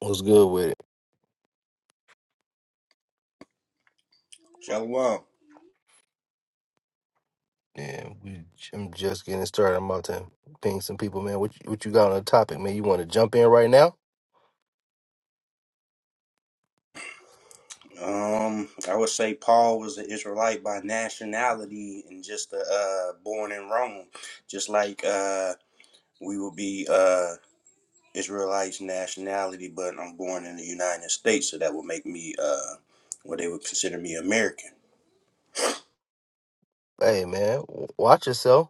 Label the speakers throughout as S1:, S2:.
S1: What's good with it?
S2: Shalom.
S1: Yeah, we, I'm just getting started. I'm about to ping some people, man. What you, what you got on the topic, man? You want to jump in right now?
S2: Um, I would say Paul was an Israelite by nationality and just uh, uh, born in Rome, just like uh, we would be uh, Israelites nationality, but I'm born in the United States, so that would make me uh, what they would consider me American.
S1: Hey, man, w- watch yourself.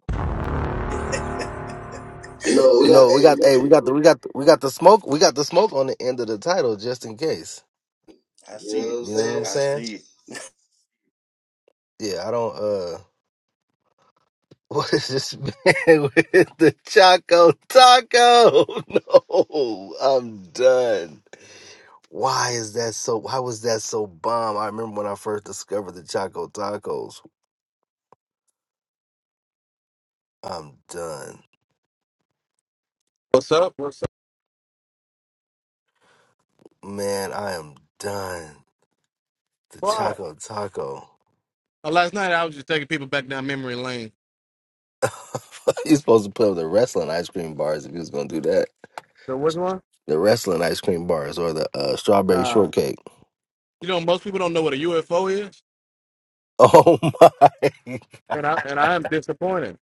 S2: No,
S1: You
S2: we got
S1: know we
S2: hey,
S1: got
S2: we
S1: hey
S2: got the
S1: we got the we got the, we got the smoke we got the smoke on the end of the title just in case.
S2: I see You know
S1: You
S2: see
S1: know what
S2: it.
S1: I'm
S2: what I'm saying? I
S1: saying?
S2: see it.
S1: Yeah, I don't. uh What is this man with the Choco Taco? No, I'm done. Why is that so? Why was that so bomb? I remember when I first discovered the Choco Tacos. I'm done.
S3: What's up? What's up?
S1: Man, I am done. The
S3: What?
S1: Choco Taco.
S3: Uh, last night I was just taking people back down memory lane.
S1: You're supposed to put up the wrestling ice cream bars if you was gonna do that.
S3: So which one?
S1: The wrestling ice cream bars or the uh, strawberry
S3: Nah.
S1: shortcake.
S3: You know, most people don't know what a UFO is,
S1: Oh my!
S3: and I and I am disappointed.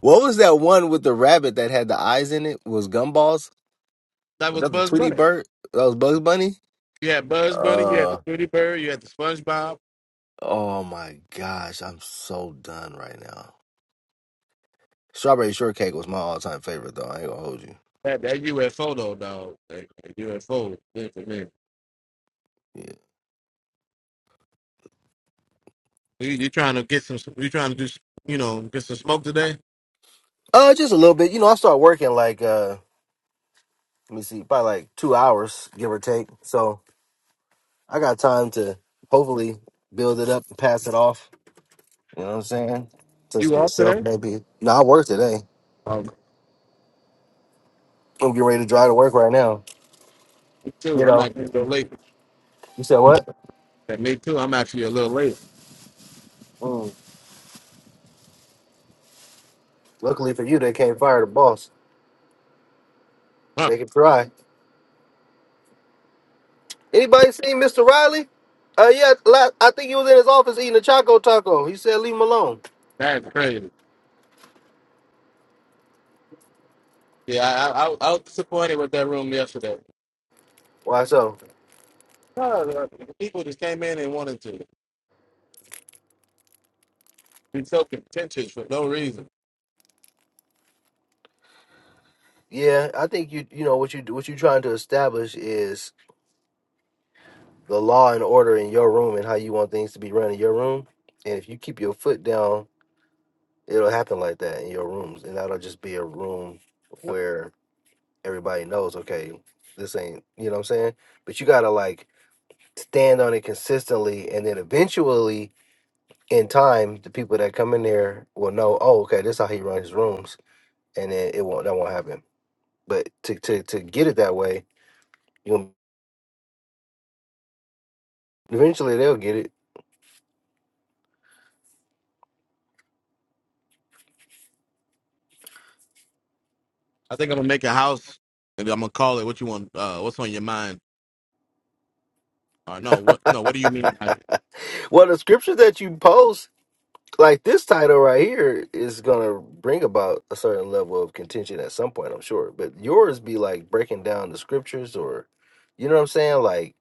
S1: What was that one with the rabbit that had the eyes in it? Was gumballs?
S3: That
S1: Was
S3: was
S1: that the
S3: Buzz
S1: Tweety
S3: Bunny.
S1: Bird? That was Bugs Bunny.
S3: You had Buzz Bunny, you had the
S1: Uh
S3: Tweety Bird, you had the SpongeBob.
S1: oh my gosh! I'm so done right now. Strawberry shortcake was my all time favorite though. I ain't gonna hold you.
S3: That that UFO though, dog. That, that UFO. is Good for me.
S1: Yeah.
S3: You, you trying to get some? You trying to do? s- You know, get some smoke today?
S1: Uh, just a little bit. You know, I start working like uh, let me see, probably like two hours, give or take. So I got time to hopefully build it up and pass it off. You know what I'm saying? Just
S3: You
S1: to
S3: off
S1: yourself,
S3: today?
S1: maybe. No, I work today.
S3: Oh, me
S1: I'm getting ready to drive to work right now. You
S3: too. I'm
S1: know,
S3: actually a little late.
S1: you said what?
S3: Yeah, me too. I'm actually a little late.
S1: Mm, luckily for you, they can't fire the boss.
S3: Huh?
S1: They can try. Anybody seen Mr. Riley? Uh, yeah, la I think he was in his office eating a choco taco. He said, "Leave him alone."
S3: That's crazy. Yeah, I, I, I was disappointed with that room yesterday.
S1: Why so?
S3: No, no, no. the people just came in and wanted to be so contentious for no reason.
S1: Yeah, I think you you know what you what you're trying to establish is the law and order in your room and how you want things to be run in your room. And if you keep your foot down, it'll happen like that in your rooms. And that'll just be a room where everybody knows, okay, this ain't, you know what I'm saying? But you gotta like stand on it consistently. And then eventually, in time, the people that come in there will know, oh, okay, this is how he runs his rooms. And then it won't, that won't happen. But to, to, to get it that way, you eventually they'll get it.
S3: I think I'm gonna make a house, and I'm gonna call it what you want. Uh, what's on your mind? Or no, what no? What do you mean? by- that?
S1: well, the scriptures that you post like this title right here is gonna bring about a certain level of contention at some point, I'm sure. But yours be like breaking down the scriptures, or you know what I'm saying? Like,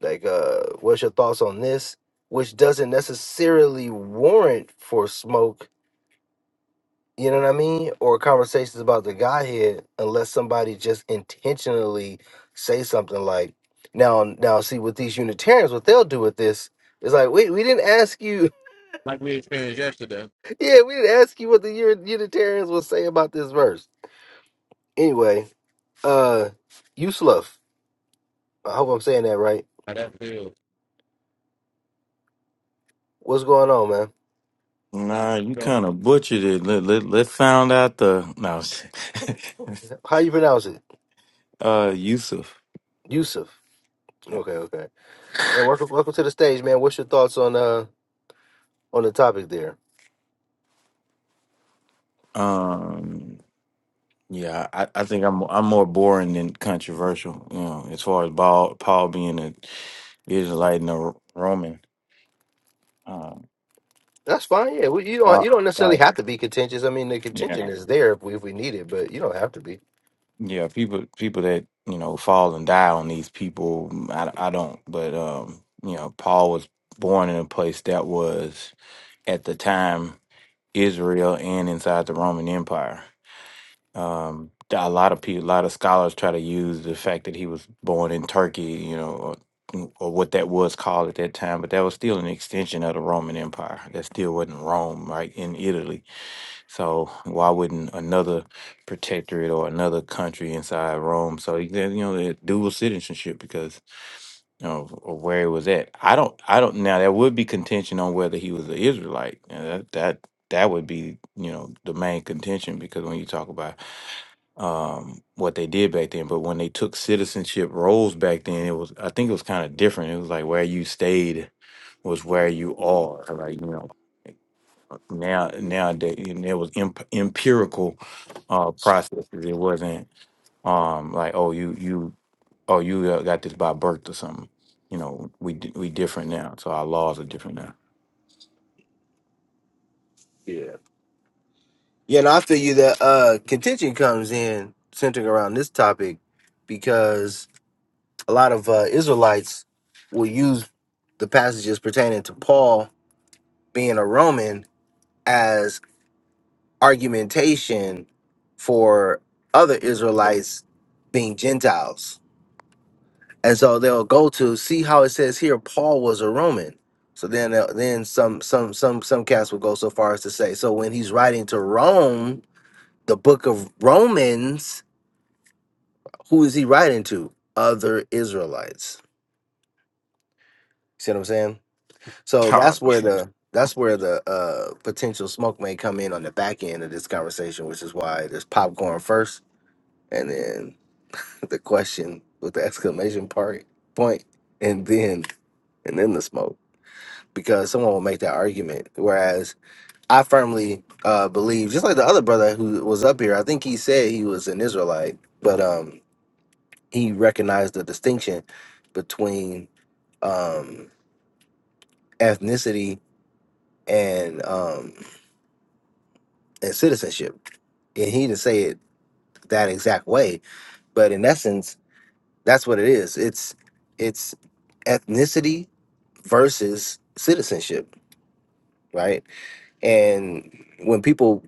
S1: like, uh, what's your thoughts on this? Which doesn't necessarily warrant for smoke, you know what I mean? Or conversations about the Godhead, unless somebody just intentionally say something like, now, now, see, with these Unitarians, what they'll do with this is like, wait, we didn't ask you
S3: Like we experienced yesterday,
S1: Yeah, we didn't ask you what the Uni- Unitarians will say about this verse. Anyway, uh, Yusuf, I hope I'm saying that right.
S3: how that feels.
S1: What's going on, man?
S3: Nah,
S4: Nah, you
S3: so-
S4: kind of butchered it. Let let let found out the no,
S1: How you pronounce it?
S4: uh, Yusuf.
S1: Yusuf.
S4: Yeah.
S1: Okay, okay. Man, welcome, welcome to the stage, man. What's your thoughts on uh on the topic there?
S4: Um. Yeah, I, I think I'm I'm more boring than controversial. You know, as far as Paul Paul being a Israelite and a Roman. Um.
S1: That's fine. Yeah, we, you don't
S4: but,
S1: you don't necessarily
S4: Like
S1: have to be contentious. I mean, the contention
S4: yeah,
S1: is there if we if we need it, but you don't have to be.
S4: yeah. People people that you know fall and die on these people. I I don't. But um, you know, Paul was born in a place that was at the time. Israel and inside the Roman Empire. Um, a lot of people, a lot of scholars try to use the fact that he was born in Turkey, you know, or, mm, or what that was called at that time, but that was still an extension of the Roman Empire. That still wasn't Rome, right, in Italy. So why wouldn't another protectorate or another country inside Rome? So, he- you know, the dual citizenship because of, of where he was at. I don't, I don't. Now there would be contention on whether he was an Israelite. and that that that would be, you know, the main contention because when you talk about um, what they did back then, but when they took citizenship roles back then, it was, I think it was kind of different. It was like where you stayed was where you are. Like you know, now nowadays and there was imp- empirical uh, processes. It wasn't um, like oh you you oh, you uh, got this by birth or something. You know, we di- we different now, so our laws are different now.
S1: Yeah. Yeah, and I feel you that uh contention comes in centering around this topic because a lot of uh, Israelites will use the passages pertaining to Paul being a Roman as argumentation for other Israelites being Gentiles. And so they'll go to see how it says here Paul was a Roman. So then they'll- then some some some some cats will go so far as to say so when he's writing to Rome, the book of Romans, who is he writing to? Other Israelites. See what I'm saying? So
S4: God.
S1: that's where the that's where the uh, potential smoke may come in on the back end of this conversation, which is why there's popcorn first, and then the question with the exclamation part point, and then and then the smoke, because someone will make that argument. Whereas I firmly uh, believe, just like the other brother who was up here, I think he said he was an Israelite, but um, he recognized the distinction between um, ethnicity and um, and citizenship and he didn't say it that exact way but in essence that's what it is it's it's ethnicity versus citizenship right and when people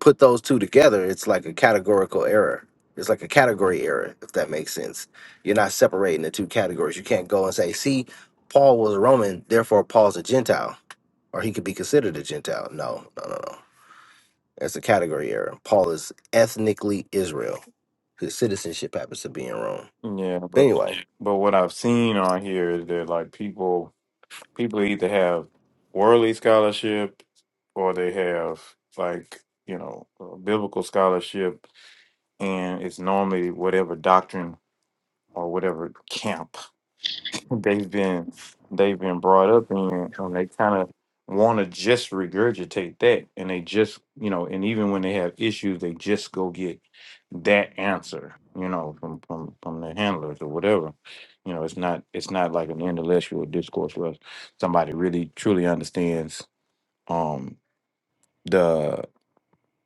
S1: put those two together it's like a categorical error it's like a category error if that makes sense you're not separating the two categories you can't go and say see paul was a roman therefore paul's a gentile or he could be considered a gentile no no no no that's a category error paul is ethnically israel His citizenship happens to be in Rome.
S4: yeah,
S1: But
S4: but
S1: anyway,
S4: but what I've seen on here is that like people people either have worldly scholarship or they have like you know uh, biblical scholarship and it's normally whatever doctrine or whatever camp they've been they've been brought up in and they kind of want to just regurgitate that and they just you know and even when they have issues they just go get that answer you know from from from their handlers or whatever you know it's not it's not like an intellectual discourse where somebody really truly understands um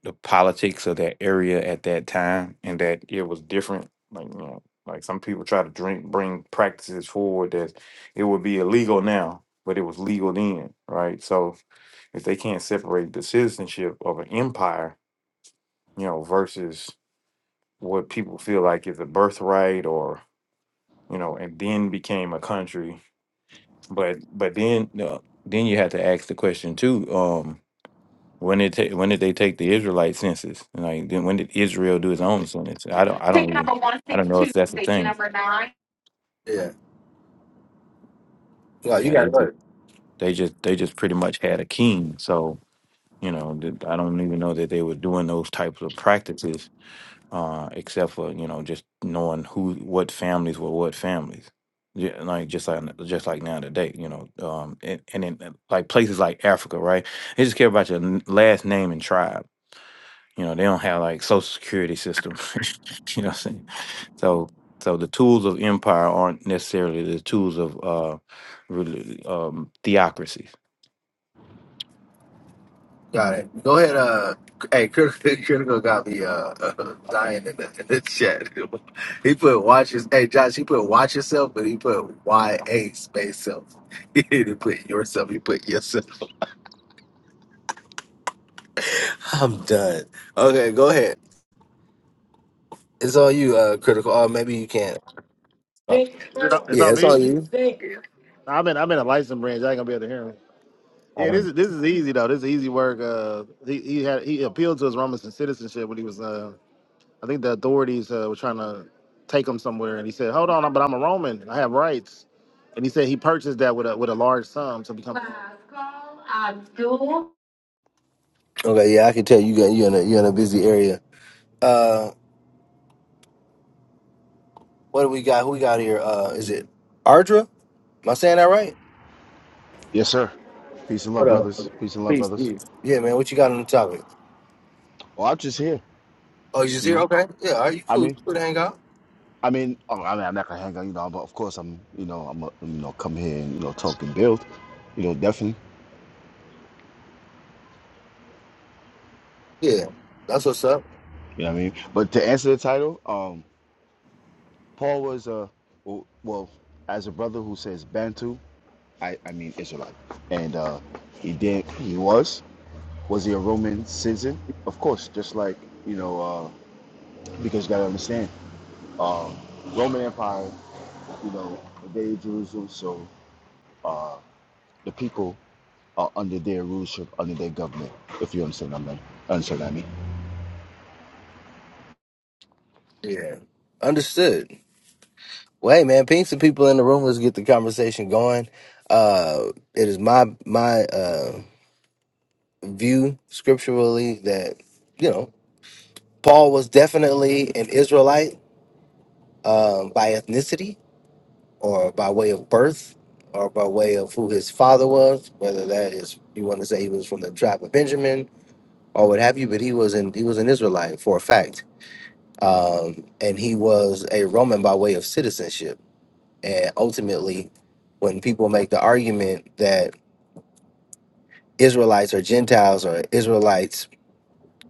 S4: the politics of that area at that time and that it was different. Like you know, like some people try to drink bring practices forward that it would be illegal now, but it was legal then, right? So if they can't separate the citizenship of an empire, you know, versus what people feel like is a birthright or, you know, and then became a country. But but then uh, then you have to ask the question too, Um, When did ta- when did they take the Israelite census? Like then when did Israel do its own census? I don't I don't
S5: Ticket
S4: even
S5: number one
S4: I don't
S5: six
S4: know if
S5: two,
S4: that's a
S5: station
S4: thing.
S5: number nine.
S1: Yeah. No, you
S4: Yeah,
S1: got
S4: they
S1: it.
S4: just
S1: Right.
S4: they just they just pretty much had a king. So you know th- I don't even know that they were doing those types of practices, uh, except for you know just knowing who what families were what families. Yeah, like just like just like now today, you know, um, and, and in uh, like places like Africa, right? They just care about your n- last name and tribe You know, they don't have like social security system. you know what I'm saying? So so the tools of empire aren't necessarily the tools of uh really um theocracies.
S1: Got it. Go ahead. Uh, hey, critical, critical got me uh, uh dying in the, in the chat. he put watch his. Hey, Josh, he put watch yourself, but he put Y A space self. he didn't put yourself. He put yourself. I'm done. Okay, go ahead. It's on you, uh, critical. Or maybe you can't.
S5: Is it- It's
S1: Yeah,
S5: on
S1: it's
S5: me.
S1: on you.
S5: I'm in. I'm in a license branch. I ain't gonna be able to hear him. Yeah, this is this is easy though. This is easy work. Uh, he he had he appealed to his Robinson citizenship when he was. Uh, I think the authorities uh, were trying to take him somewhere, and he said, "Hold on, but I'm a Roman. I have rights." And he said he purchased that with a with a large sum to become. Last call, Abdul.
S1: Okay, yeah, I can tell you got you in a you in a busy area. Uh, what do we got? Who we got here? Uh, is it Ardra? Am I saying that right?
S6: Yes, sir. Peace and
S1: What
S6: love,
S1: up?
S6: brothers. Peace and love,
S1: Peace,
S6: brothers.
S1: peace. Yeah, man. What you got on the topic?
S6: Well, I'm just here,
S1: Oh, you just
S6: you
S1: here?
S6: know.
S1: Okay. Yeah. Are you
S6: I
S1: cool? You
S6: mean,
S1: cool to hang out?
S6: I mean, oh, I mean, I'm not gonna hang out, you know. But of course, I'm, you know, I'm, a, you know, come here and you know talk and build, you know, definitely.
S1: Yeah. That's what's up.
S6: You know what I mean? But to answer the title, um, Paul was uh, well, well, as a brother who says Bantu, I, I mean Israelite, and uh, he did, he was, was he a Roman citizen? Of course, just like you know, uh, because you gotta understand, um, Roman Empire. you know, the day of Jerusalem. So uh, the people are under their rulership, under their government, if you understand what I mean. Understand what I mean.
S1: Yeah. Understood. Well, hey, man. Ping some people in the room. Let's get the conversation going. Uh, it is my my uh view scripturally that you know Paul was definitely an Israelite um, by ethnicity or by way of birth or by way of who his father was. Whether that is you want to say he was from the tribe of Benjamin or what have you, but he was an he was an Israelite for a fact, um, and he was a Roman by way of citizenship. And ultimately, when people make the argument that Israelites or Gentiles or Israelites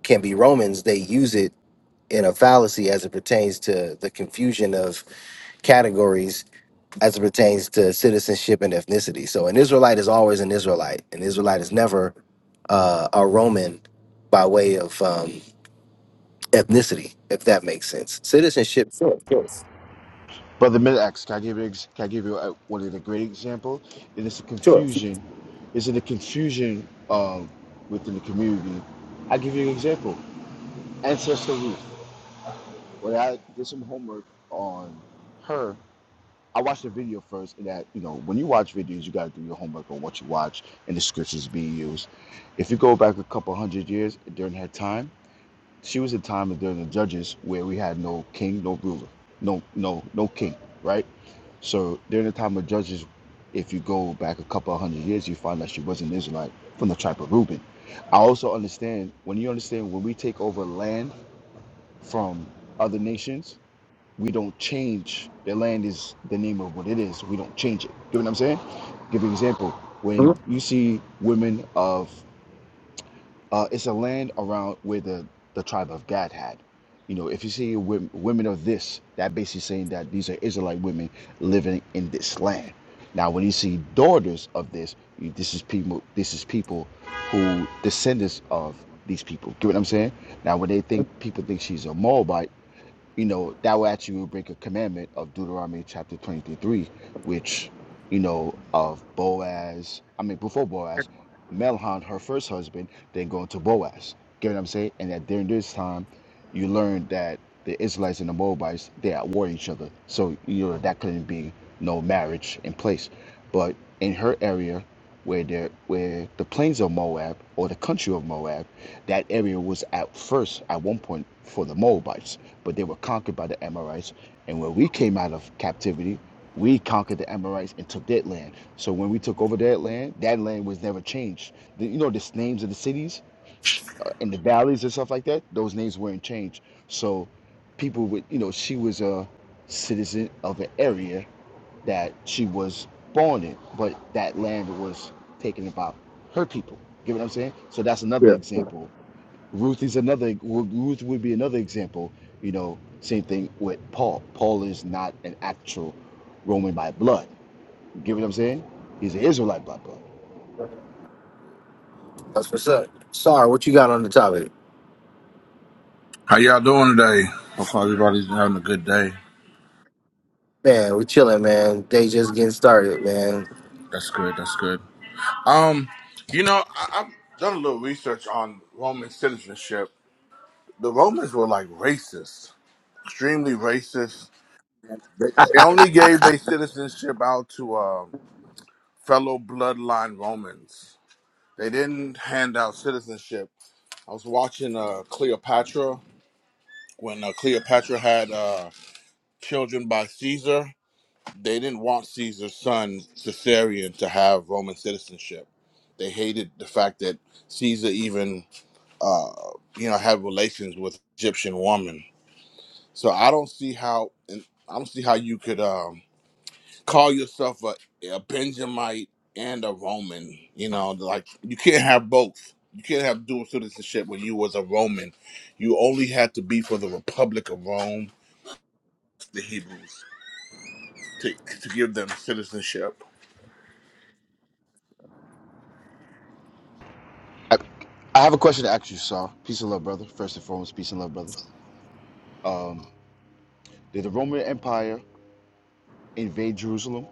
S1: can be Romans, they use it in a fallacy as it pertains to the confusion of categories as it pertains to citizenship and ethnicity. So an Israelite is always an Israelite. An Israelite is never uh, a Roman by way of um, ethnicity, if that makes sense. Citizenship. Sure, sure,
S6: Brother Midax, can I give you, ex- can I give you uh, one of the great examples? And it's a
S1: sure.
S6: confusion. It's in the confusion um, within the community. I give you an example. Ancestor Ruth. When I did some homework on her, I watched the video first. and That you know, when you watch videos, you got to do your homework on what you watch and the scriptures being used. If you go back a couple hundred years during that time, she was a time during the judges where we had no king, no ruler, no no no king, right? So during the time of judges, if you go back a couple hundred years, you find that she was an Israelite from the tribe of Reuben. I also understand when you understand when we take over land from other nations we don't change the land is the name of what it is we don't change it you know what i'm saying give you an example when
S1: Mhm.
S6: you see women of uh, it's a land around where the the tribe of gad had you know if you see women, women of this that basically saying that these are israelite women living in this land now when you see daughters of this you- this is people this is people who descendants of these people. Get what I'm saying? Now, when they think people think she's a Moabite, you know, that will actually will break a commandment of Deuteronomy chapter 23, which, you know, of Boaz, I mean, before Boaz, Melhan, her first husband, then going to Boaz. Get what I'm saying? And that during this time, you learn that the Israelites and the Moabites, they're at war with each other. So, you know, that couldn't be no marriage in place. But in her area, where the where the plains of Moab or the country of Moab, that area was at first at one point for the Moabites, but they were conquered by the Amorites. And when we came out of captivity, we conquered the Amorites and took that land. So when we took over that land, that land was never changed. The, you know, the names of the cities uh, and the valleys and stuff like that. Those names weren't changed. So people would, you know, she was a citizen of an area that she was born in, but that land was taken about her people. You Get what I'm saying? So that's another example. Ruth is another. Ruth would be another example. You know, same thing with Paul. Paul is not an actual Roman by blood. You Get what I'm saying? He's an Israelite by blood.
S1: That's what's up. Sorry, what you got on the topic?
S7: How y'all doing today? Hope everybody's having a good day.
S1: Man, we're chilling, man. They just getting started, man.
S7: That's good. That's good. Um, you know, I, I've done a little research on Roman citizenship. The Romans were like racist, extremely racist. They, they only gave their citizenship out to uh, fellow bloodline Romans. They didn't hand out citizenship. I was watching uh, Cleopatra when uh, Cleopatra had uh, children by Caesar. They didn't want Caesar's son Caesarion to have Roman citizenship. They hated the fact that Caesar even, uh, you know, had relations with Egyptian woman. So I don't see how, and I don't see how you could um, call yourself a, a Benjamite and a Roman. You know, like you can't have both. You can't have dual citizenship when you was a Roman. You only had to be for the Republic of Rome, the Hebrews, to, to give them citizenship.
S6: I, I have a question to ask you, Sar. Peace and love, brother. First and foremost, peace and love, brother. Um, did the Roman Empire invade Jerusalem?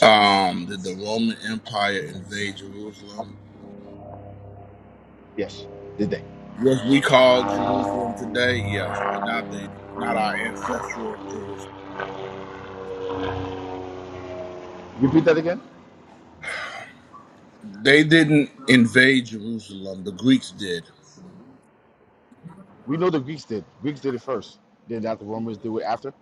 S7: Um, did the Roman Empire invade Jerusalem?
S6: Yes. Did they?
S7: What we call Jerusalem today, yes, but not the not our ancestral Jerusalem.
S6: Repeat that again.
S7: They didn't invade Jerusalem. The Greeks did.
S6: We know the Greeks did. Greeks did it first. Then that the Romans do it after.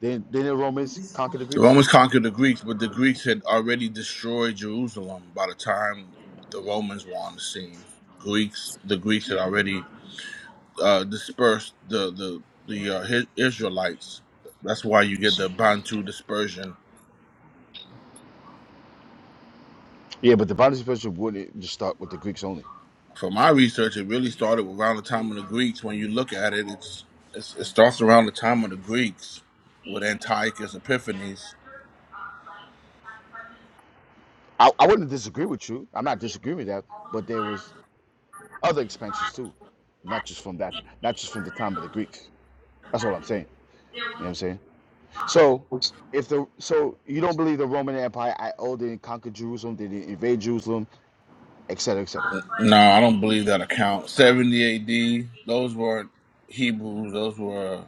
S6: Then then the Romans conquered the
S7: The
S6: Greeks.
S7: Romans conquered the Greeks, but the Greeks had already destroyed Jerusalem by the time the Romans were on the scene. Greeks, the Greeks had already uh, dispersed the the the uh, Hi- Israelites. That's why you get the Bantu dispersion
S6: Yeah, but the boundary expansion wouldn't just start with the Greeks only.
S7: For my research, it really started around the time of the Greeks. When you look at it, it's, it's it starts around the time of the Greeks with Antiochus Epiphanes.
S6: I, I wouldn't disagree with you. I'm not disagreeing with that. But there was other expansions too, not just from that, not just from the time of the Greeks. That's all I'm saying. You know what I'm saying? So if the so you don't believe the Roman Empire I oh they didn't conquer Jerusalem, they didn't invade Jerusalem, et cetera, et cetera.
S7: No, I don't believe that account. 70 A.D. Those weren't Hebrews. Those were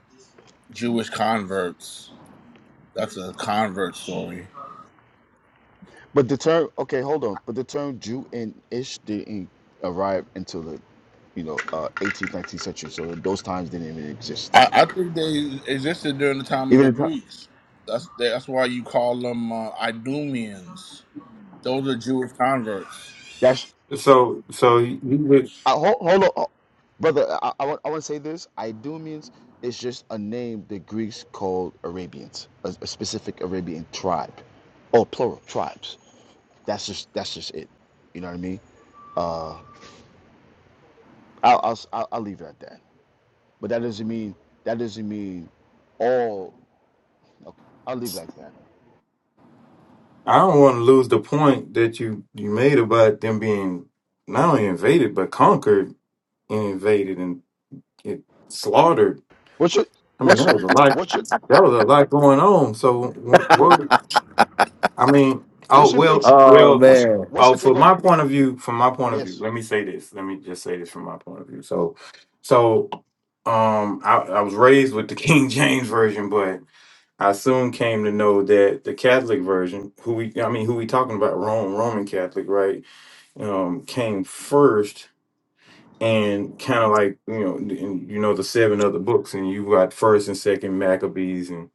S7: Jewish converts. That's a convert story.
S6: But the term okay, hold on. But the term Jew and Ish didn't arrive until the you know, uh, 18th, 19th century. So those times didn't even exist.
S7: I, I think they existed during the time of
S6: Even
S7: the
S6: in time,
S7: Greeks. That's that's why you call them uh, Idumeans. Those are Jewish converts.
S6: that's
S4: So, so you would,
S6: I, hold, hold on, oh, brother. I, I, want, I want to say this. Idumeans is just a name the Greeks called Arabians, a, a specific Arabian tribe, or plural tribes. That's just that's just it. You know what I mean? Uh, I'll, I'll I'll I'll leave it at that. But that doesn't mean that doesn't mean all. Okay, I'll leave it like that.
S4: I don't want to lose the point that you you made about them being not only invaded but conquered and invaded and it slaughtered.
S6: What's your
S4: I mean, that
S6: what's
S4: was a lot.
S6: what's your
S4: That was a lot going on. So,
S6: what
S4: what? I mean, oh
S6: what's your
S4: well,
S6: takes?
S1: Oh
S4: well,
S6: What's
S1: man.
S6: what's
S4: oh,
S6: your take
S4: from
S6: on?
S4: my point of view, from my point of view,
S6: Yes.
S4: let me say this. Let me just say this from my point of view. So, so, um, I, I was raised with the King James version, but I soon came to know that the Catholic version, who we, I mean, who we talking about, Rome, Roman Catholic, right? Um, came first and kind of like you know and you know the seven other books and you got first and second maccabees and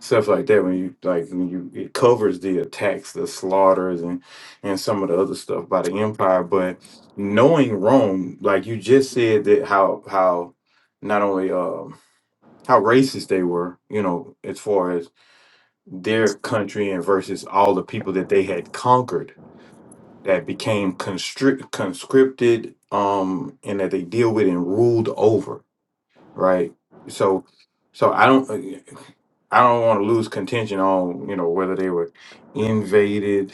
S4: stuff like that when you like when you it covers the attacks the slaughters and and some of the other stuff by the empire but knowing rome like you just said that how how not only um how racist they were you know as far as their country and versus all the people that they had conquered that became constrict conscripted um and that they deal with and ruled over right so so i don't uh, i don't want to lose contention on you know whether they were invaded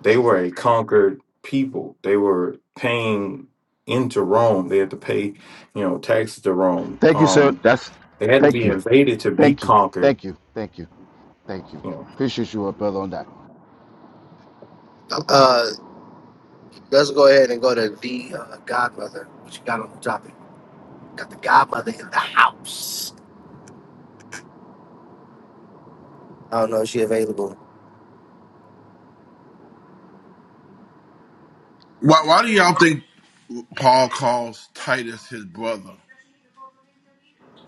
S4: they were a conquered people they were paying into rome they had to pay you know taxes to rome
S6: Thank you, sir.
S4: um
S6: That's
S4: they had to
S6: thank
S4: be
S6: you.
S4: invaded to be
S6: Thank you.
S4: conquered
S6: Thank you. Thank you. Thank you.
S4: you know
S6: Appreciate you, uh, brother, on that.
S1: Uh, let's go ahead and go to the uh, godmother. What you got on the topic? Got the godmother in the house. I don't know if she available.
S7: Why, why do y'all think Paul calls Titus his brother,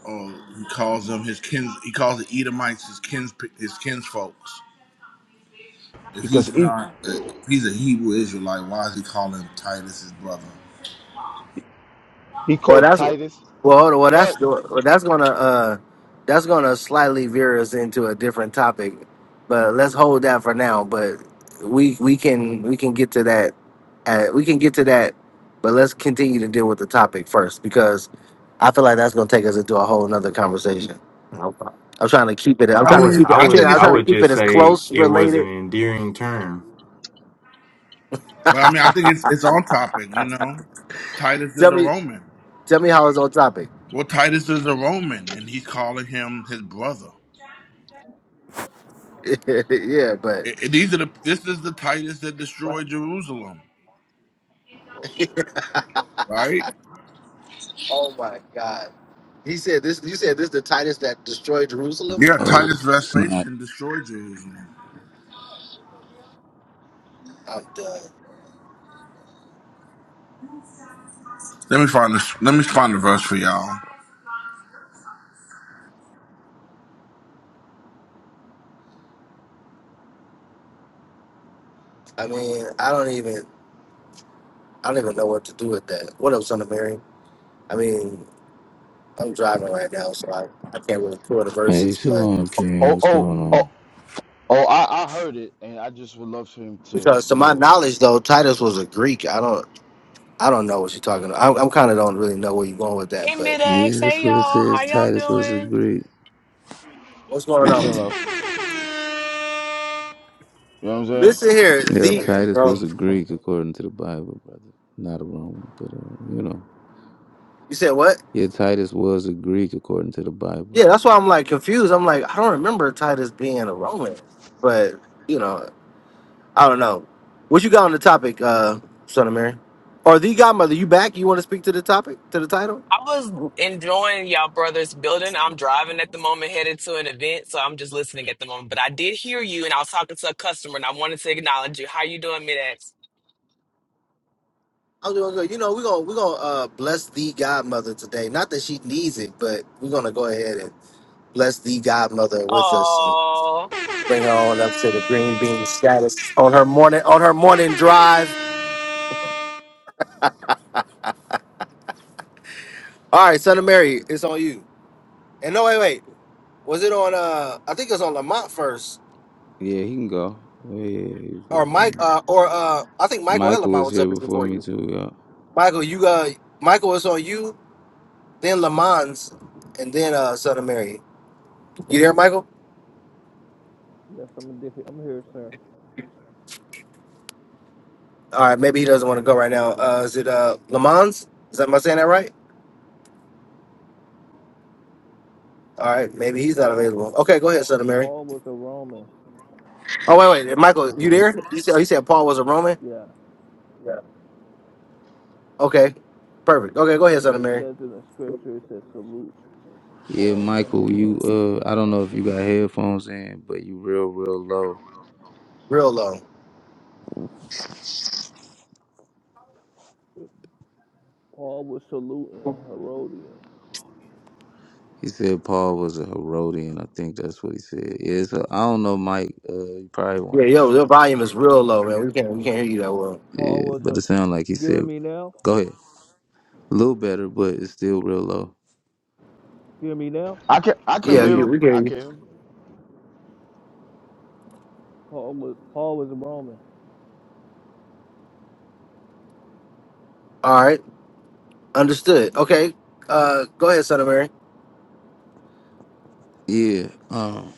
S7: or he calls them his kin? He calls the Edomites his kins, his kinsfolks. If
S6: Because
S7: he's
S6: he
S7: not, if he's a Hebrew Israelite, why is he calling Titus his brother?
S6: he
S1: Well,
S6: called
S1: that's well.
S6: Titus.
S1: Hold on. Well, that's
S6: God.
S1: well, that's gonna uh, that's gonna slightly veer us into a different topic, but let's hold that for now. But we we can we can get to that. Uh, we can get to that, but let's continue to deal with the topic first because I feel like that's gonna take us into a whole nother conversation.
S4: i,
S1: I'm trying to keep it. I'm
S7: I
S4: I
S1: trying to
S4: would
S7: mean,
S1: keep it.
S4: i
S1: I'm
S7: I
S1: trying.
S4: would
S7: think
S1: I'm
S7: it's
S4: i
S1: trying to
S7: on,
S4: would
S1: keep it
S4: just
S1: as
S4: say
S1: close
S4: it was an
S1: related.
S4: endearing term
S7: but I mean, I think it's it's on topic. You know, Titus
S1: Tell
S7: is a
S1: me.
S7: Roman.
S1: Tell me how it's on topic.
S7: Well, Titus is a Roman, and he's calling him his brother.
S1: yeah, but
S7: I- I- these are the this is the Titus that destroyed Jerusalem, right?
S1: oh my god. He said this. You said this the Titus that destroyed Jerusalem.
S7: Yeah,
S8: Oh,
S7: Titus
S8: it's not.
S7: Vespasian destroyed Jerusalem.
S1: I'm done.
S7: Let me find this. Let me find the verse for y'all.
S1: I mean, I don't even. I don't even know what to do with that. What up, son of Mary? I mean, I'm driving right now, so I, I can't really pull the
S8: Hey,
S1: verses. But
S8: Shalom King,
S6: Oh
S8: what's
S6: oh
S8: going
S6: oh
S8: on?
S6: oh. I, I heard it, and I just would love for him to
S1: because to
S6: you
S1: my
S6: know
S1: knowledge, though, Titus was a Greek. I don't. I don't know what you're talking about. I, I'm kind of don't really know where you're going with that.
S9: Hey,
S1: But
S9: Mid-X.
S8: Yeah,
S9: Hey,
S8: that's what it
S9: y'all. How
S8: says.
S9: y'all
S8: Titus was a
S9: doing?
S8: Greek.
S1: what's going
S6: peace
S1: on?
S6: and love.
S9: I
S6: You know what I'm saying?
S1: Listen here.
S8: Yep,
S1: The
S4: Let's
S8: Titus
S10: some.
S8: was
S4: go.
S8: a Greek according to the Bible, brother. Not a Roman, but uh, you know.
S1: you said what?
S8: Yeah, Titus was a Greek according to the
S1: Yeah,
S8: Bible.
S1: that's why I'm like confused. I'm like I don't remember Titus being a Roman, but you know. I don't know. What you got on the topic, uh, son of Mary? Or the godmother, you back? You want to speak to the topic, to the title?
S9: was enjoying y'all brothers building. I'm driving at the moment, headed to an event, so I'm just listening at the moment. But I did hear you, and I was talking to a customer, and I wanted to acknowledge you. How you doing, Mid-X?
S1: I was gonna go, you know, we're gonna we're gonna uh bless the godmother today. Not that she needs it, but we're gonna go ahead and bless the godmother with us and
S9: Oh,
S1: bring her on up to the green bean status on her morning on her morning drive. All right, son of Mary, it's on you. And no wait, wait. Was it on uh I think it was on Lamont first.
S8: Yeah, he can go. Oh, yeah, he was here
S1: Or
S8: before
S1: Mike
S8: me.
S1: uh or uh I think Michael and
S8: Michael
S1: Lamont
S8: was
S1: was up
S8: here
S1: here
S8: before
S1: before
S8: me
S1: you.
S8: too, yeah.
S1: Michael, you got Michael. It's on you. Then Lamont's, and then uh, Son Mary. You there, Michael?
S10: Yes, I'm here. I'm here, sir.
S1: All right, maybe he doesn't want to go right now. Uh, is it uh, Lamont's? Is that am I saying that right? All right, maybe he's not
S10: Paul.
S1: available. Okay, go ahead, Son Mary.
S10: Paul was a Roman.
S1: Oh wait, wait, Michael, you there? You said you said Paul was a Roman.
S10: Yeah,
S1: Okay, perfect. Okay, go ahead, Son
S10: because it
S1: Mary.
S10: says in the scripture, it says salute
S8: Yeah,
S10: Paul the
S8: Michael, you
S10: Herodian.
S8: uh I don't
S10: My
S8: know if you got
S10: king.
S8: headphones in, but you real, real low.
S1: Real low.
S10: Paul was saluting Herodian.
S8: He said Paul was a Herodian. I think that's what he said. Yeah, so I don't know, Mike. Uh, you probably want
S1: Yeah,
S8: to
S1: yo, your volume is real low, man. We can't we can't hear you that well.
S8: Yeah,
S10: Paul was a.
S8: but it sound like he
S10: You hear
S8: said,
S10: me now?
S8: "Go ahead." A little better, but it's still real low.
S10: You hear me now?
S6: I can I can
S8: Yeah,
S1: Yeah,
S8: we.
S6: hear
S8: hear-
S1: you,
S6: him.
S1: we can
S6: I
S1: hear you.
S6: can hear him.
S10: Paul was. Paul was a Roman.
S1: All right, understood. Okay, uh, go ahead, Son Mary.
S8: Yeah, um,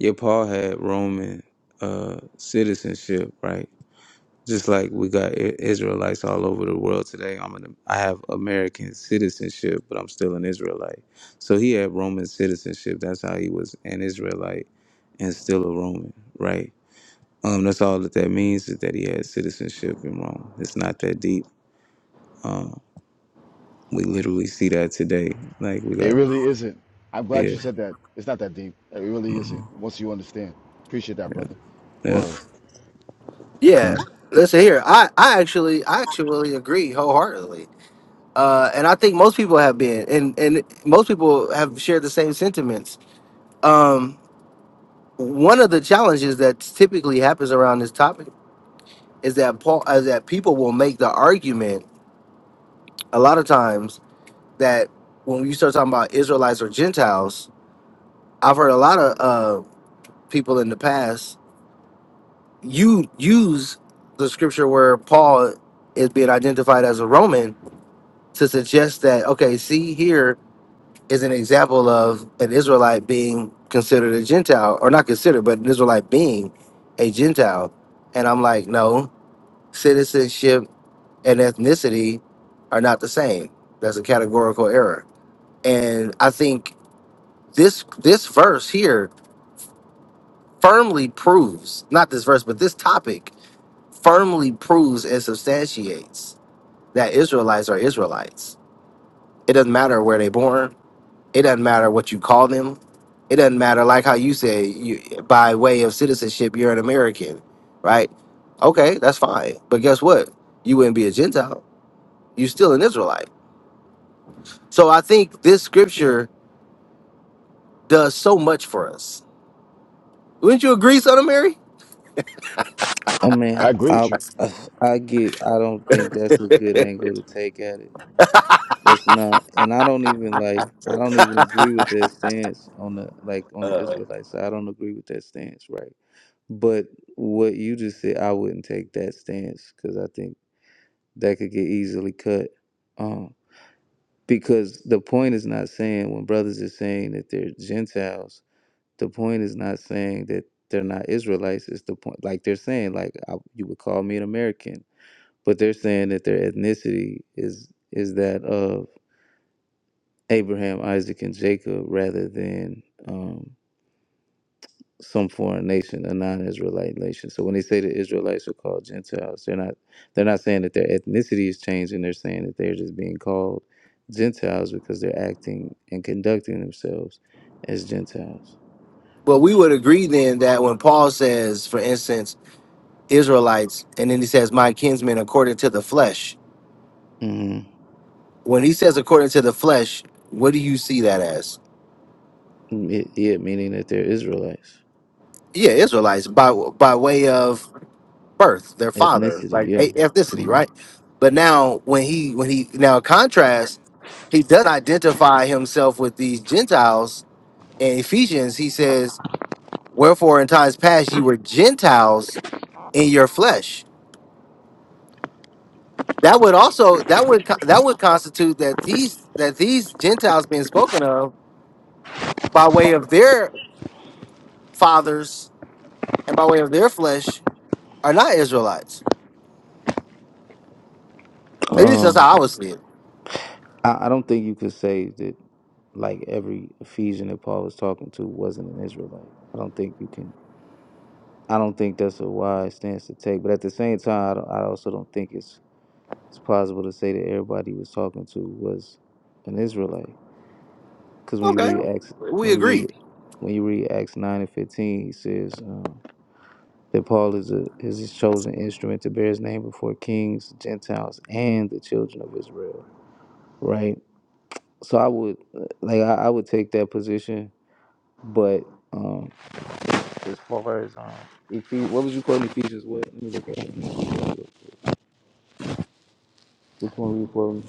S8: yeah. Paul had Roman uh citizenship, right? Just like we got I- Israelites all over the world today. I'm an I have American citizenship, but I'm still an Israelite. So he had Roman citizenship. That's how he was an Israelite and still a Roman, right? Um, that's all that that means is that he had citizenship in Rome. It's not that deep. Um, We literally see that today. Like we
S6: It
S8: got
S6: really isn't. I'm glad
S8: yeah,
S6: you said that. It's not that deep. It really
S8: hmm
S6: isn't. Once you understand, appreciate that, brother.
S8: yeah.
S6: Word.
S1: Yeah,
S8: Come.
S1: listen here. I, I actually I actually agree wholeheartedly. Uh, and I think most people have been, and and most people have shared the same sentiments. Um, one of the challenges that typically happens around this topic is that Paul, is that people will make the argument a lot of times that when you start talking about Israelites or Gentiles, I've heard a lot of uh, people in the past you use the scripture where Paul is being identified as a Roman to suggest that okay, see here is an example of an Israelite being considered a Gentile, or not considered, but an Israelite being a Gentile. And I'm like, no, citizenship and ethnicity are not the same. That's a categorical error. And I think this this verse here firmly proves, not this verse, but this topic firmly proves and substantiates that Israelites are Israelites. It doesn't matter where they're born, It doesn't matter what you call them. It doesn't matter, like how you say, you, by way of citizenship, you're an American, right? Okay, that's fine. But guess what? You wouldn't be a Gentile. You're still an Israelite. So I think this scripture does so much for us. Wouldn't you agree, Son of Mary?
S8: I mean,
S6: I agree
S8: I,
S6: with you.
S8: I I get. I don't think that's a good angle to take at it. That's not. And I don't even like. I don't even agree with that stance on the like on the Israelites. I don't agree with that stance, right? But what you just said, I wouldn't take that stance because I think that could get easily cut. Um, because the point is not saying when brothers are saying that they're Gentiles the point is not saying that they're not Israelites. It's the point, like they're saying, like I, you would call me an American, but they're saying that their ethnicity is is that of Abraham, Isaac, and Jacob, rather than um, some foreign nation, a non-Israelite nation. So when they say the Israelites are called Gentiles, they're not they're not saying that their ethnicity is changing. They're saying that they're just being called Gentiles because they're acting and conducting themselves as Gentiles.
S1: Well, we would agree then that when Paul says, for instance, Israelites, and then he says, my kinsmen according to the flesh,
S8: Mm-hmm.
S1: when he says according to the flesh, what do you see that as?
S8: Yeah, yeah, meaning that they're Israelites.
S1: Yeah, Israelites by by way of birth, their father,
S8: Ethnicity,
S1: like
S8: yeah.
S1: a- ethnicity,
S8: Mhm.
S1: right? But now when he when he now contrast, he does identify himself with these Gentiles in Ephesians. He says, "Wherefore in times past ye were Gentiles in your flesh." That would also that would co- that would constitute that these that these Gentiles being spoken of by way of their fathers and by way of their flesh are not Israelites. At least that's
S8: Um,
S1: how I would see it.
S8: I, I don't think you could say that like every Ephesian that Paul was talking to wasn't an Israelite. I don't think you can. I don't think that's a wise stance to take. But at the same time, I, don't, I also don't think it's it's plausible to say that everybody he was talking to was an Israelite. Because when you
S1: Okay,
S8: read Acts,
S1: we
S8: when you read
S1: agree
S8: when you read Acts nine and fifteen, he says. Um, that Paul is a is his chosen instrument to bear his name before kings, Gentiles, and the children of Israel. Right. So I would like I, I would take that position, but um, as far as um, Ephes- what was you quoting Ephesians? What? Let me look at it. Which one were you quoting?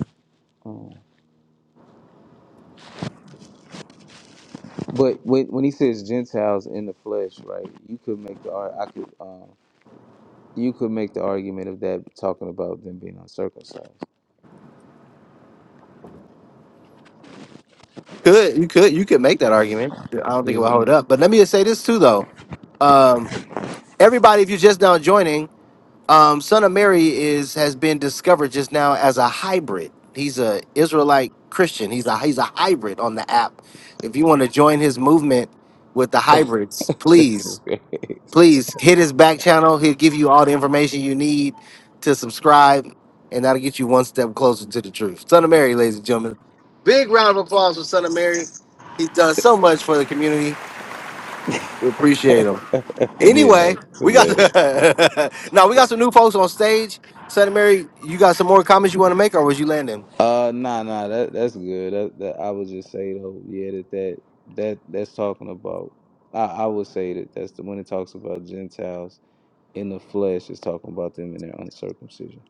S8: Um, but when when he says Gentiles in the flesh, right? You could make the ar- I could um, you could make the argument of that talking about them being uncircumcised.
S1: could you could you could make that argument. I don't think it will
S8: Yeah,
S1: hold up. But let me just say this too, though. Um, everybody, if you're just now joining, um, Son of Mary is has been discovered just now as a hybrid. He's a Israelite Christian. He's a he's a hybrid on the app. If you want to join his movement with the hybrids,
S8: this
S1: please.
S8: is great.
S1: Please hit his back channel. He'll give you all the information you need to subscribe, and that'll get you one step closer to the truth. Son of Mary, ladies and gentlemen. Big round of applause for Son of Mary. He's done so much for the community. We appreciate him.
S8: Man,
S1: Anyway,
S8: that's
S1: we got
S8: hilarious.
S1: now we got some new folks on stage. Son of Mary, you got some more comments you want to make, or was you landing?
S8: Uh, nah, nah, that that's good. That, that I would just say though, yeah, that that that that's talking about. I I would say that that's the when it talks about Gentiles in the flesh, it's talking about them in their uncircumcision.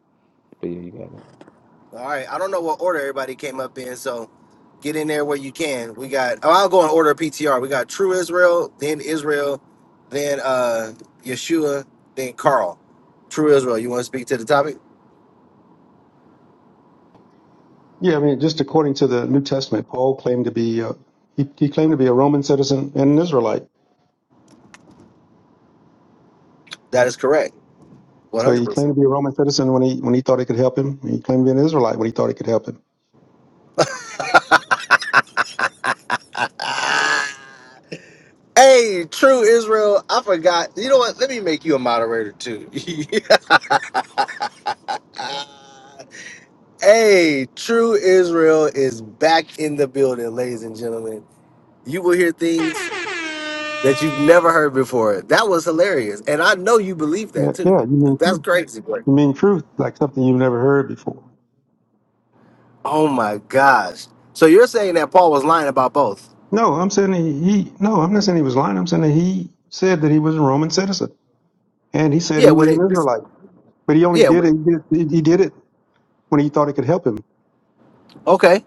S8: But yeah, you got it.
S1: All right. I don't know what order everybody came up in, so get in there where you can. We got oh, I'll go in order of PTR. We got True Israel, then Israel, then uh Yeshua, then Carl. True Israel, you want to speak to the topic?
S11: Yeah, I mean, just according to the New Testament, Paul claimed to be uh, he, he claimed to be a Roman citizen and an Israelite.
S1: That is correct.
S11: So he claimed
S1: 100%.
S11: to be a Roman citizen when he when he thought it could help him. and He claimed to be an Israelite when he thought it could help him.
S1: hey, True Israel, I forgot. You know what? Let me make you a moderator too. Ah. hey, True Israel is back in the building, ladies and gentlemen. You will hear things. that you've never heard before. That was hilarious. And I know you believe
S11: Yeah,
S1: that
S11: yeah,
S1: too.
S11: you mean truth.
S1: That's crazy. But
S11: you mean truth like something you've never heard before.
S1: oh my gosh. So you're saying that Paul was lying about both?
S11: No, I'm saying he, he no, I'm not saying he was lying. I'm saying that he said that he was a Roman citizen and he said
S1: Yeah,
S11: he
S1: when
S11: was an
S1: it
S11: Israelite, but he only
S1: yeah,
S11: did
S1: when-
S11: it he did, he did it when he thought it could help him.
S1: okay.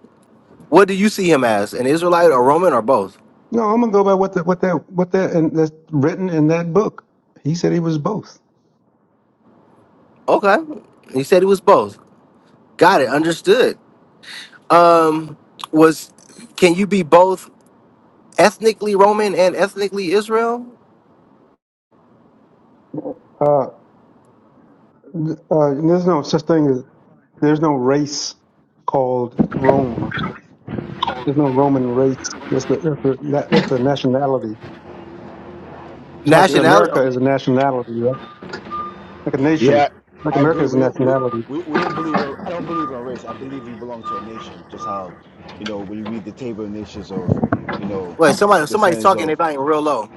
S1: What do you see him as? An Israelite or Roman or both?
S11: No, I'm gonna go by what the, what that what that and that's written in that book. He said he was both.
S1: Okay. He said he was both. Got it. Understood. Um was can you be both ethnically Roman and ethnically Israel?
S11: Uh, Uh, there's no such thing as there's no race called Rome. There's no Roman race. That's the that's the that, that's the nationality. It's like
S1: Nationality?
S11: America
S1: oh,
S11: is a nationality, right? Like a nation.
S6: Yeah,
S11: Like
S6: I
S11: America
S6: agree.
S11: is a
S6: We we
S11: nationality.
S6: we, we don't believe in, I don't believe in race. I believe you belong to a nation. Just how you know when you read the table of nations of you know
S1: Wait, somebody
S6: the
S1: somebody's
S6: sense
S1: talking they
S6: of
S1: volume real low.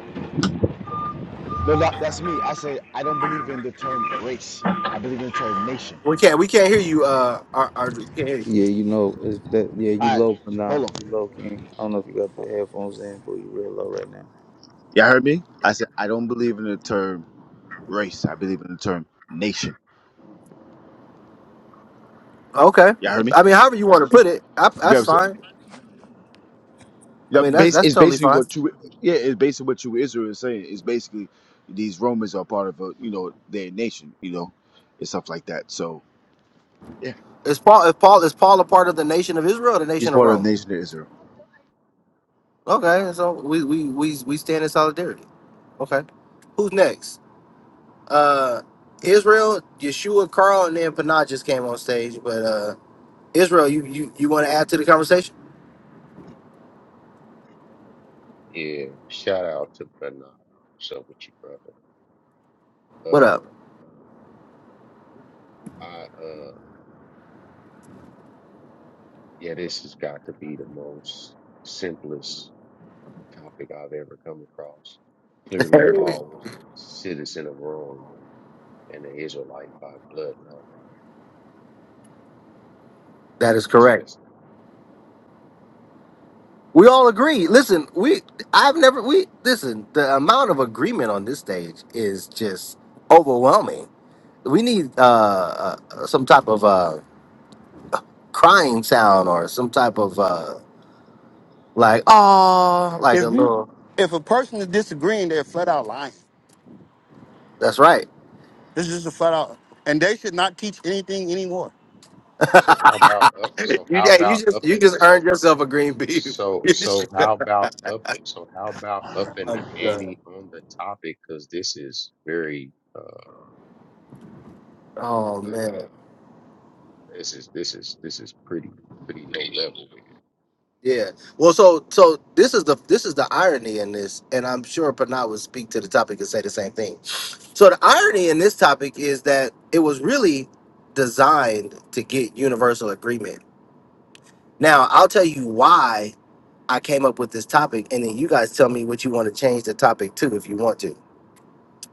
S6: no that, that's me. I say I don't believe in the term race. I believe in the term nation.
S1: We can't we can't hear you uh Ar- Audrey. Can't hear you.
S8: Yeah, you know, it's that yeah, you
S6: All right,
S8: low but nah,
S6: hold on.
S8: you low king. I don't know if you got the headphones in, but you real low right now.
S6: Y'all heard me? I said I don't believe in the term race. I believe in the term nation.
S1: Okay.
S6: Y'all heard me?
S1: I mean, however you want to put it, I, that's fine. I
S6: Yeah,
S1: mean, that's
S6: base
S1: that's
S6: it's
S1: totally
S6: basically
S1: fine.
S6: what you yeah, it's basically what you Israel is saying. It's basically these Romans are part of a you know their nation, you know, and stuff like that. So yeah,
S1: Is Paul is Paul is Paul a part of the nation of Israel, or the
S6: he's
S1: nation of
S6: part of the
S1: Rome?
S6: nation of Israel.
S1: Okay, so we we we we stand in solidarity. Okay. Who's next? Uh, Israel, Yeshua, Carl, and then Panah just came on stage. But uh, Israel, you you you want to add to the conversation?
S12: Yeah, shout out to Bernard. So, with you, brother?
S1: What up?
S12: Uh, I uh, yeah, this has got to be the most simplest topic I've ever come across. Clearly, Paul was citizen of Rome and an Israelite by bloodline.
S1: That is
S12: That's
S1: correct.
S12: just
S1: We all agree. Listen, we I've never we listen. The amount of agreement on this stage is just overwhelming We need uh, uh, uh, some type of uh, crying sound or some type of uh, like oh, like
S13: If
S1: a
S13: you,
S1: little.
S13: if a person is disagreeing, they're flat out lying.
S1: That's right.
S13: This is just a flat out, and they should not teach anything anymore.
S12: so. How about up? So
S1: you,
S12: how
S1: hey, you
S12: about
S1: just
S12: up
S1: you
S12: and
S1: just
S12: so
S1: earned yourself a green bean.
S12: so so how about up? So how about up in the
S1: I'm done.
S12: ante on the topic? Because this is very. uh.
S1: oh
S12: uh
S1: man,
S12: This is this is this is pretty pretty low level, man.
S1: yeah. Well, so so this is the this is the irony in this, and I'm sure Panat would speak to the topic and say the same thing. So the irony in this topic is that it was really designed to get universal agreement. Now I'll tell you why I came up with this topic, and then you guys tell me what you want to change the topic to if you want to,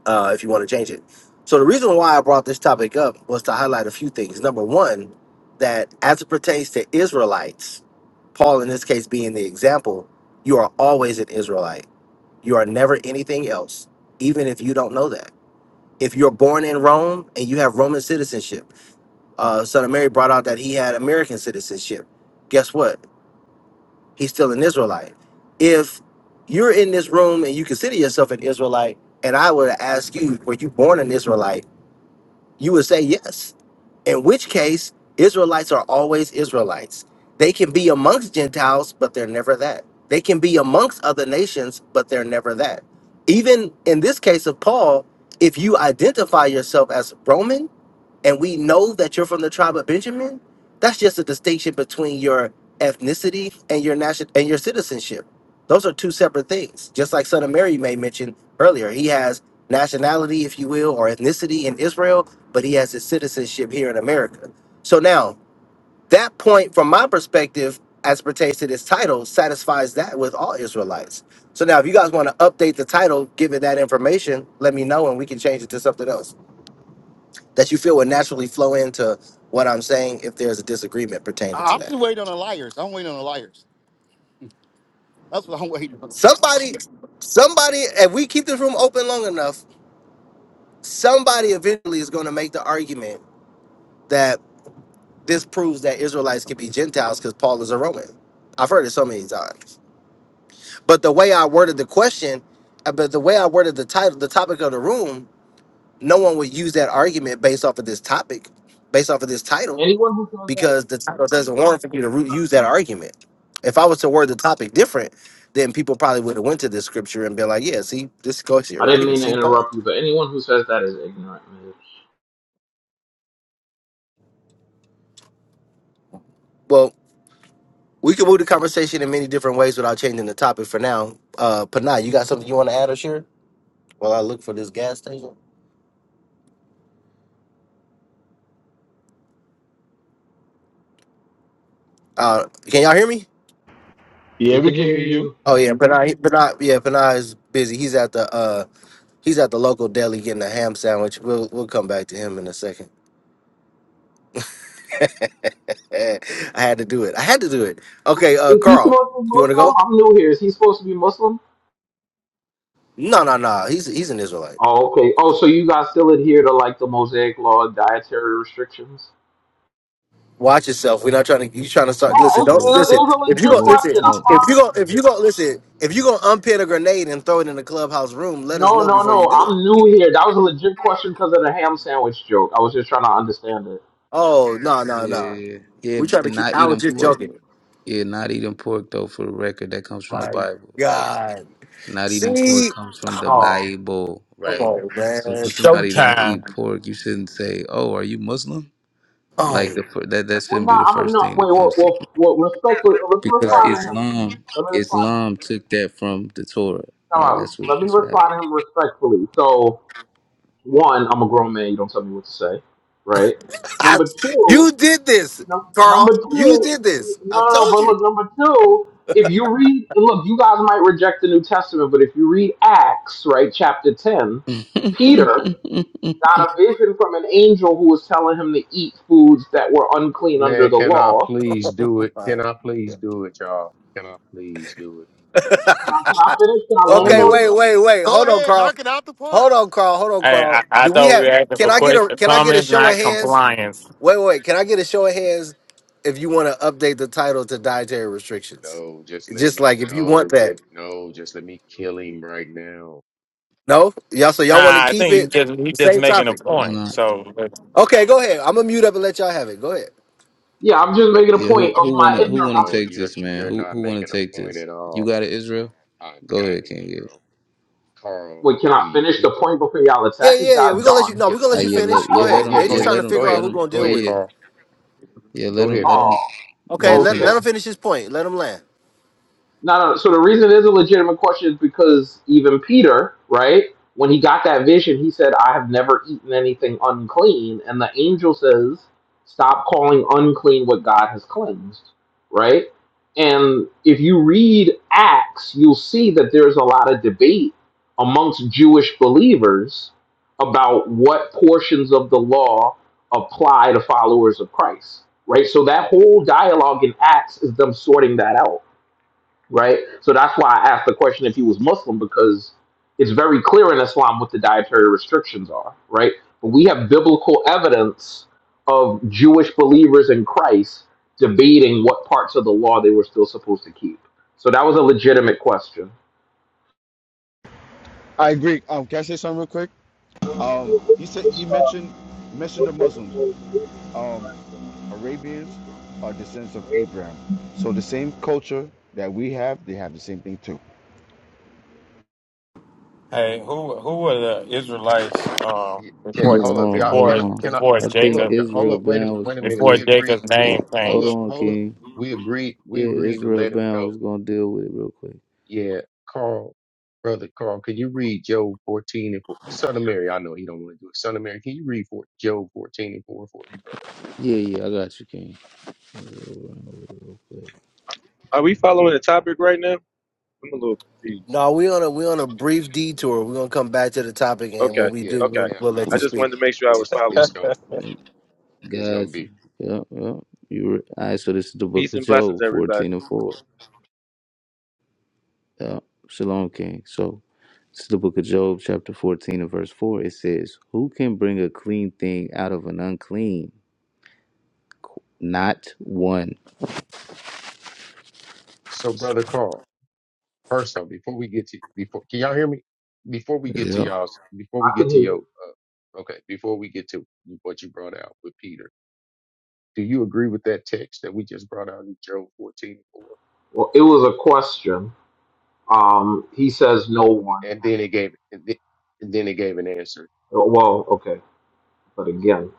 S1: uh, if you want to change it. So the reason why I brought this topic up was to highlight a few things. Number one, that as it pertains to Israelites, Paul in this case being the example, you are always an Israelite. You are never anything else, even if you don't know that. If you're born in Rome and you have Roman citizenship, uh, Son of Mary brought out that he had American citizenship. Guess what? he's still an Israelite. If you're in this room and you consider yourself an Israelite, and I were to ask you, were you born an Israelite? You would say yes. In which case, Israelites are always Israelites. They can be amongst Gentiles, but they're never that. They can be amongst other nations, but they're never that. Even in this case of Paul, if you identify yourself as Roman, and we know that you're from the tribe of Benjamin, that's just a distinction between your ethnicity and your national and your citizenship. Those are two separate things. Just like Son of Mary may mention earlier, he has nationality, if you will, or ethnicity in Israel, but he has his citizenship here in America. So now that point, from my perspective, as pertains to this title, satisfies that with all Israelites. So now, if you guys want to update the title, give it that information, let me know, and we can change it to something else that you feel would naturally flow into what I'm saying if there's a disagreement pertaining
S13: I-
S1: to
S13: I'm
S1: that.
S13: just waiting on the liars. I'm waiting on the liars. That's what I'm waiting on.
S1: Somebody, somebody, if we keep this room open long enough, somebody eventually is going to make the argument that this proves that Israelites can be Gentiles because Paul is a Roman. I've heard it so many times. But the way I worded the question, uh, but the way I worded the title, the topic of the room, no one would use that argument based off of this topic, based off of this title.
S14: Anyone who says that is
S1: because the title doesn't
S14: ignorant.
S1: warrant for you to re- use that argument. If I was to word the topic different, then people probably would have went to this scripture and been like, "Yeah, see this goes here
S14: I
S1: right
S14: didn't
S1: here.
S14: mean to
S1: See Paul."
S14: interrupt you, but anyone who says that is ignorant, man.
S1: Well, we can move the conversation in many different ways without changing the topic for now. Uh, Panay, you got something you want to add or share? While I look for this gas station. Uh, can y'all hear me?
S6: Yeah,
S14: We
S6: we
S14: can
S6: can
S14: hear
S6: hear you.
S14: you.
S1: Oh yeah, Panay, Panay, yeah, Panay is busy. He's at the uh, he's at the local deli getting a ham sandwich. We'll we'll come back to him in a second. I had to do it. I had to do it. Okay, uh,
S14: Is he
S1: Carl,
S14: supposed to be
S1: you want to go?
S14: Muslim? I'm new here. Is he supposed to be Muslim?
S1: No, no, no. He's he's an Israelite.
S14: Oh, okay. Oh, so you guys still adhere to like the Mosaic Law dietary restrictions?
S1: Watch yourself. We're not trying to. You trying to
S14: No,
S1: start?
S8: Yeah,
S14: it,
S1: Listen, don't
S8: so
S14: it, it
S1: listen.
S14: was a
S1: If you
S14: legit
S1: go,
S8: yeah,
S1: listen.
S14: question. I
S8: like,
S1: If you
S14: promise
S1: go, if
S14: you.
S1: you go, listen. If you go unpin a grenade and throw it in the clubhouse room, let us
S14: No,
S1: know
S14: no,
S1: before you
S14: no.
S1: do it.
S14: I'm new here. That was a legit question because of the ham sandwich joke. I was just trying to understand it.
S1: Oh no, no, no.
S8: yeah, yeah,
S1: We trying to
S8: and
S1: keep.
S8: not
S1: I was
S8: eating
S1: just
S8: pork.
S1: joking.
S8: Yeah, not eating pork though. For the record, that comes from the
S1: My
S8: Bible. Like
S1: God.
S8: Not eating pork
S1: See,
S8: comes from the
S1: oh,
S14: Oh.
S8: Bible,
S1: come
S8: right?
S1: on,
S8: So if
S4: It's
S1: man.
S8: somebody don't eat
S4: Showtime.
S8: pork, you shouldn't say, "Oh, are you Muslim?" Like
S1: Oh,
S8: the fir- that that
S14: Well,
S8: shouldn't be
S14: no,
S8: the
S14: I'm
S8: first
S14: not.
S8: thing
S14: Wait,
S8: that
S14: well,
S8: comes to you
S14: well, well respectfully, let me
S8: because
S12: Right,
S14: respond to him.
S8: Islam
S14: Let me respond to him.
S8: Islam took that from the Torah, right?
S14: Um,
S8: That's what
S14: let me
S8: that's what
S14: respond to him respectfully. So, one, I'm a grown man. You don't tell me what to say, right? Number
S1: you
S14: two,
S1: did this,
S14: num-
S1: Carl.
S14: number two,
S1: You did this.
S14: no,
S1: I
S14: no, no.
S1: told
S14: But
S1: you.
S14: look, number two, if you read, and look, you guys might reject the New Testament, but if you read Acts, right, chapter ten, Peter
S8: happened.
S14: got a vision from an angel who was telling him to eat foods that were unclean under
S12: man.
S14: the
S12: Can I
S14: law.
S12: please do it?
S1: All
S12: Can
S1: right.
S12: I
S1: Yeah.
S12: please do it, y'all? Can I please do it?
S14: Can I, can I finish? Can I land
S1: Okay,
S14: on
S12: Please,
S14: it?
S1: wait,
S12: y'all.
S1: wait, wait.
S13: Go
S1: Hold on,
S13: ahead,
S1: Carl.
S13: knock it out the park.
S1: Hold on, Carl. Hold on,
S4: Hey, I,
S1: Carl.
S4: I
S1: Do we
S4: thought we
S1: have?
S4: were asking
S1: Can
S4: for
S1: I get
S4: questions,
S1: a? Can I get a
S4: comments,
S1: show of
S4: not
S1: hands?
S4: compliance.
S1: Wait, wait. wait. Can I get a show of hands? If you want to update the title to dietary restrictions,
S12: No, just let
S1: just
S12: me.
S1: like if you want
S12: No, j-
S1: that.
S12: no, just let me kill him right now.
S1: No, y'all. So y'all want to
S4: Nah, I
S1: keep
S4: think you
S1: it
S4: just
S1: the
S4: he's just
S1: same
S4: making a
S1: topic.
S4: point.
S8: Nah.
S4: So
S1: Okay, go ahead. I'm gonna mute up and let y'all have it. Go ahead.
S14: Yeah, I'm just making a
S8: Yeah, who
S14: point of
S8: who
S14: my
S8: wanna
S12: No,
S8: who
S14: ignorance.
S8: wanna
S12: no,
S8: take
S12: you're
S8: this, man?
S12: you're
S8: Who
S12: not
S8: who wanna
S12: making
S8: take
S12: a point
S8: this?
S12: at
S8: You
S12: all.
S8: got it, Israel.
S12: I
S8: Go
S12: got
S8: ahead,
S12: him,
S8: King. Yeah.
S12: bro. Carl,
S14: Wait, can I
S12: do you?
S14: finish the point before y'all
S1: Yeah,
S14: attack it?
S1: yeah, yeah. We're
S14: God
S1: gonna let you.
S14: darn.
S1: No,
S12: Yeah,
S1: we're gonna
S8: Ah,
S1: let you
S8: yeah,
S12: yeah,
S1: finish.
S8: let
S1: Go
S8: yeah
S12: yeah.
S8: let
S1: ahead.
S8: him
S12: yeah,
S1: They
S12: Go
S8: yeah
S1: just
S12: ahead,
S1: trying to
S8: let
S12: go
S8: him
S1: figure out
S12: ahead,
S8: let
S1: who
S8: him
S1: gonna
S12: go
S1: deal
S8: yeah
S12: ahead,
S1: with
S8: yeah
S1: it.
S12: Carl.
S8: yeah
S12: Go
S8: let him
S12: ahead,
S8: let him
S12: Carl.
S14: Oh,
S8: let
S1: Okay,
S8: him
S1: let
S14: okay.
S1: let
S8: finish.
S1: him finish his point. Let him land.
S14: No, no. So the reason it is a legitimate question is because even Peter, right, when he got that vision, he said, I have never eaten anything unclean. And the angel says, Stop calling unclean what God has cleansed, right? And if you read Acts, you'll see that there's a lot of debate amongst Jewish believers about what portions of the law apply to followers of Christ, right? So that whole dialogue in Acts is them sorting that out right? So that's why I asked the question if he was Muslim because it's very clear in Islam what the dietary restrictions are, right? But we have biblical evidence of Jewish believers in Christ debating what parts of the law they were still supposed to keep. So that was a legitimate question.
S6: I agree. Um, can I say something real quick? Um, he said he mentioned he mentioned the Muslims. Um, Arabians are descendants of Abraham, so the same culture that we have, they have the same thing too.
S12: y- can
S4: before
S8: Hold
S12: hold up,
S8: on,
S12: y'all. Can
S4: before
S8: hold
S12: I-
S8: on.
S12: can I can,
S8: I
S12: hold up,
S8: think
S12: y'all? Hold
S8: Israel
S12: up. Wait a
S8: Bound was
S12: wait a
S8: gonna
S12: minute.
S8: deal
S12: We
S8: with it.
S12: agreed. We hold
S8: Hold
S12: up,
S8: on,
S12: hold up.
S8: King.
S12: We agreed. We
S8: Yeah,
S12: agreed to
S8: Israel
S12: let him
S8: Bound was
S12: go.
S8: gonna deal with it real quick.
S12: Yeah, Carl, brother Carl, can you read Job fourteen and four? Son of Mary, I know he don't want to do it. Son of Mary, can you read for Job fourteen and four for me, brother?
S8: Yeah, yeah, I got you, King. Israel Bound real quick.
S15: Are we following the topic right now? I'm a little confused.
S1: No, we on a we on a brief detour. We're gonna come back to the topic, and when
S15: Okay,
S1: we
S12: Yeah,
S1: do,
S15: okay.
S1: we'll,
S12: and
S1: we'll
S12: I
S1: let
S15: I
S1: you
S12: mean
S15: just
S1: speak.
S15: wanted to
S12: it,
S15: make sure I was
S12: it's it's
S15: following
S12: gonna
S15: you.
S8: Yeah,
S12: it's gonna
S8: Got you.
S12: be
S8: Yep, yep. You re- all right? So this is the Book
S15: Peace
S8: of
S15: and blessings,
S8: Job,
S15: everybody.
S8: fourteen and four. Yep. Shalom, King. So this is the Book of Job, chapter fourteen and verse four. It says, "Who can bring a clean thing out of an unclean? Not one."
S12: so, brother Carl. First though, before we get to before can y'all hear me? Before we get to
S8: Yep.
S12: y'all's before
S14: I
S12: we get
S14: can
S12: to
S14: hear
S12: your
S14: you.
S12: uh, okay, before we get to what you brought out with Peter, do you agree with that text that we just brought out in Job fourteen and four?
S14: Well, it was a question. Um, he says no
S12: And
S14: one.
S12: and then it gave and then, and then it gave an answer.
S14: Well, okay, but again.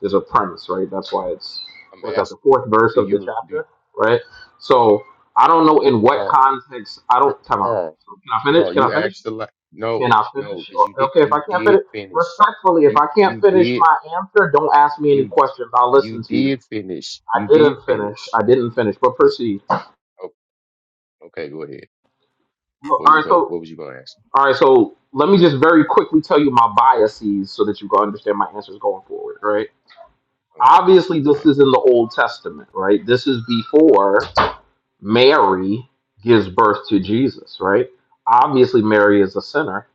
S14: There's a premise, right? That's why it's
S12: I'm
S14: what's that the
S12: asking,
S14: fourth verse
S12: do
S14: of the
S12: you do you,
S14: chapter, right? So I don't know in what
S12: Carl
S14: context. I
S12: Car-
S14: don't time out.
S12: Carl
S14: So can I finish?
S12: Carl?
S14: Can
S12: You
S14: I finish?
S12: asked the la- no
S14: Can I
S12: no
S14: finish?
S12: because you
S14: Or-
S12: did
S14: Okay, if I
S12: you
S14: can't
S12: did
S14: finish,
S12: finish
S14: respectfully, if
S12: you
S14: I can't
S12: you
S14: finish
S12: did
S14: my answer, don't ask me any
S12: you
S14: questions. I'll
S12: you
S14: listen to you.
S12: did finish you
S14: I
S12: did
S14: didn't finish.
S12: finish.
S14: I didn't finish, but proceed.
S12: Oh, okay, go ahead.
S14: All
S12: What was you
S14: right,
S12: going?
S14: so
S12: What was you going to ask? me?
S14: all right, so let me just very quickly tell you my biases so that you can understand my answers going forward, right?
S12: Oh my.
S14: Obviously, this
S12: Okay.
S14: is in the Old Testament, right? This is before Mary gives birth to Jesus, right? Obviously, Mary is a sinner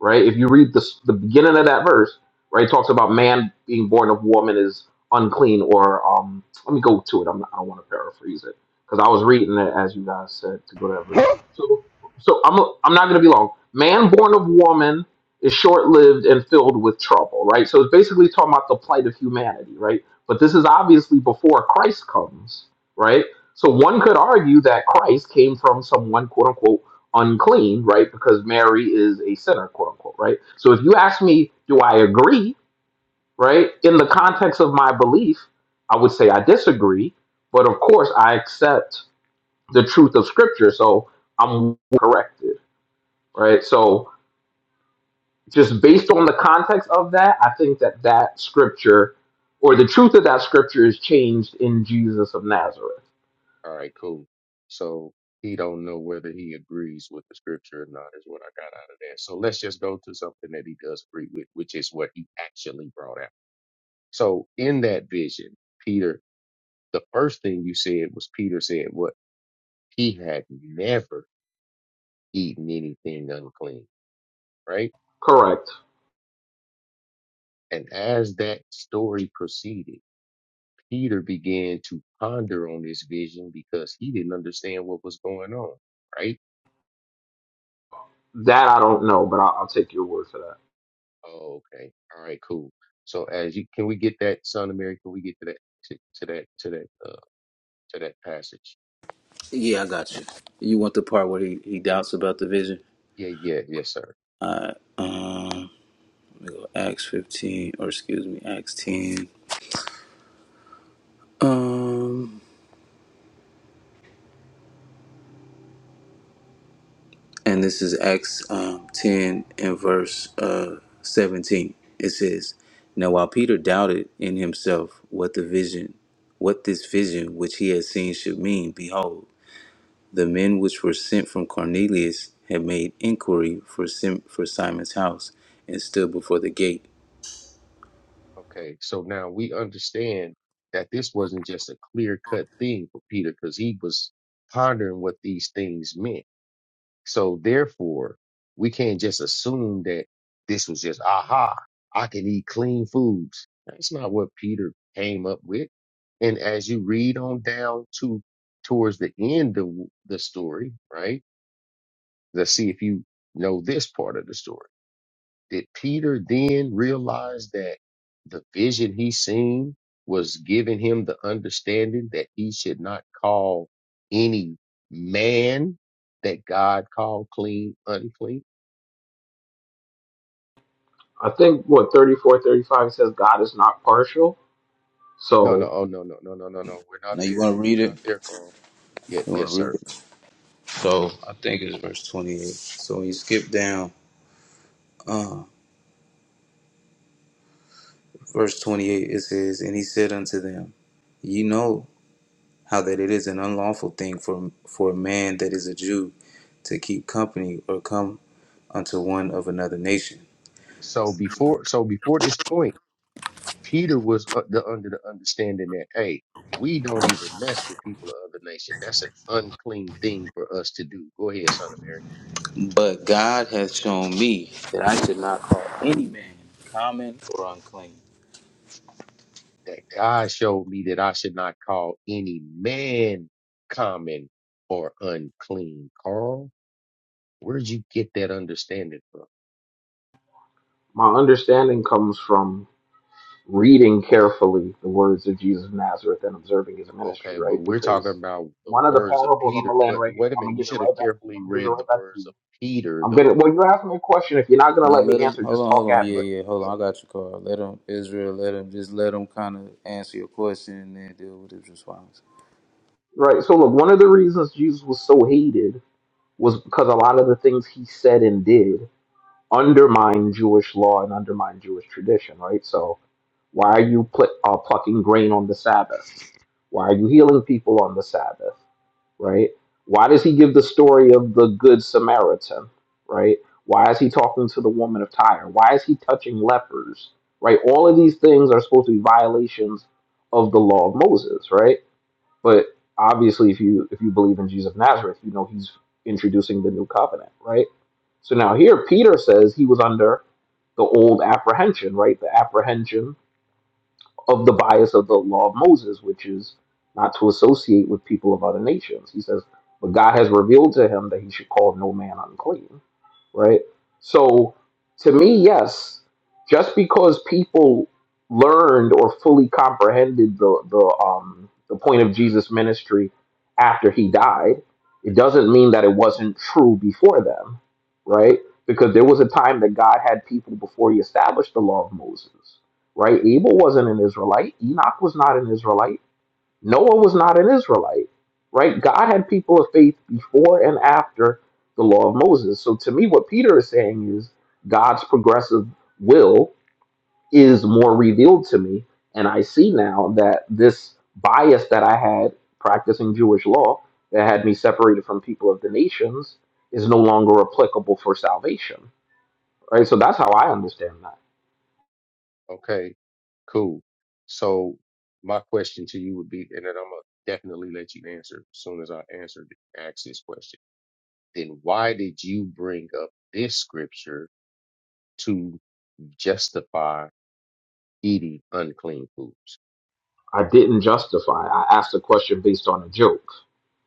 S14: right? If you read the, the beginning of that verse, right, it talks about man being born of woman is unclean, or um, let me go to it. I'm not, I don't want to paraphrase it because I was reading it as you guys said to go to that verse. So, so I'm i I'm not going to be long. Man born of woman is short lived and filled with trouble, right? So it's basically talking about the plight of humanity, right? But this is obviously before Christ comes, right? So one could argue that Christ came from someone, quote unquote, unclean, right? Because Mary is a sinner, quote unquote, right? So if you ask me, do I agree, right? In the context of my belief, I would say I disagree, but of course I accept the truth of Scripture, so I'm corrected, right? So just based on the context of that, I think that that Scripture or the truth of that Scripture is changed in Jesus of Nazareth.
S12: All right. Cool. So he don't know whether he agrees with the scripture or not is what I got out of that. So let's just go to something that he does agree with, which is what he actually brought out. So in that vision, Peter, the first thing you said was Peter said what he had never eaten anything unclean, right?
S14: Correct.
S12: And as that story proceeded, Peter began to ponder on this vision because he didn't understand what was going on right?
S14: That I don't know, but I'll, I'll take your word for that.
S12: Oh, okay. All right, cool. So as you can we get that, son of Mary, can we get to that to, to that to that uh to that passage?
S8: Yeah, I got you. You want the part where he, he doubts about the vision?
S12: Yeah, yeah, yes, sir.
S8: I um Acts fifteen or excuse me Acts ten um and this is Acts um ten and verse uh seventeen. It says, "Now while Peter doubted in himself what the vision, what this vision which he had seen should mean, behold, the men which were sent from Cornelius had made inquiry for Sim- for Simon's house and stood before the gate."
S12: Okay. So now we understand that this wasn't just a clear cut thing for Peter because he was pondering what these things meant. So therefore, we can't just assume that this was just, aha, I can eat clean foods. That's not what Peter came up with. And as you read on down to towards the end of the story, right? Let's see if you know this part of the story. Did Peter then realize that the vision he seen was giving him the understanding that he should not call any man that God called clean unclean?
S14: I think what thirty four thirty five 35 it says God is not partial.
S12: No, no,
S14: So
S12: oh no, no, no, no, no, no. We're not
S8: Now you
S12: there.
S8: want to read
S12: We're
S8: it?
S12: not there, Carl. Yeah,
S8: You want
S12: yes,
S8: to read
S12: sir.
S8: it? So I think it's verse twenty-eight. So when you skip down. Uh, verse 28 it says, And he said unto them, Ye know how that it is an unlawful thing for, for a man that is a Jew to keep company or come unto one of another nation.
S12: So before, so before this point, Peter was u- the, under the understanding that hey, we don't even mess with people of other nation. That's an unclean thing for us to do. Go ahead, son of Mary.
S8: But God hath shown me that I should not call any man common or unclean.
S12: that God showed me that I should not call any man common or unclean. Carl, where'd you get that understanding from?
S14: my understanding comes from reading carefully the words of Jesus of Nazareth and observing his ministry,
S12: Okay, but
S14: right?
S12: we're talking
S14: Because
S12: about the
S14: one of the
S12: words of
S14: parables, I'm
S12: Peter.
S14: gonna land
S12: But
S14: right here.
S12: wait a
S14: I'm
S12: minute,
S14: gonna
S12: you
S14: give it
S12: should have
S14: right back to you. I'm
S12: carefully
S14: gonna give it
S12: read the
S14: right back to
S12: words of
S14: you.
S12: Peter,
S14: I'm gonna
S12: though.
S14: well, you're asking me a question. If you're not gonna
S8: Now
S14: let
S8: let
S14: me
S8: him,
S14: answer, just
S8: hold on, hold
S14: talk
S8: on,
S14: at
S8: yeah,
S14: me.
S12: But
S8: yeah, hold on, I got your card. Let him, Israel, let him, just let him kind of answer your question and then deal with his response.
S14: Right. So look, one of the reasons Jesus was so hated was because a lot of the things he said and did undermine Jewish law and undermine Jewish tradition, right? So Why are you pl- uh, plucking grain on the Sabbath? Why are you healing people on the Sabbath? Right? Why does he give the story of the Good Samaritan? Right? Why is he talking to the woman of Tyre? Why is he touching lepers? Right? All of these things are supposed to be violations of the law of Moses, right? But obviously, if you if you believe in Jesus of Nazareth, you know he's introducing the new covenant, right? So now here, Peter says he was under the old apprehension, right? The apprehension of the bias of the law of Moses, which is not to associate with people of other nations. He says, but God has revealed to him that he should call no man unclean, right? So to me, yes, just because people learned or fully comprehended the the um the point of Jesus' ministry after he died, it doesn't mean that it wasn't true before them, right? Because there was a time that God had people before he established the law of Moses right? Abel wasn't an Israelite. Enoch was not an Israelite. Noah was not an Israelite, right? God had people of faith before and after the law of Moses. So to me, what Peter is saying is God's progressive will is more revealed to me. And I see now that this bias that I had practicing Jewish law that had me separated from people of the nations is no longer applicable for salvation, right? So that's how I understand that.
S12: okay, cool. So my question to you would be, and then I'm gonna definitely let you answer as soon as I answer the ask this question. Then why did you bring up this scripture to justify? eating unclean foods.
S14: I didn't justify. I asked a question based on a joke,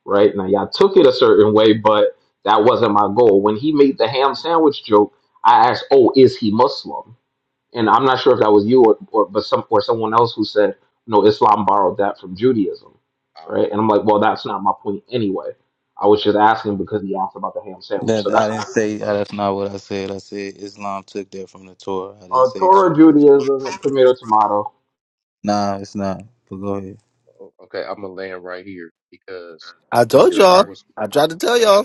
S14: right? Now y'all took it a certain way, but that wasn't my goal. When he made the ham sandwich joke, I asked, "Oh, is he Muslim?" And I'm not sure if that was you or, or but some or someone else who said, "No, Islam borrowed that from Judaism,"
S12: Um,
S14: right? And I'm like, "Well, that's not my point anyway. I was
S12: okay,
S14: just asking because he asked about the ham sandwich."
S8: That
S14: So
S8: I
S14: that's
S8: didn't
S14: what
S8: say. uh, That's not what I said. I said Islam took that from the Torah. I didn't
S14: uh,
S8: say
S14: Torah,
S8: Judaism.
S14: Judaism, tomato, tomato.
S8: Nah, it's not. But go ahead.
S12: o- okay, I'm gonna land right here because
S1: I told
S12: either I
S1: y'all.
S12: was
S1: I
S12: I-
S1: tried to tell
S12: and, I,
S1: y'all.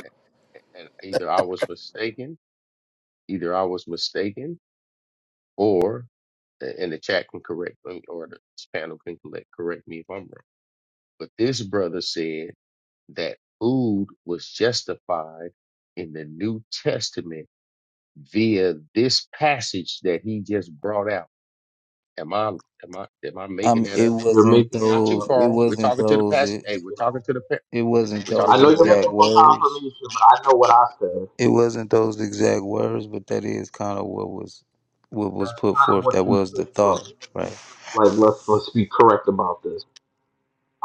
S12: and either I was mistaken, either I was mistaken, or and the chat can correct me, or the panel can correct correct me if I'm wrong. But this brother said that food was justified in the New Testament via this passage that he just brought out. Am I am I am I making
S8: Um,
S12: that
S8: it
S12: up?
S14: You're
S8: wasn't
S14: making
S12: Not
S14: that.
S12: you,
S8: those. It
S12: Carl. We're
S8: wasn't
S12: talking to the
S8: those.
S12: past.
S8: It,
S12: Hey, we're talking to the pa-
S8: it wasn't
S12: we're talking
S14: I
S8: those
S12: to
S14: know
S12: the
S14: you're
S12: panel,
S8: exact
S14: looking for
S12: Carl.
S8: words.
S14: confirmation, but I know what I said.
S8: It wasn't those exact words. But that is kind of what was what was
S14: That's
S8: put
S14: kind of
S8: forth.
S14: what
S8: That
S14: you
S8: was the
S14: took from
S8: thought,
S14: it.
S8: right?
S14: Like, let's let's be correct about this.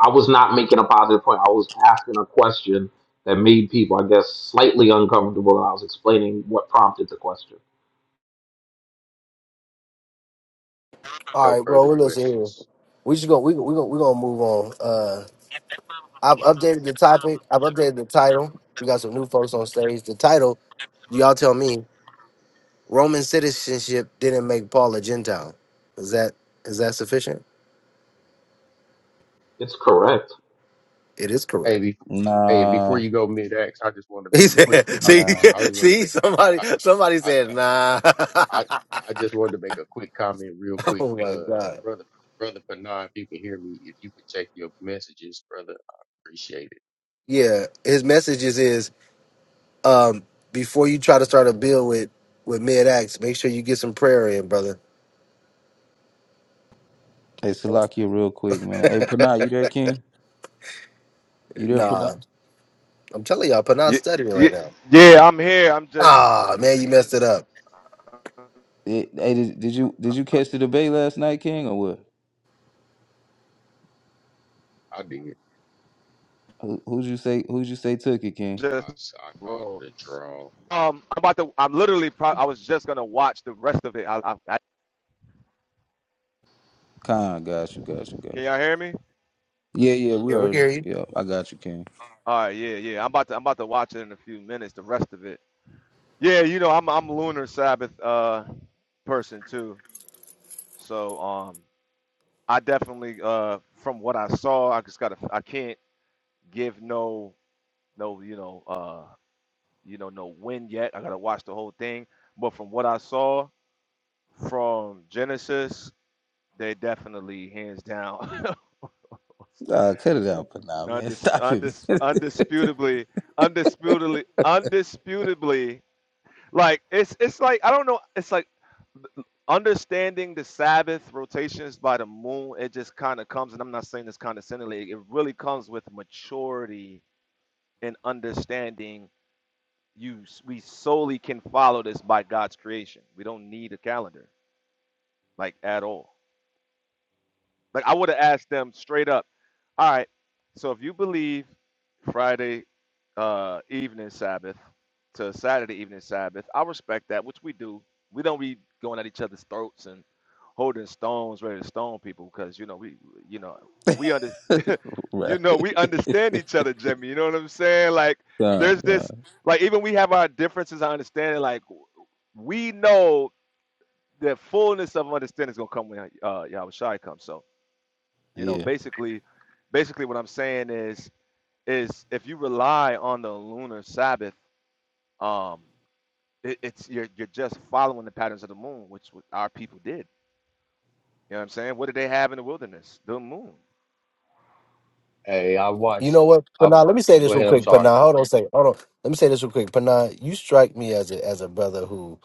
S14: I was not making a positive point. I was asking a question that made people, I guess, slightly uncomfortable. and I was explaining what prompted the question.
S1: All
S12: No
S1: right, bro.
S12: further
S1: We're listening here.
S12: questions.
S1: We just gonna we we gonna, we gonna move on. Uh, I've updated the topic. I've updated the title. We got some new folks on stage. The title, y'all tell me. Roman citizenship didn't make Paul a Gentile. Is that is that sufficient?
S14: It's correct.
S1: It is correct.
S12: Hey, before, hey, and before
S8: Nah,
S12: you go mid I just wanted to make
S1: He
S12: a quick.
S1: said,
S12: quick I,
S1: "See,
S12: was-
S8: nah.
S12: I just wanted to
S1: see,
S12: make a.
S1: somebody,
S12: I,
S1: somebody
S12: I
S1: said, nah."
S12: I I just wanted to make a quick comment, real quick.
S1: oh my
S12: Uh,
S1: god.
S12: brother, brother Panay, if you can hear me, if you could check your messages, brother, I appreciate it.
S1: Yeah, his messages is is, um, before you try to start a bill with with mid acts, make sure you get some prayer in, brother.
S8: Hey, Salakia, real quick, man. Hey, Panah, you there, King? You there,
S1: Nah,
S8: Panah?
S1: I'm telling y'all, Panah's
S16: Yeah,
S1: studying
S16: yeah,
S1: right now.
S16: yeah, I'm here. Just,
S1: Ah, man, you messed it up.
S8: Hey, did, did you did you catch the debate last night, King, or what?
S12: I did.
S8: Who who'd you say who'd you say took it, King?
S12: I
S16: just
S12: s- I called
S16: bro.
S12: it a draw.
S16: Um, I'm about to. I'm literally. Pro- I was just gonna watch the rest of it. I, I, I,
S8: Khan, got you, got you, got
S16: can y'all hear me?
S8: you. Yeah, yeah, we
S1: Here, we can
S8: heard you.
S1: hear you.
S8: Yeah, I got you, King.
S16: All right. Yeah, yeah. I'm about to. I'm about to watch it in a few minutes. The rest of it. Yeah, you know, I'm I'm lunar Sabbath uh person too. So um, I definitely uh from what I saw, I just gotta. I can't give no no you know uh you know no win yet. I gotta watch the whole thing. But from what I saw. from Genesis, they definitely hands down,
S8: Nah, cut it out for now, man.
S16: undis,
S8: Stop it,
S16: undis,
S8: man.
S16: undisputably, undisputably, undisputably. Like it's it's like I don't know. It's like understanding the Sabbath rotations by the moon. It just kind of comes, and I'm not saying this condescendingly. It really comes with maturity and understanding. You we solely can follow this by God's creation. We don't need a calendar like at all. Like I would have asked them straight up, all right, so if you believe Friday uh evening Sabbath to Saturday evening Sabbath, I respect that, which we do. We don't be going at each other's throats and holding stones, ready to stone people because you know we you know we under you know we understand
S8: right.
S16: each other, Jimmy. You know what I'm saying? Like
S8: God,
S16: there's this
S8: God.
S16: like even we have our differences, I understand it. Like we know the fullness of understanding is gonna come when uh Yahweh Shai comes. So you know,
S8: Yeah.
S16: basically, basically what I'm saying is is if you rely on the lunar Sabbath, um, it, it's you're you're just following the patterns of the moon, which w- our people did. You know what I'm saying? What did they have in the wilderness? The moon.
S12: Hey, I
S1: You
S12: watched
S1: know
S12: it.
S1: what,
S12: I,
S1: Panah? Let me say
S12: I'll go
S1: this real
S12: ahead. I'm
S1: quick,
S12: sorry.
S1: Panah. Hold on
S12: Um,
S1: a second. Hold on. Let me say this real quick, Panah. You strike me as a as a brother who,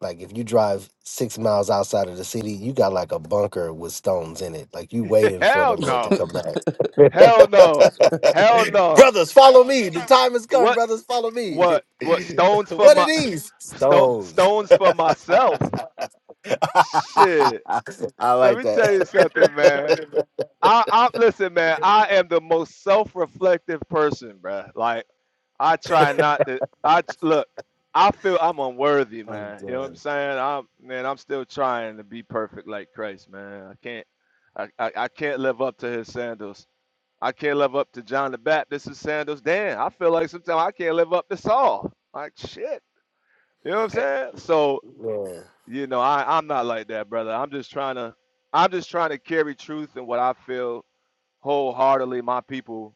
S1: like, if you drive six miles outside of the city, you got like a bunker with stones in it. Like you waiting for the
S16: Hell
S1: Lord to
S16: no.
S1: come back.
S16: Hell no. Hell no.
S1: brothers, follow me. The time has come,
S16: What
S1: brothers, follow me.
S16: what what stones for
S1: what are
S16: my
S1: these?
S16: sto-
S1: Stones.
S16: stones for myself?
S1: I
S16: Shit. Let
S1: like
S16: me tell you
S1: that.
S16: something, man. I, I listen, man. I am the most self-reflective person, bruh. Like I try not to. I t- look. I feel I'm unworthy,
S1: I'm
S16: man. You know what I'm
S1: done.
S16: saying? I'm man. I'm still trying to be perfect like Christ, man. I can't. I, I, I can't live up to his sandals. I can't live up to John the Baptist's sandals. Damn, I feel like sometimes I can't live up to Saul. Like shit. You know what I'm
S12: hey,
S16: saying? So
S1: Yeah.
S16: you know, I I'm not like that, brother. I'm just trying to. I'm just trying to carry truth and what I feel wholeheartedly my people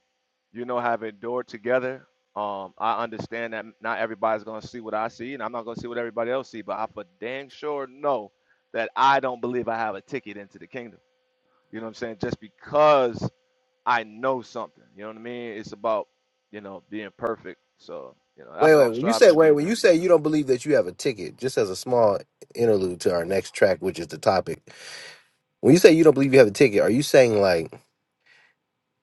S16: you know have endured together um i understand that not everybody's gonna see what i see and i'm not gonna see what everybody else see but i for dang sure know that i don't believe i have a ticket into the kingdom you know what i'm saying just because i know something you know what i mean it's about you know being perfect so you know
S1: Wait,
S16: that's what
S1: wait.
S16: i'm
S1: When you
S16: striving
S1: say
S16: to
S1: wait,
S16: be
S1: when you
S16: bro
S1: say you don't believe that you have a ticket, just as a small interlude to our next track, which is the topic. When you say you don't believe you have a ticket, are you saying like?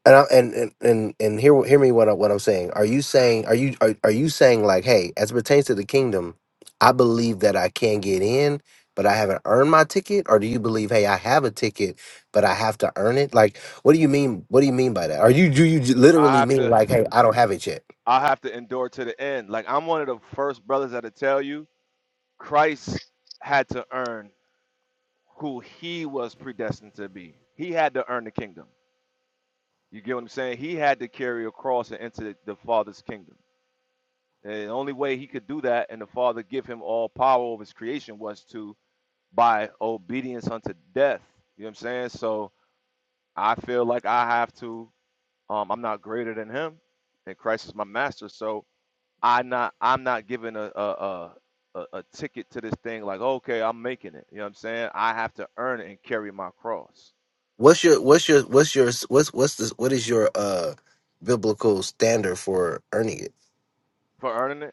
S1: And I, and and and and hear hear me what I, what I'm saying. Are
S16: hmm
S1: you saying are you are, are you saying like, hey, as it pertains to the kingdom, I believe that I can get in, but I haven't earned my ticket, or do you believe, hey, I have a ticket, but I have to earn it? Like, what do you mean? What do you mean by that? Are you do you j-
S16: i
S1: literally
S16: have
S1: mean
S16: to
S1: like, hey, I don't have it yet?
S16: i have to endure to the end like i'm one of the first brothers that'll tell you christ had to earn who he was predestined to be. He had to earn the kingdom. You get what I'm saying? He had to carry a cross and enter the, Father's kingdom. And the only way he could do that and the Father give him all power over his creation was to by obedience unto death. You know what I'm saying? So I feel like I have to um I'm not greater than him and Christ is my master. So I not I'm not given a, a a, a ticket to this thing like okay I'm making it you know what I'm saying I have to earn it and carry my cross
S1: What's your what's your what's your what's what's this? What is your uh biblical standard for earning it?
S16: for earning it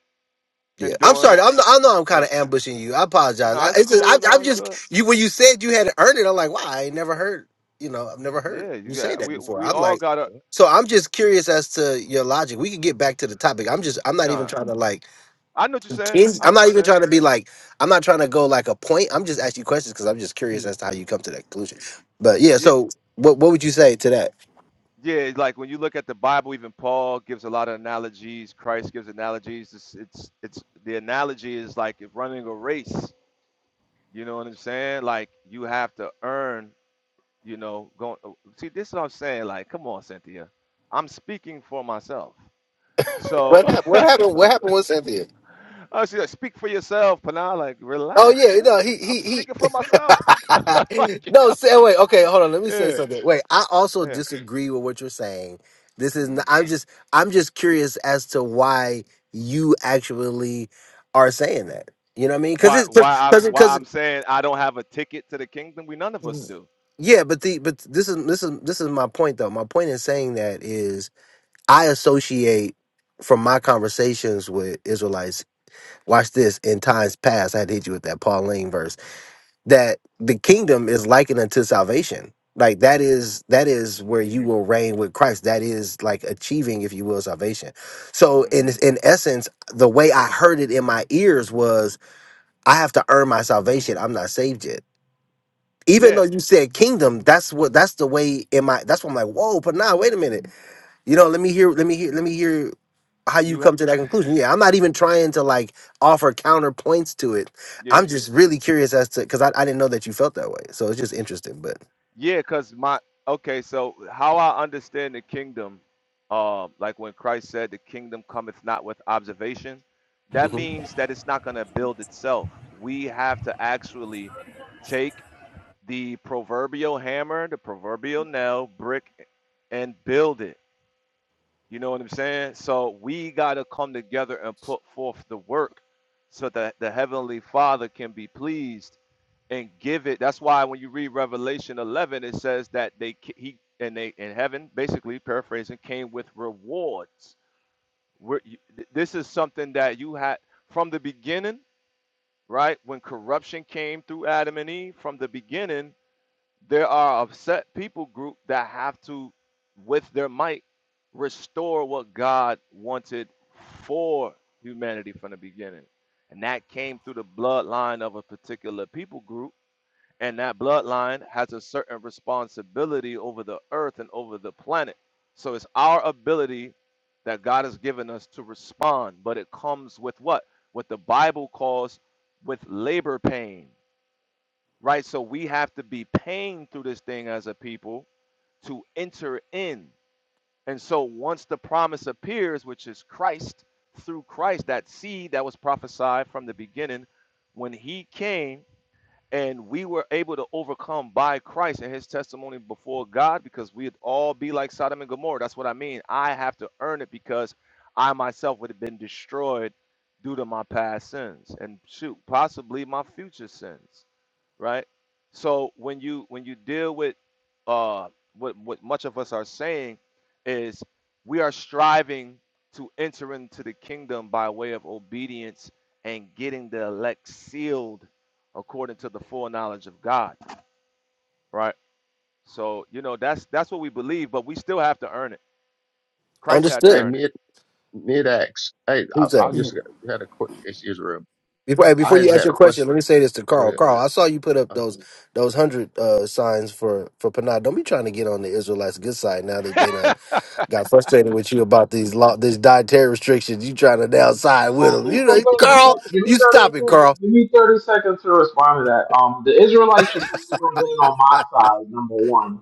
S1: Yeah, I'm
S16: enduring.
S1: sorry. I'm, I know I'm kind
S16: Yeah.
S1: of ambushing you. I apologize. I,
S16: No, it's
S1: it's just I,
S16: cool. No,
S1: I'm
S16: it's
S1: just
S16: good.
S1: you when you said you had to earn it. I'm like, wow, I ain't never heard. You know, I've never heard
S16: Yeah, you
S1: you say
S16: got.
S1: that
S16: We
S1: before.
S16: we
S1: I'm
S16: all
S1: like,
S16: got a
S1: so I'm just curious as to your logic. We could get back to the topic. I'm just I'm not even
S16: con.
S1: trying to like.
S16: I know what you're saying.
S1: contend-
S16: I know
S1: I'm
S16: what you're
S1: not even trying
S16: saying.
S1: to be like. I'm not trying to go like a point. I'm just asking you questions because I'm just curious as to how you come to that conclusion. But yeah,
S16: Yeah,
S1: so what what would you say to that?
S16: yeah. it's Like when you look at the Bible, even Paul gives a lot of analogies. Christ gives analogies. It's it's, it's the analogy is like if running a race. You know what I'm saying? Like you have to earn. You know, going. oh, See, this is what I'm saying. Like, come on, Cynthia. I'm speaking for myself. So
S1: What happened? What happened? What happened with Cynthia?
S16: Oh, she's like, speak for yourself. But now, like,
S1: Oh
S16: relax,
S1: yeah, no,
S16: sis.
S1: he
S16: I'm
S1: he
S16: speaking for myself. like,
S1: he. no,
S16: yo,
S1: say wait. Okay, hold on. Let me say
S16: yeah,
S1: something. Wait, I also
S16: yeah.
S1: disagree with what you're saying. This is. Not,
S16: Mhm.
S1: I'm just. I'm just curious as to why you actually are saying that. You know what I mean? Because
S16: Why, why,
S1: it's
S16: I,
S1: because
S16: why
S1: because
S16: I'm saying I don't have a ticket to the kingdom? We none of us do.
S1: yeah. But the but this is this is this is my point though. My point in saying that is I associate from my conversations with Israelites. Watch this. In times past, I had to hit you with that Pauline that the kingdom is likened unto salvation. Like that is that is
S16: hmm
S1: where you will reign with Christ. That is like achieving, if you will, salvation. So
S16: hmm
S1: in in essence, the way I heard it in my ears was, I have to earn my salvation. I'm not saved yet. Even though
S16: Yeah,
S1: you said kingdom, that's what that's the way in my that's what I'm like, whoa, but now wait a minute. You know, let me hear, let me hear, let me hear how you
S16: you, ha-
S1: come to that conclusion. Yeah, I'm not even trying to like offer counterpoints to it.
S16: yeah,
S1: I'm just really curious as to because I, I didn't know that you felt that way. So it's just interesting, but
S16: yeah. Cause my, okay. So how I understand the kingdom, um, like when Christ said, "The kingdom cometh not with observation," that
S1: Mhm.
S16: means that it's not gonna build itself. We have to actually take the proverbial hammer, the proverbial nail, brick, and build it. You know what I'm saying? So we got to come together and put forth the work so that the Heavenly Father can be pleased and give it. That's why when you read Revelation 11, it says that they he and they in heaven, basically paraphrasing, came with rewards. We're, this is something that you had from the beginning, right? When corruption came through Adam and Eve, from the beginning, there are a set people group that have to, with their might, restore what God wanted for humanity from the beginning. And that came through the bloodline of a particular people group. And that bloodline has a certain responsibility over the earth and over the planet. So it's our ability that God has given us to respond, but it comes with what? What the Bible calls with labor pains right? So we have to be paying through this thing as a people to enter in. And so once the promise appears, which is Christ, through Christ, that seed that was prophesied from the beginning, when he came, and we were able to overcome by Christ and his testimony before God because we'd all be like Sodom and Gomorrah. That's what I mean. I have to earn it because I myself would have been destroyed due to my past sins and shoot, possibly my future sins, right? So when you when you deal with uh what what much of us are saying is we are striving to enter into the kingdom by way of obedience and getting the elect sealed according to the full knowledge of God, right? So, you know, that's that's what we believe, but we still have to earn it. Christ had to
S12: hey,
S1: understood.
S16: earn
S12: mid
S16: it.
S12: mid acts. Hey, I,
S1: Who's
S12: I
S1: that?
S12: just had a quick. Excuse me.
S1: Before, hey, before
S12: I
S1: you
S12: just
S1: ask
S12: had
S1: your
S12: a
S1: question,
S12: question.
S1: let me say this to
S12: I
S1: Carl.
S12: mean,
S1: Carl, I saw you put up
S12: uh,
S1: those those hundred uh, signs for for Panah. Don't be trying to get on the Israelites' good side now that they done got frustrated with you about these law, this dietary restrictions. You trying to now side with
S14: Um,
S1: them?
S14: give
S1: You
S14: me
S1: know,
S14: a 30
S1: Carl,
S14: sec- give me
S1: you
S14: 30
S1: stop it,
S14: seconds.
S1: Carl.
S14: Give me 30 seconds to respond to that. Um, the Israelites should focus on getting on my side, number one.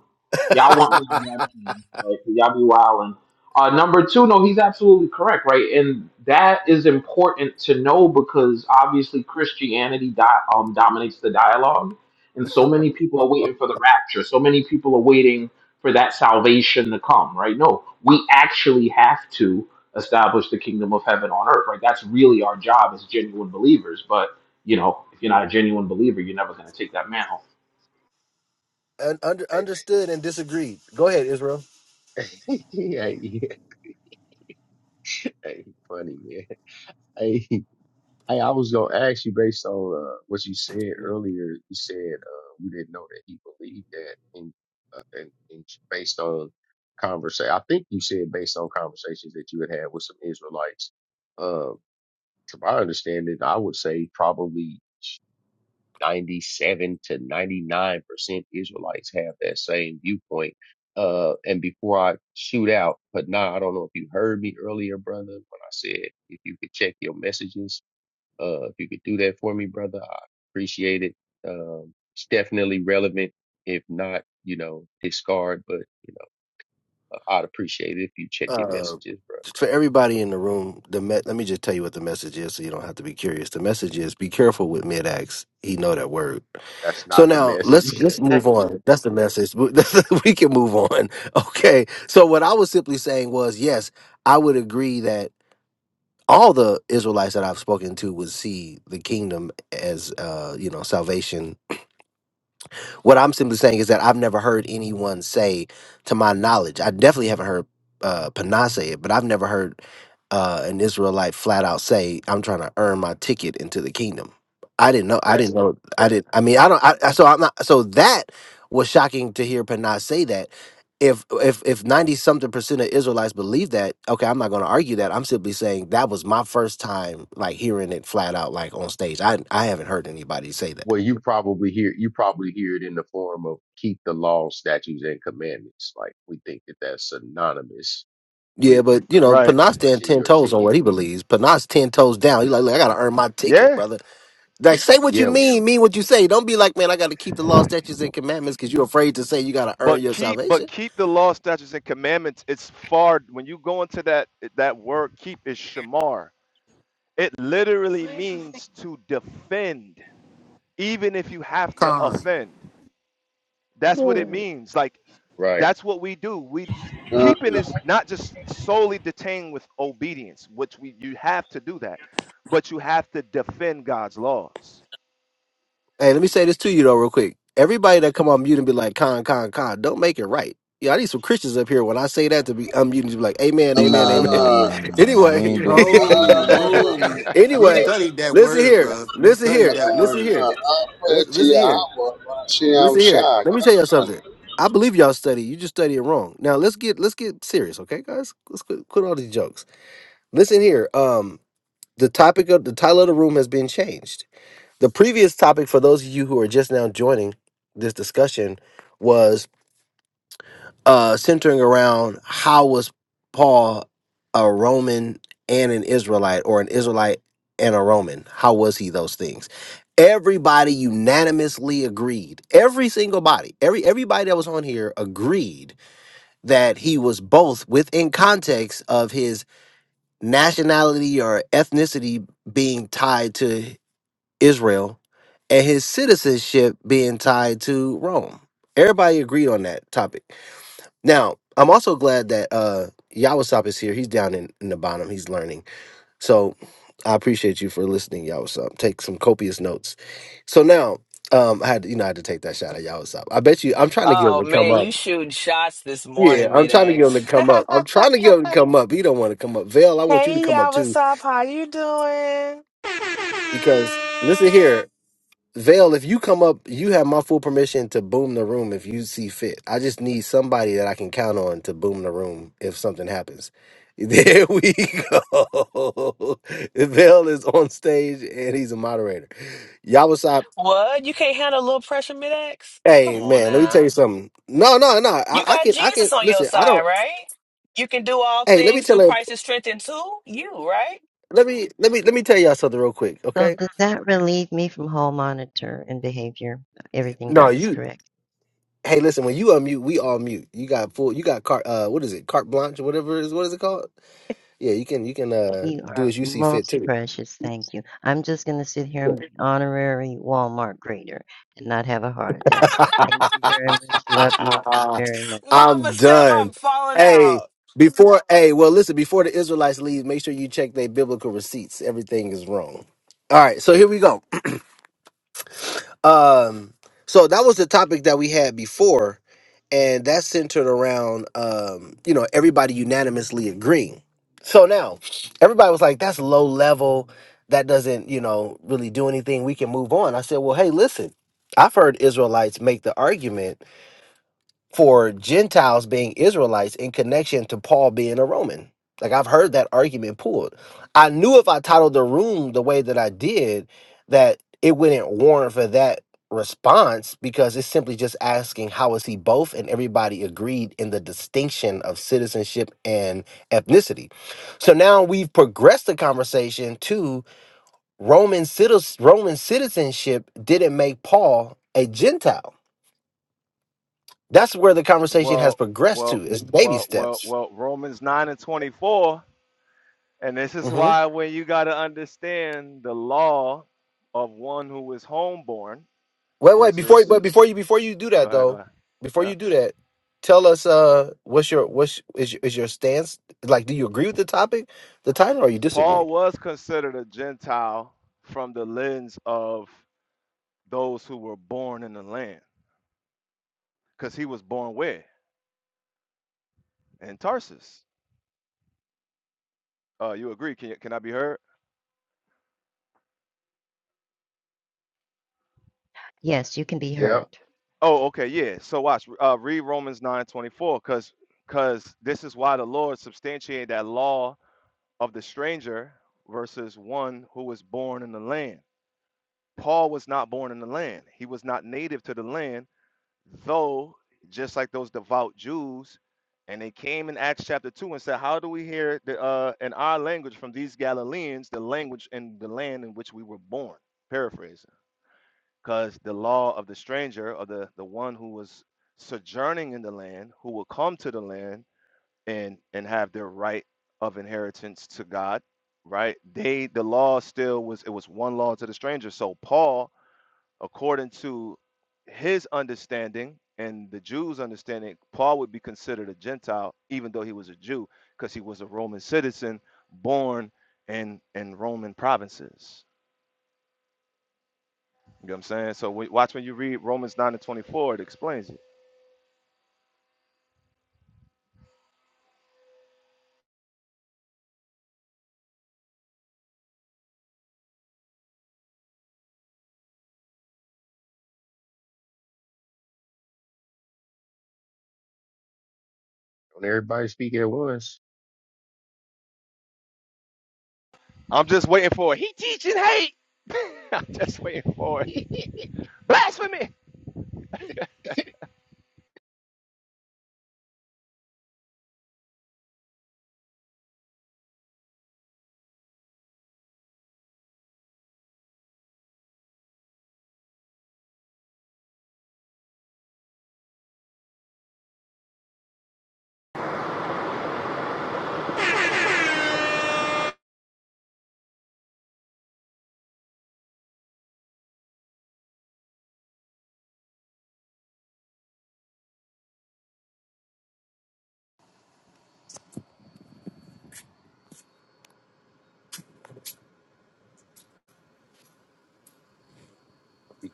S14: Y'all want me on that team, right? 'Cause y'all be wilding. Uh, number two, no, he's absolutely correct, right? And that is important to know because obviously Christianity di- um, dominates the dialogue. And so many people are waiting for the rapture. So many people are waiting for that salvation to come, right? No, we actually have to establish the kingdom of heaven on earth, right? That's really our job as genuine believers. But, you know, if you're not a genuine believer, you're never going to take that mantle.
S1: un- under,
S12: hey,
S1: understood and disagreed. Go ahead, Israel.
S12: hey, hey, hey, funny man. Hey, hey, I was gonna ask you based on uh, what you said earlier. You said uh, you didn't know that he believed that, and uh, and, and based on conversation, I think you said based on conversations that you had had with some Israelites. Uh, to my understanding, I would say probably 97 to 99% Israelites have that same viewpoint. Uh, and before I shoot out, but nah, I don't know if you heard me earlier, brother, when I said if you could check your messages, uh, if you could do that for me, brother, I appreciate it. Um, it's definitely relevant. If not, you know, discard, but you know, uh, I'd appreciate it if you check your
S1: Uh,
S12: messages, bro.
S1: for everybody in the room, the me- let me just tell you what the message is, so you don't have to be curious. The message is: be careful with mid acts. He know that word.
S12: That's
S1: So
S12: not the
S1: now
S12: message.
S1: let's let's move on. That's the message. we can move on. Okay. So what I was simply saying was, yes, I would agree that all the Israelites that I've spoken to would see the kingdom as uh, you know, salvation What I'm simply saying is that I've never heard anyone say, to my knowledge, I definitely haven't heard uh, Pana say it, but I've never heard uh, an Israelite flat out say, "I'm trying to earn my ticket into the kingdom." I didn't know. I didn't
S12: that's
S1: know. I
S12: that.
S1: didn't. I mean, I don't. I, I- so I'm not. So that was shocking to hear Panah say that. If if if ninety something percent of Israelites believe that, okay, I'm not going to argue that. I'm simply saying that was my first time like hearing it flat out like on stage. I I haven't heard anybody say that.
S12: Well, you probably hear you probably hear it in the form of keep the law, statutes, and commandments. Like we think that that's synonymous
S1: Yeah,
S12: with
S1: but you
S12: uh,
S1: know,
S16: Right.
S1: Panas stand
S12: punching
S1: ten
S12: your
S1: toes on
S12: ticket.
S1: what he believes. Panas ten toes down. He like, look, I gotta earn my ticket,
S16: Yeah.
S1: brother. Like, say what you
S12: Yeah,
S1: mean, mean what you say. Don't be like, man, I gotta keep the law, statutes, and commandments because you're afraid to say you gotta earn
S16: But
S1: your
S16: keep but
S1: salvation.
S16: keep the law, statutes, and commandments. It's far when you go into that that word keep is shamar. It literally means to defend, even if you have to
S13: Con.
S16: offend. That's what it
S1: Yeah.
S16: means. Like
S12: right.
S16: that's what we do. We keeping is not just solely detained with obedience, which we you have to do that, but you have to defend God's laws.
S1: Hey, let me say this to you though, real quick. Everybody that come on mute and be like, con, con, con, don't make it right. Yeah, I need some Christians up here when I say that to be unmuted to be like, amen, amen,
S8: Nah,
S1: amen.
S8: nah, nah, nah, nah. We ain't
S1: anyway,
S8: doing that. We ain't
S13: Oh,
S8: doing that.
S13: oh, we, we
S1: anyway,
S13: studied that
S1: listen
S13: word,
S1: here,
S13: bruh. We
S1: listen
S13: studied
S1: here,
S17: I
S13: that
S1: listen
S13: word.
S1: here,
S17: pray
S1: listen,
S17: to
S1: listen
S17: your
S1: here.
S17: she am
S1: Listen here. Let me
S17: shocked.
S1: tell y'all something. I believe y'all study. You just study it wrong. Now let's get let's get serious, okay, guys? Let's quit, quit all these jokes. Listen here. Um, the topic of the title of the room has been changed. The previous topic for those of you who are just now joining this discussion was uh, centering around how was Paul a Roman and an Israelite, or an Israelite and a Roman? How was he those things? Everybody unanimously agreed. Every single body, every everybody that was on here agreed that he was both within context of his nationality or ethnicity being tied to Israel and his citizenship being tied to Rome. Everybody agreed on that topic. Now, I'm also glad that uh Yawasop is here. He's down in, in the bottom. He's learning. So I appreciate you for listening, Yawasop. Take some copious notes. So now, um, I had to, you know I had to take that shot at Yawasop. I bet you I'm trying to get him
S9: oh
S1: to come
S9: man,
S1: up.
S9: you shooting shots this
S1: Yeah,
S9: morning,
S1: I'm trying to get him to
S9: Mid-X.
S1: come up. I'm trying to get him to come up. He don't want to come up. Vale, I want you to
S9: hey,
S1: come up
S9: y'all.
S1: too
S9: What's up? How you doing?
S1: because listen here. Vale, if you come up, you have my full permission to boom the room if you see fit. I just need somebody that I can count on to boom the room if something happens. There we go. Vale is on stage and he's a moderator. Yawasop,
S9: What? You can't handle a little pressure, Mid-X?
S1: hey
S9: Come on
S1: man, let me tell you
S9: now.
S1: something. No, no, no. I,
S9: You
S1: I
S9: got
S1: can I can
S9: Jesus on your
S1: listen, I
S9: side,
S1: don't
S9: right? You can do all
S1: hey, let me
S9: things
S1: tell
S9: through
S1: you
S9: Christ's strength into you, right?
S1: let me let me let me tell y'all something real quick,
S18: So
S1: okay?
S18: does that relieve me from hall monitor and behavior? Everything
S1: No,
S18: goes,
S1: you
S18: correct?
S1: hey listen, when you unmute, we all mute. You got full you got cart uh what is it, carte blanche or whatever it is what is it called? Yeah, you can you can uh
S18: You
S1: do
S18: are
S1: as you see fit
S18: most
S1: too.
S18: precious. Thank you. I'm just going to sit here and be honorary Walmart grader and not have a heart attack. Thank you very much. Love you very much.
S9: Mama
S1: I'm
S9: Steph,
S1: done.
S9: I'm falling
S1: Hey,
S9: out.
S1: before hey, well listen, before the Israelites leave, make sure you check their biblical receipts. Everything is wrong. All right, so here we go. Um, so that was the topic that we had before, and that's centered around um, you know, everybody unanimously agreeing. So now everybody was like, that's low level, that doesn't, you know, really do anything. We can move on. I said, Well, hey, listen, I've heard Israelites make the argument for Gentiles being Israelites in connection to Paul being a Roman. Like I've heard that argument pulled. I knew if I titled the room the way that I did, that it wouldn't warrant for that response because it's simply just asking how is he both and everybody agreed in the distinction of citizenship and ethnicity. So now we've progressed the conversation to Roman citi- Roman citizenship didn't make Paul a Gentile that's where the conversation has
S16: Well,
S1: progressed
S16: well,
S1: to. It's baby
S16: well, well,
S1: steps.
S16: well, Romans 9 and 24. And this is
S1: hmm
S16: why when you gotta understand the law of one who is homeborn
S1: Wait, wait, before
S16: versus
S1: but before you before you do
S16: go
S1: that
S16: ahead, go
S1: though,
S16: ahead.
S1: before
S16: Yeah.
S1: you do that, tell us uh what's your what's is your, is your stance? Like, do you agree with the topic, the title, or you disagree?
S16: Paul was considered a Gentile from the lens of those who were born in the land. Because he was born where? In Tarsus. Uh, you agree? Can, can I be heard?
S18: Yes, you can be
S12: Yep.
S18: heard.
S16: Oh, okay, yeah. So watch, uh, read Romans 9:24, because because this is why the Lord substantiated that law of the stranger versus one who was born in the land. Paul was not born in the land, he was not native to the land though just like those devout Jews, and they came in Acts chapter two and said, "How do we hear the, uh, in our language from these Galileans the language and the land in which we were born?" Paraphrasing, because the law of the stranger or the the one who was sojourning in the land, who will come to the land and and have their right of inheritance to God, right? They the law still was it was one law to the stranger. So Paul according to his understanding and the Jews' understanding, Paul would be considered a Gentile, even though he was a Jew, because he was a Roman citizen born in in Roman provinces. You know what I'm saying? So wa- watch when you read Romans 9 and 24, it explains it.
S12: When everybody speak at once,
S16: I'm just waiting for it. He teaching hate. I'm just waiting for it.
S12: we
S16: Blasphemy.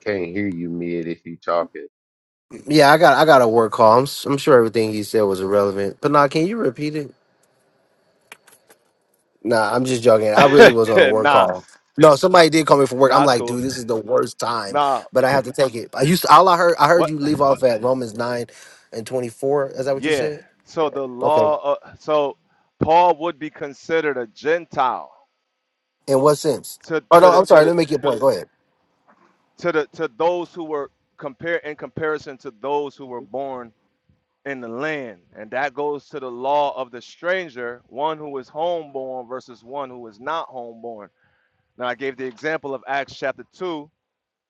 S12: can't hear you mid if you talking.
S1: Yeah, I got I got a work call. I'm, s- I'm sure everything he said was irrelevant. But nah, can you repeat it? Nah, I'm just joking. I really was on a work
S16: nah,
S1: call. No, somebody did call me for work. I'm
S16: nah, it's
S1: like,
S16: cool.
S1: dude, this is the worst time,
S16: Nah,
S1: but I have to take it. I used to, all I heard. I heard
S16: what?
S1: you leave off at Romans nine and twenty four. Is that what you
S16: Yeah.
S1: said?
S16: So the
S1: Okay.
S16: law, uh, so Paul would be considered a Gentile
S1: In what sense?
S16: to
S1: Oh no,
S16: to the
S1: I'm
S16: to
S1: sorry. Let
S16: the
S1: me make your point. Go ahead.
S16: to the to those who were compared in comparison to those who were born in the land and that goes to the law of the stranger one who is homeborn versus one who is not homeborn now i gave the example of acts chapter 2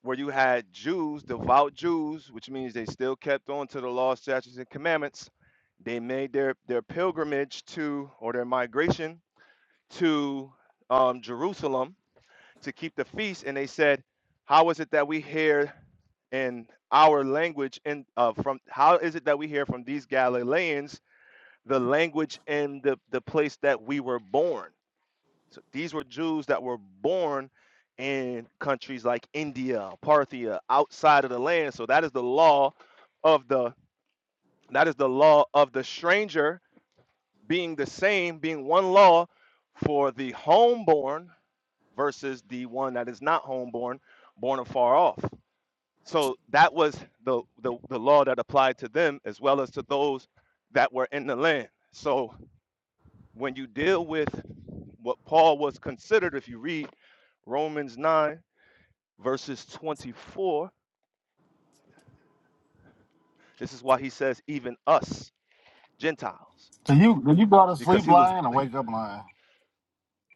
S16: where you had jews devout jews which means they still kept on to the law statutes and commandments they made their their pilgrimage to or their migration to um, jerusalem to keep the feast, and they said, "How is it that we hear in our language in uh, from how is it that we hear from these Galileans the language and the the place that we were born?" So these were Jews that were born in countries like India, Parthia, outside of the land. So that is the law of the that is the law of the stranger being the same, being one law for the homeborn versus the one that is not homeborn, born afar off. So that was the, the, the law that applied to them as well as to those that were in the land. So when you deal with what Paul was considered, if you read Romans 9, verses 24, this is why he says, even us, Gentiles,
S5: So you you brought a
S16: because
S5: sleep
S16: he was,
S5: lying or wake up lying?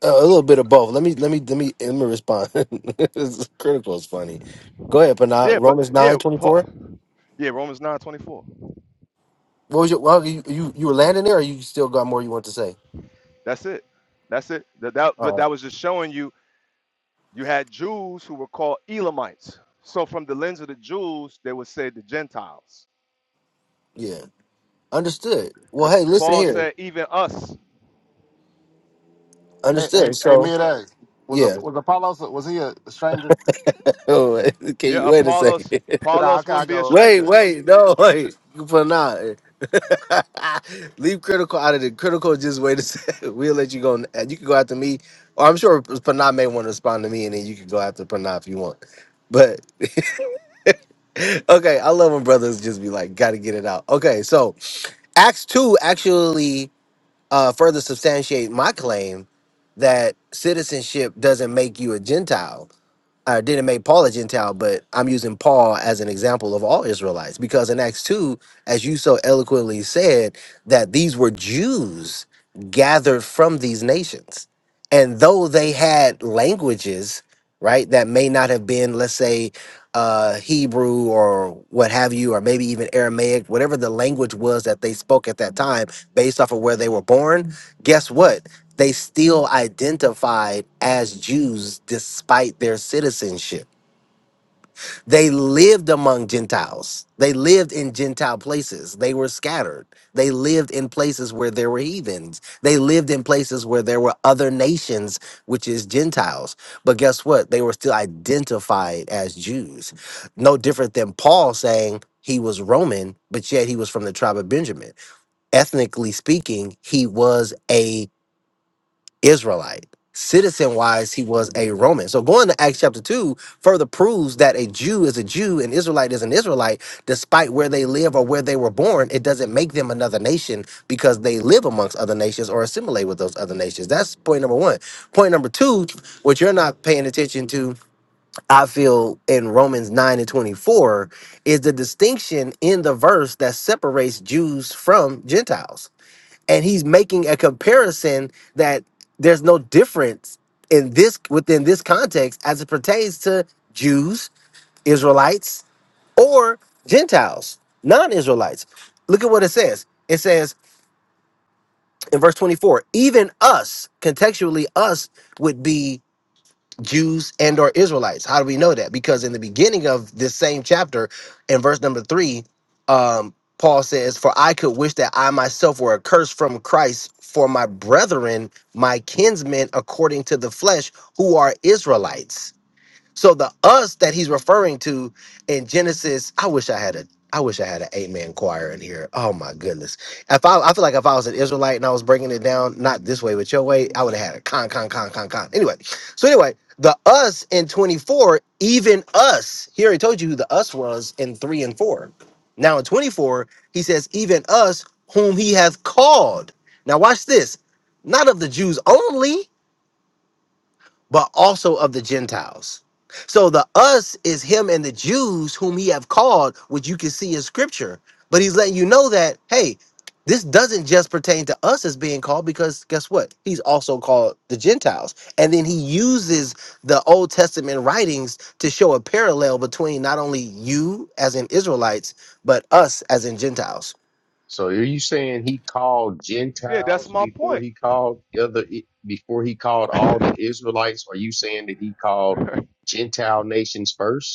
S1: Uh, a little bit of both. Let me let me let me let me respond. it's critical. It's funny. Go ahead,
S16: yeah,
S1: Panah.
S16: but
S1: Romans nine
S16: yeah,
S1: twenty
S16: Paul,
S1: four.
S16: yeah, Romans 9:24.
S1: What was your? Well, you you you were landing there, or you still got more you want to say?
S16: That's it. That's it. That, that,
S1: Uh,
S16: that was just showing you You had Jews who were called Elamites. So, from the lens of the Jews, they would say the Gentiles.
S1: yeah, understood. Well, hey,
S16: Because
S1: listen
S16: Paul
S1: here.
S16: said, even us.
S5: Hey hey
S1: Understood.
S5: hey,
S1: So,
S5: mid A. Was a
S1: yeah.
S5: was Apollo? Was he a stranger?
S1: Oh, wait, can
S16: Yeah,
S1: you wait a second?
S16: Apollos,
S5: Nah,
S16: Apollos
S5: okay, I
S16: would be a
S5: go.
S1: wait,
S16: stranger.
S1: wait, no, wait. For now, leave critical out of the critical. Just wait a second. We'll let you go. n- You can go after me, or I'm sure Panah may want to respond to me, and then you can go after Panah if you want. But okay, I love when brothers just be like, gotta get it out. Okay, so Acts two actually. uh, further substantiate my claim that citizenship doesn't make you a Gentile. I didn't make Paul a Gentile, but I'm using Paul as an example of all Israelites because in Acts 2, as you so eloquently said, that these were Jews gathered from these nations. And though they had languages, right, that may not have been, let's say, uh, Hebrew or what have you, or maybe even Aramaic, whatever the language was that they spoke at that time based off of where they were born, guess what? they still identified as Jews despite their citizenship. They lived among Gentiles. They lived in Gentile places. They were scattered. They lived in places where there were heathens. They lived in places where there were other nations, which is Gentiles. But guess what? They were still identified as Jews. No different than Paul saying he was Roman, but yet he was from the tribe of Benjamin. Ethnically speaking, he was a Israelite. Citizen wise, he was a Roman. So going to Acts chapter 2 further proves that a Jew is a Jew and Israelite is an Israelite, despite where they live or where they were born. It doesn't make them another nation because they live amongst other nations or assimilate with those other nations. That's point number one. Point number two, what you're not paying attention to, I feel, in Romans 9 and 24, is the distinction in the verse that separates Jews from Gentiles and he's making a comparison that there's no difference in this within this context as it pertains to Jews, Israelites, or Gentiles, non-Israelites. Look at what it says. It says in verse 24, even us, contextually us would be Jews and or Israelites. How do we know that? Because in the beginning of this same chapter, in verse number three, um, Paul says, "For I could wish that I myself were accursed from Christ for my brethren, my kinsmen according to the flesh, who are Israelites." So the us that he's referring to in Genesis, I wish I had a I wish I had an eight man choir in here. Oh my goodness. If I I feel like if I was an Israelite and I was breaking it down, not this way but your way, I would have had a con con con con con. Anyway, so anyway, the us in 24, even us. He already told you who the us was in 3 and 4. Now in 24, he says, even us whom he hath called. Now watch this. Not of the Jews only but also of the Gentiles. So the us is him and the Jews whom he have called, which you can see in scripture. But he's letting you know that, hey, this doesn't just pertain to us as being called because guess what? He's also called the Gentiles. And then he uses the Old Testament writings to show a parallel between not only you as in Israelites, but us as in Gentiles.
S12: So are you saying he called
S16: Yeah, that's
S12: Gentiles
S16: my
S12: before
S16: point.
S12: he called other before he called all the Israelites? Are you saying that he called Gentile nations first?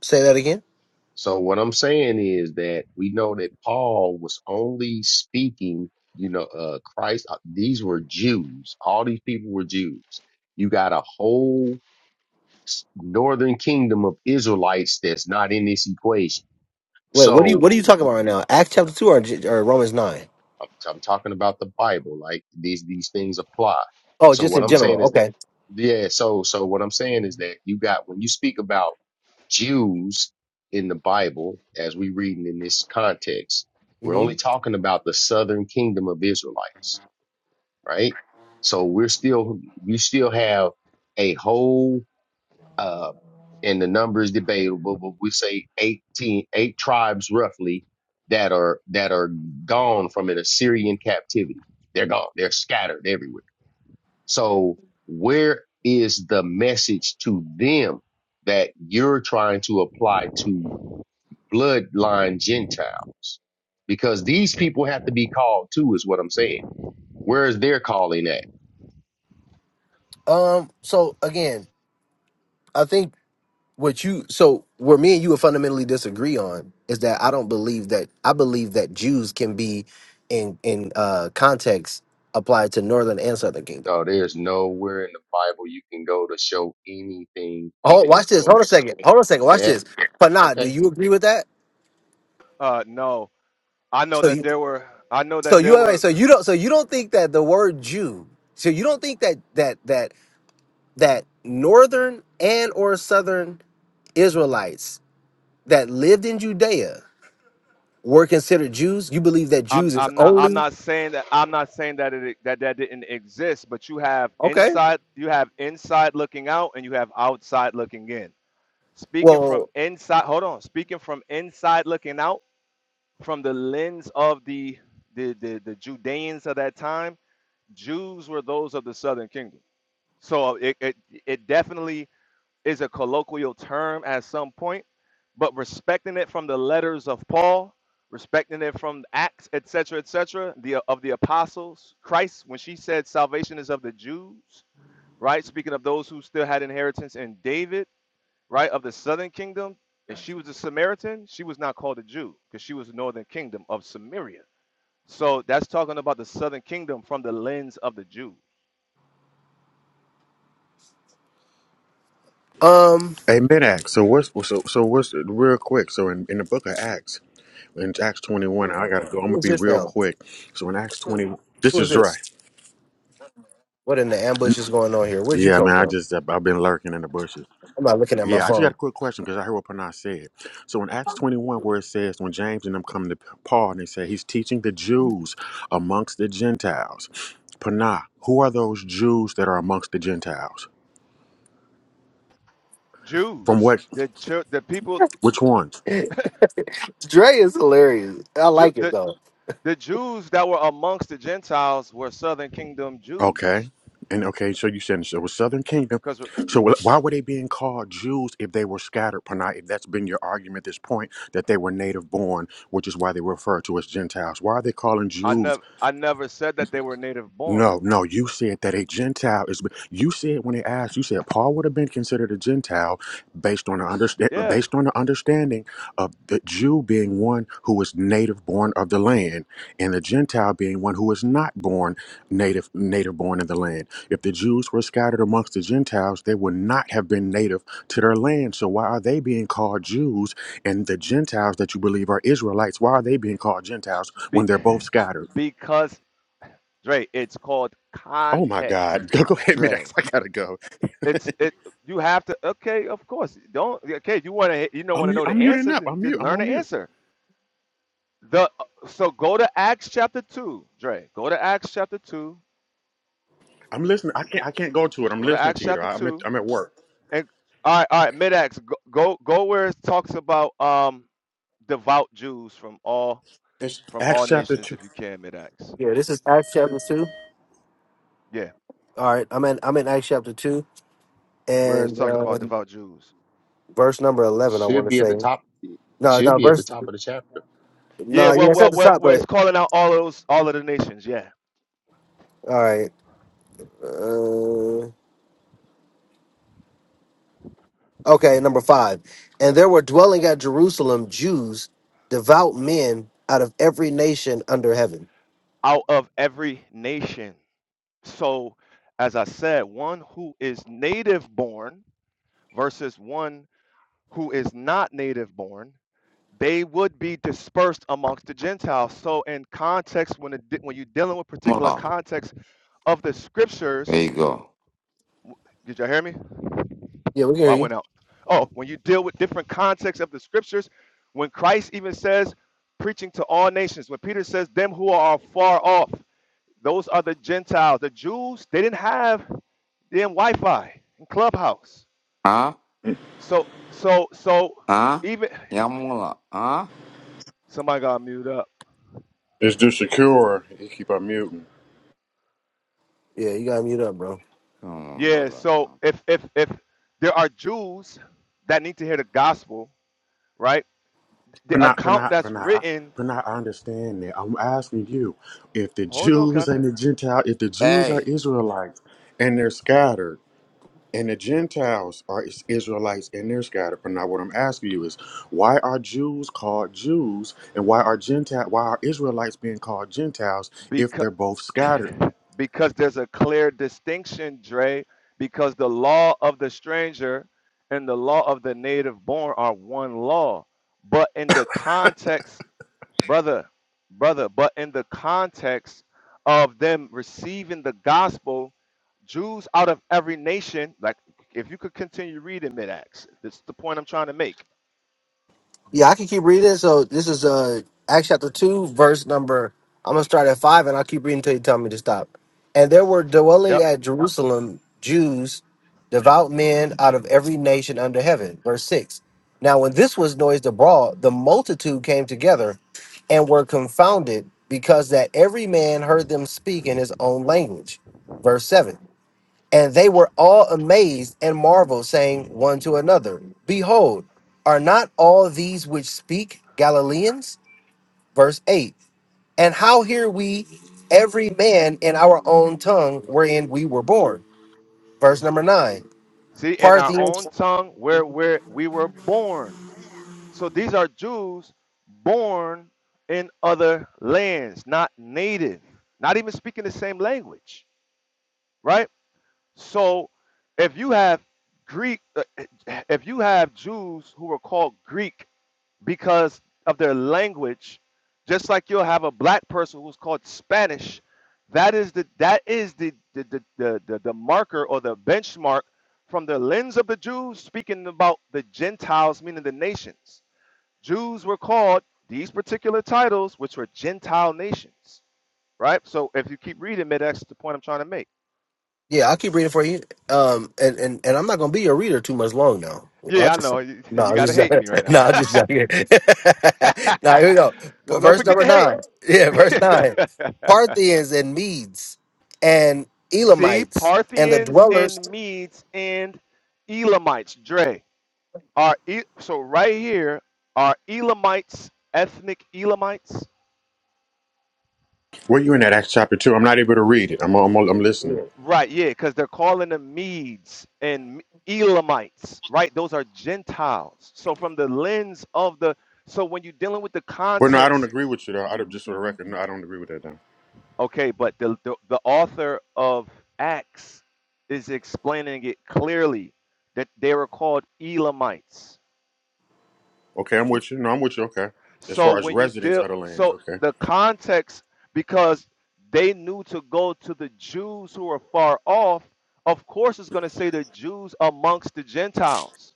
S1: Say that again.
S12: So what I'm saying is that we know that Paul was only speaking, you know, uh, Christ. uh, These were Jews. All these people were Jews. You got a whole s- northern kingdom of Israelites that's not in this equation.
S1: Wait, what are you
S12: So
S1: what are you talking about right now? Acts chapter 2 or, G- or Romans 9?
S12: I'm, I'm talking about the Bible. Like these these things apply.
S1: Oh,
S12: So
S1: just
S12: what
S1: in
S12: I'm
S1: general.
S12: saying is that
S1: Okay.
S12: yeah. So so what I'm saying is that you got when you speak about Jews in the Bible, as we reading in this context, we're
S1: Mm-hmm.
S12: only talking about the southern kingdom of Israelites, right? So we're still you still have a whole uh, and the number is debatable, but we say eighteen, eight tribes roughly that are, that are gone from an Assyrian captivity. They're gone. They're scattered everywhere. So where is the message to them that you're trying to apply to bloodline Gentiles? Because these people have to be called too, is what I'm saying. Where is their calling at?
S1: Um, so again, I think what you so where me and you would fundamentally disagree on is that I don't believe that I believe that Jews can be in in uh context applied to northern and southern kingdom.
S12: No, there's nowhere in the Bible you can go to show anything
S1: Oh,
S12: even
S1: watch this. Hold a
S12: close
S1: second. Hold on a second. Watch
S12: Yeah.
S1: this. But nah, do
S12: Okay.
S1: you agree with that?
S16: uh, no, I know
S1: So
S16: that
S1: you
S16: there were. I know
S1: so
S16: that
S1: you
S16: there
S1: all right,
S16: were.
S1: so you don't so you don't think that the word Jew so you don't think that that that that northern and or southern Israelites that lived in Judea were considered Jews? You believe that
S16: I'm.
S1: Jews is
S16: I'm not. I'm
S1: only
S16: not saying that. I'm not saying that it that that didn't exist. But you have
S1: okay.
S16: inside. You have inside looking out, and you have outside looking in. Speaking from
S1: Well,
S16: inside. Hold on. Speaking from inside looking out from the lens of the the the, the Judeans of that time, Jews were those of the Southern Kingdom. So it, it it definitely is a colloquial term at some point, but respecting it from the letters of Paul, respecting it from Acts, etc., etc., the of the apostles, Christ, when she said salvation is of the Jews, right? Speaking of those who still had inheritance in David, right, of the Southern Kingdom, and she was a Samaritan, she was not called a Jew because she was the Northern Kingdom of Samaria so that's talking about the southern kingdom from the lens of the Jew.
S1: um,
S19: Hey, mid Acts. So what's so so what's real quick? So in, in the book of Acts, in Acts twenty one, I gotta go. I'm
S1: who
S19: gonna
S1: is
S19: be
S1: this
S19: real
S1: now?
S19: quick. So in Acts twenty, this
S1: Who is
S19: is dry.
S1: this? What in the ambush is going on here? Where'd you
S19: Yeah,
S1: come
S19: man. I
S1: from?
S19: just I've been lurking in the bushes.
S1: I'm not looking at my
S19: Yeah, I just got
S1: phone.
S19: a quick question because I heard what Panay said. So in Acts twenty one, where it says when James and them come to Paul and they say he's teaching the Jews amongst the Gentiles. Panay, who are those Jews that are amongst the Gentiles? From
S16: Jews,
S19: what?
S16: the church, the people,
S19: Which ones?
S1: Dre is hilarious. I
S16: Jew,
S1: like it
S16: the
S1: though.
S16: the Jews that were amongst the Gentiles were southern kingdom
S19: Okay.
S16: Jews.
S19: And okay, so you said so it was Southern Kingdom.
S16: Because
S19: So wh- why were they being called Jews if they were scattered, Panay? If that's been your argument at this point, that they were native born, which is why they were referred to as Gentiles. Why are they calling
S16: I
S19: Jews
S16: never I never said that they were native born.
S19: no, no, you said that a Gentile is. You said when they asked, you said Paul would have been considered a Gentile based on the understand,
S16: Yeah,
S19: based on the understanding of the Jew being one who is native born of the land, and the Gentile being one who is not born native native born in the land. If the Jews were scattered amongst the Gentiles, they would not have been native to their land. So why are they being called Jews, and the Gentiles that you believe are Israelites? Why are they being called Gentiles
S16: be,
S19: when they're both scattered?
S16: because Dre, it's called
S19: Oh my
S16: context,
S19: God. Go, go ahead, mid I
S16: Dre.
S19: I gotta go.
S16: It's it. You have to. Okay, of course. Don't. Okay, you want to. You don't
S19: I'm
S16: want to
S19: mu-
S16: know the
S19: I'm muting
S16: answer,
S19: up.
S16: then
S19: I'm
S16: just
S19: mute. I'm
S16: learn
S19: on
S16: the
S19: mute.
S16: answer. The so go to Acts chapter two, Dre. Go to Acts chapter two.
S19: I'm listening. I can't I can't go to it. I'm
S16: Go to
S19: listening
S16: Acts
S19: to you though.
S16: chapter
S19: I'm at
S16: two.
S19: I'm at work.
S16: And all right, all right, mid Acts. Go, go go where it talks about um devout Jews from all
S19: It's
S16: from
S19: Acts
S16: all
S19: chapter
S16: nations,
S19: two.
S16: if you can, mid Acts.
S1: Yeah, this is Acts chapter two.
S16: Yeah,
S1: All right, I'm in. I'm in Acts chapter two
S16: where it's
S1: and
S16: talking
S1: uh,
S16: about devout Jews.
S1: verse number eleven. I want
S12: Should
S1: to
S12: be at
S1: say
S12: the top. It
S1: no,
S12: should
S1: no
S12: be at the
S1: verse.
S12: top of the chapter.
S16: Yeah,
S1: No, yeah,
S16: well,
S1: it's at
S16: well,
S1: the
S16: where
S1: top,
S16: where it's
S1: but
S16: calling out all of those all of the nations. Yeah,
S1: all right. uh, Okay, number five. And there were dwelling at Jerusalem Jews, devout men out of every nation under heaven.
S16: out of every nation. So, as I said, one who is native born versus one who is not native born they would be dispersed amongst the Gentiles. So, in context, when it, when you're dealing with particular
S20: Yamula.
S16: context of the scriptures,
S20: There you go.
S16: did y'all hear me?
S1: Yeah, we can hear
S16: Well, I
S1: you.
S16: went out. Oh, when you deal with different contexts of the scriptures, when Christ even says, preaching to all nations, when Peter says, them who are far off, those are the Gentiles. The Jews, they didn't have them Wi-Fi and Clubhouse.
S20: Huh?
S16: So so so
S20: Huh?
S16: even
S20: Yamula. Huh?
S16: somebody got muted up.
S19: It's just secure. You keep on muting.
S1: Yeah, you got to mute up, bro.
S20: Come on,
S16: Yeah,
S20: brother.
S16: so
S20: Man.
S16: if if if there are Jews that need to hear the gospel, right? The
S19: Pranat,
S16: account
S19: Pranat,
S16: that's
S19: Pranat.
S16: written,
S19: Pranat, I understand that. I'm asking you if the
S16: hold on,
S19: Jews
S16: Cafe,
S19: and the Gentile, if the Jews are
S20: Hey.
S19: Israelites and they're scattered. And the Gentiles are is- Israelites and they're scattered. But now what I'm asking you is why are Jews called Jews and why are Gentile why are Israelites being called Gentiles if
S16: because
S19: they're both scattered?
S16: because there's a clear distinction, Dre, because the law of the stranger and the law of the native born are one law. But in the context brother, brother, but in the context of them receiving the gospel, Jews out of every nation, like if you could continue reading mid Acts, this is the point I'm trying to make.
S1: Yeah, I can keep reading. So this is uh Acts chapter two, verse number. I'm gonna start at five, and I'll keep reading until you tell me to stop. And there were dwelling
S16: Yep.
S1: at Jerusalem Jews, devout men out of every nation under heaven. Verse six. Now, when this was noised abroad, the multitude came together, and were confounded, because that every man heard them speak in his own language. Verse seven. And they were all amazed and marveled, saying one to another, Behold, are not all these which speak Galileans? Verse 8. And how hear we every man in our own tongue wherein we were born? Verse number 9.
S16: See, in our
S1: Parthians
S16: own tongue where where we were born. So these are Jews born in other lands, not native, not even speaking the same language, right? So if you have Greek, uh, if you have Jews who are called Greek because of their language just like you'll have a black person who's called spanish that is the that is the the the, the, the, the marker or the benchmark from the lens of the jews speaking about the gentiles meaning the nations jews were called these particular titles which were gentile nations right so if you keep reading mid that's the point i'm trying to make
S1: Yeah, I'll keep reading for you. Um, and, and, and I'm not gonna be your reader too much long now.
S16: yeah i
S1: Watch
S16: know
S1: yourself.
S16: you,
S1: No,
S16: you
S1: I'm
S16: got to
S1: just
S16: hate
S1: joking.
S16: me right now
S1: no, I'm just joking. now here we go. But
S16: no don't
S1: Verse
S16: forget
S1: number
S16: to
S1: nine. Yeah, verse nine.
S16: hate
S1: Parthians and Medes and
S16: See,
S1: Elamites and the
S16: Parthians
S1: dwellers.
S16: and Medes and Elamites, Dre, are E- so right here are Elamites, ethnic Elamites.
S19: Where you in that Acts chapter two? I'm not able to read it. I'm I'm, I'm listening.
S1: Yeah.
S16: Right, yeah, because they're calling them Medes and M- Elamites, right? Those are Gentiles. So from the lens of the so when you're dealing with the
S19: But no, I don't
S16: context,
S19: agree with you though. I don't, just for the record, no, I don't agree with that now.
S16: okay, but the the, the author of Acts is explaining it clearly that they were called Elamites
S19: Okay, I'm with you. No, I'm with you, okay. As
S16: So
S19: far as
S16: when you
S19: residents
S16: deal,
S19: of the lands,
S16: so
S19: okay.
S16: the context, because they knew to go to the Jews who are far off, of course it's going to say the Jews amongst the Gentiles.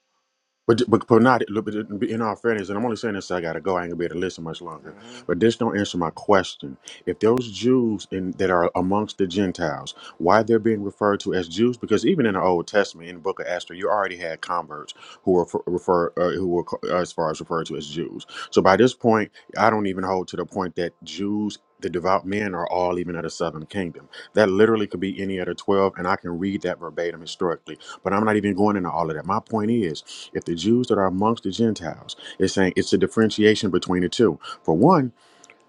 S19: But but but not look, but in all fairness, and I'm only saying this, so I gotta go. I ain't gonna be able to listen much longer.
S16: hmm
S19: But this don't answer my question. If those Jews in that are amongst the Gentiles, why they're being referred to as Jews? Because even in the Old Testament, in the Book of Esther, you already had converts who were for, refer uh, who were co- as far as referred to as Jews. So by this point, I don't even hold to the point that Jews. The devout men are all even of the southern kingdom. That literally could be any of the 12, and I can read that verbatim historically but I'm not even going into all of that. My point is, if the Jews that are amongst the Gentiles is saying it's a differentiation between the two. For one,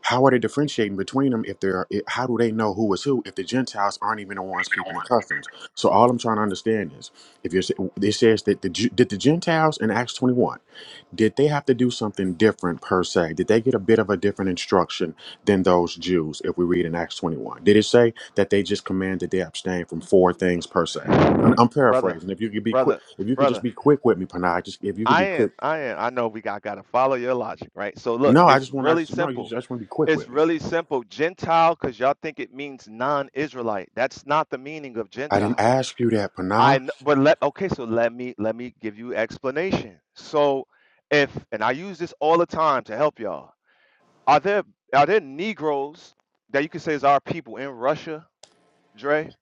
S19: how are they differentiating between them if they're? i- How do they know who is who if the Gentiles aren't even the ones keeping the customs? So all I'm trying to understand is if you're. sa- It says that the Ju- did the Gentiles in Acts 21 did they have to do something different per se? Did they get a bit of a different instruction than those Jews if we read in Acts 21? Did it say that they just commanded they abstain from four things per se? I'm, I'm
S16: Brother,
S19: paraphrasing. If you could be quick,
S16: brother,
S19: if you could just
S16: brother.
S19: be quick with me, Panay, just if you could
S16: I
S19: be
S16: am,
S19: quick.
S16: I am. I know we got got to follow your logic, right? So look,
S19: No, I
S16: it's
S19: just want
S16: really
S19: to, no, you just,
S16: simple.
S19: I just want to be quick
S16: It's
S19: with me.
S16: really simple. Gentile, because y'all think it means non-Israelite. That's not the meaning of
S19: I didn't
S16: Gentile.
S19: ask you that,
S16: I
S19: Panah.
S16: kn- but let okay, so let me let me give you explanation. So if and I use this all the time to help y'all. Are there are there Negroes that you can say is our people in Russia, Dre?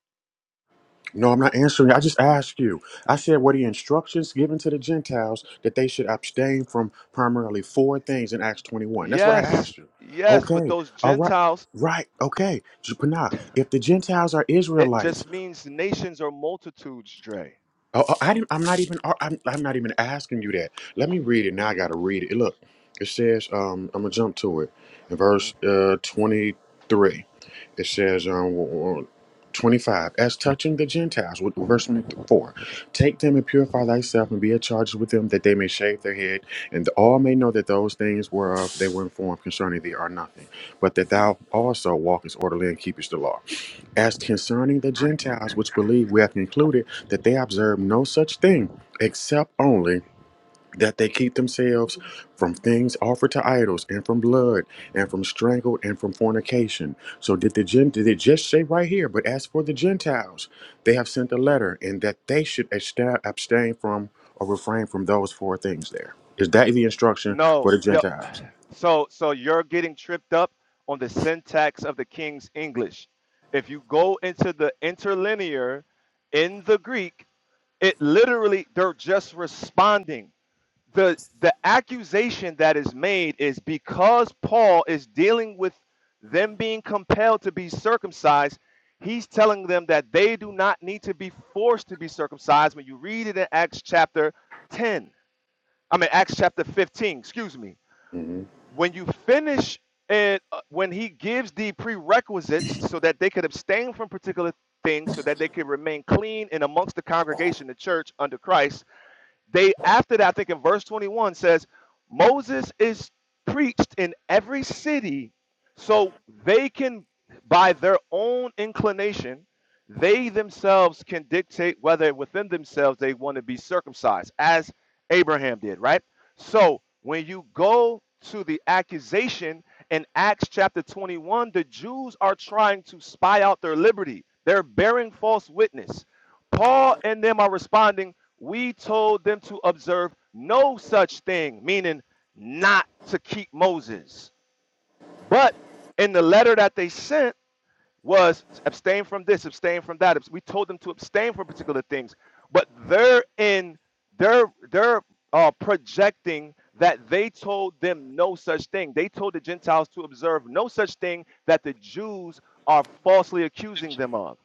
S19: No, I'm not answering. I just asked you. I said, were the instructions given to the Gentiles that they should abstain from primarily four things in Acts 21? That's what I
S16: Yes,
S19: asked you.
S16: yes, but
S19: Okay.
S16: those
S19: All right.
S16: Gentiles,
S19: Right. Okay. J- Panah, if the Gentiles are
S16: it
S19: Israelites,
S16: just means nations or multitudes, Dre.
S19: oh, oh, I didn't, I'm not even. oh, I'm, I'm not even asking you that. Let me read it. Now I got to read it. Look, it says. Um, I'm gonna jump to it in
S16: Mhm.
S19: verse uh 23. It says, um, 25, as touching the Gentiles, with- verse 24, take them and purify thyself and be at charge with them that they may shave their head, and all may know that those things whereof they were informed concerning thee are nothing, but that thou also walkest orderly and keepest the law. As concerning the Gentiles which believe, we have concluded that they observe no such thing, except only that they keep themselves from things offered to idols and from blood and from strangled and from fornication. So did the Gent did it just say right here, but as for the Gentiles, they have sent a letter and that they should absta- abstain from or refrain from those four things there. Is that the instruction
S16: No,
S19: for the
S16: the,
S19: Gentiles?
S16: so so you're getting tripped up on the syntax of the King's English. If you go into the interlinear in the Greek, It literally, they're just responding. The the accusation that is made is because Paul is dealing with them being compelled to be circumcised, he's telling them that they do not need to be forced to be circumcised. When you read it in Acts chapter 10, I mean Acts chapter 15, excuse me.
S19: Mm-hmm.
S16: When you finish and when he gives the prerequisites so that they could abstain from particular things so that they could remain clean and amongst the congregation, the church under Christ, they after that, I think in verse 21 says, Moses is preached in every city, so they can by their own inclination, they themselves can dictate whether within themselves they want to be circumcised, as Abraham did, right? So when you go to the accusation in Acts chapter 21, the Jews are trying to spy out their liberty. They're bearing false witness. Paul and them are responding, We told them to observe no such thing, meaning not to keep Moses. But in the letter that they sent was abstain from this, abstain from that. We told them to abstain from particular things, but they're in they're they're uh, projecting that they told them no such thing. They told the Gentiles to observe no such thing that the Jews are falsely accusing them of,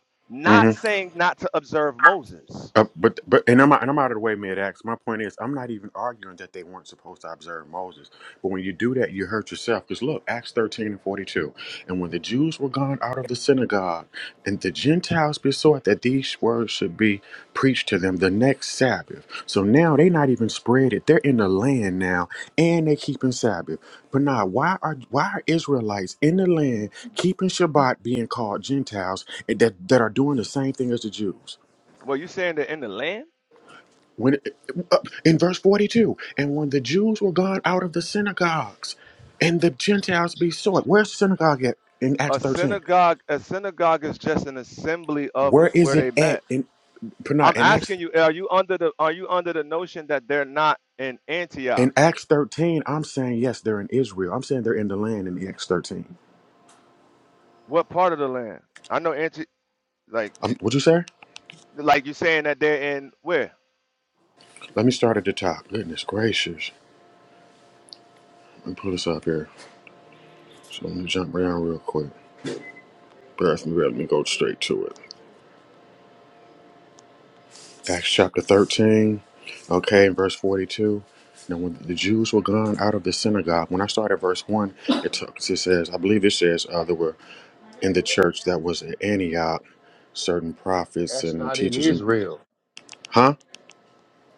S19: Mm-hmm.
S16: not saying not to observe Moses.
S19: Uh, but but and I'm and I'm out of the way, mid ax. My point is, I'm not even arguing that they weren't supposed to observe Moses. But when you do that, you hurt yourself. Because look, Acts 13 and 42. And when the Jews were gone out of the synagogue, and the Gentiles besought that these words should be preached to them the next Sabbath. So now they not even spread it. They're in the land now, and they keeping Sabbath. But now, why are why are Israelites in the land keeping Shabbat being called Gentiles and that, that are doing the same thing as the Jews?
S16: Well, you saying that in the land?
S19: When uh, in verse 42, and when the Jews were gone out of the synagogues, and the Gentiles be sought. Where's the synagogue at in Acts
S16: A
S19: 13?
S16: synagogue, a synagogue is just an assembly of
S19: Where is
S16: where
S19: it
S16: they
S19: at
S16: met.
S19: in Panay?
S16: I'm
S19: In Acts
S16: asking you, are you under the are you under the notion that they're not in
S19: in
S16: Antioch?
S19: Acts 13, I'm saying yes, they're in Israel. I'm saying they're in the land in Acts 13.
S16: What part of the land? I know Anti like
S19: Um, what'd you say?
S16: like you saying that they're in where?
S19: Let me start at the top. Goodness gracious. Let me pull this up here. So let me jump around real quick. But let me, let me go straight to it. Acts chapter 13, okay, and verse 42. Now, when the Jews were gone out of the synagogue, when I started verse 1, it, talks, it says, I believe it says, uh, there were in the church that was at Antioch certain prophets
S12: That's
S19: and
S12: not in
S19: teachers. and
S12: Israel.
S19: Huh?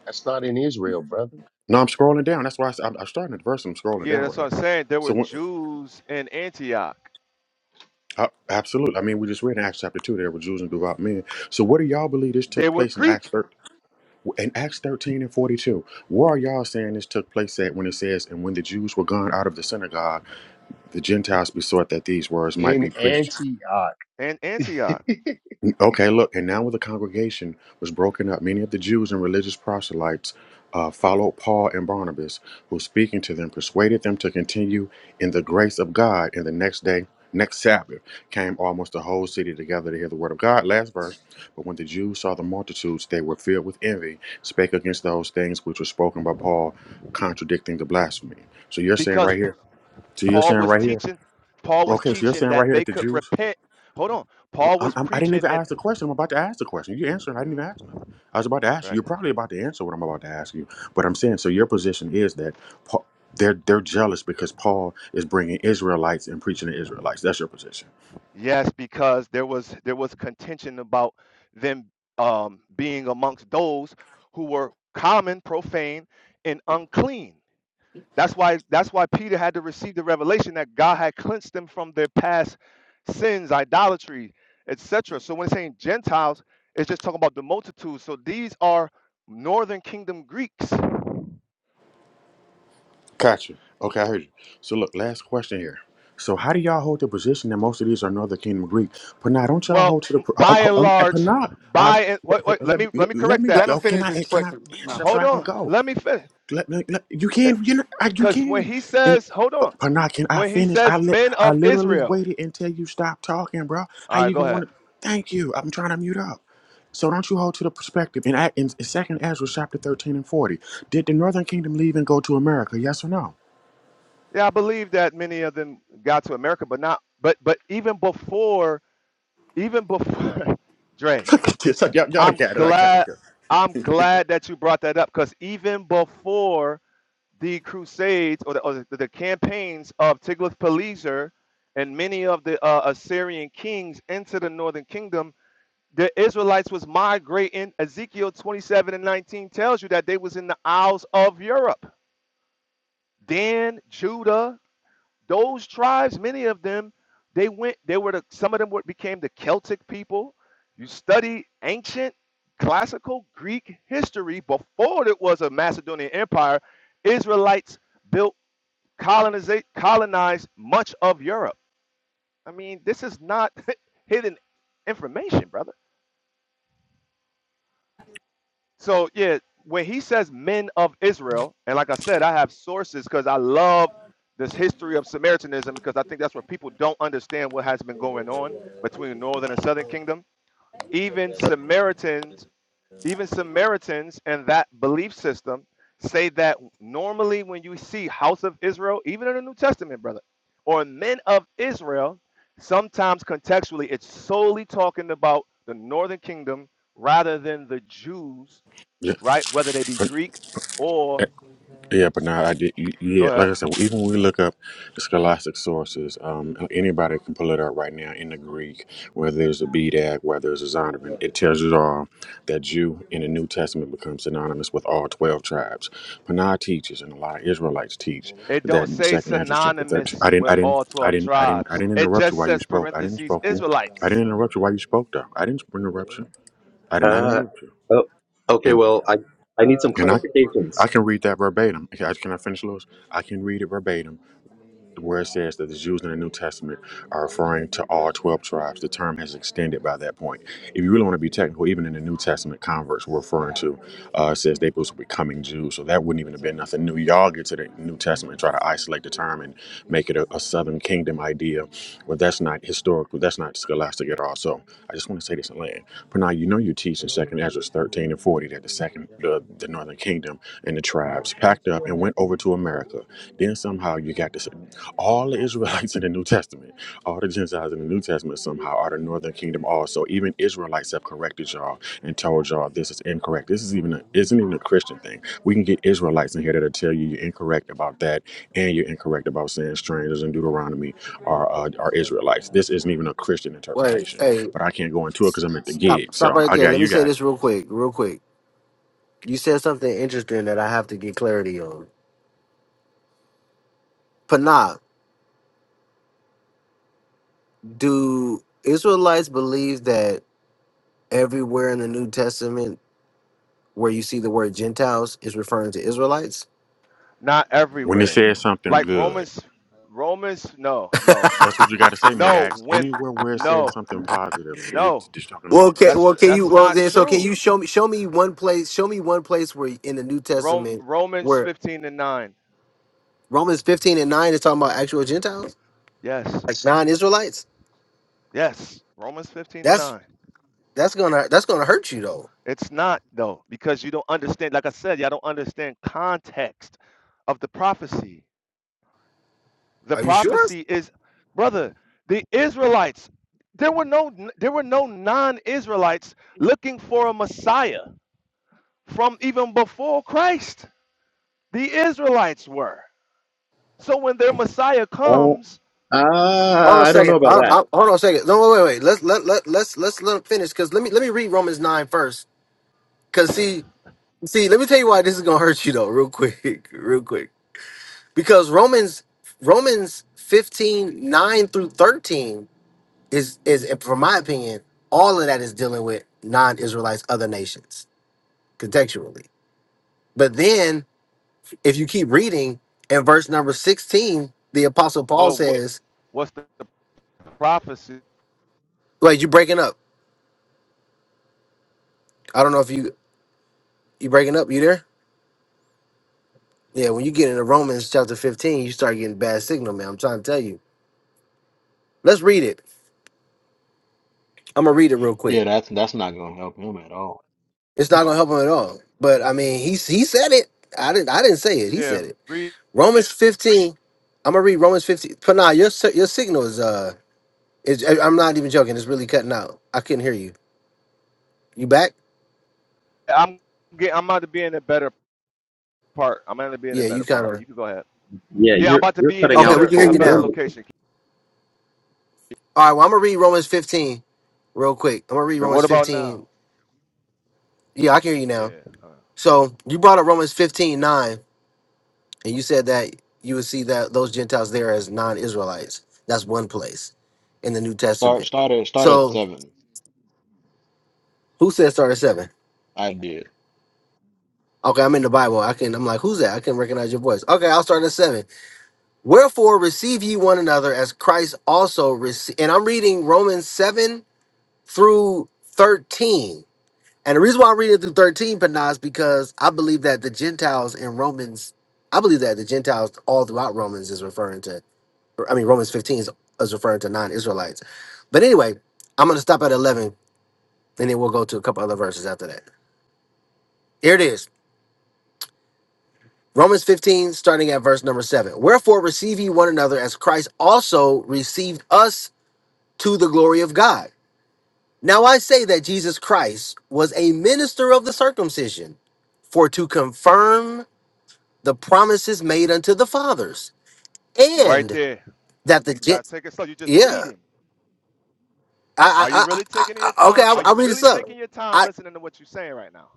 S12: That's not in Israel, brother.
S19: No, I'm scrolling down. That's why I, s- I'm, I'm starting at verse, I'm scrolling
S16: Yeah,
S19: down
S16: that's
S19: right here.
S16: what I'm saying. There
S19: So,
S16: were
S19: when,
S16: Jews in Antioch.
S19: uh, absolutely. I mean, we just read in Acts chapter 2 there were Jews and devout men. So, what do y'all believe this
S16: They
S19: took
S16: were
S19: place in Acts
S16: Greek
S19: 13? in Acts 13 and 42, where are y'all saying this took place at when it says, And when the Jews were gone out of the synagogue, the Gentiles besought that these words might be
S12: In
S19: preached
S12: Antioch,
S16: in Antioch
S19: Okay, look, and now when the congregation was broken up, many of the Jews and religious proselytes uh, followed Paul and Barnabas, who speaking to them persuaded them to continue in the grace of God. And the next day, next Sabbath, came almost the whole city together to hear the word of God. Last verse. But when the Jews saw the multitudes, they were filled with envy, spake against those things which were spoken by Paul, contradicting the blasphemy. So you're saying
S16: because
S19: right
S16: P-
S19: here, so you're
S16: Paul
S19: saying
S16: was
S19: right here,
S16: teaching. Paul was
S19: okay, so you're
S16: teaching
S19: saying right
S16: that
S19: here
S16: they
S19: that the
S16: could
S19: Jews
S16: repent. Hold on.
S19: well,
S16: Paul
S19: I'm,
S16: was
S19: I'm, I didn't
S16: preaching
S19: even
S16: and
S19: ask the question. I'm about to ask the question. You answered. I didn't
S16: Mhm,
S19: even ask nothing. I was about to ask you.
S16: right.
S19: You're probably about to answer what I'm about to ask you. But I'm saying, so your position is that Paul, they're they're jealous because Paul is bringing Israelites and preaching to Israelites. That's your position.
S16: Yes, because there was there was contention about them um, being amongst those who were common, profane, and unclean. That's why that's why Peter had to receive the revelation that God had cleansed them from their past sins, idolatry, etc. So when it's saying Gentiles, it's just talking about the multitude. So these are northern kingdom Greeks.
S19: Gotcha. Okay, I heard you. So look, last question here. So how do y'all hold the position that most of these are Northern Kingdom Greek? But now, don't y'all
S16: Well,
S19: hold to the?
S16: m-
S19: Um,
S16: by
S19: um,
S16: and
S19: um, but
S16: large,
S19: now, I've-
S16: by and
S19: but-
S16: wait, wait,
S19: but
S16: let
S19: let,
S16: me
S19: me-
S16: let me
S19: let
S16: correct
S19: me.
S16: that.
S13: Let him
S19: Oh, can
S13: finish
S19: I?
S13: his
S19: Can I
S13: question. No.
S19: answer so
S16: Hold
S19: I can
S16: on,
S19: go?
S16: let me finish.
S19: Let, let, let- you can, you know, I, you
S16: Because when
S19: can.
S16: he
S19: And
S16: says, hold
S19: uh,
S16: on,
S19: Pana, can I
S16: when he
S19: finish? I
S16: says
S19: li-
S16: men
S19: I
S16: of
S19: literally
S16: Israel,
S19: waited until you stopped talking, bro. How
S16: all right,
S19: you
S16: go
S19: gonna
S16: ahead.
S19: want to? Thank you. I'm trying to mute up. So don't you hold to the perspective. In, Act- in Second Ezra, chapter thirteen and forty, did the Northern Kingdom leave and go to America? Yes or no?
S16: Yeah, I believe that many of them got to America, but not, but, but even before, even before, Dre,
S19: Yes, I- y'all, y'all
S16: I'm
S19: got it. I got
S16: glad,
S19: it.
S16: I'm glad that you brought that up because even before the Crusades or the, or the, the campaigns of Tiglath-Pileser and many of the uh, Assyrian kings into the northern kingdom, the Israelites was migrating. Ezekiel 27 and 19 tells you that they was in the Isles of Europe. Dan, Judah, those tribes, many of them, they went, they were the, some of them were, became the Celtic people. You study ancient classical Greek history before it was a Macedonian empire, Israelites built colonizate colonized much of Europe. I mean, this is not hidden information, brother. So yeah, when he says men of Israel, and like I said, I have sources because I love this history of Samaritanism because I think that's where people don't understand what has been going on between northern and southern kingdom. Even Samaritans, even Samaritans and that belief system say that normally when you see house of Israel, even in the New Testament, brother, or men of Israel, sometimes contextually it's solely talking about the northern kingdom rather than the Jews
S19: Yeah.
S16: right? Whether they be Greek or
S19: Yeah, but now I did. y- Yeah,
S16: go
S19: like
S16: ahead.
S19: I said, even when we look up the scholastic sources, um, anybody can pull it up right now in the Greek, whether there's a BDAC, whether there's a Zondervan. It tells you all that Jew in the New Testament becomes synonymous with all 12 tribes. Panah teaches, and a lot of Israelites teach,
S16: It don't
S19: that in
S16: say
S19: Second Address chapter 13.
S16: synonymous
S19: I didn't,
S16: with
S19: I didn't,
S16: all
S19: I
S16: 12
S19: didn't, I didn't, I
S16: tribes.
S19: didn't
S16: It
S19: interrupt you
S16: just
S19: while you
S16: says
S19: spoke. I didn't
S16: parentheses
S19: spoke you. I didn't
S16: Israelites,
S19: interrupt you while you spoke, though. I didn't interrupt you. I did not
S21: Uh,
S19: interrupt you.
S21: oh, okay.
S19: And
S21: Well, I I need some
S19: and I
S21: clarifications.
S19: I can read that verbatim. Okay, I- Can I finish, Lewis? I can read it verbatim where it says that the Jews in the New Testament are referring to all 12 tribes, the term has extended by that point. If you really want to be technical, even in the New Testament, converts were referring to, uh, it says they was becoming Jews. So that wouldn't even have been nothing new. Y'all get to the New Testament and try to isolate the term and make it a, a Southern Kingdom idea. Well, that's not historical. That's not scholastic at all. So I just want to say this in land. But now, you know you teach in 2nd Ezra 13 and 40 that the second, the, the Northern Kingdom and the tribes packed up and went over to America. Then somehow you got this all the Israelites in the New Testament, all the Gentiles in the New Testament somehow are the Northern Kingdom also. Even Israelites have corrected y'all and told y'all this is incorrect. This is even a, isn't even a Christian thing. We can get Israelites in here that'll tell you you're incorrect about that and you're incorrect about saying strangers in Deuteronomy are uh, are Israelites. This isn't even a Christian
S1: Wait,
S19: interpretation.
S1: hey,
S19: But I can't go into it because I'm at the
S1: stop,
S19: gig.
S1: stop
S19: So
S1: right
S19: I
S1: there.
S19: got
S1: Let me
S19: you
S1: say
S19: got
S1: this real quick, real quick. You said something interesting that I have to get clarity on. Panah, do Israelites believe that everywhere in the New Testament? where you see the word Gentiles is referring to Israelites?
S16: not
S19: when it
S16: everywhere.
S19: says something
S16: Like
S19: good.
S16: Romans Romans no, no.
S19: That's what you got to say,
S16: No,
S19: Medax.
S16: when
S19: Anywhere where it says
S16: no,
S19: something positive,
S16: no.
S19: it's just talking
S1: Well,
S19: about
S1: okay.
S19: him.
S16: That's
S1: Well, can you?
S16: that's
S1: Right. Well,
S16: not
S1: then, so can
S16: true.
S1: you show me? Show me one place. Show me one place where in the New
S16: Rome,
S1: Testament
S16: Romans
S1: where
S16: 15 and 9.
S1: Romans fifteen and nine is talking about actual Gentiles,
S16: Yes.
S1: like non-Israelites.
S16: Yes. Romans 15 and
S1: That's
S16: 9.
S1: that's gonna that's gonna hurt you though.
S16: It's not though because you don't understand like I said, y'all don't understand context of the prophecy. The
S1: Are you sure?
S16: prophecy is, brother, the Israelites. There were no there were no non-Israelites looking for a Messiah from even before Christ. The Israelites were. So when their Messiah
S21: Uh,
S16: comes,
S1: Hold
S21: uh,
S1: on a
S21: I don't know
S1: second.
S21: about
S1: I, I,
S21: that.
S1: hold on a second. No, wait, wait. wait. Let's let let let's let's let him finish. Cause let me let me read Romans nine first. Cause see see let me tell you why this is gonna hurt you though, real quick, real quick. because Romans Romans 15 9 through 13 is is from my opinion, all of that is dealing with non-Israelites, other nations, contextually. But then if you keep reading in verse number 16, the apostle Paul
S16: well, wh-
S1: says,
S16: what's the, the prophecy?
S1: Wait, you breaking up. I don't know if you you breaking up, you there? Yeah, when you get into Romans chapter 15, you start getting bad signal, man. I'm trying to tell you. Let's read it. I'm gonna read it real quick.
S3: Yeah, that's that's not gonna help him at all.
S1: It's not gonna help him at all. But I mean, he he said it. I didn't I didn't say it. He
S16: Yeah,
S1: said it.
S16: read.
S1: Romans 15. I'm gonna read Romans 15. Panah, your si- your signal is uh is I- I'm not even joking, it's really cutting out. I couldn't hear you. You back?
S16: I'm get, I'm about to be in a better part. I'm going to be in a
S1: Yeah, you
S16: better
S1: kind
S16: part, but
S1: of
S16: you can go ahead.
S21: Yeah,
S16: Yeah, I'm
S21: you're
S16: about to
S21: you're
S16: be in a
S21: cutting
S1: Okay,
S21: out
S1: we
S16: better
S1: can hear
S16: a
S1: you
S16: better
S1: now.
S21: horrendously.
S16: location.
S1: All right, well I'm gonna read Romans 15 real quick. I'm gonna read
S16: So what
S1: Romans
S16: about
S1: 15.
S16: now?
S1: Yeah, I can hear you now.
S16: Yeah, uh,
S1: So you brought up Romans 15 9, and you said that you would see that those Gentiles there as non-Israelites. That's one place in the New
S3: Start
S1: Testament.
S3: start at start at
S1: So
S3: seven.
S1: who said start at seven?
S3: I did
S1: Okay, I'm in the Bible. I can I'm like, who's that? I can recognize your voice. Okay, I'll start at seven. Wherefore receive ye one another as Christ also received. And I'm reading Romans 7 through 13. And the reason why I'm reading through 13, Panah, is because I believe that the Gentiles in Romans, I believe that the Gentiles all throughout Romans is referring to, or, I mean, Romans 15 is, is referring to non Israelites. But anyway, I'm going to stop at 11 and then we'll go to a couple other verses after that. Here it is. Romans 15, starting at verse number 7. Wherefore receive ye one another as Christ also received us to the glory of God. Now I say that Jesus Christ was a minister of the circumcision for to confirm the promises made unto the fathers,
S16: right
S1: and
S16: there.
S1: that the
S16: We gotta
S1: gent,
S16: take it slow. You're just
S1: yeah,
S16: reading.
S1: I,
S16: Are you
S1: I, I,
S16: really
S1: I
S16: taking your
S1: I- okay,
S16: time?
S1: I'll,
S16: Are you
S1: I'll read this
S16: really
S1: up.
S16: taking your time
S1: I,
S16: listening to what you're saying right now?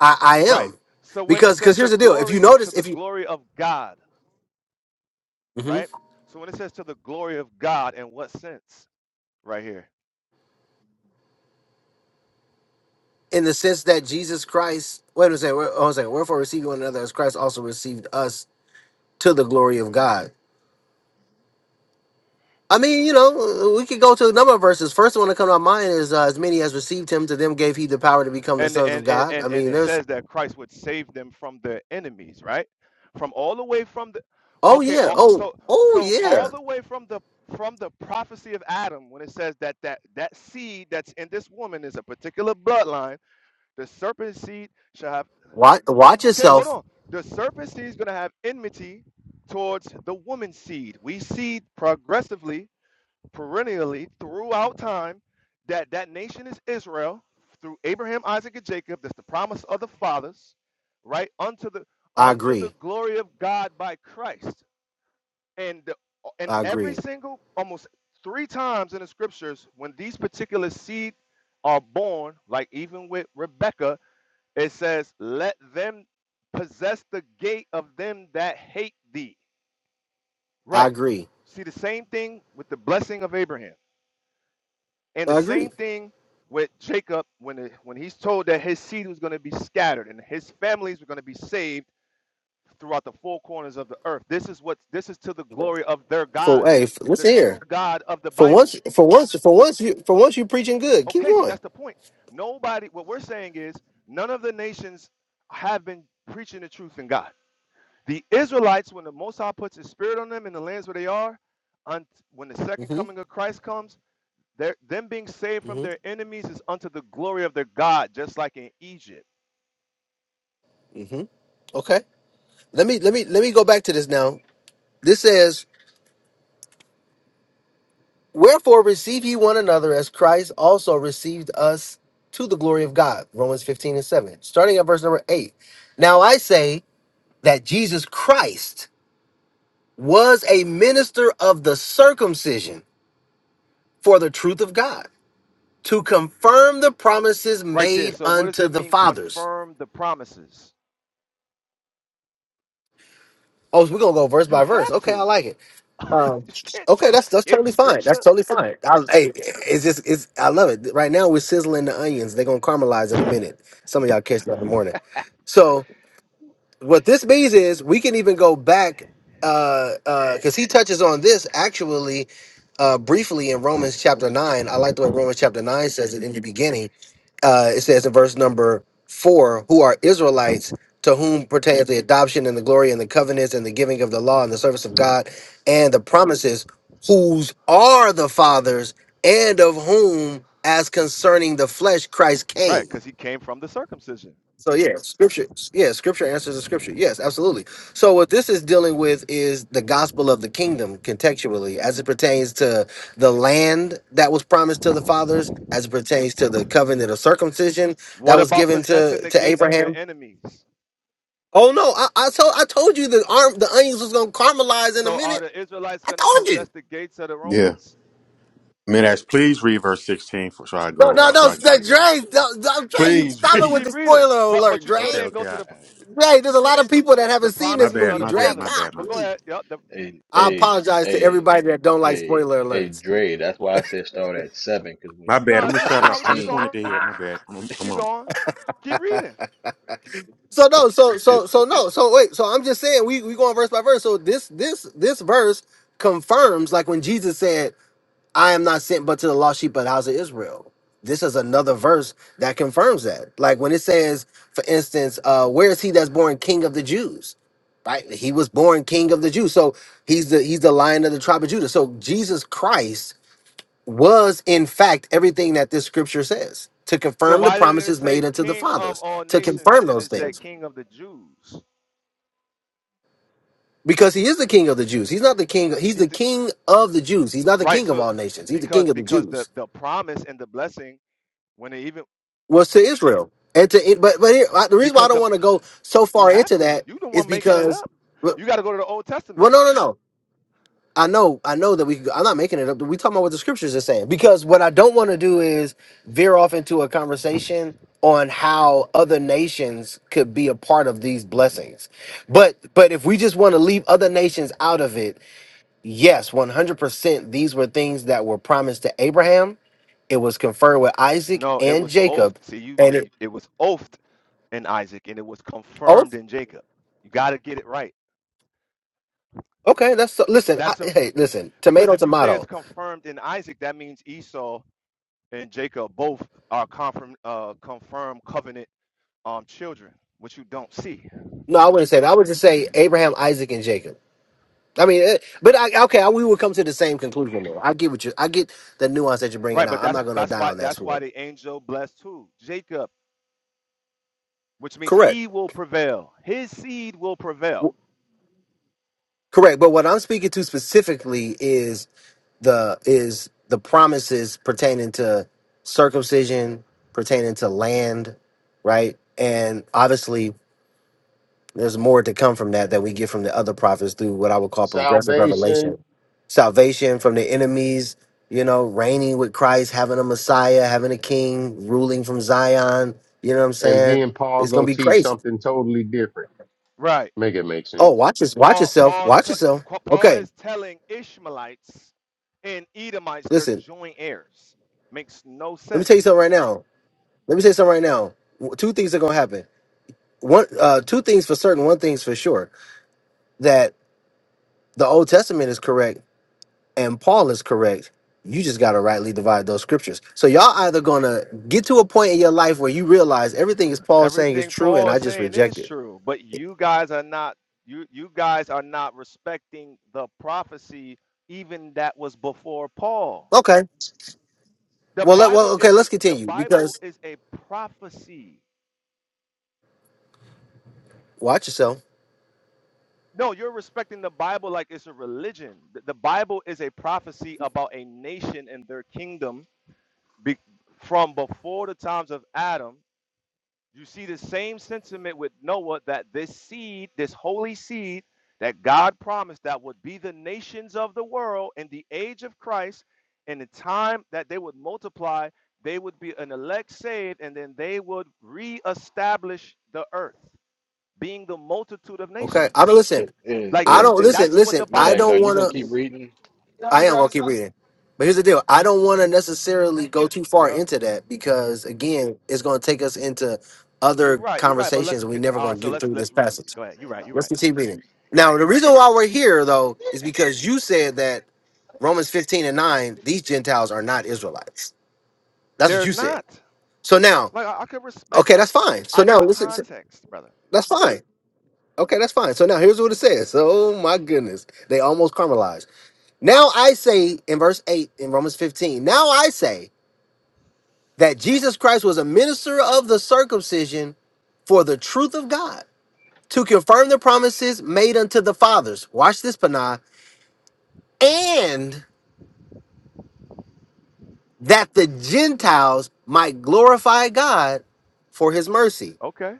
S1: I, I
S16: Right.
S1: am,
S16: So when it
S1: because
S16: says
S1: because here's
S16: the
S1: the deal. If you
S16: glory to
S1: notice,
S16: the
S1: if you
S16: glory of God,
S1: Mhm.
S16: right? So when it says to the glory of God, in what sense? Right here.
S1: in the sense that Jesus Christ, wait a second, wait hold on a second, wherefore receive one another as Christ also received us to the glory of
S16: hmm
S1: God I mean, you know, we could go to a number of verses. First one to come to my mind is uh, as many as received him to them gave he the power to become the
S16: And,
S1: sons of
S16: and and
S1: God. I
S16: and and
S1: mean,
S16: it
S1: there's
S16: says that Christ would save them from their enemies, right? From all the way from the
S1: oh
S16: okay,
S1: yeah,
S16: all,
S1: oh
S16: so
S1: oh
S16: so all
S1: yeah.
S16: the way from the from the prophecy of Adam, when it says that that that seed that's in this woman is a particular bloodline, the serpent seed shall have
S1: Watch watch
S16: Okay, hold
S1: yourself.
S16: on. The serpent seed is going to have enmity towards the woman's seed. We see progressively, perennially, throughout time, that that nation is Israel through Abraham, Isaac, and Jacob. That's the promise of the fathers, right? Unto the
S1: I
S16: unto the
S1: agree.
S16: glory of God by Christ. And the, and
S1: I
S16: every
S1: agree.
S16: single, almost three times in the scriptures, when these particular seed are born, like even with Rebecca, it says, Let them possess the gate of them that hate thee.
S1: I
S16: Right.
S1: agree.
S16: See the same thing with the blessing of Abraham. And the
S1: I agree.
S16: same thing with Jacob when it, when he's told that his seed was going to be scattered and his families were going to be saved throughout the four corners of the earth. This is what this is to the glory of their
S1: For
S16: God,
S1: hey, f- let's
S16: the
S1: hear.
S16: true God of the
S1: For once,
S16: Bible.
S1: for once, for once, you for once you preaching good. Keep
S16: Okay, so
S1: going.
S16: that's the point. Nobody what we're saying is none of the nations have been preaching the truth in God. The Israelites, when the Most High puts His Spirit on them in the lands where they are, un- when the second
S1: Mhm.
S16: coming of Christ comes, they're- them being saved from
S1: Mhm.
S16: their enemies is unto the glory of their God, just like in Egypt.
S1: Mhm. Okay. Let me let me let me go back to this now. This says Wherefore receive ye one another as Christ also received us to the glory of God. Romans 15 and 7. Starting at verse number 8. Now I say that Jesus Christ was a minister of the circumcision for the truth of God to confirm the promises
S16: Right there.
S1: made
S16: So, what does
S1: unto
S16: it
S1: the
S16: mean?
S1: fathers.
S16: Confirm the promises.
S1: Oh, so we're going to go verse
S16: You
S1: by verse.
S16: have
S1: Okay, I
S16: to.
S1: like it Um,
S16: you can't
S1: okay, that's
S16: just
S1: that's
S16: skip
S1: totally fine. That's
S16: scripture.
S1: totally fine. I, hey, it's just it's I love it. Right now we're sizzling the onions. They're gonna caramelize in a minute. Some of y'all catch that in the morning. So what this means is we can even go back because uh, uh 'cause he touches on this actually uh, briefly in Romans chapter 9. I like the way Romans chapter 9 says it in the beginning. Uh, it says in verse number 4 who are Israelites to whom pertains the adoption and the glory and the covenants and the giving of the law and the service of God and the promises, whose are the fathers and of whom, as concerning the flesh, Christ
S16: Right,
S1: came.
S16: because he came from the circumcision.
S1: So yeah, scripture. Yeah, scripture answers the scripture. Yes, absolutely. So what this is dealing with is the gospel of the kingdom contextually, as it pertains to the land that was promised to the fathers, as it pertains to the covenant of circumcision
S16: What
S1: that was
S16: about
S1: given
S16: possessing
S1: to
S16: the
S1: to
S16: gate of their
S1: Abraham.
S16: enemies?
S1: Oh no, I, I told I told you the arm the onions was gonna caramelize in a
S16: So, are
S1: minute.
S16: the Israelites
S1: I
S16: going to
S1: told you.
S16: possess the gates of the
S19: Yeah.
S16: Romans?
S19: Midax, please read verse 16 for, so I go
S1: No,
S16: Go
S1: no,
S19: to,
S16: ahead.
S19: so
S1: no,
S19: I can
S1: no,
S19: play.
S16: Keep going.
S1: Dre, don't- don't- Dre, you
S19: Please
S1: stop it
S16: Just
S19: read
S1: with
S19: it.
S16: keep
S1: the
S16: reading.
S1: spoiler
S16: But
S1: alert,
S16: but you
S1: Dre.
S16: still
S19: Okay,
S16: didn't go
S19: okay.
S16: to
S19: I, I,
S16: the.
S1: Dre, there's a lot of people that
S16: the
S1: haven't seen
S19: my
S1: this
S16: promises
S19: bad,
S16: of
S1: movie,
S16: the
S19: my
S1: Dre.
S19: bad, my
S16: fathers.
S19: bad, my
S16: But go
S19: bad.
S1: God.
S16: ahead. Yep. The,
S3: a
S1: I
S3: a
S1: apologize to
S3: a
S1: everybody that don't like
S3: a
S1: spoiler
S3: a
S1: alerts.
S3: Dre. That's why I said start at seven because when
S19: My
S3: you
S19: bad. I'm
S16: no,
S3: get
S19: going
S16: we,
S3: to
S19: to shut up.
S16: no, we
S19: I
S16: keep
S19: just
S3: sixteen,
S19: wanted
S16: going.
S19: to hear it. My bad. Come
S16: We can keep
S19: on.
S16: going. Keep reading.
S1: So no, so so
S3: is
S1: so no, so wait, so I'm just saying we we going verse by verse. So this this this verse confirms like when Jesus said, "I am not sent but to the lost sheep of the house of Israel." This is another verse that confirms that. Like when it says, for instance, uh, "Where is he that's born King of the Jews?" Right, he was born King of the Jews, so he's the he's the Lion of the tribe of Judah. So Jesus Christ was in fact everything that this scripture says to
S16: So
S1: confirm the
S16: why did it
S1: promises
S16: say
S1: made unto the
S16: King of
S1: fathers
S16: all
S1: to
S16: nations
S1: confirm
S16: and
S1: those
S16: it said
S1: things
S16: King of the Jews?
S1: because he is the king of the jews he's not the king he's
S16: He's
S1: the
S16: the,
S1: king of the jews he's not the
S16: right.
S1: king of
S16: So
S1: all nations he's the
S16: because
S1: king of the
S16: because the
S1: jews
S16: the promise and the blessing when it even
S1: was to israel and to it but but here, I- the reason why i
S16: because
S1: don't
S16: the
S1: want to go so
S16: you
S1: far
S16: have
S1: into
S16: to
S1: that
S16: you the
S1: is
S16: one making it
S1: because
S16: up.
S1: well
S16: You got to go to the Old
S1: no
S16: Testament.
S1: no no I know, I know that we. could- go. I'm not making it up. We talking about what the scriptures are saying because what I don't want to do is veer off into a conversation on how other nations could be a part of these blessings. But but if we just want to leave other nations out of it, yes, 100%. These were things that were promised to Abraham. It was conferred with Isaac
S16: No, it
S1: and
S16: was oathed.
S1: Jacob,
S16: See, you
S1: and it.
S16: it was oathed in Isaac and it was
S1: Oh,
S16: confirmed in Jacob. You got to get it right.
S1: okay. That's so, listen. I,
S16: That's a
S1: hey,
S16: be-
S1: listen.
S16: because
S1: Tomato,
S16: if you say it's
S1: tomato.
S16: confirmed in Isaac, that means Esau and Jacob both are confirm uh confirmed covenant um children, which you don't see.
S1: No, I wouldn't say that. I would just say Abraham, Isaac, and Jacob. I mean, eh, but I, okay, I, we would come to the same conclusion though. I get what you, I get the nuance that you're bringing
S16: Right, but
S1: out. I'm
S16: that's
S1: not gonna
S16: that's
S1: die
S16: why
S1: on that
S16: that's why
S1: sword.
S16: the angel blessed who? Jacob, which means
S1: Correct.
S16: he will prevail. His seed will prevail.
S1: W- Correct, but what I'm speaking to specifically is the is the promises pertaining to circumcision, pertaining to land, right? And obviously There's more to come from that that we get from the other prophets through what I would call progressive
S12: salvation,
S1: revelation, salvation from the enemies. You know, reigning with Christ, having a Messiah, having a King, ruling from Zion. You know what I'm
S12: and
S1: saying?
S12: then Paul
S1: It's gonna
S12: go
S1: be
S12: teach
S1: crazy.
S12: something totally different.
S16: Right.
S12: Make it make
S1: Oh,
S12: sense.
S1: watch this. Watch
S16: Paul
S1: yourself.
S16: Paul's
S1: Watch yourself.
S16: co- Paul
S1: Okay,
S16: is telling Ishmaelites and Edomites they're
S1: listen.
S16: joint heirs. Makes no
S1: Let me tell you
S16: sense.
S1: something right now. Let me tell you something right now. W- Two things are gonna happen. One, uh, two things for certain. One thing's for sure. That the Old Testament is correct and Paul is correct. You just got to rightly divide those scriptures. So y'all either going to get to a point in your life where you realize everything is Paul saying is
S16: Everything
S1: true and
S16: Paul
S1: I
S16: is
S1: just
S16: saying
S1: reject
S16: is
S1: it.
S16: true, but you guys are not you you guys are not respecting the prophecy even that was before Paul.
S1: Okay.
S16: The
S1: Well, let, well
S16: Bible
S1: okay,
S16: is a,
S1: let's
S16: the
S1: continue
S16: Bible
S1: because
S16: is a prophecy.
S1: watch yourself.
S16: No, you're respecting the Bible like it's a religion. The, the Bible is a prophecy about a nation and their kingdom be, from before the times of Adam You see the same sentiment with Noah that this seed, this holy seed that God promised that would be the nations of the world in the age of Christ, in the time that they would multiply, they would be an elect saved, and then they would reestablish the earth, being the multitude of
S1: Okay. I don't
S16: nations.
S1: listen.
S3: is
S16: Like
S1: I
S16: yeah,
S3: is,
S1: don't
S16: eh,
S3: is
S1: listen.
S16: that's what the
S1: Listen, I
S16: Bible
S3: Midax, are
S1: don't
S3: you
S1: want
S3: gonna keep
S1: to
S16: teaches.
S3: reading?
S1: I am going to keep reading. But here's the deal. I don't want to necessarily go too far
S16: Yeah,
S1: into that because again, it's going to take us into
S16: you're
S1: other
S16: right. You're right. But
S1: conversations
S16: let's
S1: and we never
S16: all right.
S1: going
S16: So
S1: to get
S16: let's
S1: through this
S16: let's read.
S1: passage.
S16: Go ahead. You're right. You're
S1: Let's
S16: right.
S1: continue reading. Now, the reason why we're here, though, is because you said that Romans 15 and 9, these Gentiles are not Israelites. That's what
S16: They're
S1: you said.
S16: not.
S1: So now,
S16: Like I, I could respect
S1: okay,
S16: when
S1: that's fine. So
S16: I know
S1: now,
S16: the
S1: listen, so-
S16: context, brother.
S1: that's fine. Okay, that's fine. So now here's what it says. Oh my goodness. They almost caramelized. Now I say in verse 8 in Romans 15, now I say that Jesus Christ was a minister of the circumcision for the truth of God to confirm the promises made unto the fathers. Watch this, Panah. And that the Gentiles might glorify God for his mercy.
S16: Okay.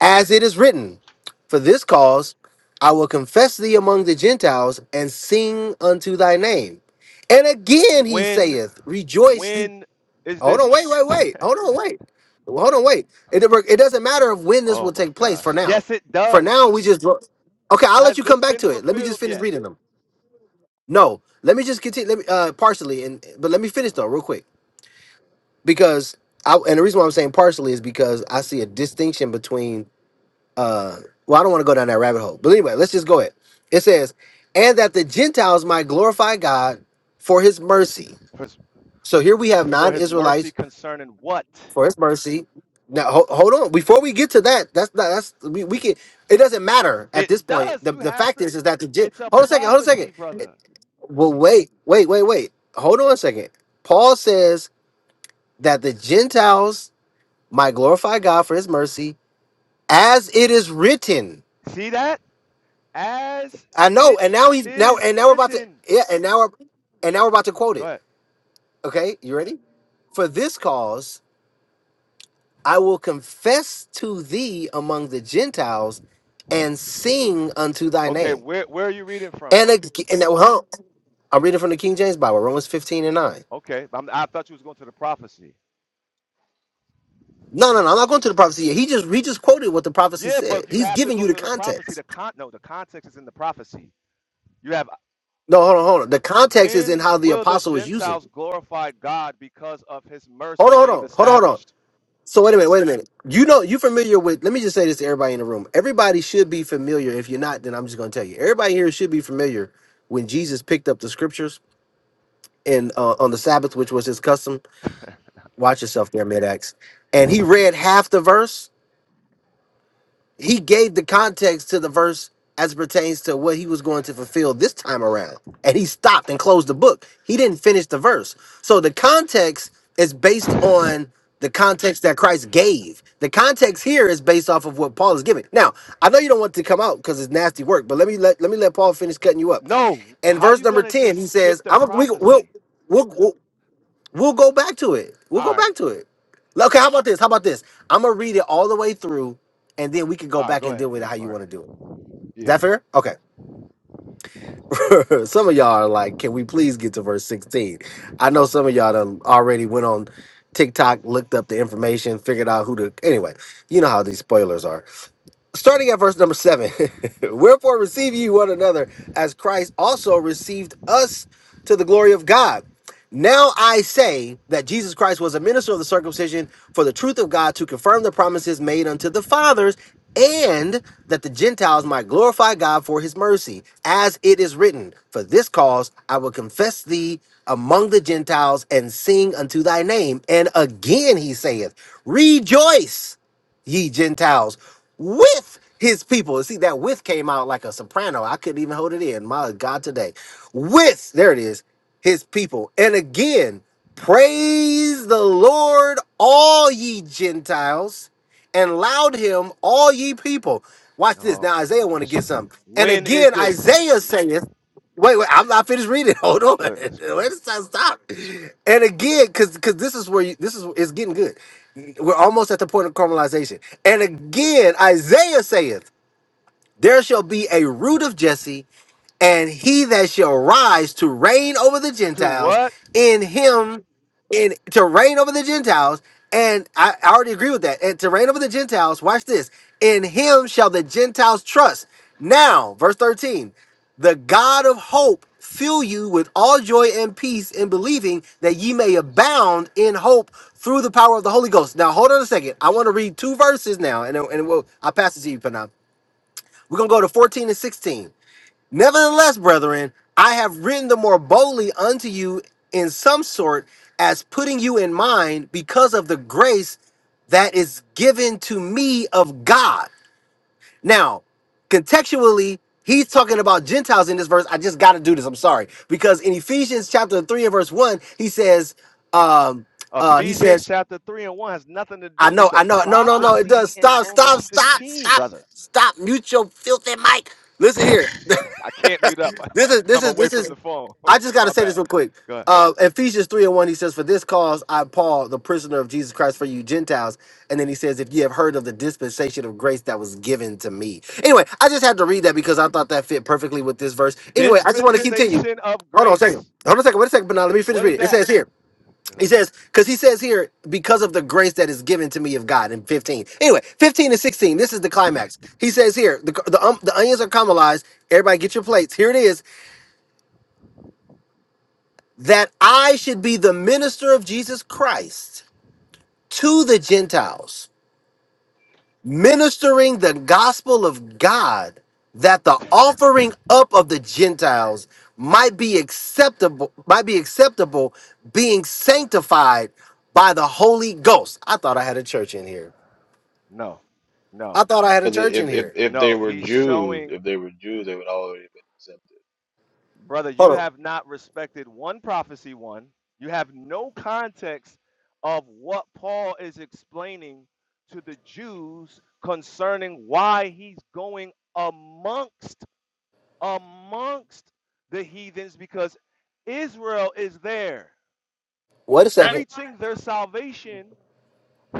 S1: As it is written, For this cause I will confess thee among the Gentiles and sing unto thy name. And again he
S16: When
S1: saith, Rejoice. ye-"
S16: when is
S1: Hold
S16: this
S1: on, wait, wait, wait. Hold on, wait. Hold on, wait. It, it doesn't matter of when this
S16: Oh
S1: will
S16: my
S1: take place
S16: gosh.
S1: for now.
S16: Yes, it
S1: For now,
S16: does.
S1: we just. Okay, I'll let
S16: Has
S1: you come
S16: this
S1: back
S16: been
S1: to it. Let me just
S16: fulfilled
S1: finish
S16: yet?
S1: reading them. No, let me just continue. Let me uh partially, and but let me finish
S16: Uh,
S1: though, real quick. because I and the reason why I'm saying partially is because I see a distinction between uh well I don't want to go down that rabbit hole. But anyway, let's just go ahead. It says, and that the Gentiles might glorify God for his mercy.
S16: For his,
S1: So here we have
S16: for his mercy
S1: non-Israelites
S16: concerning what?
S1: for his mercy. Now ho- hold on. Before we get to that, that's not that's we, we can it doesn't matter at
S16: It
S1: this point.
S16: does.
S1: The
S16: You
S1: the
S16: have
S1: fact
S16: to.
S1: is is that the Gen-
S16: It's a
S1: hold on a second, hold on a second.
S16: prophecy, brother.
S1: Well wait, wait, wait, wait. Hold on a second. Paul says that the Gentiles Might glorify God for his mercy, as it is written.
S16: See that? As
S1: I know,
S16: it
S1: and now he's now
S16: is
S1: and now we're about to
S16: written.
S1: yeah, and now we're and now we're about to quote
S16: Go
S1: it.
S16: ahead.
S1: Okay, you ready? For this cause I will confess to thee among the Gentiles and sing unto thy
S16: Okay,
S1: name.
S16: where, where are you reading from?
S1: And ag- and now, huh, I'm reading from the King James Bible, Romans 15 and 9.
S16: Okay, I'm, I thought you was going to the prophecy.
S1: No, no, no, I'm not going to the prophecy yet. He just he just quoted what the prophecy
S16: Yeah,
S1: said.
S16: but you
S1: He's
S16: have to
S1: giving
S16: go
S1: you the
S16: to the prophecy.
S1: context.
S16: The con- no, the context is in the prophecy. You have
S1: No, hold on, hold on. The context is in
S16: When
S1: how the
S16: will the
S1: apostle is using
S16: Gentiles
S1: it.
S16: glorify God because of his
S1: Hold
S16: mercy
S1: on, hold
S16: being
S1: on, hold on, hold on.
S16: established?
S1: So wait a minute, wait a minute. You know, you familiar with? Let me just say this to everybody in the room. Everybody should be familiar. If you're not, then I'm just going to tell you. Everybody here should be familiar when Jesus picked up the scriptures and uh, on the Sabbath, which was his custom. Watch yourself there, mid acts. And he read half the verse, he gave the context to the verse as pertains to what he was going to fulfill this time around. And he stopped and closed the book. He didn't finish the verse. So the context is based on the context that Christ gave. The context here is based off of what Paul is giving. Now, I know you don't want to come out because it's nasty work, but let me let, let me let Paul finish cutting you up.
S16: No.
S1: In
S16: How
S1: verse
S16: you
S1: number
S16: going to
S1: 10, he
S16: just skip
S1: says,
S16: the
S1: I'm a, we, we'll,
S16: prophecy?
S1: we'll, We'll go back to it. We'll go
S16: All right.
S1: back to it. Like, Okay, how about this? How about this? I'm gonna read it all the way through, and then we can go
S16: All right.
S1: back
S16: Go
S1: and deal
S16: ahead.
S1: with it
S16: Yep.
S1: how
S16: All
S1: you
S16: right.
S1: want to do it. Is that
S16: Yeah.
S1: fair? Okay. some of y'all are like, can we please get to verse 16? I know some of y'all done already went on TikTok, looked up the information, figured out who to. Anyway, you know how these spoilers are starting at verse number seven wherefore receive ye one another as christ also received us to the glory of god now i say that jesus christ was a minister of the circumcision for the truth of god to confirm the promises made unto the fathers and that the gentiles might glorify god for his mercy as it is written for this cause i will confess thee among the gentiles and sing unto thy name and again he saith rejoice ye Gentiles with his people. And See, that with came out like a soprano. I couldn't even hold it in. My God, today. With, there it is, his people. And again, praise the Lord, all ye Gentiles, and loud him, all ye people. Watch this.
S16: Oh,
S1: Now,
S16: my
S1: Isaiah want to
S16: gosh.
S1: get something. And
S16: When is
S1: again,
S16: this?
S1: Isaiah saith, Wait, wait, I'm not finished reading. Hold
S16: My
S1: on. Wait
S16: goodness, bro.
S1: a second, stop. And again, because because this is where you, this is it's getting good. We're almost at the point of caramelization. And again, Isaiah saith, There shall be a root of Jesse, and he that shall rise to reign over the
S16: To
S1: Gentiles
S16: what?
S1: in him in to reign over the Gentiles and I, I already agree with that and to reign over the Gentiles watch this in him shall the Gentiles trust now verse 13 the God of hope fill you with all joy and peace in
S16: Goodness.
S1: believing that ye may abound in hope through the power of the Holy Ghost. Now, hold on a second. I want to read two verses now, and, then- and we'll, I'll pass it to you, Panam. We're going to go to 14 and 16. Nevertheless, brethren, I have written the more boldly unto you in some sort, as putting you in mind because of the grace that is given to me of God. Now, contextually, he's talking about Gentiles in this verse. I just got to do this. I'm sorry. Because in Ephesians chapter 3 and verse 1, he says, um, uh, he
S16: Ephesians
S1: says,
S16: chapter 3 and 1 has nothing to
S1: I
S16: do with
S1: know,
S16: the
S1: I know, no, no, no, it does.
S16: prophecy in
S1: Stop, stop,
S16: Romans
S1: stop,
S16: 15,
S1: stop,
S16: brother.
S1: stop. Mute your filthy mic. Listen
S16: I
S1: here.
S16: can't mute up.
S1: This is this
S16: I'm
S1: is
S16: away
S1: this
S16: from
S1: is
S16: the phone.
S1: I just got to
S16: My
S1: say this
S16: bad.
S1: real quick.
S16: Go ahead.
S1: Uh, Ephesians 3 and 1, he says, For this cause I, Paul, the prisoner of Jesus Christ for you Gentiles. And then he says, If you have heard of the dispensation of grace that was given to me. Anyway, I just had to read that because I thought that fit perfectly with this verse. Anyway, I just want to continue.
S16: Dispensation of
S1: Hold on a
S16: grace.
S1: second. Hold on a second. Wait a second, but now let me finish
S16: What is
S1: reading. It
S16: that?
S1: says here,
S16: Go
S1: he
S16: ahead.
S1: says, because he says here, because of the grace that is given to me of God in 15. Anyway, 15 and 16, this is the climax. He says here, the, the, um, the onions are caramelized. Everybody get your plates. Here it is. that I should be the minister of Jesus Christ to the Gentiles, ministering the gospel of God, that the offering up of the Gentiles might be acceptable, might be acceptable, being sanctified by the Holy Ghost. I thought I had a church in here.
S16: No, no,
S1: I thought I had a
S3: Because
S1: church in
S3: if, if
S1: here.
S3: if they
S16: no.
S3: were
S16: He's
S3: Jews,
S16: showing,
S3: if they were Jews, they would already been accepted.
S16: brother,
S1: Hold
S16: you
S1: on.
S16: have not respected one prophecy, one. You have no context of what Paul is explaining to the Jews concerning why he's going amongst amongst the heathens because Israel is there
S1: Wait a second.
S16: preaching their salvation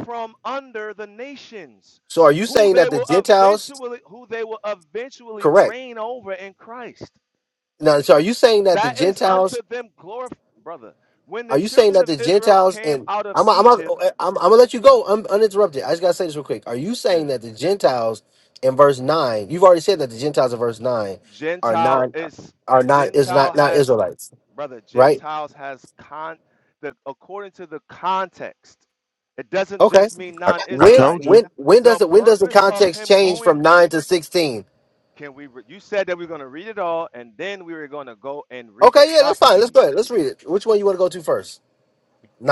S16: from under the nations
S1: So are you
S16: who
S1: saying
S16: they
S1: that the
S16: will
S1: Gentiles
S16: eventually who they will eventually
S1: correct?
S16: reign over in Christ
S1: Now, so are you saying that the
S16: that is
S1: Gentiles
S16: unto them glory brother when the
S1: Are you saying
S16: children
S1: that
S16: of
S1: the
S16: Israel
S1: Gentiles
S16: came
S1: and
S16: out of
S1: I'm I'm I'm,
S16: Egypt
S1: I'm gonna let you
S16: but
S1: go un- uninterrupted. I just gotta say this real quick. Are you
S16: yeah
S1: saying that the Gentiles in verse nine? You've already said that the Gentiles in verse nine are
S16: gentile
S1: not
S16: is
S1: are not is
S16: gentile
S1: not not
S16: has
S1: Israelites,
S16: brother
S1: right?
S16: gentiles has con the according to the context it doesn't
S1: Okay.
S16: just mean
S19: I, I
S1: When
S19: told
S16: non-israelites
S19: you.
S1: when when
S16: the
S1: does it when does the
S16: purpose of
S1: context
S16: him
S1: change
S16: going
S1: from nine to sixteen?
S16: Can we? Re- you said that we are going to read it all, and then we were going to go and read the
S1: Okay, yeah, that's fine. Let's
S16: prophecy
S1: go ahead. Let's read it. Which one you want to go to first?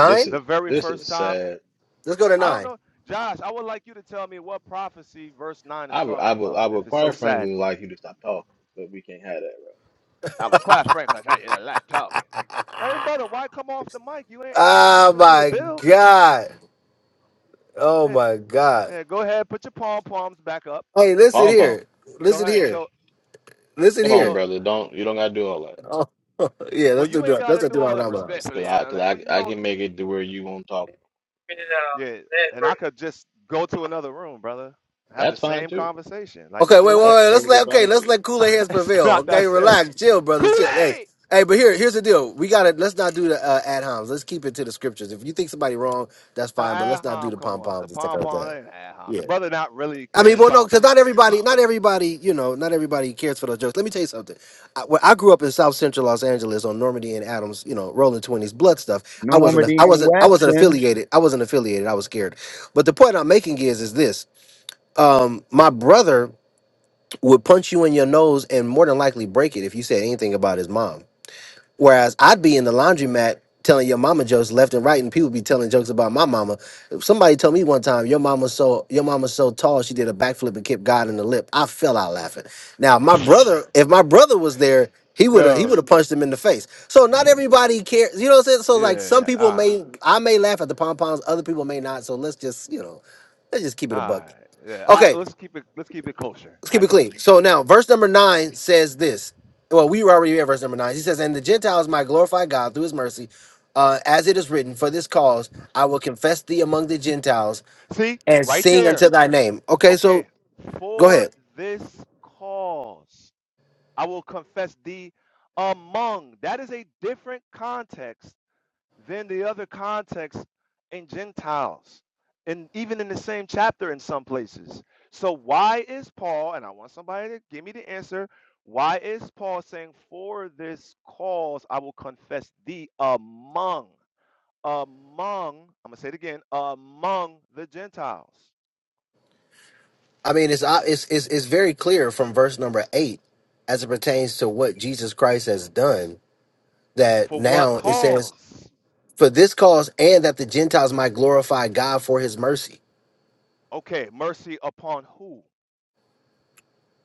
S3: This is
S16: the very
S3: this is
S16: first time.
S3: sad.
S1: Let's go to
S16: I don't
S1: nine.
S16: know, Josh. I would like you to tell me what prophecy verse nine is
S3: I would I
S16: talking
S3: would
S16: about.
S3: I
S16: If
S3: would
S16: it's so
S3: quite
S16: sad,
S3: frankly like you to stop talking, but we can't have that, bro.
S16: Oh, okay. hey brother, why come off the mic? You ain't adding
S1: Oh
S16: nothing to the
S1: my
S16: bill.
S1: God. Oh
S16: Man,
S1: my God.
S16: man, go ahead, put your palm palms back up.
S1: Hey, listen
S3: Pom pom,
S1: here.
S16: Go
S1: Listen
S16: ahead.
S1: here.
S16: So,
S1: Listen
S3: come on,
S16: so
S1: here.
S3: brother. Don't you don't gotta do all that.
S1: Oh, yeah,
S16: well,
S1: let's do
S16: you ain't
S1: that.
S16: got to
S1: Let's
S16: do
S1: do our
S16: all that
S1: numbers.
S3: Cause
S16: respectfully. I,
S3: I
S16: don't
S3: cause
S16: like, well,
S3: I
S16: you
S3: I
S16: don't.
S3: can make it to where you won't talk.
S16: Yeah, and I could just go to another room, brother. Have the
S3: That's fine
S16: same
S3: too.
S16: conversation. Like,
S1: Okay,
S16: just
S1: wait, wait,
S3: That's
S1: wait.
S16: relax.
S1: Let's
S3: perfectly
S1: let okay,
S3: fine
S1: let's
S3: too.
S1: let cooler heads
S16: it's
S1: prevail.
S16: not that
S1: Okay,
S16: serious.
S1: relax, chill, brother,
S16: Kool
S1: chill. Hey,
S16: Aid.
S1: hey, but here, here's the deal. We gotta let's not do the uh, ad homs. Let's keep it to the scriptures. If you think somebody wrong, that's fine, but
S16: Uh,
S1: let's not do
S16: Aham,
S1: the
S16: come
S1: pom
S16: on. It's the
S1: poms and stuff
S16: pom
S1: like
S16: pom.
S1: that.
S16: Aham. The
S1: Yeah.
S16: brother not really
S1: I mean,
S16: clearing
S1: well, no,
S16: pom
S1: because
S16: poms,
S1: not everybody, not everybody, you know, not everybody cares for those jokes. Let me tell you something. I, when I grew up in South Central Los Angeles on Normandy and Adams, you know, Rolling Twenties, Blood stuff. I wasn't,
S22: Normandy
S1: I
S22: and
S1: wasn't, I wasn't
S22: Weston.
S1: affiliated. I wasn't affiliated. I was scared. But the point I'm making is, is this: um, my brother would punch you in your nose and more than likely break it if you said anything about his mom. Whereas I'd be in the laundromat telling your mama jokes left and right, and people be telling jokes about my mama. Somebody told me one time, your mama's so your mama's so tall, she did a backflip and kicked God in the lip. I fell out laughing. Now my brother, if my brother was there, he would have he
S16: brother.
S1: would have punched him in the face. So not everybody cares. You know what I'm saying? So
S16: Yeah.
S1: like some
S16: Yeah.
S1: people
S16: All right.
S1: may I may laugh at the pom poms, other people may not. So let's just you know, let's just keep it
S16: All
S1: a
S16: right.
S1: bucket.
S16: Yeah. I,
S1: Okay,
S16: let's keep it. Let's keep it kosher.
S1: Let's keep
S16: I
S1: it
S16: get it.
S1: clean. So now, verse number nine says this. Well, we were already at verse number nine. He says, "And the Gentiles might glorify God through His mercy, uh, as it is written, for this cause I will confess thee among the Gentiles
S16: See,
S1: and
S16: right
S1: sing
S16: there.
S1: unto thy name." Okay,
S16: Okay.
S1: so go
S16: For
S1: ahead.
S16: this cause, I will confess thee among. That is a different context Than the other context in Gentiles, and even in the same chapter in some places. So why is Paul, and I want somebody to give me the answer, why is Paul saying, For this cause I will confess thee among, among, I'm gonna say it again, among the Gentiles.
S1: I mean, it's uh, it's it's, it's very clear from verse number eight as it pertains to what Jesus Christ has done. That
S16: For what
S1: now it says,
S16: cause?
S1: "For this cause, and that the Gentiles might glorify God for His mercy."
S16: Okay, mercy upon who?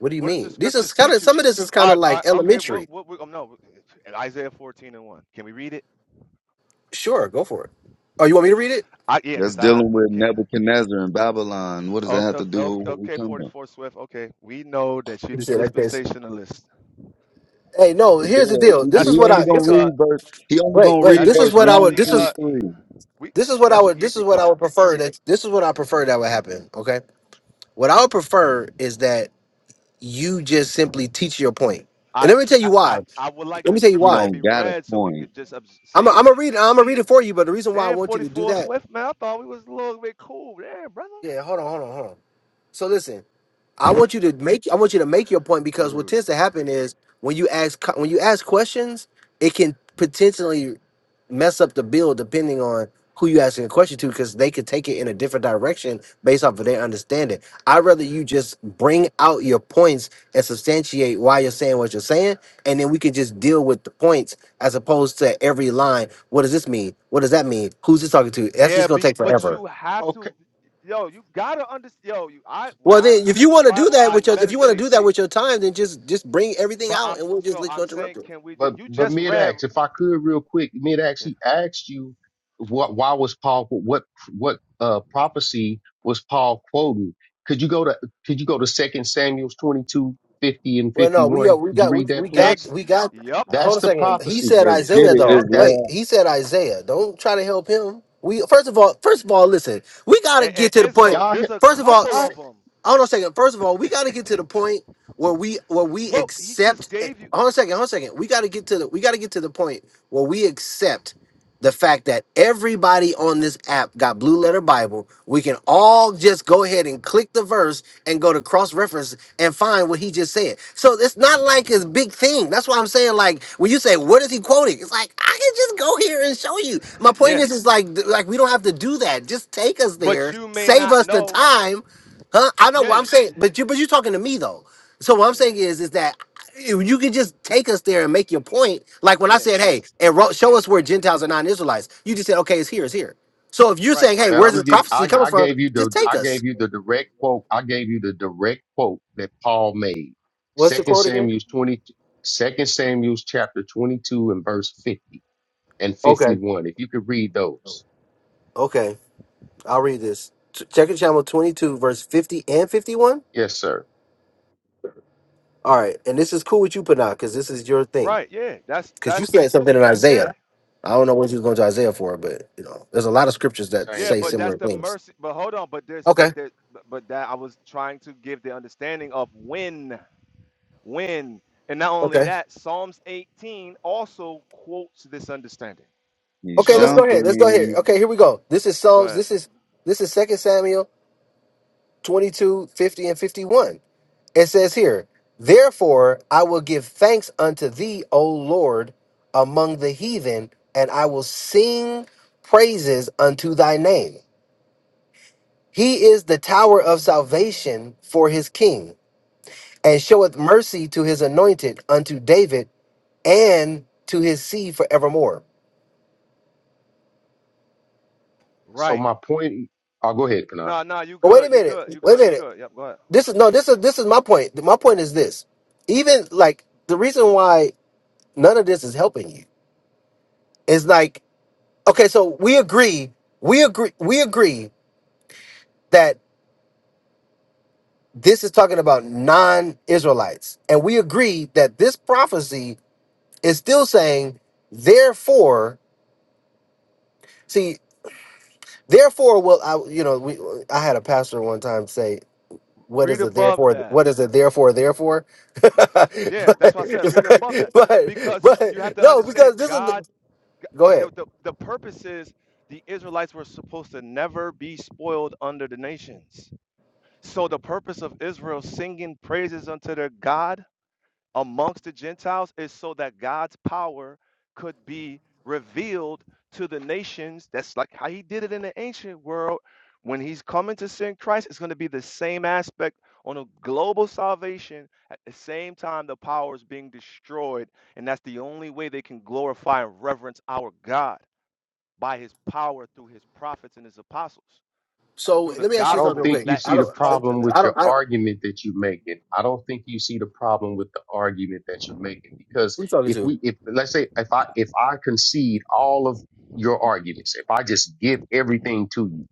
S1: What do you
S16: What does the
S1: mean? This is
S16: scriptures
S1: kind of
S16: teach you?
S1: some of this is
S16: All
S1: kind of
S16: right, all
S1: like
S16: right okay, well,
S1: elementary
S16: what, we, um, no, Isaiah 14 and 1. Can we read it?
S1: Sure, go for it. Oh, you want me to read it?
S16: I yeah,
S22: That's
S16: because I
S22: dealing
S16: I
S22: with
S16: can't.
S22: Nebuchadnezzar and Babylon. What does that have
S16: Okay,
S22: to do
S16: okay,
S22: with what we
S16: okay,
S22: talking about?
S16: 44 Swift. Okay, we know that you're
S1: You
S16: the
S1: said that case.
S16: dispensationalist.
S1: Hey, no. Here's the
S22: Yeah,
S1: deal.
S22: he
S1: This
S16: That's
S1: is
S16: an
S22: he
S1: what
S22: only
S1: I.
S16: easy
S22: gonna
S1: This is
S22: read
S16: cut.
S22: verse. He only
S1: wait,
S22: gonna
S1: wait.
S22: read
S16: That
S1: This
S16: is
S1: is
S22: verse
S16: an
S1: what I would.
S22: one,
S16: easy
S1: This
S22: two,
S1: is
S16: cut.
S22: three.
S16: We
S1: this is what I
S16: that's an
S1: would. This is
S16: easy
S1: what I
S16: cut.
S1: would prefer. That this is what I prefer that would happen. Okay. What I would prefer is that you just simply teach your point. And
S16: I
S1: let me
S16: can't,
S1: tell
S16: I,
S1: you why.
S16: I I would like
S1: Let
S16: the
S1: me tell you
S22: He
S16: scripture to
S1: why.
S16: be
S22: don't got a
S16: read so we
S22: point.
S16: could just obs-
S1: I'm. i
S16: see it.
S1: I'm gonna read. it- I'm gonna read it for you. But the reason why I
S16: Damn,
S1: want you to do
S16: 44
S1: that.
S16: Swift, man. I thought we was a little bit cool. Damn, brother.
S1: Yeah. Hold on. Hold on. Hold on. So listen. I want you to make. I want you to make your point because what tends
S16: Dudes.
S1: to happen is when you ask co- when you ask questions, it can potentially mess up the bill depending on who you asking a question to because they could take it in a different direction based off of their understanding. I'd rather you just bring out your points and substantiate why you're saying what you're saying, and then we can just deal with the points as opposed to every line. What does this mean? What does that mean? Who's this talking to? That's just
S16: Yeah,
S1: gonna
S16: be,
S1: take
S16: but
S1: forever.
S16: you have
S12: Okay.
S16: to. Yo, you gotta understand. Yo, you, I when
S1: Well
S16: I
S1: then if you
S16: read the
S1: want to do
S16: Bible,
S1: that
S16: I
S1: with your if you want to
S16: meditate.
S1: do that with your time, then just just bring everything
S16: But
S1: out
S16: I'm
S1: and we'll just
S16: so
S1: let you
S16: I'm
S1: interrupt
S16: saying,
S1: it.
S16: can we? Just,
S12: But
S16: you
S12: but
S16: just
S12: mid
S16: read.
S12: acts, if I could real quick, mid acts, he asked you what why was Paul what what uh prophecy was Paul quoting? Could you go to could you go to Second Samuel's 22 50 and
S1: Well,
S12: fifty
S1: no, we are,
S12: one?
S1: we
S12: Could you
S1: got we,
S12: read
S1: we
S12: that
S1: got
S12: please?
S16: Eggs.
S1: we got.
S16: Yep.
S1: Hold
S12: That's
S1: a
S12: the
S1: second. He
S12: prophecy.
S1: said
S22: Let's get
S1: Isaiah
S22: it,
S1: though.
S16: Yep.
S12: That's
S1: Wait,
S22: Israel.
S1: he said Isaiah. Don't try to help him. We first of all, first of all, listen. We gotta
S16: And, and
S1: get to the point.
S16: Israel,
S12: y'all. he-
S16: there's a
S1: First of all,
S16: couple
S12: y'all
S16: of them.
S1: Hold on a second. First of all, we got to get to the point where we where we
S16: Well, he just
S1: accept. eh,
S16: gave you.
S1: Hold on a second. Hold on a second. We got to get to the we got to get to the point where we accept the fact that everybody on this app got Blue Letter Bible. We can all just go ahead and click the verse and go to cross reference and find what he just said. So it's not like it's big thing. That's why I'm saying like when you say what is he quoting, it's like I can just go here and show you. My point
S16: Yeah.
S1: is, is like like we don't have to do that. Just take us
S16: But
S1: there,
S16: you may
S1: save
S16: not
S1: us the
S16: know.
S1: time Huh? I know
S16: Yeah.
S1: what I'm
S16: y-
S1: saying, but you but you're talking to me though. So what I'm
S16: Yeah.
S1: saying is is that if you could just take us there and make your point. Like when I
S16: Yeah.
S1: said,
S16: It's
S1: hey, and ro- show us where Gentiles are non-Israelites. You just said, okay, it's here, it's here. So if you're
S16: right.
S1: saying, hey,
S12: man,
S1: where's
S12: I'm
S1: this
S12: give
S1: prophecy
S12: I
S1: coming
S12: I
S1: from?
S12: gave you
S1: Just
S12: the
S1: take
S12: I
S1: us.
S12: gave you the direct quote. I gave you the direct quote that Paul made.
S1: What's the
S12: Second
S1: quote again?
S12: Samuel's 20 Second Samuel's chapter twenty two and verse fifty. and
S1: Okay,
S12: 51. If you could read those.
S1: okay, I'll read this. Ch- Check it, channel 22, verse 50 and 51.
S12: Yes, sir.
S1: All right, and this is cool with you, Panah, because this is your thing.
S16: Right. Yeah. That's,
S1: Because you
S16: that's,
S1: said something in
S16: yeah.
S1: Isaiah. I don't know what you was going to Isaiah for, but you know, there's a lot of scriptures that
S12: Same
S16: Yeah.
S1: say
S16: But
S12: thing.
S1: similar
S16: that's the
S1: things.
S16: mercy. But hold on. But there's, but
S1: Okay.
S16: there, but but that I was trying to give the understanding of when, when. And not only
S1: Okay.
S16: that, Psalms 18 also quotes this understanding.
S22: He's
S1: Okay, let's
S16: So
S1: go ahead. Let's go ahead.
S22: jumping.
S1: Okay, here we go. This is
S16: go
S1: Psalms.
S16: ahead.
S1: This is this is Second Samuel 22 50 and 51. It says here, Therefore I will give thanks unto thee, O Lord, among the heathen, and I will sing praises unto thy name. He is the tower of salvation for his king, and showeth mercy to his anointed, unto David, and to his seed forevermore.
S12: So
S16: Right.
S12: my point, I'll go ahead, Panay.
S16: No, no, you
S1: But wait a
S16: good. You
S1: minute.
S16: good. You
S1: Wait a
S16: good. You
S1: minute.
S16: good. Yep. Go ahead.
S1: this is no this is this is my point my point is this even like the reason why none of this is helping you is like okay so we agree we agree we agree that this is talking about non-israelites and we agree that this prophecy is still saying therefore see therefore well i you know we i had a pastor one time say what
S16: Read
S1: is it
S16: above
S1: therefore
S16: that.
S1: what is it therefore therefore but,
S16: Yeah, that's why I said read
S1: but
S16: above that
S1: but
S16: because you have
S1: but
S16: to
S1: no,
S16: understand
S1: because this is
S16: God.
S1: Go
S16: The,
S1: ahead.
S16: the, the, the purpose is the Israelites were supposed to never be spoiled under the nations. So the purpose of Israel singing praises unto their God amongst the Gentiles is so that God's power could be revealed to the nations. That's like how he did it in the ancient world. When he's coming to send Christ, it's going to be the same aspect on a global salvation. At the same time, the power is being destroyed. And that's the only way they can glorify and reverence our God by his power through his prophets and his apostles,
S1: So
S16: through the
S1: let me ask
S12: I
S1: you something
S12: don't
S1: real
S16: gospel
S12: think
S1: quick.
S12: you
S16: that
S1: I
S12: see the
S16: was
S1: don't,
S16: taught to
S12: problem
S16: them.
S1: I
S12: with your
S1: don't, I don't.
S12: argument that you're making. I don't think you see the problem with the argument that you're making because
S1: Who you talking
S12: if
S1: to?
S12: we, if let's say, if I, if I concede all of your arguments, if I just give everything to you,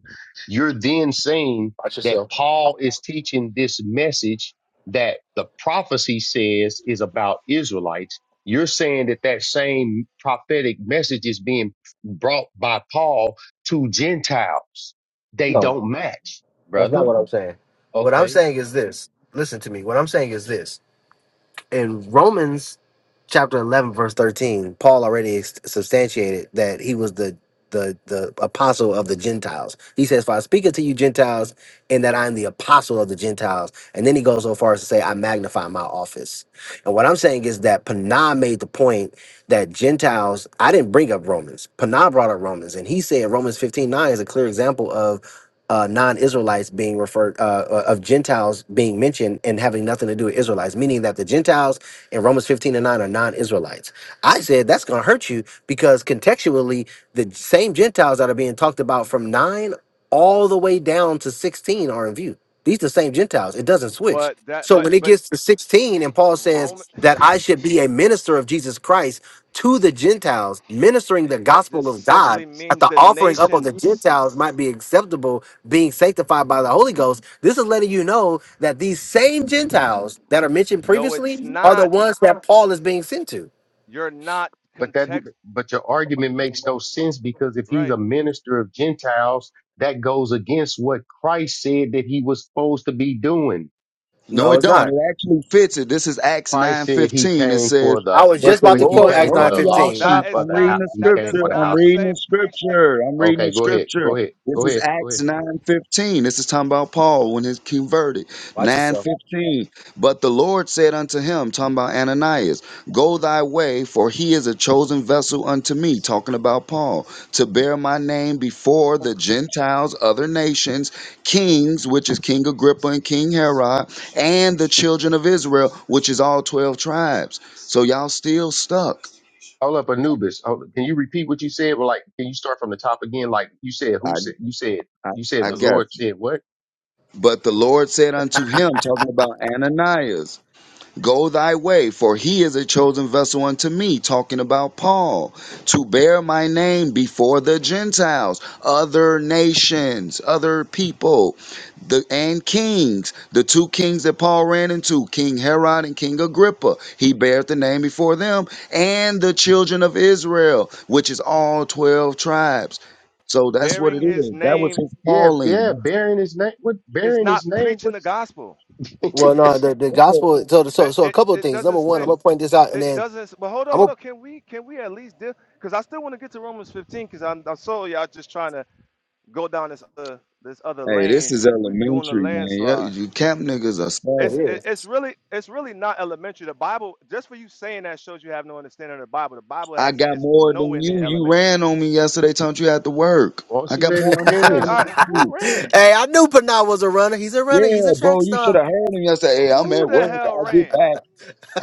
S12: you're then saying
S1: Watch
S12: that
S1: yourself.
S12: Paul is teaching this message that the prophecy says is about Israelites. You're saying that that same prophetic message is being brought by Paul to Gentiles. They
S1: No,
S12: don't match
S1: that's not
S12: brother.
S1: what I'm saying. What I'm
S12: Okay.
S1: saying is this. Listen to me. What I'm saying is this. in Romans chapter 11 verse 13 Paul already ex- substantiated that he was the the the apostle of the Gentiles. He says, "For I speak unto you Gentiles, and that I am the apostle of the Gentiles." And then he goes so far as to say, "I magnify my office." And what I'm saying is that Panah made the point that Gentiles. I didn't bring up Romans. Panah brought up Romans, and he said Romans 15:9 is a clear example of uh, non-Israelites being referred uh, uh, of Gentiles being mentioned and having nothing to do with Israelites, meaning that the Gentiles in Romans 15 and 9 are non-Israelites. I said that's going to hurt you because contextually, the same Gentiles that are being talked about from nine all the way down to 16 are in view. These the same Gentiles. It doesn't switch.
S16: But that,
S1: So
S16: but,
S1: when it
S16: but
S1: gets to 16 and Paul
S16: Roman.
S1: says that I should be a minister of Jesus Christ to the Gentiles, ministering
S16: It-
S1: the
S16: That
S1: gospel
S16: just
S1: of God
S16: simply
S1: that
S16: means
S1: the
S16: the
S1: offering up of the
S16: nations.
S1: Gentiles might be acceptable, being sanctified by the Holy Ghost. This is letting you know that these same Gentiles that are mentioned
S16: No, it's
S1: previously are the
S16: not.
S1: ones that Paul is being sent to.
S16: You're not
S12: But that,
S16: context
S12: but your argument makes no sense because if he's
S16: right.
S12: a minister of Gentiles, that goes against what Christ said that he was supposed to be doing.
S22: No,
S1: No,
S22: it
S1: it's
S22: don't.
S1: not.
S22: It actually fits it. This is Acts
S12: Christ
S22: nine
S12: said he
S22: fifteen. It
S12: came
S22: says,
S12: for
S1: I
S12: the,
S1: was
S22: "But
S1: just
S22: the
S1: about to
S12: he
S1: quote
S22: Lord."
S12: came
S1: Acts
S22: Hold
S12: for
S22: on,
S12: the
S22: y'all.
S12: lost
S1: 9:15.
S16: That
S22: Stop.
S12: sheep
S16: is
S12: of
S22: I'm
S12: the
S16: not
S22: reading
S12: house.
S22: the
S12: He
S16: that
S12: came
S16: does
S22: scripture.
S12: for the
S22: I'm
S16: not
S12: house.
S22: reading
S16: say
S22: the
S16: preach the
S22: scripture. I'm
S12: Of,
S22: reading
S12: okay.
S22: the
S12: Go ahead.
S22: scripture.
S12: Go ahead.
S22: This
S12: Go
S22: is
S12: ahead. Go
S22: Acts
S12: ahead.
S22: nine fifteen. This is talking about Paul when he's converted.
S1: Watch
S22: Nine
S1: yourself.
S22: fifteen. But the Lord said unto him, talking about Ananias, "Go thy way, for he is a chosen vessel unto me." Talking about Paul to bear my name before the Gentiles, other nations, kings, which is King Agrippa and King Herod and the children of Israel, which is all 12 tribes. So y'all still stuck.
S12: Hold up, Anubis. Hold, can you repeat what you said? Well, like, can you start from the top again? Like you said, who
S22: I,
S12: said, you said,
S22: I,
S12: you said
S22: I
S12: the
S22: got
S12: Lord
S22: you.
S12: said what?
S22: But the Lord said unto him, talking about Ananias, Go thy way, for he is a chosen vessel unto me, talking about Paul, to bear my name before the Gentiles, other nations, other people, the and kings, the two kings that Paul ran into, King Herod and King Agrippa. He beareth the name before them, and the children of Israel, which is all twelve tribes. So that's what it
S16: bearing his
S22: is. That was
S16: name
S22: his
S12: Yeah.
S22: calling.
S12: Yeah.
S22: That's-
S12: Bearing his name. What?
S16: is
S12: Bearing
S16: not
S12: his name.
S16: preaching
S12: What
S16: the gospel.
S1: Well,
S12: is
S1: no, the, the
S22: that's a-
S1: gospel. So, so,
S16: But
S1: so a
S16: It
S1: couple of
S16: it
S1: things.
S16: doesn't
S1: Number one, I'm
S16: say
S1: gonna point this out, and
S16: it
S1: then
S16: doesn't but hold on,
S1: I'm
S16: hold
S1: gonna.
S16: on. Can we can we at least deal because I still want to get to Romans 15 because I'm I saw y'all just trying to go down this uh, this other
S22: Hey, this
S16: lane
S22: is
S16: and we're doing a
S22: elementary, man. Yeah,
S16: landslide.
S22: You camp niggas are
S16: It's
S1: It
S22: sad.
S16: it-
S1: is.
S16: it's really it's really not elementary. The Bible, just for you saying that, shows you have no understanding of the Bible. The Bible
S22: I
S16: has
S22: got
S16: is
S22: more than
S16: nowhere near
S22: you. You
S16: elementary.
S22: ran on me yesterday, telling you had to work.
S12: Won't
S22: I
S12: she
S22: got
S12: let him
S22: more
S16: Who said?
S12: finish?
S22: understanding than
S16: Uh, who
S22: you.
S16: ran?
S1: hey, I knew Panay was a runner. He's a runner. He's a
S22: Yeah, bro,
S1: track
S22: you should
S1: star.
S22: have heard him yesterday. Hey, I'm
S16: Who
S22: at
S16: the
S22: work.
S16: hell
S22: I'll get
S16: ran?
S22: back.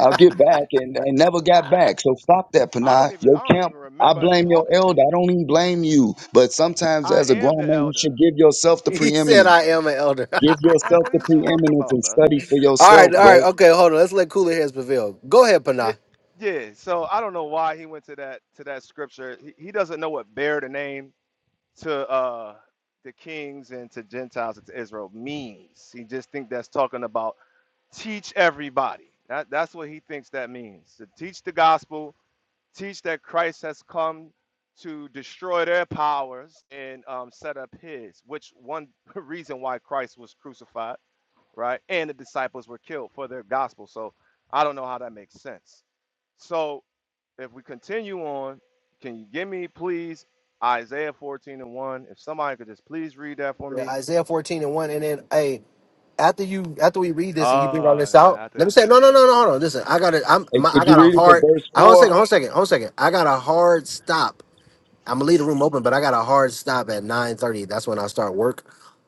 S22: I'll get back, and, and never got back. So stop that,
S16: I
S22: Panay.
S16: don't even
S22: Your
S16: I don't
S22: camp.
S16: even
S22: I
S16: remember
S22: blame your
S16: talking to
S22: elder.
S16: you.
S22: I don't even blame you. But sometimes,
S16: I
S22: as a
S16: am
S22: grown
S16: the
S22: man, you
S16: elder.
S22: should give yourself the
S1: He said,
S22: preeminence.
S1: "I am an elder."
S22: Give
S16: Like,
S22: yourself
S16: what are
S22: the
S16: you talking
S22: preeminence
S16: about,
S22: and
S16: bro?
S22: study for
S1: all right,
S22: yourself,
S1: all right,
S22: bro.
S1: okay. Hold on. Let's let cooler heads prevail. Go ahead,
S16: Yeah,
S1: Panay.
S16: yeah. So I don't know why he went to that to that scripture. He, he doesn't know what bear the name to uh the kings and to Gentiles and to Israel means. He just think that's talking about teach everybody. That, that's what he thinks that means to teach the gospel, teach that Christ has come to destroy their powers and um, set up his, which one reason why Christ was crucified, right? And the disciples were killed for their gospel. So I don't know how that makes sense. So if we continue on, can you give me, please, Isaiah 14 and 1? If somebody could just please read that for
S1: Yeah,
S16: me.
S1: Isaiah fourteen and one, and then hey, after you after we read this and you bring all
S16: Ah,
S1: this
S16: and
S1: out, let me
S16: after
S1: say no no no no hold on. Listen, I got to I'm
S22: Hey,
S1: my,
S22: could
S1: I
S22: you
S1: got a
S22: read it to
S1: hard.
S22: verse
S1: Hold on a second.
S22: four?
S1: Hold on a second. Hold on a second. I got a hard stop I'm gonna leave the room open, but I got a hard stop at 9:30. That's when I start work.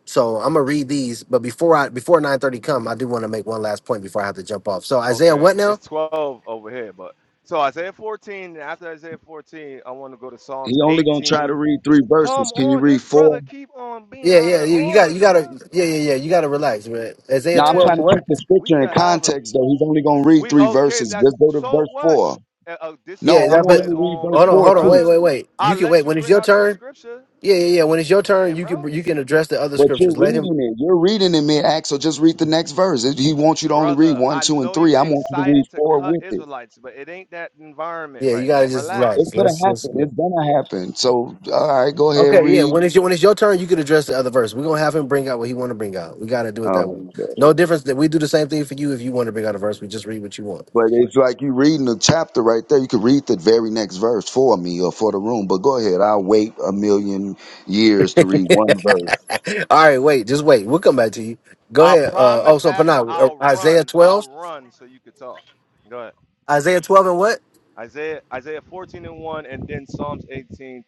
S1: So I'm gonna read these, but before I before 9:30 come, I do want to make one last point before I have to jump off. So Isaiah,
S16: Okay,
S1: what
S16: it's
S1: now?
S16: 12 over here, but so Isaiah 14, and after Isaiah 14, I want to go to Psalms
S22: He only gonna try to
S16: 18.
S22: read three
S16: Come
S22: verses. Can you
S16: on,
S22: read
S16: this brother
S22: four?
S16: keep on being
S1: Yeah,
S16: out
S1: yeah,
S16: of
S1: you, you got
S16: order,
S1: you gotta
S16: bruh.
S1: yeah yeah yeah you gotta relax, man. Isaiah
S22: Now I'm
S1: 12
S16: Yeah,
S1: and
S22: trying to
S1: what?
S22: keep the
S16: we
S22: scripture
S16: could
S22: in
S16: have a
S22: context though. He's only gonna read
S16: we
S22: three
S16: okay.
S22: verses.
S16: That's
S22: Just go to
S16: so
S22: verse
S16: what?
S22: four.
S16: Uh, uh,
S22: No,
S1: Yeah,
S22: I
S16: disagree
S1: that,
S22: want
S16: with
S1: but
S16: it
S22: him to read
S16: on
S22: verse
S1: hold on,
S16: mute,
S22: four
S1: hold on,
S22: too.
S1: wait,
S16: brother.
S1: wait, wait.
S16: I
S1: You can
S16: let
S1: wait
S16: you
S1: when it's
S16: bring
S1: your
S16: out your
S1: turn.
S16: scripture,
S1: Yeah, yeah, yeah. When it's your turn,
S16: man,
S1: you can
S16: bro.
S1: you can address the other
S22: But
S1: scriptures.
S22: you're
S1: Let him.
S22: reading it. You're reading it mid act, so just read the next verse. If He wants you to only read
S16: Brother,
S22: one,
S16: I
S22: two, and
S16: know
S22: three.
S16: you
S22: I want you to read
S16: excited to
S22: four
S16: cut
S22: with it.
S16: Israelites, but it ain't that environment
S1: Yeah, you
S16: right
S1: gotta
S16: now.
S1: just
S22: It's
S1: relax.
S16: Relax.
S22: gonna
S1: Let's just.
S22: happen.
S1: yeah.
S22: It's gonna happen. So all right, go ahead,
S1: Okay, yeah.
S22: read.
S1: When it's your when it's your turn, you could address the other verse. We're gonna have him bring out what he want to bring out. We gotta do it that
S22: Oh,
S1: way. No difference that we do the same thing for you if you want to bring out a verse. We just read what you want.
S22: but it's like you reading the chapter right there. You could read the very next verse for me or for the room. But go ahead. I'll wait a million years to read one verse.
S1: All right, wait, just wait. We'll come back to you. Go
S16: I
S1: ahead. Uh, oh,
S16: promise
S1: so
S16: after
S1: Panah, uh,
S16: I'll
S1: Isaiah
S16: run, I'll
S1: twelve,
S16: run so you could talk. Go ahead.
S1: Isaiah twelve and what?
S16: Isaiah Isaiah 14 and 1 and then Psalms 18:37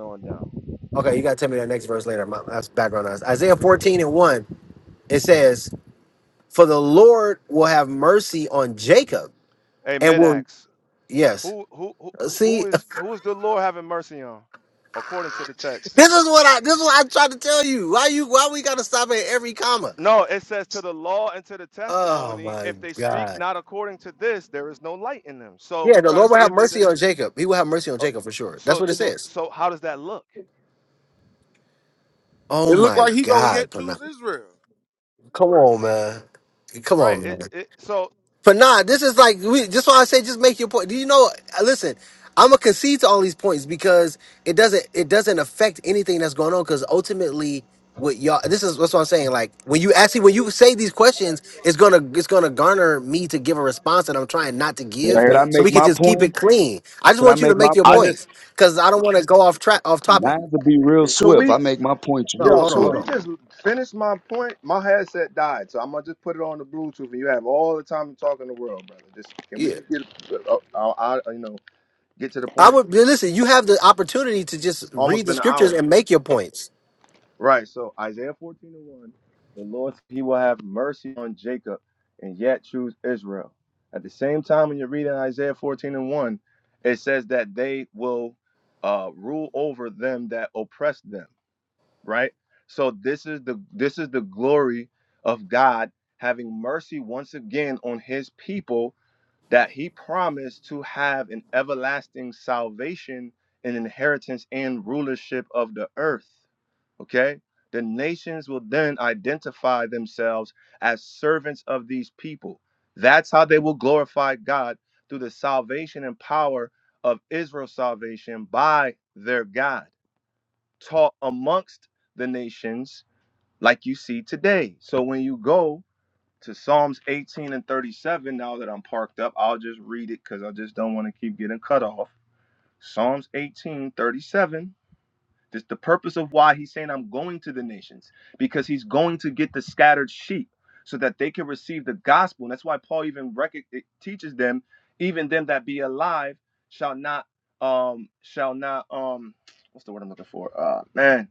S16: on down.
S1: Okay, you gotta tell me that next verse later. My, that's background noise. Isaiah fourteen and one. It says, "For the Lord will have mercy on Jacob
S16: Hey,
S1: and will
S16: Midax,
S1: yes."
S16: who who who
S1: Uh,
S16: who
S1: See,
S16: is who is the Lord having mercy on? According to the text.
S1: This is what I this is what I tried to tell you. Why you why we gotta stop at every comma?
S16: No, it says to the law and to the
S1: Oh
S16: testimony,
S1: my
S16: if they speak
S1: god.
S16: not according to this, there is no light in them. So
S1: Yeah,
S16: we
S1: the
S16: trying
S1: Lord
S16: to
S1: will
S16: see
S1: have
S16: if there's
S1: mercy
S16: any
S1: on Jacob. He will have
S16: s-
S1: mercy on
S16: uh,
S1: Jacob for sure. That's
S16: so
S1: what it
S16: so
S1: says.
S16: so how does that look?
S1: Oh
S23: It looked
S1: my
S23: like he gonna
S1: god,
S23: yet
S1: Pana.
S23: choose Israel.
S1: Come on, man. Come
S16: Right.
S1: on, man.
S16: It, it so
S1: But nah, this is like we. Just why I say, just make your point. Do you know? Listen, I'm gonna concede to all these points because it doesn't. It doesn't affect anything that's going on because ultimately, what y'all. This is that's what I'm saying. Like when you actually when you say these questions, it's gonna it's gonna garner me to give a response that I'm trying not to
S16: Can
S22: Hey,
S16: you
S1: give,
S16: hear
S22: Can I
S16: me?
S1: so
S22: make
S1: we can
S22: my
S1: just keep
S22: point?
S1: it clean. I just
S22: Can I
S1: want you to
S22: make my
S1: make your
S16: I
S22: point?
S16: just
S1: points because I don't want to go off track off topic.
S22: Not to be real
S16: could
S22: swift.
S16: we
S22: I make my points
S1: No,
S22: real
S16: Yo,
S1: hold on,
S16: could
S1: hold
S22: swift.
S16: we
S1: on.
S16: just finish my point? My headset died, so I'm gonna just put it on the Bluetooth, and you have all the time to talk in the world, brother. Just can we
S1: Yeah,
S16: just get, uh, uh, uh, uh, you know, get to the
S1: I
S16: point?
S1: would listen. You have the opportunity to just
S16: It's
S1: read
S16: almost
S1: the
S16: been an
S1: scriptures
S16: hour,
S1: and make your points.
S16: right? So Isaiah 14 and 1, the Lord said He will have mercy on Jacob, and yet choose Israel. At the same time, when you're reading Isaiah 14 and 1, it says that they will uh, rule over them that oppress them. right so this is the this is the glory of god having mercy once again on his people that he promised to have an everlasting salvation an inheritance and rulership of the earth okay the nations will then identify themselves as servants of these people that's how they will glorify god through the salvation and power of israel's salvation by their god taught amongst the nations like you see today. So when you go to Psalms 18 and 37, now that I'm parked up, I'll just read it because I just don't want to keep getting cut off. Psalms 18, 37. This is the purpose of why he's saying I'm going to the nations, because he's going to get the scattered sheep so that they can receive the gospel. And that's why Paul even rec- it teaches them, even them that be alive shall not um shall not um what's the word I'm looking for? Uh man,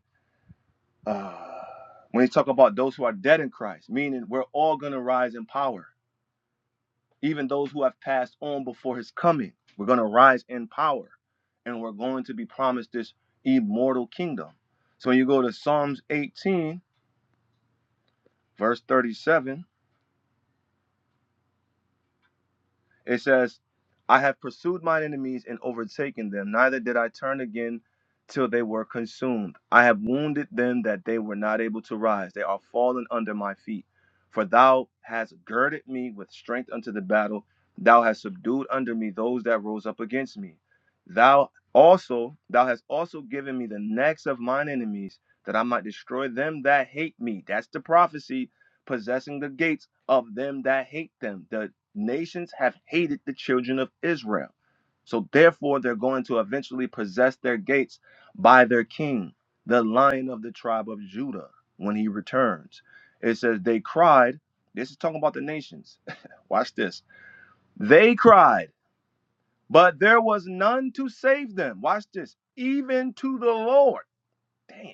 S16: uh, when he talk about those who are dead in Christ, meaning we're all gonna rise in power. Even those who have passed on before his coming, we're gonna rise in power, and we're going to be promised this immortal kingdom. So when you go to Psalms 18, verse 37. It says, I have pursued mine enemies and overtaken them, neither did I turn again till they were consumed. I have wounded them that they were not able to rise. They are fallen under my feet. For thou hast girded me with strength unto the battle. Thou hast subdued under me those that rose up against me. Thou also, thou hast also given me the necks of mine enemies, that I might destroy them that hate me. That's the prophecy, possessing the gates of them that hate them. The Nations have hated the children of Israel. So therefore, they're going to eventually possess their gates by their king, the lion of the tribe of Judah, when he returns. It says, They cried. This is talking about the nations. Watch this. They cried, but there was none to save them. Watch this. Even to the Lord. Damn.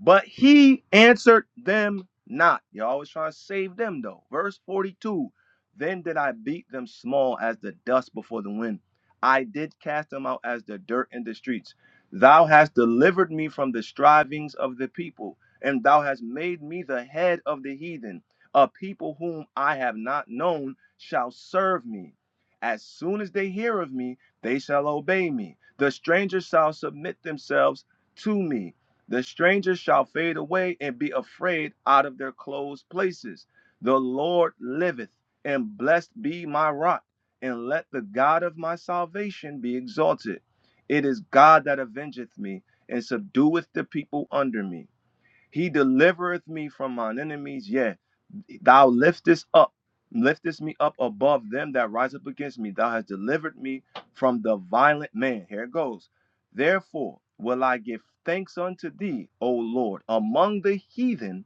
S16: But he answered them not. You're always trying to save them, though. Verse 42 Then did I beat them small as the dust before the wind. I did cast them out as the dirt in the streets. Thou hast delivered me from the strivings of the people, and thou hast made me the head of the heathen. A people whom I have not known shall serve me. As soon as they hear of me, they shall obey me. The strangers shall submit themselves to me. The strangers shall fade away and be afraid out of their closed places. The Lord liveth, and blessed be my rock, and let the God of my salvation be exalted. It is God that avengeth me, and subdueth the people under me. He delivereth me from mine enemies, yea, Thou liftest up, liftest me up above them that rise up against me. Thou hast delivered me from the violent man. Here it goes. Therefore will I give thanks unto thee, O Lord, among the heathen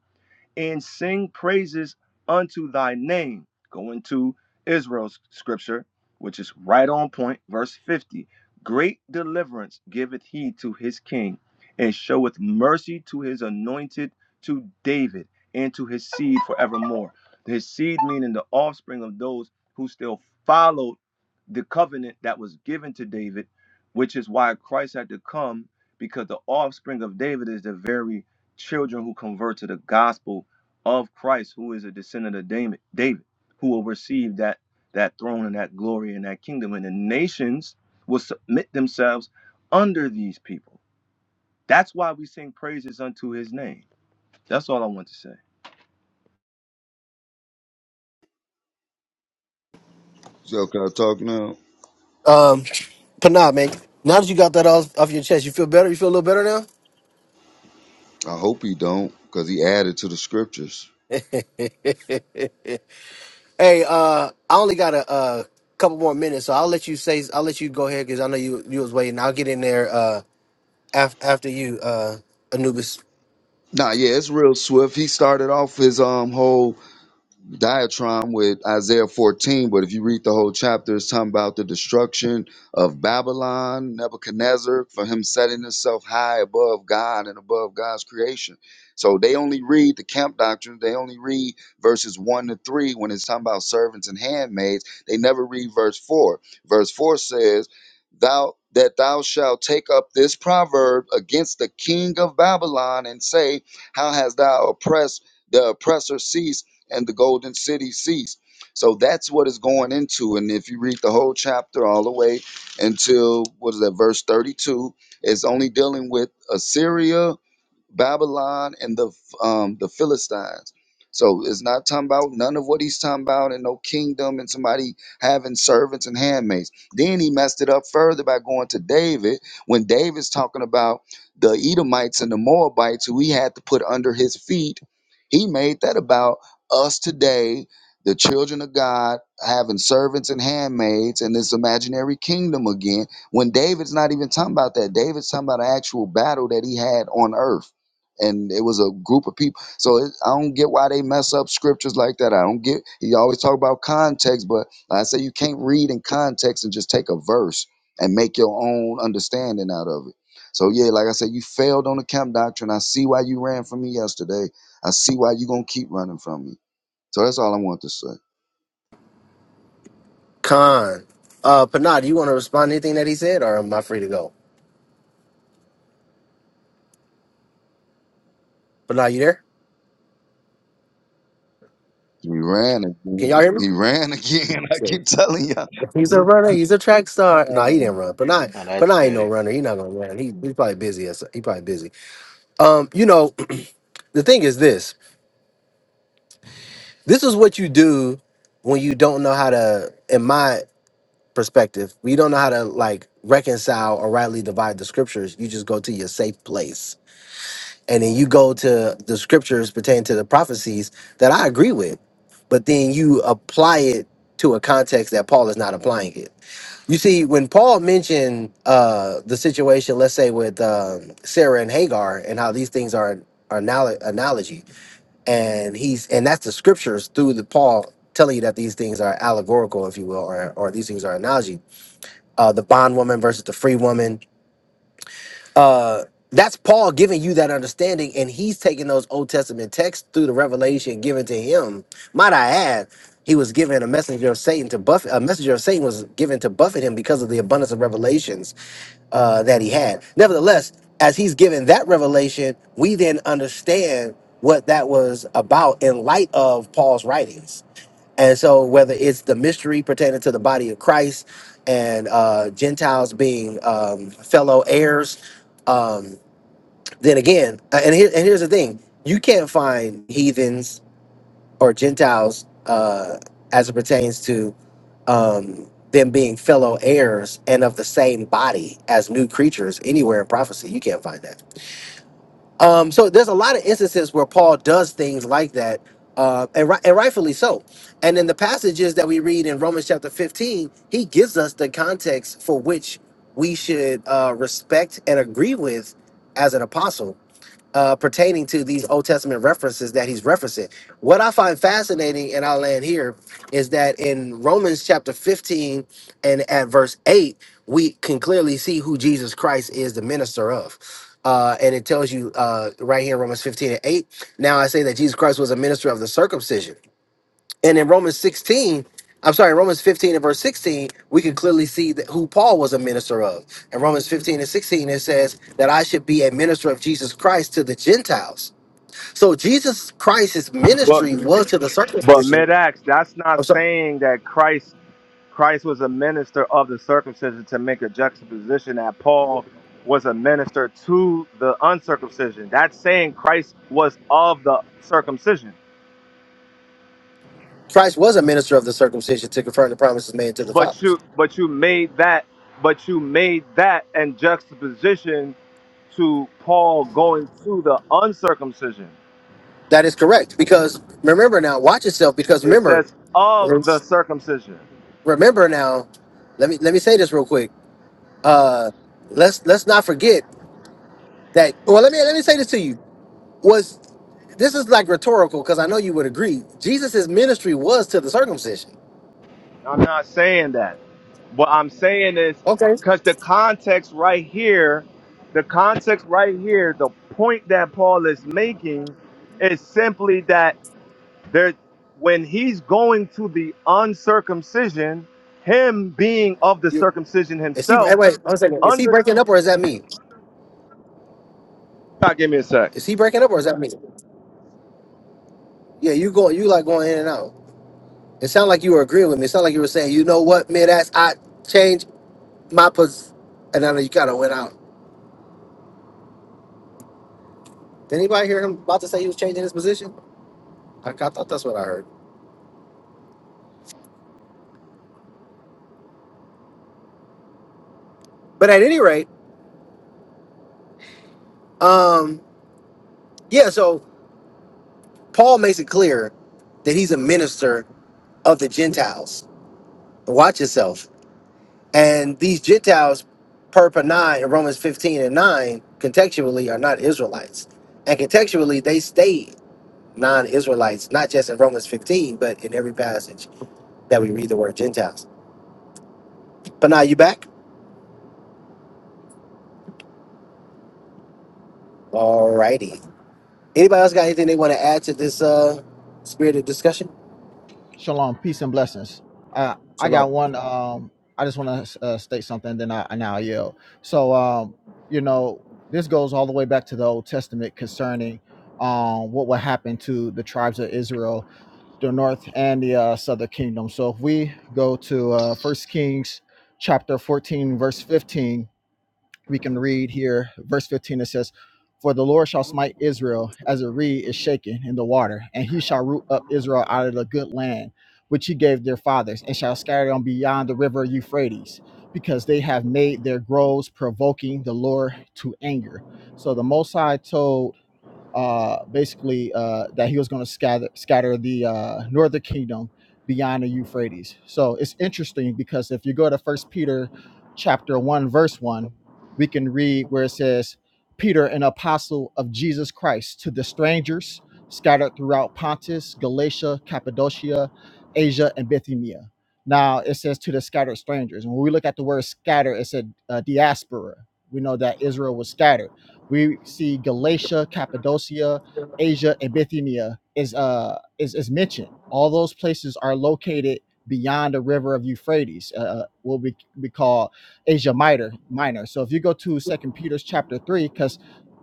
S16: and sing praises unto thy name. Going to Israel's scripture, which is right on point, verse 50. Great deliverance giveth he to his king, and showeth mercy to his anointed, to David, and to his seed forevermore. His seed meaning the offspring of those who still followed the covenant that was given to David, which is why Christ had to come, because the offspring of David is the very children who convert to the gospel of Christ, who is a descendant of David, David, who will receive that that throne and that glory and that kingdom, and the nations will submit themselves under these people. That's why we sing praises unto His name. That's all I want to say.
S22: So can I talk now?
S1: Um, Panah, man. Now that you got that off, off your chest, you feel better. You feel a little better now.
S22: I hope he don't, because he added to the scriptures.
S1: hey, uh, I only got a, uh couple more minutes, so I'll let you say. I'll let you go ahead because I know you you was waiting. I'll get in there uh af- after you, uh, Anubis
S22: Nah, yeah, it's real swift. He started off his um whole diatribe with Isaiah 14, but if you read the whole chapter, it's talking about the destruction of Babylon, Nebuchadnezzar, for him setting himself high above God and above God's creation. So they only read the camp doctrine, they only read verses 1 to 3 when it's talking about servants and handmaids. They never read verse 4. Verse 4 says, Thou that thou shalt take up this proverb against the king of Babylon and say, How hast thou oppressed the oppressor cease? and the golden city ceased. So that's what it's going into. And if you read the whole chapter all the way until what is that, verse 32, it's only dealing with Assyria Babylon and the um, the Philistines. So it's not talking about none of what he's talking about and no kingdom and somebody having servants and handmaids. Then he messed it up further by going to David when David's talking about the Edomites and the Moabites who he had to put under his feet. He made that about us today, the children of God, having servants and handmaids and this imaginary kingdom again when David's not even talking about that. David's talking about an actual battle that he had on earth and it was a group of people. So it, I don't get why they mess up scriptures like that. I don't get. You always talk about context, but like I say you can't read in context and just take a verse and make your own understanding out of it. So yeah, like I said, you failed on the camp doctrine. I see why you ran from me yesterday. I see why you gonna keep running from me. So that's all I want to say.
S1: Khan. Uh, Panah, do you want to respond to anything that he said, or am I free to go? Panah, you there?
S22: He ran
S1: Can
S22: again.
S1: y'all hear me?
S22: He ran again. I
S1: So,
S22: keep telling y'all.
S1: He's a
S22: This
S1: runner. He's a track star. No, he didn't
S22: man.
S1: run. Panah,
S3: Now that's
S1: Panah ain't no
S3: petty.
S1: runner. He's not gonna run. He, he's probably busy. as- He probably busy. Um, you know. the thing is this this is what you do when you don't know how to in my perspective when you don't know how to like reconcile or rightly divide the scriptures you just go to your safe place and then you go to the scriptures pertaining to the prophecies that i agree with but then you apply it to a context that paul is not applying it you see when paul mentioned uh the situation let's say with um, sarah and hagar and how these things are an anal- analogy and he's and that's the scriptures through the paul telling you that these things are allegorical if you will or, or these things are analogy uh the bondwoman versus the free woman uh that's paul giving you that understanding and he's taking those old testament texts through the revelation given to him might i add he was given a messenger of satan to buffet a messenger of satan was given to buffet him because of the abundance of revelations uh, that he had. Nevertheless, as he's given that revelation, we then understand what that was about in light of Paul's writings. And so, whether it's the mystery pertaining to the body of Christ and uh, Gentiles being um, fellow heirs, um, then again, uh, and, here, and here's the thing you can't find heathens or Gentiles uh, as it pertains to um, them being fellow heirs and of the same body as new creatures anywhere in prophecy. You can't find that. Um, so there's a lot of instances where Paul does things like that, uh, and, ri- and rightfully so. And in the passages that we read in Romans chapter 15, he gives us the context for which we should uh, respect and agree with as an apostle uh, pertaining to these Old Testament references that he's referencing. What I find fascinating, and I'll land here, is that in Romans chapter 15 and at verse 8, we can clearly see who Jesus Christ is the minister of. Uh, and it tells you uh, right here in Romans 15 and 8, now I say that Jesus Christ was a minister of the circumcision and in Romans 16, I'm sorry, in Romans 15 and verse 16, we can clearly see that who Paul was a minister of. In Romans 15 and 16, it says that I should be a minister of Jesus Christ to the Gentiles. So Jesus Christ's
S16: But
S1: ministry was to the
S16: but mid
S1: circumcision.
S16: acts, that's not
S1: I'm sorry,
S16: saying that Christ Christ was a minister of the circumcision to make a juxtaposition that Paul was a minister to the uncircumcision. That's saying Christ was of the circumcision.
S1: Christ was a minister of the circumcision to confirm the promises made to the
S16: but
S1: fathers.
S16: you but you made that but you made that and juxtaposition to Paul going to the uncircumcision.
S1: That is correct. Because remember now, watch yourself, because
S16: It
S1: remember,
S16: says of the circumcision.
S1: remember now, let me let me say this real quick. Uh let's let's not forget that well let me let me say this to you. was this is like rhetorical because I know you would agree. Jesus' ministry was to the circumcision.
S16: I'm not saying that. What I'm saying is
S1: Okay.
S16: because the context right here, the context right here, the point that Paul is making is simply that there when he's going to the uncircumcision, him being of the
S1: You
S16: circumcision
S1: is he eh,
S16: himself
S1: wait one second. Is he breaking up or is that me?
S16: God, give me a sec.
S1: Is he breaking up or is that me? Yeah, you go you like going in and out. It sounded like you were agreeing with me. It sounded like you were saying, you know what, mid ass, I changed my pos and I know you kinda went out. Did anybody hear him about to say he was changing his position? I, I thought that's what I heard. But at any rate, um, yeah, so Paul makes it clear that he's a minister of the Gentiles. Watch yourself And these Gentiles, per per 9 in Romans 15 and 9, contextually are not Israelites. And contextually, they stayed non Israelites, not just in Romans 15, but in every passage that we read the word Gentiles. But now you back? Alrighty. Anybody else got anything they want to add to this uh, spirited discussion?
S24: Shalom, peace and blessings. I I
S1: Shalom.
S24: got one. Um, I just want to uh, state something, then I now yell. So, um, you know, this goes all the way back to the Old Testament concerning um, what would happen to the tribes of Israel, the north and the uh, southern kingdom. So, if we go to uh, First Kings chapter fourteen, verse fifteen, we can read here, verse 15, it says, For the Lord shall smite Israel as a reed is shaken in the water, and he shall root up Israel out of the good land which he gave their fathers, and shall scatter them beyond the river Euphrates, because they have made their groves provoking the Lord to anger. So the Most High told uh, basically uh, that he was going to scatter scatter the uh, northern kingdom beyond the Euphrates. So it's interesting because if you go to First Peter chapter one verse one, we can read where it says, "Peter, an apostle of Jesus Christ, to the strangers scattered throughout Pontus, Galatia, Cappadocia, Asia, and Bithynia." Now it says to the scattered strangers. And when we look at the word scatter, it said uh, diaspora. We know that Israel was scattered we see Galatia, Cappadocia, Asia, and Bithynia is uh is, is mentioned. All those places are located beyond the river of Euphrates, uh, uh, what we, we call Asia Minor. Minor. So if you go to Second Peter's chapter three, because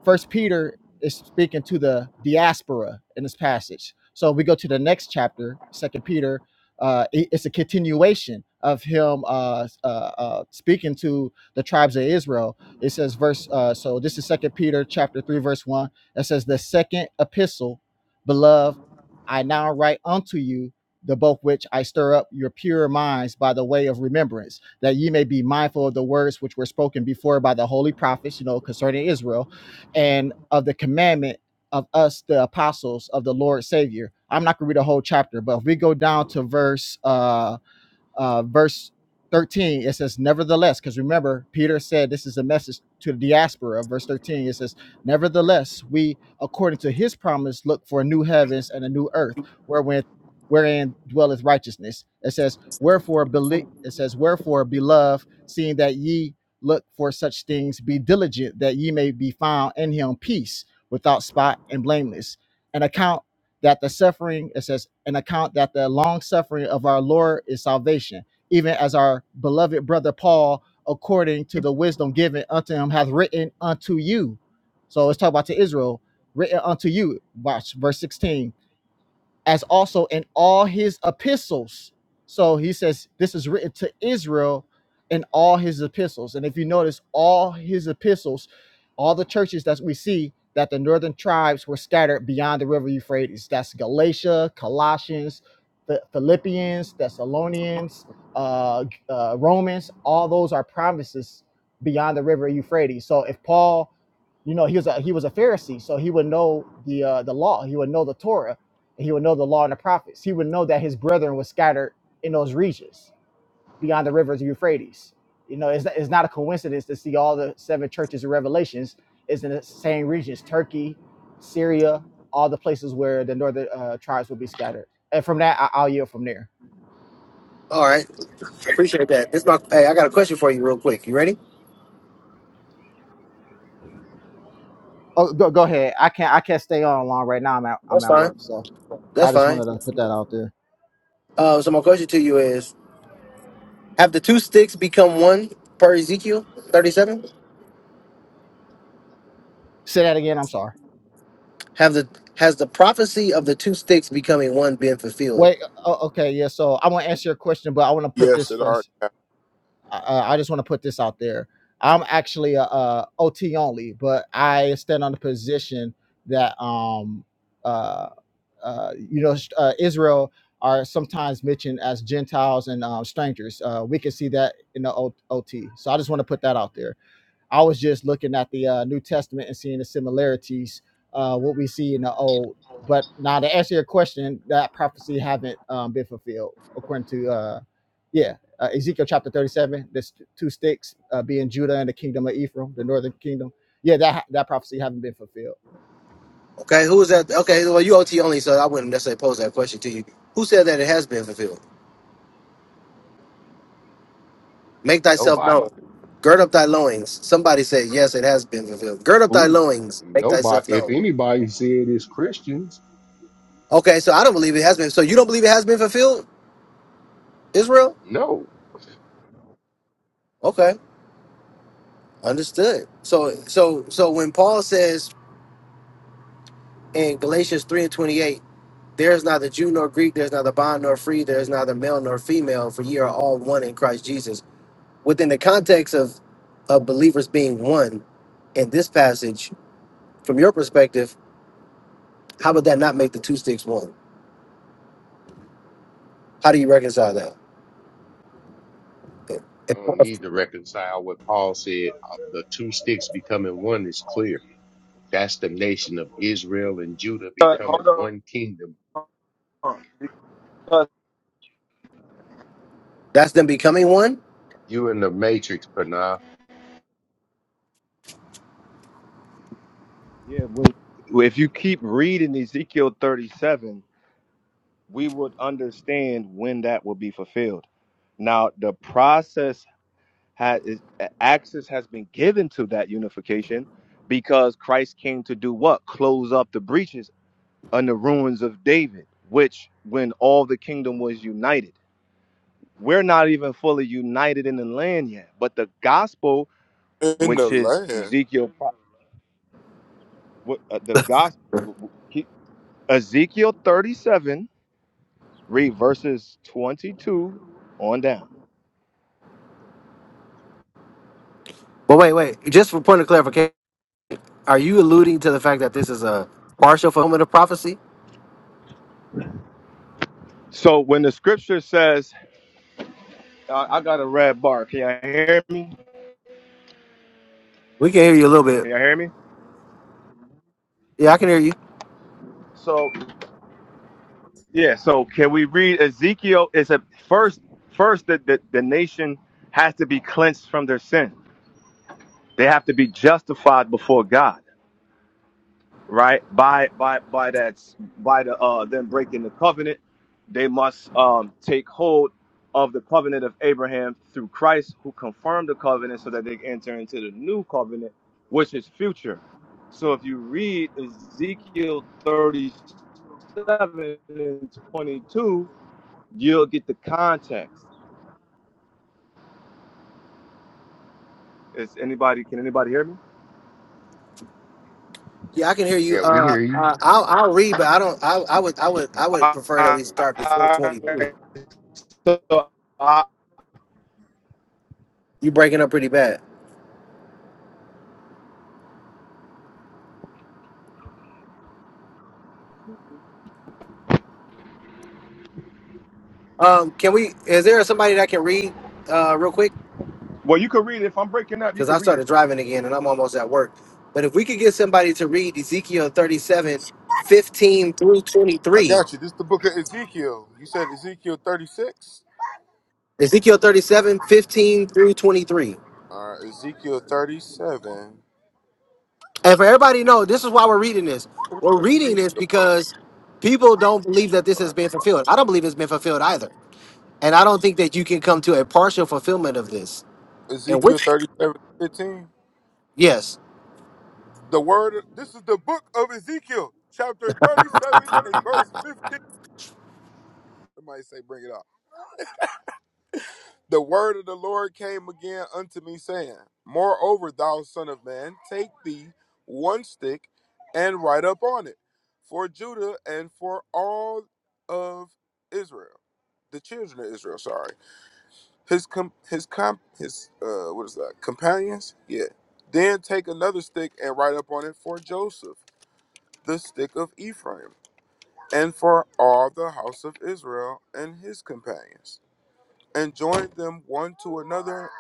S24: First Peter is speaking to the diaspora in this passage. So we go to the next chapter, Second Peter. Uh, it- it's a continuation of him uh, uh, uh, speaking to the tribes of Israel it says verse uh so this is second Peter chapter 3 verse 1. It says the second epistle, beloved, I now write unto you the both which I stir up your pure minds by the way of remembrance, that ye may be mindful of the words which were spoken before by the holy prophets, you know, concerning Israel, and of the commandment of us, the apostles of the Lord Savior. I'm not gonna read the whole chapter, but if we go down to verse uh uh, verse 13, it says, Nevertheless, because remember, Peter said this is a message to the diaspora. Verse 13, it says, Nevertheless, we, according to his promise, look for new heavens and a new earth, wherein, wherein dwelleth righteousness. It says, Wherefore, believe, it says, Wherefore, beloved, seeing that ye look for such things, be diligent that ye may be found in him peace, without spot and blameless. And account that the suffering, it says, an account that the long suffering of our Lord is salvation, even as our beloved brother Paul, according to the wisdom given unto him, hath written unto you. So let's talk about to Israel, written unto you. Watch verse 16 as also in all his epistles. So he says this is written to Israel in all his epistles. And if you notice, all his epistles, all the churches that we see that the northern tribes were scattered beyond the river Euphrates. That's Galatia, Colossians, the Philippians, Thessalonians, uh, uh, Romans. All those are promises beyond the river Euphrates. So if Paul you know he was a he was a Pharisee, so he would know the uh, the law, he would know the Torah, and he would know the law and the prophets. He would know that his brethren were scattered in those regions beyond the rivers of Euphrates. You know, it's, it's not a coincidence to see all the seven churches of Revelations is in the same regions: Turkey, Syria, all the places where the northern uh, tribes will be scattered. And from that, I, I'll yield from there.
S1: All right. Appreciate that. This my, hey, I got a question for you real quick. You ready?
S24: Oh, go, go ahead. I can't I can't stay on long right now. I'm at I'm
S1: That's
S24: at
S1: fine.
S24: work, so
S1: That's
S24: I just
S1: fine.
S24: wanted to put that out there.
S1: Uh, so, my question to you is Have the two sticks become one per Ezekiel 37?
S24: Say that again. I'm sorry.
S1: Have the has the prophecy of the two sticks becoming one been fulfilled?
S24: Wait. Oh, okay. Yeah. So I want to answer your question, but I want to put
S23: Yes,
S24: this
S23: it already
S24: first. I- Uh, I just want to put this out there. I'm actually a, uh OT only, but I stand on the position that um uh, uh you know sh- uh, Israel are sometimes mentioned as Gentiles and um, strangers. Uh, we can see that in the O- OT. So I just want to put that out there. I was just looking at the uh, New Testament and seeing the similarities, uh, what we see in the Old. But now to answer your question, that prophecy haven't um, been fulfilled according to, uh, yeah, uh, Ezekiel chapter 37, this two sticks uh, being Judah and the kingdom of Ephraim, the northern kingdom. Yeah, that that prophecy haven't been fulfilled.
S1: Okay, who is that? Okay, well you OT only, so I wouldn't necessarily pose that question to you. Who said that it has been fulfilled? Make thyself known.
S12: Nobody.
S1: Gird up thy loins. Somebody said, yes, it has been fulfilled. Gird up thy
S12: Who?
S1: loins. Make
S12: Nobody.
S1: thyself
S12: If
S1: known.
S12: anybody said it's Christians,
S1: Okay, so I don't believe it has been. So you don't believe it has been fulfilled, Israel?
S12: no.
S1: Okay, understood. So, so, so when Paul says in Galatians three and twenty-eight. There's neither Jew nor Greek, there's neither bond nor free, there's neither male nor female, for ye are all one in Christ Jesus. Within the context of, of believers being one in this passage, from your perspective, how would that not make the two sticks one? How do you reconcile that?
S12: I don't need to reconcile what Paul said. Uh, The two sticks becoming one is clear. That's the nation of Israel and Judah
S16: Uh,
S12: becoming
S16: hold
S12: one kingdom.
S16: on. Uh,
S1: That's them becoming one?
S12: You in the matrix, Panah.
S16: yeah, when, if you keep reading Ezekiel 37, we would understand when that will be fulfilled. Now, the process has is, access has been given to that unification because Christ came to do what? Close up the breaches and the ruins of David, which when all the kingdom was united. We're not even fully united in the land yet, but the gospel
S23: happened. In the
S16: which is
S23: land.
S16: Ezekiel, what uh, the gospel, he- Ezekiel 37, read verses 22 on down.
S1: But wait, wait, just for point of clarification, are you alluding to the fact that this is a partial fulfillment of prophecy?
S16: So when the scripture says, I I got a red bar. Can y'all hear me?
S1: We can hear you a little bit.
S16: Can y'all hear me?
S1: Yeah, I can hear you.
S16: So yeah. So can we read Ezekiel? It's a first first that the, the nation has to be cleansed from their sin. They have to be justified before God. right? By by by that by the uh them breaking the covenant, they must um take hold of the covenant of Abraham through Christ, who confirmed the covenant so that they can enter into the new covenant, which is future. So if you read Ezekiel 37 and 22, you'll get the context. Is anybody can anybody hear me?
S1: Yeah, I can hear you.
S12: Yeah, we
S1: Uh,
S12: hear you.
S1: uh I'll, I'll read, but I don't. I, I would, I would, I would
S16: Uh,
S1: prefer that we start before
S16: uh,
S1: twenty.
S16: so, uh,
S1: You breaking up pretty bad. Um, can we? Is there somebody that can read uh, real quick?
S16: well, you can read it. If I'm breaking up, you
S1: Because I
S16: can read it.
S1: started driving again and I'm almost at work. But if we could get somebody to read Ezekiel 37, 15 through
S23: I
S1: 23.
S23: got you. This is the book of Ezekiel. You said Ezekiel 36?
S1: Ezekiel 37, 15 through 23.
S23: All right, Ezekiel 37. What
S1: And for everybody to know, this is why we're reading this. We're
S23: fuck
S1: reading
S23: Ezekiel?
S1: this because people don't believe that this
S23: All
S1: has
S23: right.
S1: been fulfilled. I don't believe it's been fulfilled either. And I don't think that you can come to a partial fulfillment of this. And
S23: Ezekiel
S1: which,
S23: 37, fifteen.
S1: yes.
S23: The word, this is the book of Ezekiel, chapter 37 and verse 15. Somebody say, bring it up. The word of the Lord came again unto me, saying, Moreover, thou son of man, take thee one stick and write up on it for Judah and for all of Israel, the children of Israel. Sorry, his com- his com- his uh, what is that? Companions, yeah. Then take another stick and write up on it for Joseph, the stick of Ephraim, and for all the house of Israel and his companions and join them one to another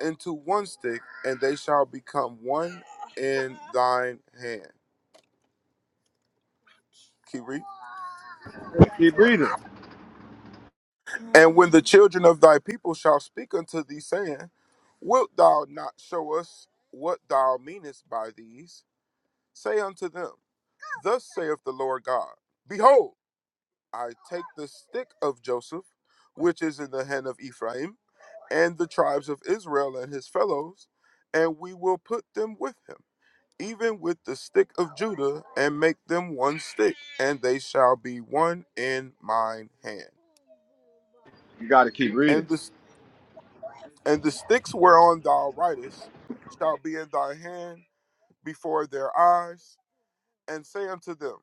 S23: into one stick, and they shall become one in thine hand. Keep reading.
S16: Keep reading.
S23: And when the children of thy people shall speak unto thee, saying, Wilt thou not show us what thou meanest by these? Say unto them, Thus saith the Lord God Behold, I take the stick of Joseph, which is in the hand of Ephraim, and the tribes of Israel and his fellows, and we will put them with him even with the stick of Judah, and make them one stick, and they shall be one in mine hand.
S16: You got to keep reading.
S23: And the and the sticks whereon thou writest shall be in thy hand before their eyes, and say unto them,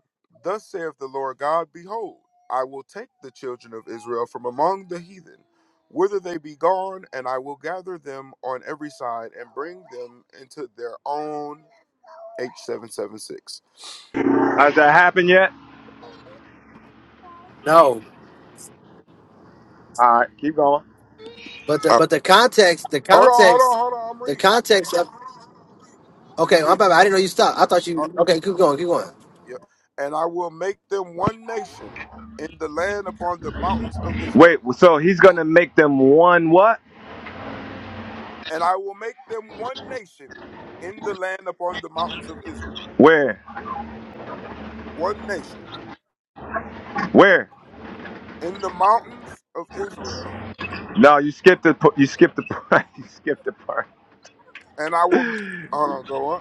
S23: Thus saith the Lord God: Behold, I will take the children of Israel from among the heathen, whither they be gone, and I will gather them on every side and bring them into their own. H seven seven six.
S16: Has that happened yet?
S1: No.
S16: All right, keep going.
S1: But the
S23: Uh,
S1: but the context, the
S23: Hold on, hold
S1: context,
S23: on, hold on. I'm
S1: the
S23: reading.
S1: context of
S23: Let me
S1: okay,
S23: read.
S1: I'm bad. I didn't know you stopped. I thought
S23: it.
S1: you okay. Keep going, keep going.
S23: Yep. And I will make them one nation in the land upon the mountains of
S16: Wait,
S23: Israel.
S16: so he's gonna make them one what?
S23: And I will make them one nation in the land upon the mountains of Israel.
S16: Where?
S23: One nation
S16: Where?
S23: in the mountains of Israel.
S16: No, you skipped the you skipped the part. you skipped the part.
S23: And I will, hold on, go on.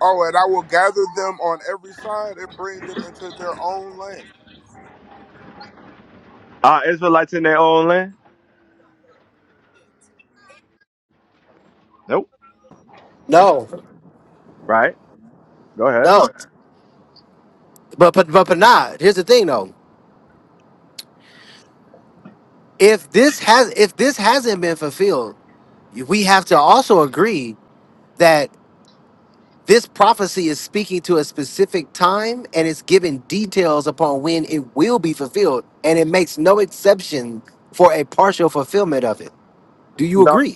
S23: Oh, and I will gather them on every side and bring them into their own land.
S16: Are Israelites in their own land? Nope.
S1: No,
S16: Right. Go ahead.
S1: no. But but but but not. Here's the thing though. If this has if this hasn't been fulfilled, we have to also agree that this prophecy is speaking to a specific time and it's giving details upon when it will be fulfilled, and it makes no exception for a partial fulfillment of it. Do you
S16: No.
S1: agree?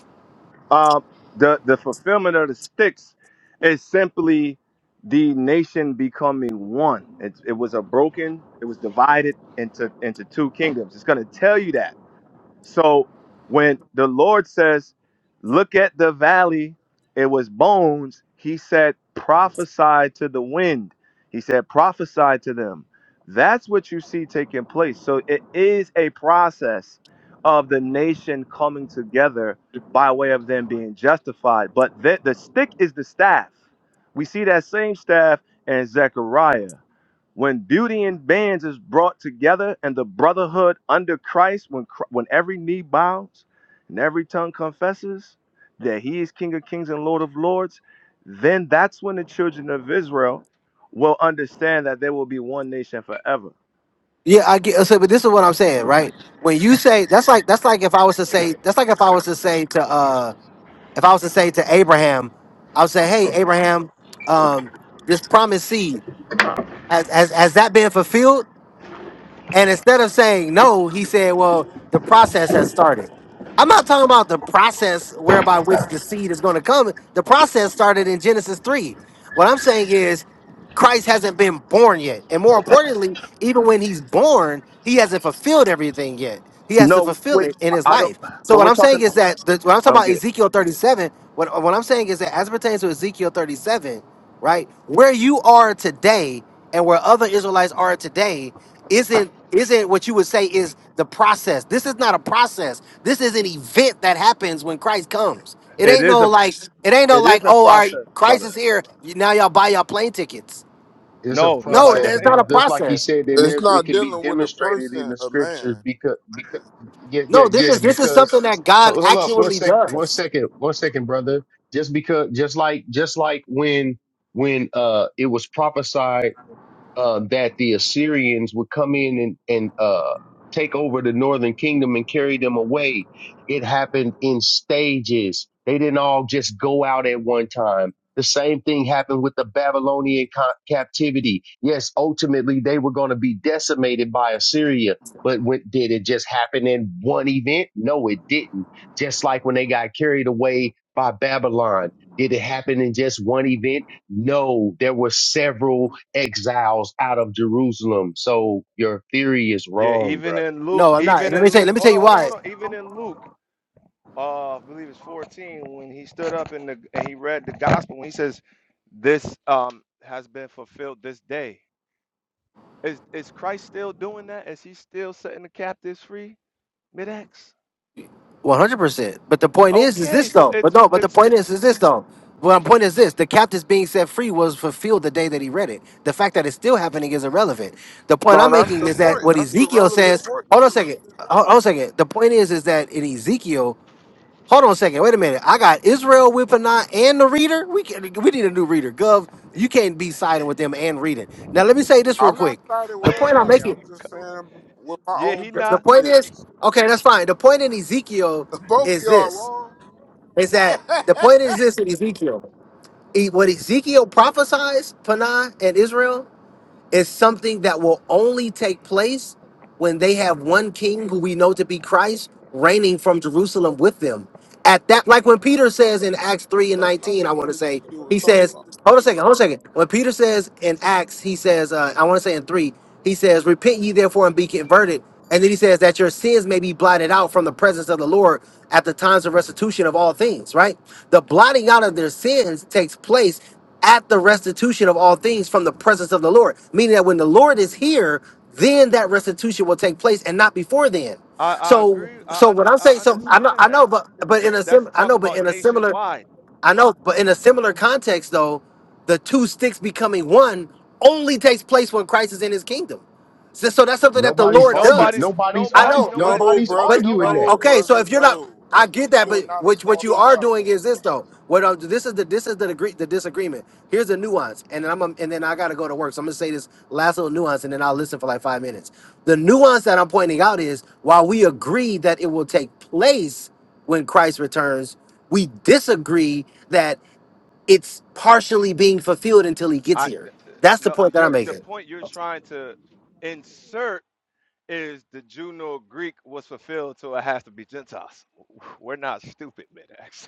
S16: Um. The the fulfillment of the sticks is simply the nation becoming one. It, it was a broken. It was divided into into two kingdoms. It's gonna tell you that So when the Lord says, Look at the valley, it was bones, he said, Prophesy to the wind. He said, Prophesy to them. That's what you see taking place. So it is a process of the nation coming together by way of them being justified. But the, the stick is the staff. We see that same staff in Zechariah when beauty in bands is brought together and the brotherhood under Christ, when Chr- when every knee bows and every tongue confesses that He is King of Kings and Lord of Lords, then that's when the children of Israel will understand that there will be one nation forever.
S1: Yeah, I get. So, but this is what I'm saying, right? When you say that's like that's like if I was to say that's like if I was to say to uh if I was to say to Abraham, I would say, hey Abraham, um, this promised seed has has, has that been fulfilled? And instead of saying no, he said, well, the process has started. I'm not talking about the process whereby which the seed is going to come. The process started in Genesis 3. What I'm saying is Christ hasn't been born yet. And more importantly, even when he's born, he hasn't fulfilled everything yet. He has to
S16: No,
S1: fulfill
S16: wait,
S1: it in his
S16: I I don't.
S1: life. So
S16: But
S1: what
S16: we're
S1: I'm saying
S16: talking.
S1: is that the, when I'm
S16: I
S1: talking
S16: don't
S1: about
S16: get it.
S1: Ezekiel 37, what, what I'm saying is that as it pertains to Ezekiel 37, right? Where you are today and where other Israelites are today isn't isn't what you would say is the process. This is not a process. This is an event that happens when Christ comes. It
S16: It
S1: ain't
S16: is
S1: no
S16: a
S1: like it ain't no
S16: it
S1: like
S16: is a
S1: oh all right
S16: process,
S1: Christ
S16: brother.
S1: is here you- now y'all buy y'all plane tickets.
S12: It's a
S16: No,
S1: No,
S16: nobody's
S12: process,
S1: it's
S16: saying
S1: not a
S12: bro.
S16: that.
S12: Just like he
S1: process.
S12: said, and
S23: It's
S12: there's it
S23: not
S12: can be
S23: dealing with a
S12: demonstrated in
S23: person,
S12: the
S23: a
S12: scriptures
S23: man.
S12: because because yeah
S1: No,
S12: yeah
S1: this
S12: yeah
S1: is this is
S12: because
S1: something that God
S12: ho- hold up one
S1: actually
S12: second, one
S1: does.
S12: second one second brother just because just like just like when when uh it was prophesied uh, that the Assyrians would come in and, and uh, take over the northern kingdom and carry them away. It happened in stages. They didn't all just go out at one time. The same thing happened with the Babylonian co- captivity. Yes, ultimately they were going to be decimated by Assyria. But when, did it just happen in one event? No, it didn't. Just like when they got carried away by Babylon, did it happen in just one event? No, there were several exiles out of Jerusalem. So your theory is
S16: Yeah,
S12: wrong,
S16: even
S12: brother.
S16: in Luke,
S1: No, I'm not. And
S16: even
S1: let me
S16: in
S1: tell you,
S16: Luke,
S1: let me tell
S16: hold on,
S1: you
S16: hold on,
S1: why.
S16: hold on. Even in Luke. uh, I believe it's 14, when he stood up and, the, and he read the gospel, when he says, This um, has been fulfilled this day. Is, is Christ still doing that? Is he still setting the captives free? Mid-X?
S1: One hundred percent. But the point is, is this
S16: Okay, so
S1: though? But
S16: it's,
S1: no. But the
S16: it's,
S1: point
S16: it's,
S1: is, is this though? Well, my point is this: the captives being set free was fulfilled the day that he read it. The fact that it's still happening is irrelevant. The point
S23: No,
S1: I'm
S23: that's
S1: making
S23: the
S1: is that
S23: point.
S1: what
S23: That's the
S1: Ezekiel
S23: relevant
S1: says.
S23: point.
S1: Hold on a second. Hold on a second. The point is, is that in Ezekiel. Hold on a second. Wait a minute. I got Israel with Panah and the reader. We can, we need a new reader. Gov, you can't be siding with them and reading. Now let me say this real
S23: I'm not
S1: quick.
S23: siding with
S1: The point I'm
S23: nobody.
S1: making.
S23: I'm just saying what my
S16: yeah,
S23: own
S16: he
S23: position
S1: The
S16: not,
S1: point is
S23: is.
S1: okay. That's fine. The point in Ezekiel
S23: Both of
S1: is
S23: y'all are
S1: this
S23: wrong.
S1: is that
S23: but
S1: the point is this in Ezekiel. E- What Ezekiel prophesies, Panah and Israel, it's something that will only take place when they have one king who we know to be Christ reigning from Jerusalem with them. At that, like when Peter says in Acts 3 and
S23: that's not
S1: 19, I
S23: even
S1: want
S23: what
S1: to say,
S23: Ezekiel was
S1: he
S23: talking
S1: says,
S23: about.
S1: hold on a second, hold on a second. When Peter says in Acts, he says, uh, I want to say in 3, he says, Repent ye therefore and be converted. And then he says that your sins may be blotted out from the presence of the Lord at the times of restitution of all things, right? The blotting out of their sins takes place at the restitution of all things from the presence of the Lord. Meaning that when the Lord is here, then that restitution will take place and not before then.
S16: I, I
S1: So
S16: agree, I,
S1: so what
S16: under,
S1: I'm
S16: I
S1: saying, so I know I
S16: understand
S1: know,
S16: that.
S1: but but
S16: But
S1: in a
S16: that's
S1: sim I know,
S16: talking
S1: but
S16: about
S1: in a similar
S16: nationwide.
S1: I know, but in a similar context though, the two sticks becoming one only takes place when Christ is in his kingdom. So, so that's something that the
S12: Nobody's
S1: Lord
S12: argue.
S1: does.
S16: Nobody's,
S12: Nobody's
S1: I
S16: nobody's,
S12: arg.
S1: know,
S16: nobody's
S23: No,
S12: Nobody's
S16: disagree,
S1: but
S23: brother.
S12: arguing
S16: nobody's,
S12: that.
S23: No,
S1: okay, so
S23: brother.
S1: if you're not,
S23: No.
S1: I get that.
S23: Ezekiel
S1: But
S23: not a
S1: what what you
S23: false
S1: are
S23: prophet.
S1: doing is this though. What i this is the this is the degree the disagreement. Here's the nuance, and then I'm and then I gotta go to work. So I'm gonna say this last little nuance, and then I'll listen for like five minutes. The nuance that I'm pointing out is while we agree that it will take place when Christ returns, we disagree that it's partially being fulfilled until He gets
S16: I,
S1: here. That's the
S16: no,
S1: point that I'm
S16: Your the
S1: making.
S16: point you're trying to insert is the Juno Greek was fulfilled, so it has to be Gentiles. We're not stupid, Midax.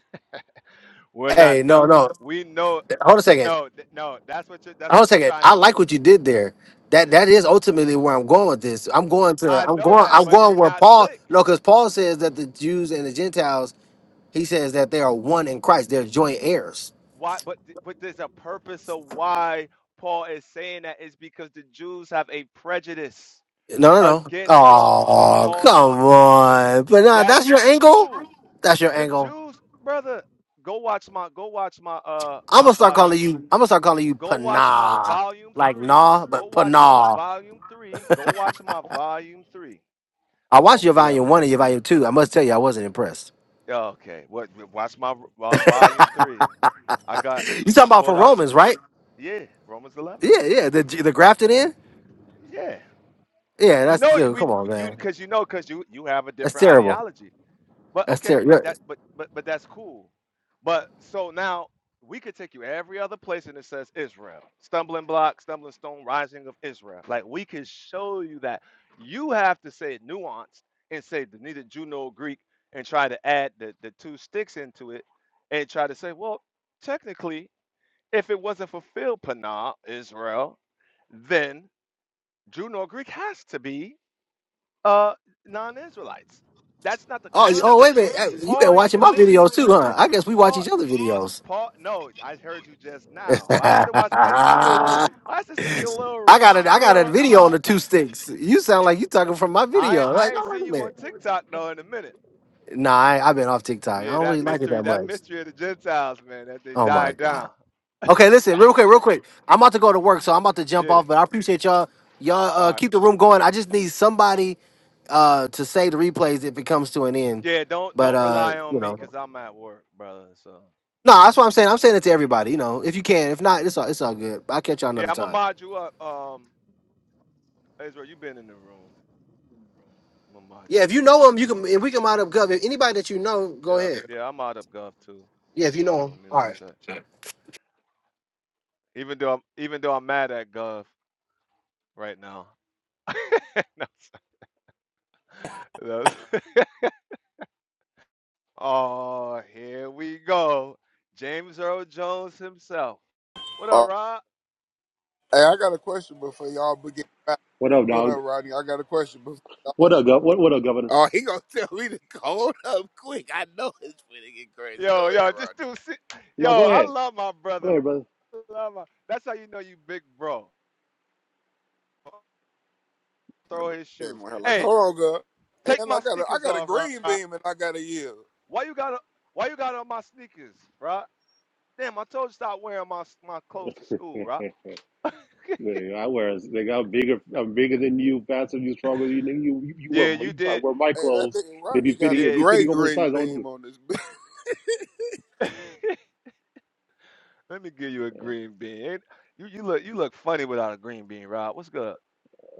S16: We're
S1: Hey,
S16: not dumb.
S1: no, no,
S16: We know
S1: hold a second.
S16: no, th- no, that's what you're that's
S1: I was
S16: what you're
S1: saying
S16: trying to
S1: I like
S16: do.
S1: what you did there. That that is ultimately where I'm going with this. I'm going to
S16: I
S1: I'm
S16: know
S1: going
S16: that,
S1: I'm
S16: but do
S1: going where
S16: not
S1: Paul
S16: slick.
S1: no, because Paul says that the Jews and the Gentiles, he says that they are one in Christ. They're joint heirs.
S16: Why but th- but there's a purpose of why Paul is saying that is because the Jews have a prejudice
S1: No, no, no.
S16: against what uh,
S1: Oh,
S16: Paul
S1: come on. But nah, that's
S16: that's
S1: your angle.
S16: true.
S1: That's your
S16: The
S1: angle.
S16: Jews, brother, go watch my go watch my uh
S1: I'm
S16: my
S1: gonna start
S16: volume
S1: calling you. I'm gonna start calling you
S16: Go watch my
S1: Panah,
S16: volume
S1: like
S16: three.
S1: Nah,
S16: Go
S1: but
S16: watch my
S1: Panah.
S16: volume three. Go watch my volume three
S1: I
S16: of
S1: watched your
S16: Romans
S1: volume
S16: 11,
S1: one and your
S16: brother.
S1: volume two. I must tell you, I wasn't impressed.
S16: Yeah, Okay. What? Watch my uh, volume three. I got.
S1: You
S16: I
S1: talking about for
S16: pulled out.
S1: Romans, right?
S16: Yeah, Romans 11.
S1: Yeah, yeah. The the grafted
S16: Yeah,
S1: in.
S16: yeah.
S1: Yeah,
S16: We
S1: that's
S16: know
S1: uh,
S16: we,
S1: come on,
S16: we you
S1: man.
S16: because you know because you you have a
S1: That's
S16: different
S1: terrible.
S16: ideology. But
S1: That's
S16: okay, but
S1: terrible.
S16: that but but but that's cool. But so now we could take you every other place and it says Israel. Stumbling block, stumbling stone, rising of Israel. Like we could show you that. You have to say it nuanced and say the neither Jew nor Greek and try to add the, the two sticks into it and try to say, well, technically, if it wasn't fulfilled, Panah, Israel, then Jew nor Greek has to be uh non-Israelites. That's not the
S1: Oh, you- oh, wait a
S16: context.
S1: minute. Hey, You've been
S16: Paul ain't
S1: watching
S16: even
S1: my
S16: mentioned
S1: videos too, huh? I guess we watch
S16: Paul.
S1: each other videos.
S16: Paul, no, I heard you just now. But I used to watch. I used to see a little. I used to see a little.
S1: I
S16: r-
S1: got a, I
S16: You
S1: got a
S16: little.
S1: video on the two sticks. You sound like you talking from my
S16: I
S1: video. Like,
S16: I ain't
S1: oh wait
S16: seen
S1: a
S16: you on
S1: minute.
S16: TikTok though in a minute.
S1: Nah, I, I've been off TikTok. I
S16: Yeah,
S1: don't
S16: that
S1: really like it
S16: mystery.
S1: that
S16: That
S1: much.
S16: mystery of the Gentiles, man. That they
S1: Oh my
S16: died
S1: god.
S16: down.
S1: Okay, listen, real quick, real quick. I'm about to go to work, so I'm about to jump
S16: yeah.
S1: off. But I appreciate y'all. Y'all
S16: All
S1: uh,
S16: right.
S1: keep the room going. I just need somebody uh, to say the replays if it comes to an end.
S16: Yeah. Don't
S1: But
S16: don't
S1: uh,
S16: rely on
S1: you
S16: me
S1: know.
S16: because I'm at work, brother. So.
S1: No,
S16: mm,
S1: that's what I'm saying.
S16: mm.
S1: I'm saying it to everybody. You know, if you can, if not, it's all it's all good. I'll catch y'all
S16: Yeah,
S1: another
S16: I'm gonna
S1: time.
S16: mod you up. Um, Israel, you been in the room. I'm gonna mod
S1: Yeah,
S16: you
S1: if
S16: up.
S1: you know them, you can. If we can mind up, Gov. If anybody that you know, go
S16: Yep.
S1: ahead.
S16: Yeah, I'm out of Gov too.
S1: Yeah, if you
S16: Hold
S1: know them.
S16: on, give me
S1: All
S16: one
S1: right.
S16: sec. Even though I'm even though I'm mad at Gov right now. No, no. Oh, here we go. James Earl Jones himself. What up,
S23: Uh,
S16: Rob?
S23: hey, I got a question before y'all begin. back.
S25: What up,
S23: What
S25: dog?
S23: up, Rodney? I got a question before
S25: What
S23: y'all.
S25: up, gov? What, what up, governor?
S23: Oh, he gonna tell me to hold up quick. I know it's finna get crazy.
S16: Yo,
S23: Go ahead,
S16: yo, just
S23: Rodney.
S16: do si- yo,
S25: No, go
S16: I
S25: ahead.
S16: love my
S25: Go ahead,
S16: brother.
S25: brother.
S16: I Love my, that's how you know you big bro. Throw his
S23: Hey,
S16: shoes.
S23: my like,
S16: Hey,
S23: hold on, girl. And
S16: take
S23: I
S16: my
S23: got a, I
S16: sneakers
S23: got a
S16: off,
S23: green
S16: Rob.
S23: beam and I got a yield.
S16: Why you got a? why you got on my sneakers, Rob? Damn, I told you stop wearing my my clothes to school, Rob.
S25: Nigga, I wear, nigga, I'm bigger, I'm bigger than you, faster than you, stronger than you. Nigga, you, you, you wear,
S16: Yeah, you
S25: you try to
S16: did.
S25: wear my
S23: Hey, that
S25: clothes,
S23: nigga
S25: and it be
S23: Rodney got a
S25: fitting, it be
S16: Yeah.
S23: gray
S25: fitting
S23: gray
S25: oversized on you.
S23: beam on this bitch.
S16: Let me give you a green bean. You you look you look funny without a green bean, Rob. What's good?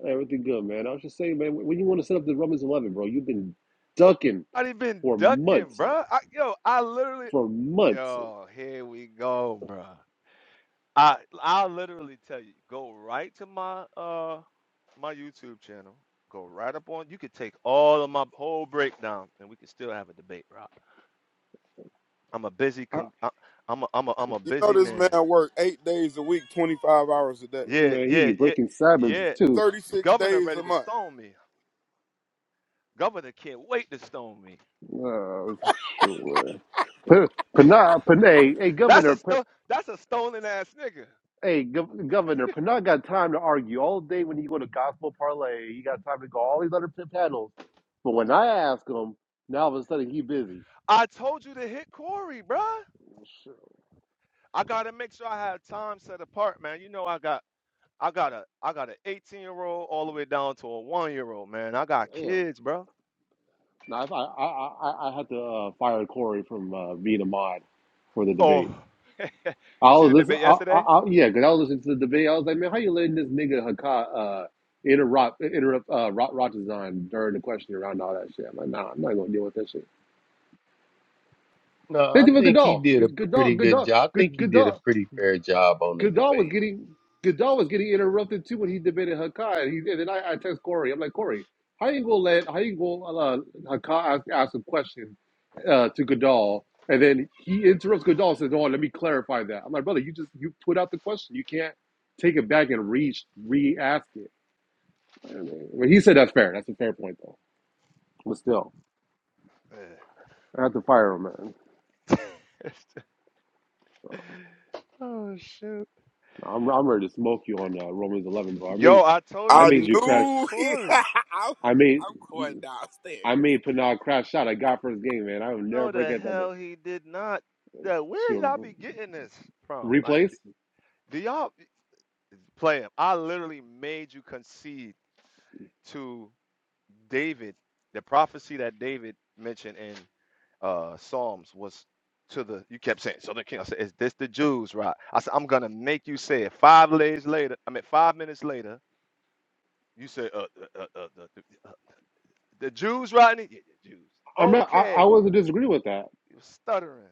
S25: Everything good, man. I was just saying, man, when you want to set up the Romans 11, bro, you've been ducking
S16: I done been
S25: for
S16: ducking,
S25: months, uh,
S16: bruh. I, yo, I literally
S25: for months.
S16: yo, here we go, bruh. I I'll literally tell you, go right to my uh my YouTube channel. Go right up on. You could take all of my whole breakdown, and we could still have a debate, Rob. I'm a busy
S25: I,
S16: con- I, I'm a I'm a I'm a
S23: You know
S16: busy
S23: this
S16: man.
S23: man work eight days a week, twenty five hours a day,
S16: Yeah,
S25: man, he be
S16: yeah, yeah,
S25: breaking Sabbaths
S16: yeah.
S25: too.
S23: thirty six
S16: Governor
S23: days a
S16: ready to
S23: month.
S16: stone me. Governor can't wait to stone me.
S25: Oh, sure. Panay, Panay, hey, hey,
S16: That's a
S25: Governor,
S16: stone. That's a stolen ass nigga.
S25: Hey, Gov- Governor, Pinot got time to argue all day when he go to Gospel Parlay. He got time to go all these other p- panels. But when I ask him, now all of a sudden he busy.
S16: I told you to hit Corey, bruh.
S25: Well, Sure,
S16: I gotta make sure I have time set apart, man. You know I got, I got a, I got an 18 year old all the way down to a one year old, man. I got
S25: Damn.
S16: kids, bro.
S25: Now, if I, I, I, I had to uh, fire Corey from uh, being a mod for the
S16: Oh,
S25: debate. I
S16: you see
S25: was
S16: the
S25: listening,
S16: debate
S25: I, I,
S16: yesterday?
S25: I, yeah, because I was listening to the debate. I was like, man, how you letting this nigga Hakat uh, interrupt, interrupt uh, Rot, Rotazan during the question around all that shit? I'm like, nah, I'm not going to deal with that shit.
S12: No, I
S25: Thank you for
S12: think he
S25: Goodall.
S12: did a
S25: Good, Goodall,
S12: pretty good
S25: Goodall,
S12: job. I think
S25: good,
S12: he did a
S25: Goodall.
S12: pretty fair job on the
S25: Goodall was
S12: debate.
S25: getting Goodall was getting interrupted too when he debated Hakai. And, he, and then I, I text Corey. I'm like, Corey, how you gonna let how you gonna uh, Hakai ask, ask a question uh, to Goodall, and then he interrupts Goodall and says, "Oh, let me clarify that." I'm like, brother, you just you put out the question. You can't take it back and re re ask it. And, uh, When he said that's fair. That's a fair point though. But still, I have to fire him, man.
S16: Yeah.
S25: So
S16: oh shoot.
S25: I'm I'm ready to smoke you on uh, Romans 11, bro. I mean,
S16: Yo, I told
S25: I
S16: you
S23: I
S16: to
S25: made you
S16: e-
S25: crash.
S16: hit
S23: knew he. I'm,
S16: Corey.
S25: I made.
S23: I'm going downstairs.
S25: I made Pinard crash shot. I got first game, man. I will never
S16: No, the
S25: forget that day.
S16: hell he did not. Yeah, where y'all
S25: Shoot,
S16: be getting this from? Like
S25: replays?
S16: Do y'all play him? I literally made you concede to David. The prophecy that David mentioned in uh Psalms was to the you kept saying Southern King. I said, Is this the Jews, right? I said, I'm gonna make you say it. Five days later, I mean five minutes later, you say uh, uh, uh, uh, the, the- uh, the Jews, Rodney? Yeah, the Jews.
S25: I'm not. I, I
S16: Okay.
S25: wasn't disagree with that.
S16: You was stuttering.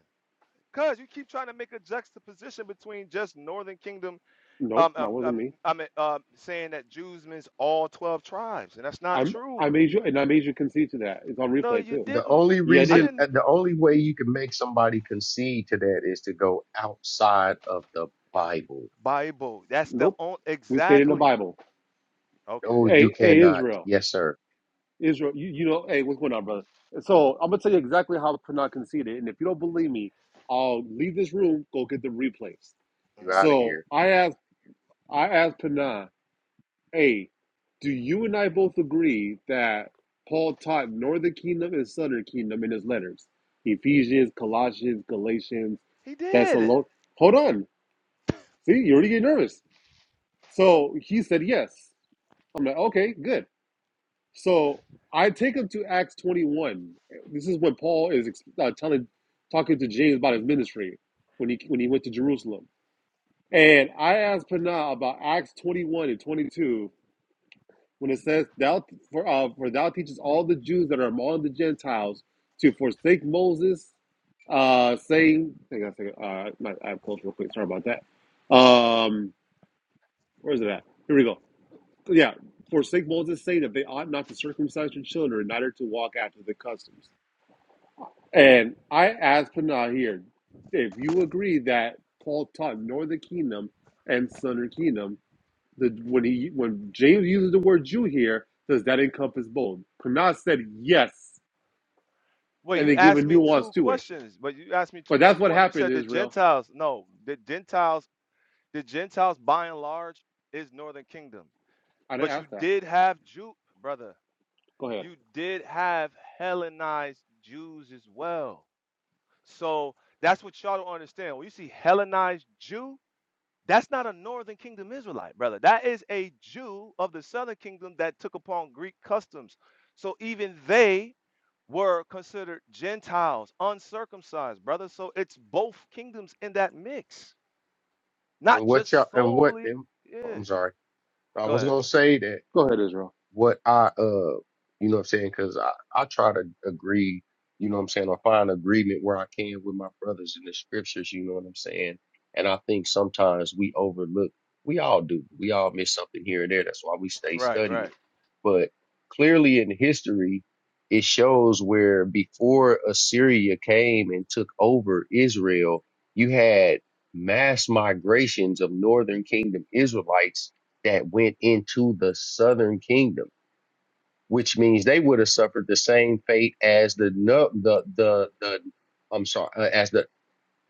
S16: Cause you keep trying to make a juxtaposition between just Northern Kingdom
S25: Nope,
S16: Um,
S25: that
S16: um,
S25: wasn't
S16: um,
S25: me.
S16: I'm uh, um, saying that Jews means all 12 tribes, and that's not
S25: I'm. I
S16: true.
S25: made you, and I made you concede to that. It's on
S16: No,
S25: replay
S16: you
S25: too.
S12: The
S16: didn't.
S12: only
S25: Yeah, I
S16: I
S25: did.
S12: reason,
S16: didn't.
S12: uh, the only way you can make somebody concede to that is to go outside of the Bible.
S16: Bible. That's the
S25: Nope.
S16: only.
S25: We stayed in the
S16: Exactly.
S25: Bible.
S16: Okay.
S12: No, you
S25: Hey, hey,
S12: cannot.
S25: Israel,
S12: Yes, sir.
S25: Israel. You, you know, hey, what's going on, brother? So I'm gonna tell you exactly how Pinard conceded, and if you don't believe me, I'll leave this room. Go get the replays.
S12: You're
S16: hmm
S12: out of
S25: So
S12: here.
S25: I asked. I asked Pinard. Hey, do you and I both agree that Paul taught northern kingdom and southern kingdom in his letters? Ephesians, Colossians, Galatians,
S16: He did.
S25: Thessalonians. Hold on. See, you already get nervous. So he said yes. I'm like, okay, good. So I take him to Acts 21. This is when Paul is ex- uh, telling, talking to James about his ministry when he when he went to Jerusalem. And I asked Panah about Acts 21 and 22 when it says thou for uh, for thou teachest all the Jews that are among the Gentiles to forsake Moses, uh, saying, hang on a second, uh, my, I have closed real quick. Sorry about that. Um, where is it at? Here we go. Yeah, forsake Moses, saying that they ought not to circumcise your children, neither to walk after the customs. And I ask Panah here if you agree that Paul taught northern kingdom and southern kingdom. The, when he when James uses the word Jew here, does that encompass both? Kanaz said yes,
S16: Well,
S25: and
S16: you
S25: they gave a
S16: asked me
S25: nuance
S16: two
S25: to it.
S16: questions, but you asked me two
S25: But that's
S16: questions.
S25: what
S16: One, you
S25: happened,
S16: said the
S25: Israel.
S16: Gentiles. No, the Gentiles. The Gentiles, by and large, is Northern Kingdom.
S25: I didn't
S16: But you
S25: ask that.
S16: did have Jew, brother.
S25: Go ahead.
S16: You did have Hellenized Jews as well. So that's what y'all don't understand. When you see Hellenized Jew, that's not a northern kingdom Israelite, brother. That is a Jew of the southern kingdom that took upon Greek customs. So even they were considered Gentiles, uncircumcised, brother. So it's both kingdoms in that mix, not
S12: And what y'all?
S16: just
S12: And what?
S16: solely.
S12: And,
S16: Yeah,
S12: I'm sorry. I
S16: go
S12: was
S16: ahead.
S12: gonna say that.
S25: Go ahead, Israel.
S12: what I uh you know what I'm saying because I I try to agree you know what I'm saying I find agreement where I can with my brothers in the scriptures you know what I'm saying and I think sometimes we overlook we all do we all miss something here and there that's why we stay
S16: Right,
S12: studying
S16: right,
S12: but clearly in history it shows where before Assyria came and took over Israel you had mass migrations of northern kingdom Israelites that went into the southern kingdom, which means they would have suffered the same fate as the no, the the the I'm sorry, uh, as the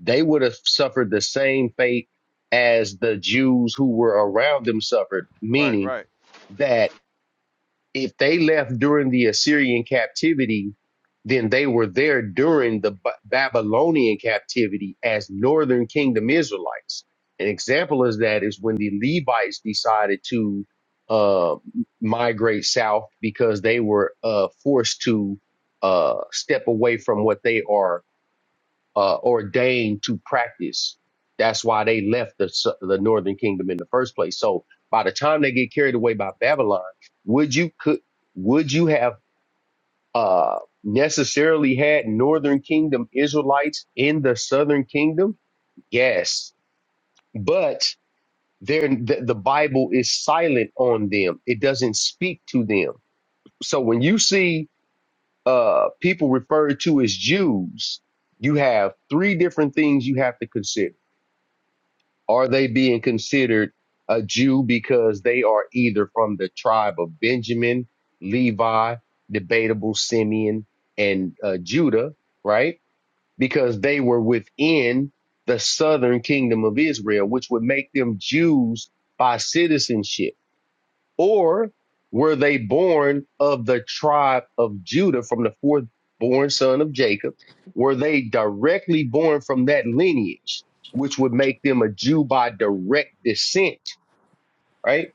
S12: they would have suffered the same fate as the Jews who were around them suffered,
S16: right,
S12: meaning
S16: right,
S12: that if they left during the Assyrian captivity, then they were there during the B- Babylonian captivity as northern kingdom Israelites. An example is that is when the Levites decided to uh, migrate south because they were uh, forced to uh, step away from what they are uh, ordained to practice. That's why they left the, s- the northern kingdom in the first place. So by the time they get carried away by Babylon, would you could would you have uh, necessarily had northern kingdom Israelites in the southern kingdom? Yes, but they're, the, the Bible is silent on them. It doesn't speak to them. So when you see uh, people referred to as Jews, you have three different things you have to consider Are they being considered a Jew because they are either from the tribe of Benjamin, Levi, debatable Simeon, and uh, Judah, right? Because they were within the southern kingdom of Israel, which would make them Jews by citizenship or were they born of the tribe of Judah from the fourth born son of Jacob? Were they directly born from that lineage, which would make them a Jew by direct descent, right?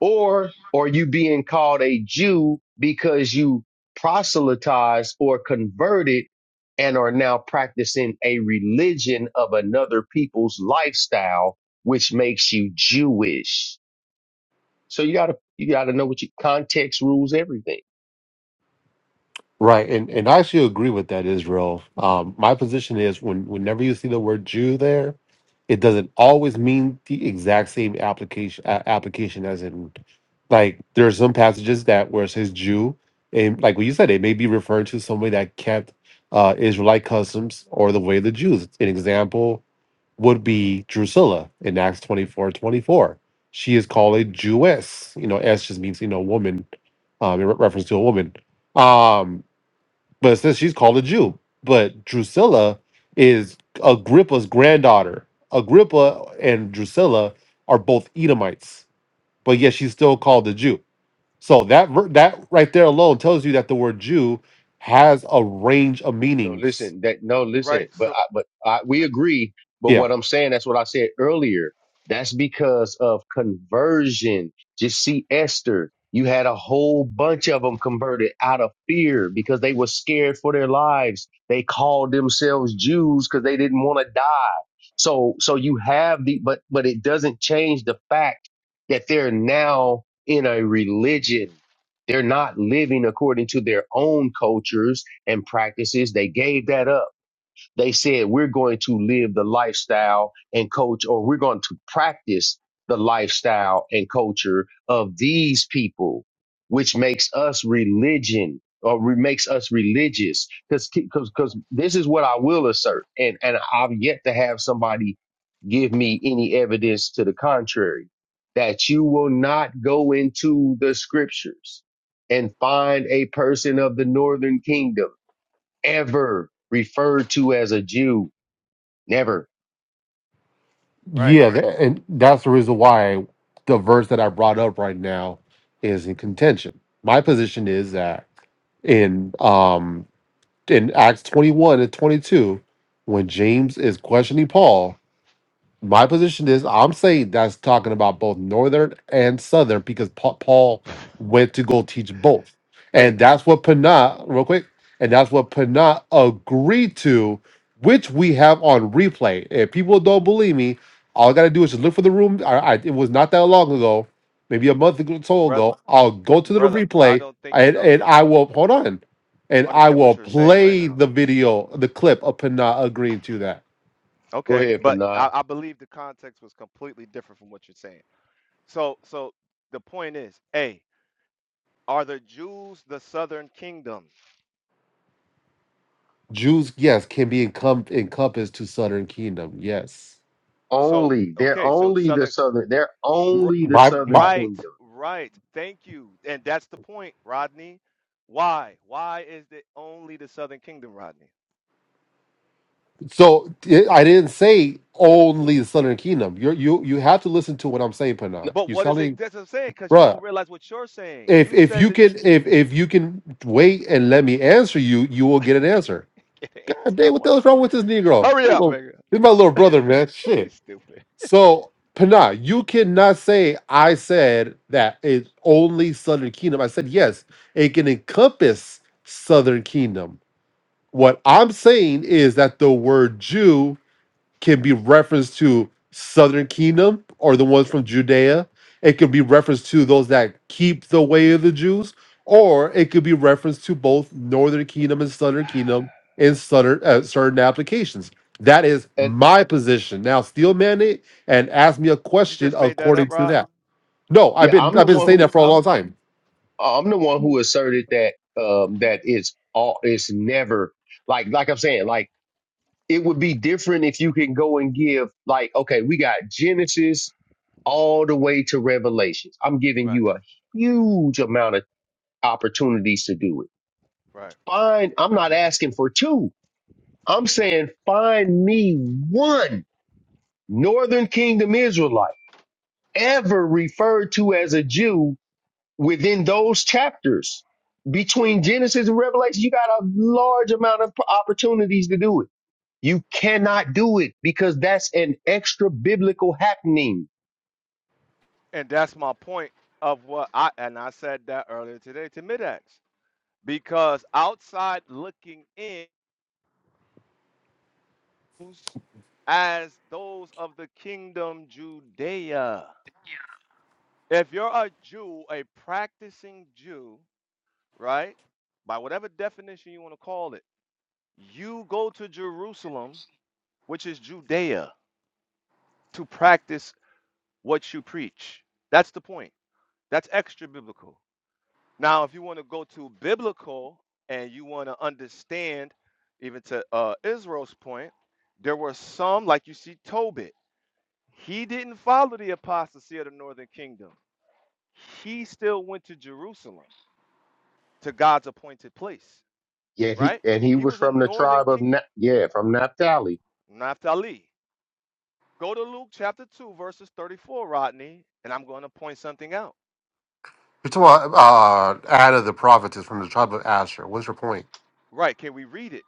S12: Or are you being called a Jew because you proselytized or converted and are now practicing a religion of another people's lifestyle, which makes you Jewish? So you gotta you gotta know what your context rules everything.
S25: Right, and and I actually agree with that, Israel. Um, my position is when whenever you see the word Jew there, it doesn't always mean the exact same application uh, application as in like there are some passages that where it says Jew, and like what you said, it may be referring to somebody that kept uh, Israelite customs or the way of the Jews. An example would be Drusilla in Acts 24 24. She is called a Jewess. You know, S just means you know woman, um, in re- reference to a woman. Um, but it says she's called a Jew. But Drusilla is Agrippa's granddaughter. Agrippa and Drusilla are both Edomites, but yet she's still called a Jew. So that ver- that right there alone tells you that the word Jew has a range of
S12: No,
S25: meanings.
S12: listen, that no,
S16: right.
S12: listen, but
S16: So,
S12: I, but I, we
S16: right,
S12: agree. But
S25: Yeah,
S12: what I'm saying, that's what I said earlier. That's because of conversion. Just see Esther. You had a whole bunch of them converted out of fear because they were scared for their lives. They called themselves Jews because they didn't want to die. So, so you have the, but, but it doesn't change the fact that they're now in a religion. They're not living according to their own cultures and practices. They gave that up. They said, we're going to live the lifestyle and coach, or we're going to practice the lifestyle and culture of these people, which makes us religion or re- makes us religious. Cause, cause, cause this is what I will assert. And, and I've yet to have somebody give me any evidence to the contrary that you will not go into the scriptures and find a person of the northern kingdom ever referred to as a Jew. Never.
S16: right.
S25: yeah, tha- and that's the reason why the verse that I brought up right now is in contention. My position is that in um in Acts 21 and 22, when James is questioning Paul, my position is I'm saying that's talking about both northern and southern because Pa- Paul went to go teach both. And
S16: Hey,
S25: that's what Panah, real quick, and that's what Panah agreed to, which we have on replay. If people don't believe me, all I got to do is just look for the room. I, I, it was not that long ago, maybe a month ago, so
S16: brother,
S25: ago. I'll go to the
S16: brother, I
S25: replay
S16: don't think you
S25: and,
S16: don't
S25: and I will, hold on, and I
S16: understand
S25: will
S16: what you're saying right
S25: play
S16: now.
S25: the video, the clip of Panah agreeing to that.
S12: Go
S16: Okay,
S12: ahead,
S16: but
S12: Panah.
S16: I, I believe the context was completely different from what you're saying. So, so the point is, a are the Jews the Southern Kingdom?
S25: Jews, yes, can be encom- encompassed to Southern Kingdom. Yes,
S16: So,
S12: Only they're
S16: okay, so it's
S12: only the
S16: Southern,
S12: southern. They're
S16: r-
S12: only the
S25: my
S12: southern
S25: my.
S16: right,
S12: kingdom.
S16: right. Thank you, and that's the point, Rodney. Why? Why is it only the Southern Kingdom, Rodney?
S25: So it, I didn't say only the Southern Kingdom. You you you have to listen to what I'm saying,
S12: N-
S25: Panah.
S16: But
S25: You're
S16: what is it?
S25: telling,
S16: That's what I'm saying, because you don't
S25: bruh.
S16: realize what you're saying.
S25: If
S16: You
S25: if
S16: said
S25: you
S16: that.
S25: can if if you can wait and let me answer you, you will get an answer. God
S16: I
S25: damn, what the
S16: want it.
S25: hell's wrong with this Negro?
S16: Hurry
S25: Hold
S16: up,
S25: on.
S16: nigga.
S25: This is my little brother, man.
S16: You
S25: Shit.
S16: Stupid.
S25: So, Pana, you cannot say I said that it's only Southern Kingdom. I said yes, it can encompass Southern Kingdom. What I'm saying is that the word Jew can be referenced to southern kingdom or the ones from Judea. It could be referenced to those that keep the way of the Jews, or it could be referenced to both northern kingdom and southern kingdom in southern, uh, certain applications. That is
S12: And
S25: my position. Now, steal man and ask me a
S16: You
S25: question
S16: just made that
S25: according
S16: up,
S25: to
S16: Rod.
S25: that. No, I've
S12: yeah,
S25: been
S12: I'm the
S25: I've been
S12: one
S25: saying
S12: who
S25: that for a
S12: I'm
S25: long time.
S12: I'm the one who asserted that um that it's all it's never like like I'm saying like it would be different if you can go and give like okay we got Genesis all the way to Revelations. I'm giving
S16: Right,
S12: you a huge amount of opportunities to do it.
S16: right.
S12: Fine, I'm not asking for two. I'm saying find me one Northern Kingdom Israelite ever referred to as a Jew within those chapters. Between Genesis and Revelation, you got a large amount of opportunities to do it. You cannot do it because that's an extra biblical happening.
S16: And that's my point of what I and I said that earlier today to Midax because outside looking in who's as those of the kingdom Judea. If you're a Jew, a practicing Jew, right? By whatever definition you want to call it, you go to Jerusalem, which is Judea, to practice what you preach. That's the point. That's extra biblical. Now, if you want to go to biblical and you want to understand, even to uh, Israel's point, there were some, like you see Tobit, he didn't follow the apostasy of the northern kingdom. He still went to Jerusalem, to God's appointed place,
S12: Yeah, he,
S16: right?
S12: and he
S16: He
S12: was
S16: was a
S12: from the
S16: northern
S12: tribe of,
S16: king,
S12: Na- yeah, from Naphtali.
S16: Naphtali. Go to Luke chapter 2, verses 34, Rodney, and I'm going to point something out.
S25: You're talking about uh, Anna the prophetess from the tribe of Asher. What's your point?
S16: Right, can we read it?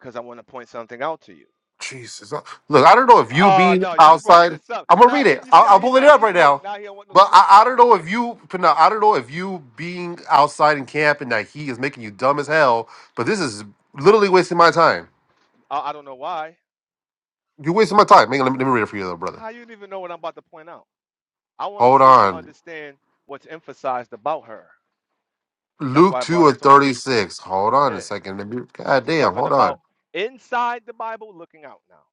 S16: Because I want to point something out to you.
S25: Jesus. Uh, Look, I don't know if you
S16: Oh
S25: being
S16: no, you brought
S25: outside.
S16: this up.
S25: I'm gonna
S16: Now
S25: read
S16: see,
S25: it.
S16: you
S25: I'll,
S16: see
S25: I'll
S16: how he
S25: pull it
S16: brought up
S25: up
S16: the
S25: right
S16: smoke.
S25: now.
S16: Now he don't want no
S25: But
S16: smoke,
S25: I, I
S16: right?
S25: don't know if you, Pana, I don't know if you being outside in camp and that he is making you dumb as hell. But this is literally wasting my time.
S16: I, I don't know why.
S25: You're wasting my time. Hang on, let, me, let me read it for you, though, brother.
S16: How you don't even know what I'm about to point out? I want to
S25: Hold
S16: see if you
S25: on.
S16: understand what's emphasized about her. And that's
S25: Luke
S16: why I brought
S25: 2
S16: up
S25: and
S16: Tobit.
S25: 36. Hold on a
S16: Yeah,
S25: second. Let me- God
S16: we're
S25: damn,
S16: talking
S25: hold on.
S16: about inside the Bible, looking out now.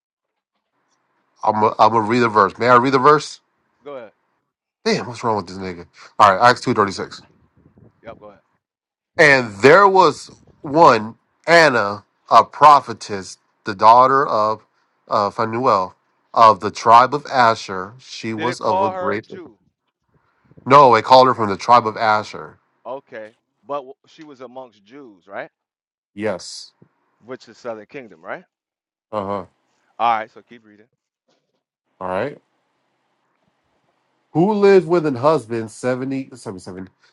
S25: I'm gonna I'm gonna read the verse. May I read the verse?
S16: Go ahead.
S25: Damn, what's wrong with this nigga? All right, Acts 2 36.
S16: Yep, go ahead.
S25: And there was one, Anna, a prophetess, the daughter of uh, Phanuel of the tribe of Asher. She
S16: Did it
S25: was of a
S16: call her a
S25: great.
S16: Jew?
S25: No, they called her from the tribe of Asher.
S16: Okay, but w- she was amongst Jews, right?
S25: Yes.
S16: Which is Southern Kingdom, right?
S25: Uh huh.
S16: All right, so keep reading.
S25: All right. Who lived with an husband seventy, seventy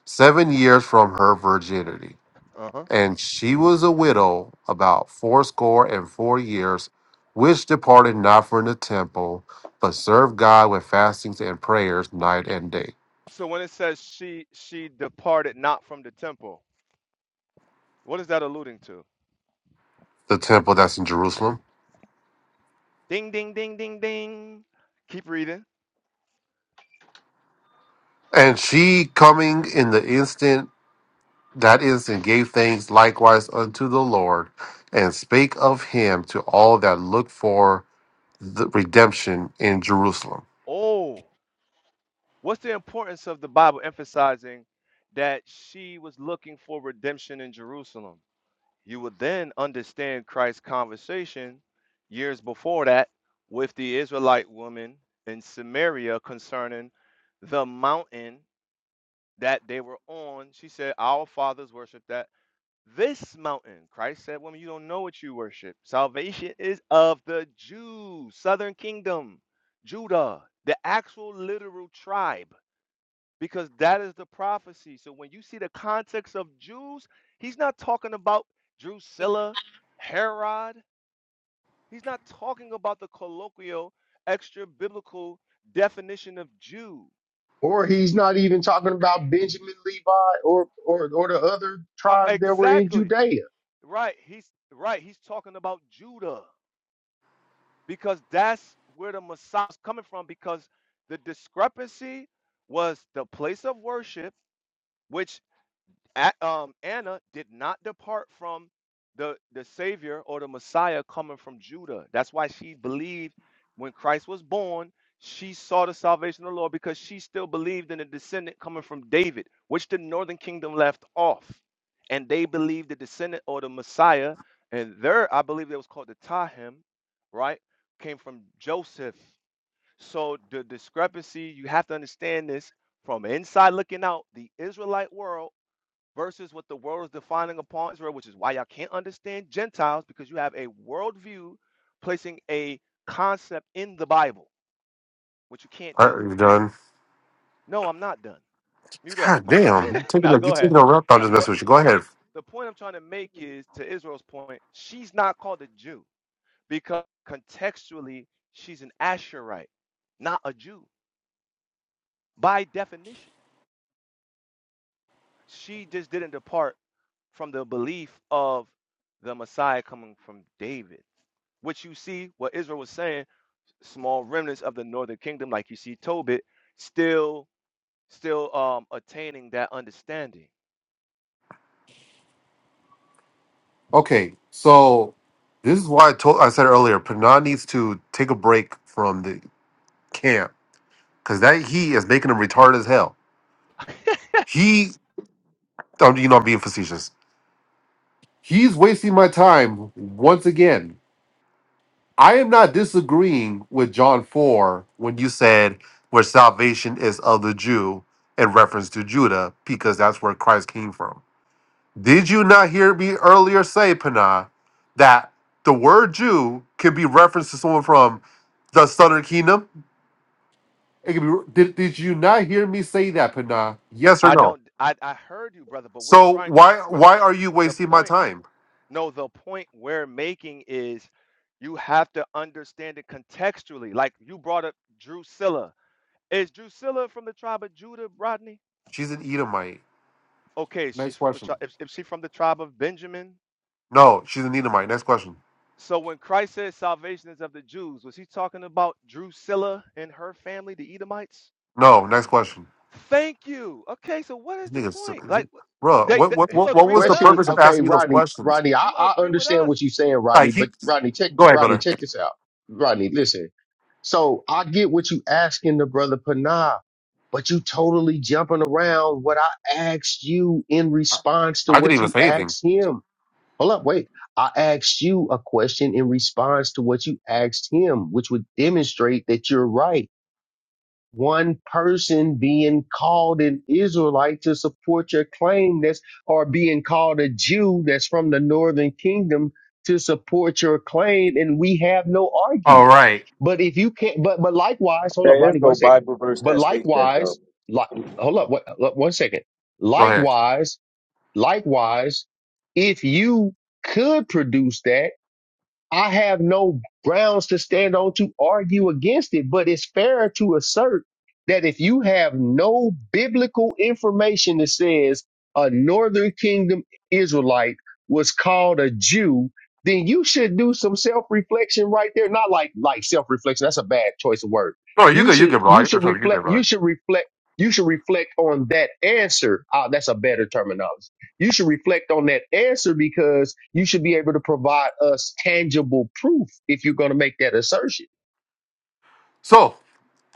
S25: seven years from her virginity.
S16: Uh huh.
S25: And she was a widow about fourscore and four years, which departed not from the temple, but served God with fastings and prayers night and day.
S16: So when it says she she departed not from the temple. What is that alluding to?
S25: The temple that's in Jerusalem.
S16: Ding, ding, ding, ding, ding. Keep reading.
S25: And she coming in the instant that instant gave thanks likewise unto the Lord, and spake of him to all that looked for the redemption in Jerusalem.
S16: Oh, what's the importance of the Bible emphasizing that she was looking for redemption in Jerusalem? You would then understand Christ's conversation years before that with the Israelite woman in Samaria concerning the mountain that they were on. She said, Our fathers worshiped that This mountain, Christ said, Woman, you don't know what you worship. Salvation is of the Jews, southern kingdom, Judah, the actual literal tribe, because that is the prophecy. So when you see the context of Jews, he's not talking about Drusilla, Herod. He's not talking about the colloquial, extra biblical definition of Jew.
S12: Or he's not even talking about Benjamin, Levi, or, or, or the other
S16: Uh,
S12: tribes that were in
S16: Exactly.
S12: Judea
S16: Right. He's right. He's talking about Judah. because that's where the Messiah is coming from. Because the discrepancy was the place of worship, which at, um, Anna did not depart from the the Savior or the Messiah coming from Judah. That's why she believed when Christ was born. She saw the salvation of the Lord because she still believed in the descendant coming from David, which the northern kingdom left off. And they believed the descendant or the Messiah, and there, I believe it was called the Tahim, right, came from Joseph. So the discrepancy, you have to understand this from inside looking out, the Israelite world versus what the world is defining upon Israel, which is why y'all can't understand Gentiles because you have a worldview placing a concept in the Bible, which you can't
S25: All right,
S16: do.
S25: you're done.
S16: No, I'm not done. Mute up.
S25: God
S16: No,
S25: damn,
S16: sorry.
S25: you're taking a,
S16: now
S25: you're
S16: go ahead.
S25: taking a rep. I'm
S16: Uh,
S25: just
S16: but
S25: messing with you.
S16: the
S25: Go ahead.
S16: point, the point I'm trying to make is to Israel's point, she's not called a Jew because contextually she's an Asherite, not a Jew by definition. She just didn't depart from the belief of the Messiah coming from David, which you see what Israel was saying, small remnants of the northern kingdom, like you see Tobit, still still um attaining that understanding.
S25: Okay, so this is why I told I said earlier, Pernod needs to take a break from the camp because that he is making him retarded as hell. He, um, you know, I'm being facetious. He's wasting my time once again. I am not disagreeing with John four when you said where salvation is of the Jew in reference to Judah because that's where Christ came from. Did you not hear me earlier say, Panah, that the word Jew can be referenced to someone from the southern kingdom? It can be, did, did you not hear me say that, Panah? Yes or
S16: I
S25: no?
S16: don't I, I heard you, brother, but we're
S25: So
S16: trying to
S25: why
S16: we're,
S25: why are you
S16: the
S25: wasting my
S16: point
S25: time?
S16: no, the point we're making is you have to understand it contextually. Like you brought up Drusilla. Is Drusilla from the tribe of Judah, Rodney?
S25: She's an Edomite.
S16: Okay, she's
S25: Next
S16: from the
S25: question.
S16: tribe. If, if she's from the tribe of Benjamin,
S25: No, she's an Edomite. Next question.
S16: so when Christ says salvation is of the Jews, was he talking about Drusilla and her family, the Edomites?
S25: No, next question.
S16: Thank you. Okay, so what is
S25: This
S16: the
S25: nigga, so-
S16: point? Like,
S25: bro,
S16: they,
S25: what,
S16: they
S25: what
S16: you
S25: what
S12: the
S25: what
S16: agree
S25: was
S16: with
S25: the
S12: question
S16: us.
S25: purpose of
S12: okay
S25: asking me those
S12: rodney
S25: questions?
S12: rodney I,
S16: You
S12: I
S16: agree with
S12: understand
S16: us.
S12: what you're saying rodney
S25: Like
S12: but
S25: he,
S12: rodney check
S25: go ahead,
S12: rodney
S25: brother.
S12: check this out rodney listen so i get what you asking the brother panah but you totally jumping around what i asked you in
S25: I,
S12: response to
S25: I didn't
S12: what
S25: even
S12: you
S25: say anything.
S12: asked him hold up wait i asked you a question in response to what you asked him which would demonstrate that you're right one person being called an Israelite to support your claim that's or being called a Jew that's from the northern kingdom to support your claim and we have no
S25: All
S12: argument.
S25: right,
S12: But if you can't but but likewise, hold up,
S15: There is
S12: Rodney, one
S15: no
S12: second.
S15: Bible verse
S12: But
S15: that states that though.
S12: likewise, like hold up, what, what one second.
S25: go ahead.
S12: Likewise, likewise, if you could produce that I have no grounds to stand on to argue against it, but it's fair to assert that if you have no biblical information that says a northern kingdom Israelite was called a Jew, then you should do some self-reflection right there. Not like like self-reflection, that's a bad choice of word.
S25: No, you're
S12: You
S25: good. You're
S12: should
S25: good, bro.
S12: you
S25: You're
S12: should
S25: you good,
S12: reflect you
S25: bro.
S12: should reflect you should reflect on that answer. Ah, that's a better terminology you should reflect on that answer because you should be able to provide us tangible proof if you're going to make that assertion.
S25: So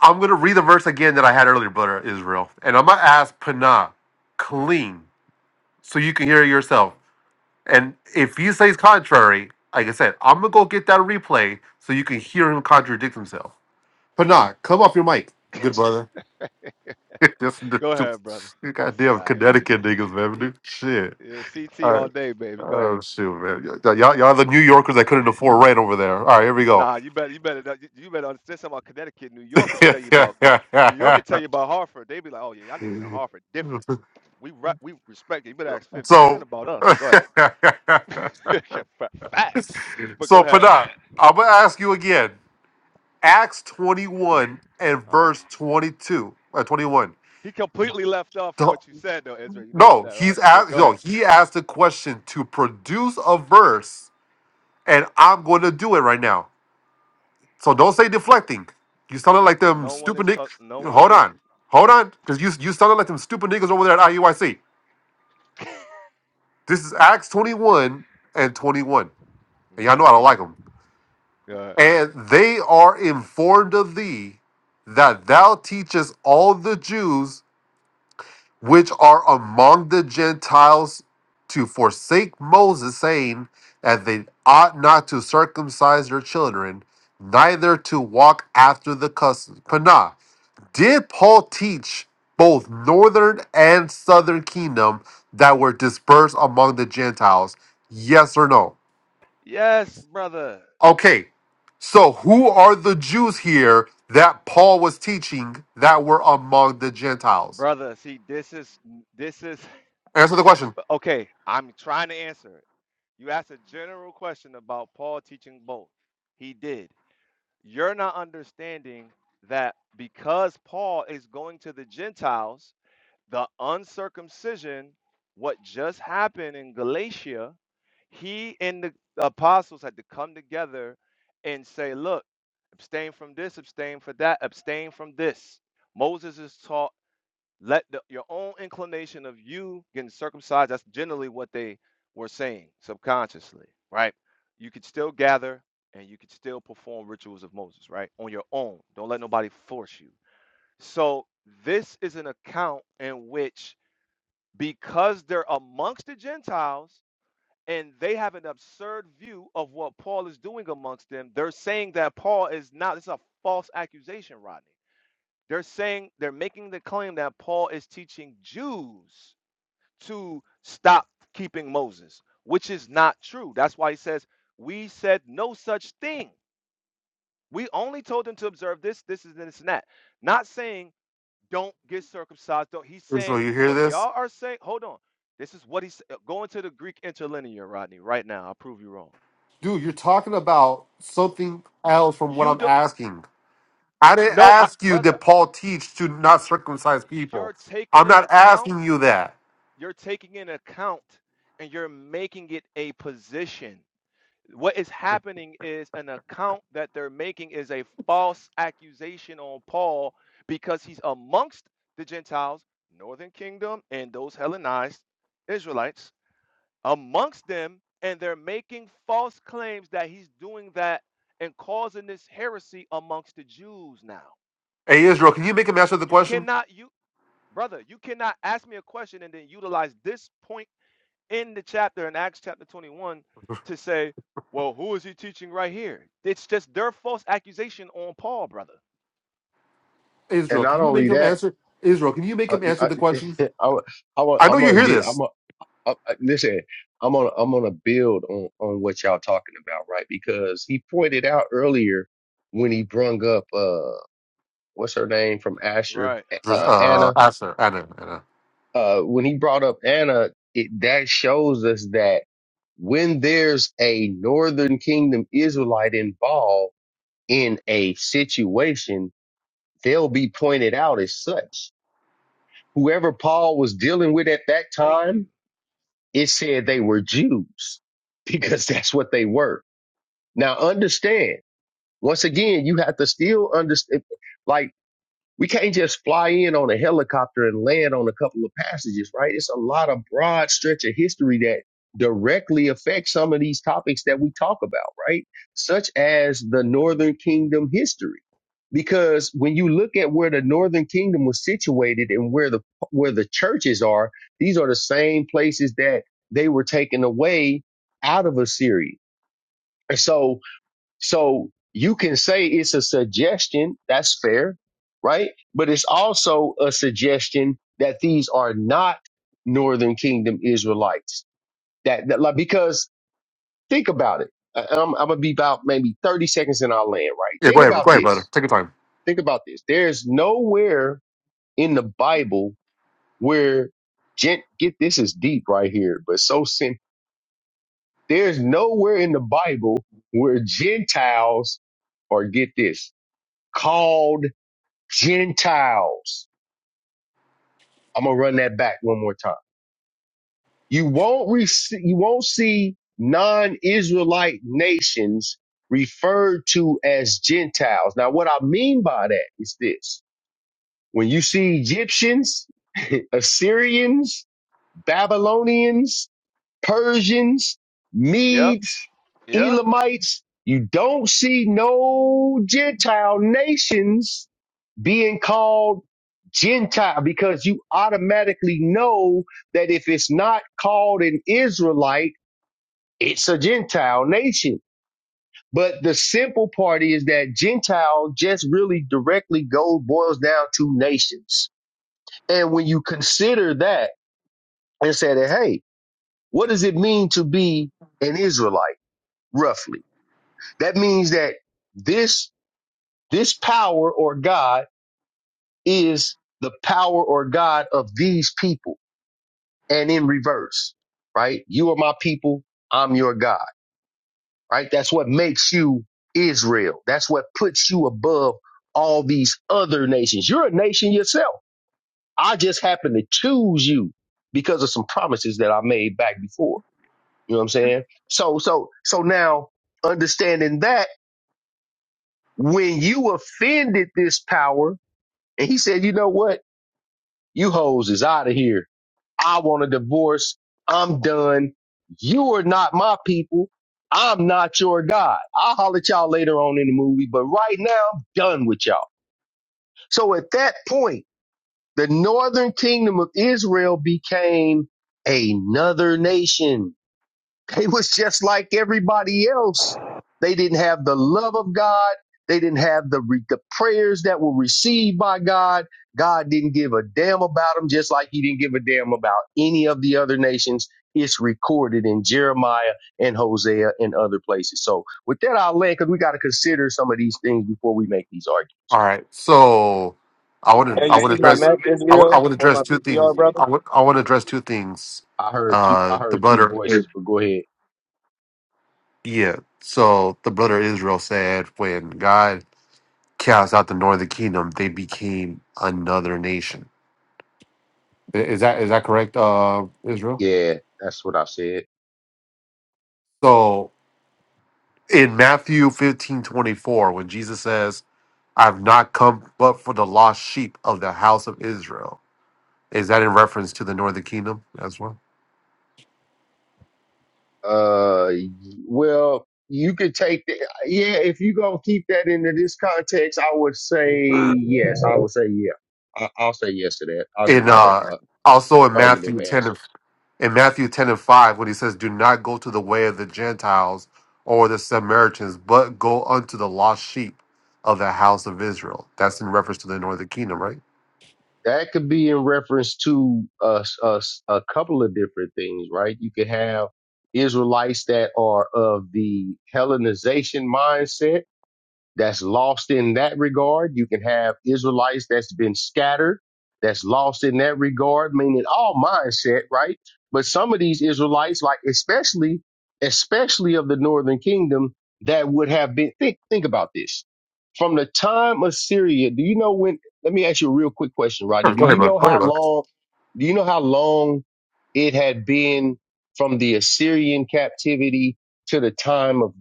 S25: I'm gonna read the verse again that I had earlier, brother Israel, and I'm gonna ask Panah clean so you can hear it yourself. And if he says contrary, like I said, I'm gonna go get that replay so you can hear him contradict himself. Panah, come off your mic, good brother. Just the
S16: Go
S25: two
S16: ahead, brother.
S25: you
S16: This
S25: goddamn
S16: guy,
S25: Connecticut niggas, man.
S16: he-
S25: Dude, shit.
S16: yeah, CT
S25: All
S16: all
S25: right.
S16: day, baby. Go ahead.
S25: Oh shoot, man! Y- Y'all, y'all the New Yorkers that couldn't afford rent over there. All right, here we go.
S16: Nah, you better, you better, you you better understand something about Connecticut. New York could tell you about. New York could tell you about Hartford. They'd be like, oh yeah, y'all niggas in Hartford different.
S25: Mm-hmm.
S16: We re- we respect it. You better ask 50 Cent
S25: So,
S16: about us. Go ahead. Facts. But go
S25: so
S16: ahead.
S25: Panat, I'm gonna ask you again. Acts 21 and
S16: Uh,
S25: verse 22, uh, 21.
S16: he completely left off from
S25: Don't-
S16: what you said, though, Ezra. You noticed
S25: No,
S16: that, right?
S25: he's
S16: But
S25: asked.
S16: go
S25: No,
S16: ahead.
S25: he asked a question to produce a verse, and I'm going to do it right now. So don't say deflecting. You sounded like them
S16: No one
S25: stupid
S16: is.
S25: nick.
S16: Co- no one
S25: Hold
S16: is.
S25: on, hold on, because you you sounded like them stupid niggas over there at IUIC. This is Acts 21 and 21, and y'all
S16: hmm
S25: know I don't like 'em.
S16: Go ahead.
S25: And they are informed of thee that thou teachest all the Jews which are among the Gentiles to forsake Moses, saying that they ought not to circumcise their children, neither to walk after the customs. Panah, did Paul teach both northern and southern kingdom that were dispersed among the Gentiles? Yes or no?
S16: Yes, brother.
S25: Okay, so who are the Jews here that Paul was teaching that were among the Gentiles?
S16: Brother, see, this is. This is.
S25: Answer the question.
S16: Okay, I'm trying to answer it. You asked a general question about Paul teaching both. He did. You're not understanding that because Paul is going to the Gentiles the uncircumcision, what just happened in Galatia, he and the apostles had to come together and say, look, abstain from this, abstain for that, abstain from this. Moses is taught, let the, your own inclination of you getting circumcised, that's generally what they were saying subconsciously, right? You could still gather and you could still perform rituals of Moses, right? On your own. Don't let nobody force you. So this is an account in which because they're amongst the Gentiles and they have an absurd view of what Paul is doing amongst them, they're saying that Paul is not, it's a false accusation, Rodney. They're saying, they're making the claim that Paul is teaching Jews to stop keeping Moses, which is not true. That's why he says, We said no such thing. We only told them to observe this, this, is this, and that. Not saying don't get circumcised. Don't, he's
S25: Israel,
S16: saying
S25: you hear
S16: what
S25: this?
S16: y'all are saying. Hold on. This is what he's uh, going to the Greek interlinear, Rodney, right now. I'll prove you wrong.
S25: Dude, you're talking about something else from what
S16: You
S25: I'm
S16: do
S25: asking. I didn't
S16: no, I,
S25: ask you
S16: brother,
S25: did Paul teach to not circumcise people.
S16: you're taking
S25: I'm
S16: in
S25: not
S16: account,
S25: asking you that.
S16: you're taking in account and you're making it a position. What is happening is an account that they're making is a false accusation on Paul because he's amongst the Gentiles, northern kingdom, and those Hellenized Israelites amongst them, and they're making false claims that he's doing that and causing this heresy amongst the Jews now.
S25: Hey Israel, can you make him answer the
S16: You
S25: question?
S16: cannot, you brother, you cannot ask me a question and then utilize this point in the chapter in Acts chapter 21 to say, well, who is he teaching right here? It's just their false accusation on Paul, brother.
S12: And
S25: Israel,
S12: not
S25: can you make
S12: only
S25: him
S12: that,
S25: answer? Israel, can you make
S12: I,
S25: him answer
S12: I,
S25: the question?
S12: I, I,
S25: I know
S12: I'm
S25: you
S12: gonna
S25: hear
S12: get.
S25: this.
S12: I'm a, I, I, going listen. I'm gonna I'm gonna build on on what y'all talking about, right? Because he pointed out earlier when he brung up uh what's her name from Asher,
S16: Right,
S12: uh
S16: right.
S25: Uh,
S12: Anna.
S25: answer, Anna, Anna.
S12: Uh, when he brought up Anna, it that shows us that. when there's a northern kingdom Israelite involved in a situation, they'll be pointed out as such. Whoever Paul was dealing with at that
S16: Thank you.
S12: time, it said they were Jews because that's what they were. Now understand, once again, you have to still understand, like We can't just fly in on a helicopter and land on a couple of passages, right? It's a lot of broad stretch of history that directly affects some of these topics that we talk about, right? Such as the Northern Kingdom history. Because when you look at where the Northern Kingdom was situated and where the where the churches are, these are the same places that they were taken away out of Assyria. And so so you can say it's a suggestion. That's fair, right? But it's also a suggestion that these are not Northern Kingdom Israelites. That, that like, because think about it. I- I'm, I'm gonna be about maybe 30 seconds in our land, right?
S25: Yeah, go
S12: Think
S25: ahead,
S12: about
S25: go ahead, brother.
S12: this.
S25: Take your time.
S12: Think about this. There's nowhere in the Bible where gent get this is deep right here, but so simple. There's nowhere in the Bible where Gentiles or get this called Gentiles. I'm gonna run that back one more time. You won't re- you won't see non-Israelite nations referred to as Gentiles. Now, what I mean by that is this: when you see Egyptians, Assyrians, Babylonians, Persians,
S16: Yep,
S12: Medes,
S16: yep.
S12: Elamites, you don't see no Gentile nations being called Gentile because you automatically know that if it's not called an Israelite, it's a Gentile nation. But the simple part is that Gentile just really directly goes boils down to nations. And when you consider that and say that, hey, what does it mean to be an Israelite roughly? That means that this this power or God is the power or God of these people and in reverse, right? You are my people. I'm your God, right? That's what makes you Israel. That's what puts you above all these other nations. You're a nation yourself. I just happen to choose you because of some promises that I made back before. You know what I'm saying? So, so, so now understanding that when you offended this power, and he said, you know what? You hoes is out of here. I want a divorce. I'm done. You are not my people. I'm not your God. I'll holler at y'all later on in the movie, but right now I'm done with y'all. So at that point, the northern kingdom of Israel became another nation they was just like everybody else. They didn't have the love of God. They didn't have the re- the prayers that were received by God. God didn't give a damn about them, just like He didn't give a damn about any of the other nations. It's recorded in Jeremiah and Hosea and other places. So with that, I'll land because we got to consider some of these things before we make these arguments.
S25: All right. So I would
S15: And
S25: I
S15: you
S25: would
S15: see my
S25: address
S15: map
S25: I would I
S15: Israel
S25: would
S15: on
S25: address
S15: my
S25: two things.
S15: PTR, brother.
S25: I would I would address two things.
S12: I heard two. I
S25: Uh the
S12: heard two
S25: brother
S12: voices, but go ahead.
S25: yeah. So the brother Israel said when God cast out the northern kingdom, they became another nation. I- Is that is that correct, uh Israel?
S12: Yeah, that's what I said.
S25: So in Matthew fifteen twenty four, when Jesus says, I've not come but for the lost sheep of the house of Israel, is that in reference to the northern kingdom as well?
S12: Uh, well, you could take the, yeah, if you gonna keep that into this context, I would say yes. I would say yeah. I, I'll say yes to that. I'll give
S25: in
S12: that
S25: uh
S12: a,
S25: also in
S12: affirmative
S25: Matthew ten
S12: answer.
S25: and in Matthew ten and five when he says, "Do not go to the way of the Gentiles or the Samaritans, but go unto the lost sheep of the house of Israel." That's in reference to the northern kingdom, right?
S12: That could be in reference to a, a, a couple of different things, right? You could have Israelites that are of the Hellenization mindset that's lost in that regard. You can have Israelites that's been scattered, that's lost in that regard, meaning all mindset, right? But some of these Israelites, like especially, especially of the northern kingdom, that would have been think think about this. From the time of Syria, do you know when let me ask you a real quick question, Rodney.
S25: Sure,
S12: Do
S25: go ahead,
S12: you
S25: bud.
S12: know
S25: Go ahead,
S12: how
S25: bud.
S12: long do you know how long it had been from the Assyrian captivity to the time of,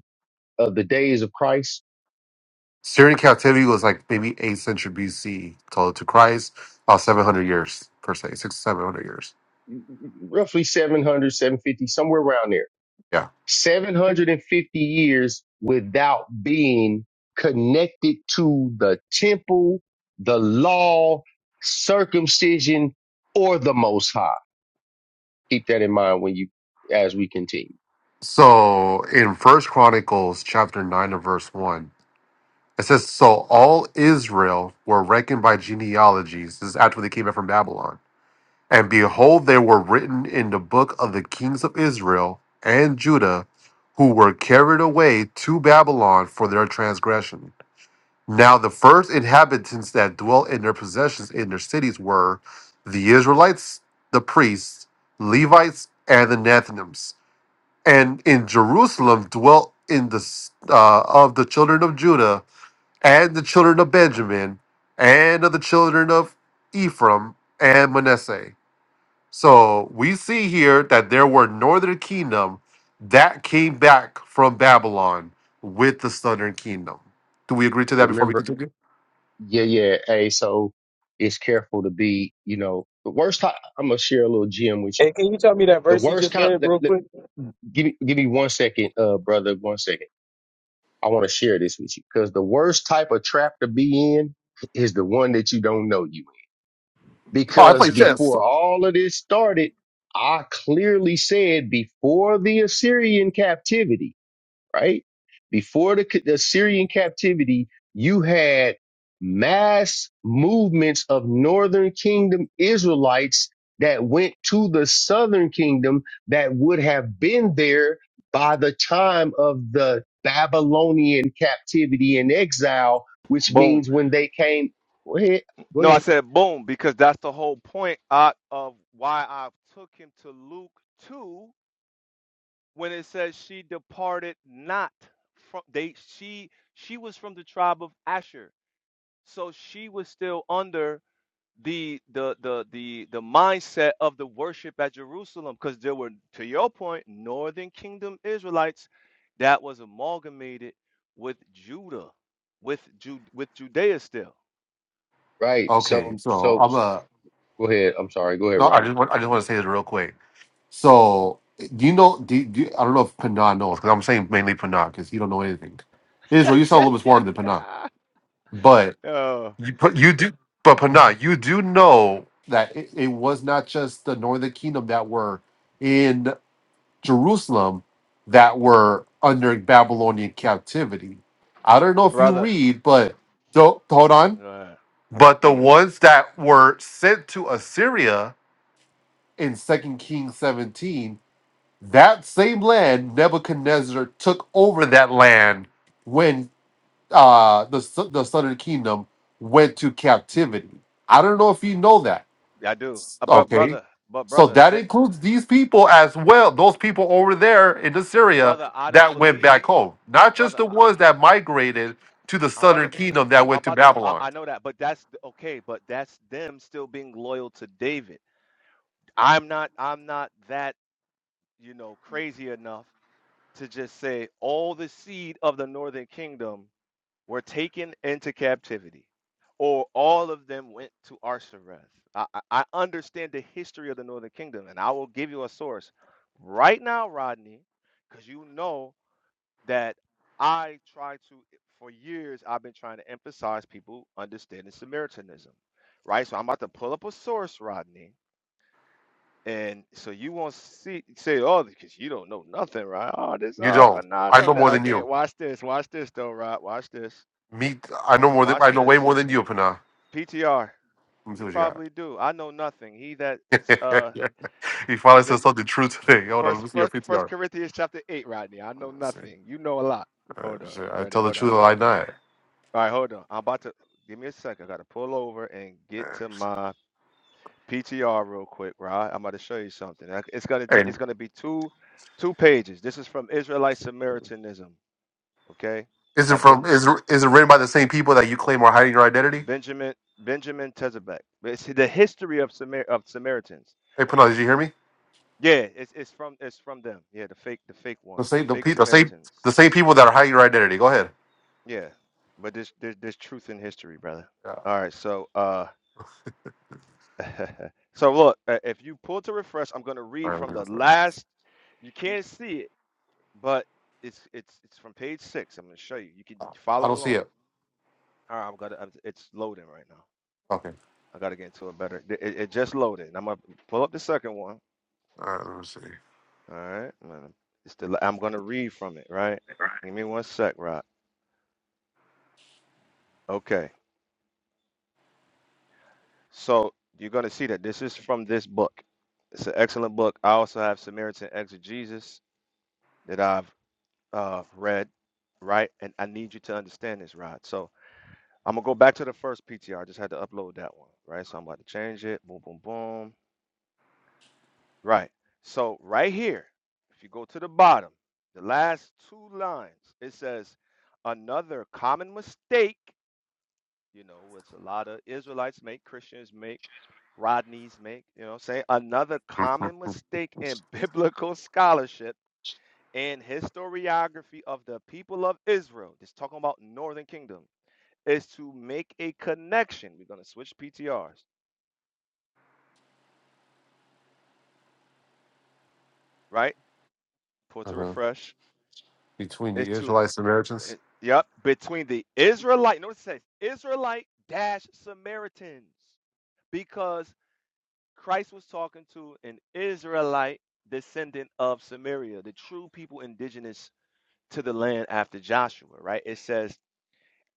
S12: of the days of Christ?
S25: Syrian captivity was like maybe eighth century BC to, to Christ, about seven hundred years per se, six seven hundred years.
S12: roughly seven hundred, seven fifty, somewhere around there.
S25: Yeah.
S12: 750 years without being connected to the temple, the law, circumcision, or the most high. Keep that in mind when you, as we continue.
S25: So in First Chronicles chapter nine and verse one. It says, So all Israel were reckoned by genealogies. This is after they came out from Babylon. And behold, they were written in the book of the kings of Israel and Judah, who were carried away to Babylon for their transgression. Now, the first inhabitants that dwelt in their possessions in their cities were the Israelites, the priests, Levites, and the Nethinims. And in Jerusalem dwelt in the s- uh, of the children of Judah and the children of Benjamin, and of the children of Ephraim and Manasseh. So we see here that there were northern kingdom that came back from Babylon with the southern kingdom. Do we agree to that before we
S12: Remember,
S25: continue?
S12: yeah, yeah, hey, so it's careful to be, you know, the worst time, I'm going to share a little gem with you.
S15: And can you tell me that
S12: The
S15: verse he
S12: worst
S15: just
S12: time,
S15: read real quick?
S12: give me, give me one second, uh, brother, one second I want to share this with you because the worst type of trap to be in is the one that you don't know you in.
S25: Oh, I
S12: Because
S25: play chess.
S12: before all of this started, I clearly said before the Assyrian captivity, right? Before the, the Syrian captivity, you had mass movements of northern kingdom Israelites that went to the southern kingdom that would have been there by the time of the Babylonian captivity and exile, which
S16: Boom.
S12: means when they came, go ahead, go
S16: No, I
S12: ahead,
S16: said boom because that's the whole point uh, of why I took him to Luke 2 when it says she departed not from they she she was from the tribe of Asher. So she was still under the the the the the mindset of the worship at Jerusalem because there were to your point northern kingdom Israelites that was amalgamated with Judah with Ju- with Judea still.
S12: right?
S25: Okay,
S12: So,
S25: so
S12: so
S25: I'm a
S12: go ahead. I'm sorry. Go ahead,
S25: no. I
S12: Ronnie.
S25: just want I just want to say this real quick. So do you know? Do, do I don't know if Panah knows because I'm saying mainly Panah because he don't know anything. Israel, you sound a
S16: yeah,
S25: little bit
S16: yeah,
S25: smarter than Panah,
S16: yeah.
S25: but.
S16: Oh,
S25: You, but you do, but Pana, you do know that it, it was not just the northern kingdom that were in Jerusalem that were under Babylonian captivity. I don't know if you
S16: brother.
S25: read, but do not hold on.
S16: Uh,
S25: But the ones that were sent to Assyria in Second Kings 17, that same land, Nebuchadnezzar took over that land when uh, the s- the southern kingdom went to captivity. I don't know if you know that.
S16: I do. Uh, but
S25: Okay,
S16: brother, but
S25: so
S16: brother,
S25: that
S16: that
S25: includes these people as well. Those people over there in Assyria
S16: brother, I don't
S25: that went
S16: believe
S25: back home, not just
S16: brother.
S25: the ones that migrated to the
S16: I'm about
S25: southern
S16: to.
S25: kingdom that
S16: I'm
S25: went to
S16: about to. I,
S25: Babylon.
S16: I know that, but that's th- okay. But that's them still being loyal to David. I'm not. I'm not that you know crazy enough to just say all the seed of the northern kingdom were taken into captivity, or all of them went to Arsareth. I, I I understand the history of the northern kingdom, and I will give you a source right now, Rodney, because you know that I try to, for years, I've been trying to emphasize people understanding Samaritanism, right? So I'm about to pull up a source, Rodney. And so you won't see say, oh, because you don't know nothing, right? Oh, this
S25: You
S16: up
S25: don't.
S16: and I
S25: I know
S16: don't
S25: more
S16: know.
S25: than
S16: Okay,
S25: you.
S16: watch this, watch this though, Rod. Watch this,
S25: Me, I know more than
S16: watch
S25: I know way
S16: this.
S25: more than you, Pana.
S16: PTR,
S25: Let me see
S16: you
S25: what you got.
S16: probably do. I know nothing. He that uh,
S25: he finally said
S16: remember-
S25: something true today. Hold on, let
S16: first,
S25: me see your
S16: first, first
S25: PTR.
S16: Corinthians chapter eight, Rodney. I know
S25: Let me see.
S16: nothing. You know a lot. Hold
S25: Uh,
S16: on,
S25: shit, I
S16: ready?
S25: tell the
S16: Hold on.
S25: truth, I lie not.
S16: All right, hold on. I'm about to give me a second. I got to pull over and get to my PTR real quick, right? I'm about to show you something. Uh, It's gonna t-
S25: Hey,
S16: it's gonna be two two pages. This is from Israelite Samaritanism, okay?
S25: Is it
S16: By
S25: from?
S16: ben-
S25: Is is it written by the same people that you claim are hiding your identity?
S16: Benjamin Benjamin Tezebek. It's the history of Samar- of Samaritans.
S25: Hey, Pinal, did you hear me?
S16: Yeah, it's it's from it's from them. Yeah, the fake the fake
S25: The
S16: ones, the
S25: same the,
S16: fake
S25: pe- the same the
S16: Samaritans.
S25: same people that are hiding your identity. Go ahead.
S16: Yeah, but this there's there's, there's truth in history, brother.
S25: Yeah. All
S16: All right, so uh. so look, uh, if you pull to refresh, I'm going to read
S25: right. let
S16: from
S25: me go
S16: the
S25: through
S16: last. You can't see it, but it's it's it's from page six. I'm going to show you. You can
S25: I
S16: follow
S25: don't see
S16: along.
S25: it.
S16: All right, I'm gonna. I'm- It's loading right now.
S25: Okay.
S16: I got to get into a better. It, it just loaded. I'm gonna pull up the second one.
S25: All right. Let me
S16: alright it's the. I'm going to read from it. Right. Give me one sec, Rob. Okay. So you're going to see that this is from this book. It's an excellent book. I also have Samaritan Exegesis that I've uh, Red, right? And I need you to understand this, Rod. So I'm gonna go back to the first PTR. I just had to upload that one, right? So I'm about to change it. Boom, boom, boom. Right. So right here, if you go to the bottom, the last two lines, it says another common mistake. You know, which a lot of Israelites make, Christians make, Rodneys make. You know, say another
S25: see.
S16: common mistake in biblical scholarship in historiography of the people of Israel, just talking about Northern Kingdom, is to make a connection. We're going to switch PTRs, right? Pull to
S25: uh-huh.
S16: refresh.
S25: Between the
S16: Is to,
S25: Israelites and Samaritans.
S16: it- yep, between the Israelite, notice it says Israelite dash Samaritans, because Christ was talking to an Israelite descendant of Samaria, the true people indigenous to the land after Joshua, right? It says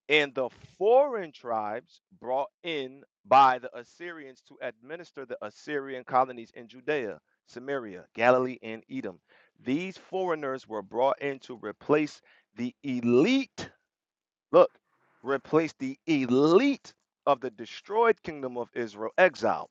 S16: and the foreign tribes brought in by the Assyrians to administer the Assyrian colonies in Judea, Samaria, Galilee, and Edom. These foreigners were brought in to replace the elite, look, replace the elite of the destroyed kingdom of Israel exiled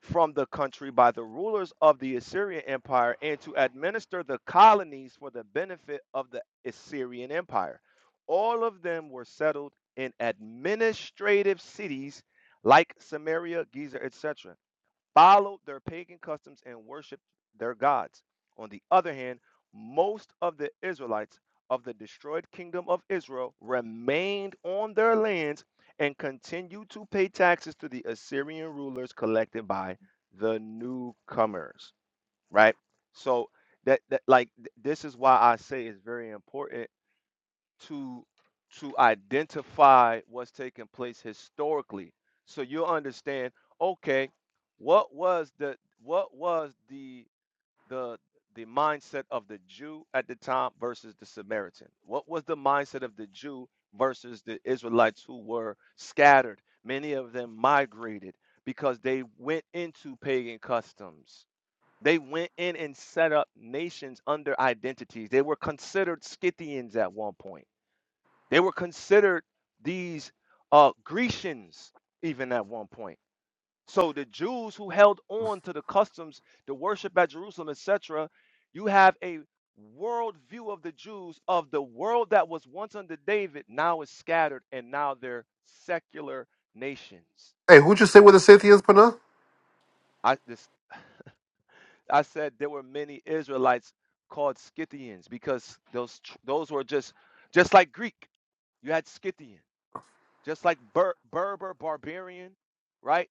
S16: from the country by the rulers of the Assyrian Empire and to administer the colonies for the benefit of the Assyrian Empire. All of them were settled in administrative cities like Samaria, Giza, etc followed their pagan customs and worshiped their gods. On the other hand, most of the Israelites of the destroyed kingdom of Israel remained on their lands and continued to pay taxes to the Assyrian rulers collected by the newcomers, right? So that, that like th- this is why I say it's very important to to identify what's taking place historically so you'll understand okay what was the what was the the the mindset of the Jew at the time versus the Samaritan what was the mindset of the Jew versus the Israelites who were scattered many of them migrated because they went into pagan customs they went in and set up nations under identities they were considered Scythians at one point they were considered these uh, Grecians even at one point. So the Jews who held on to the customs, the worship at Jerusalem, etc., you have a world view of the Jews of the world that was once under David now is scattered and now they're secular nations.
S25: Hey, who'd you say were the Scythians, Pana?
S16: I this I said there were many Israelites called Scythians because those tr- those were just just like Greek. You had Scythian. just like Ber- Berber, barbarian, right?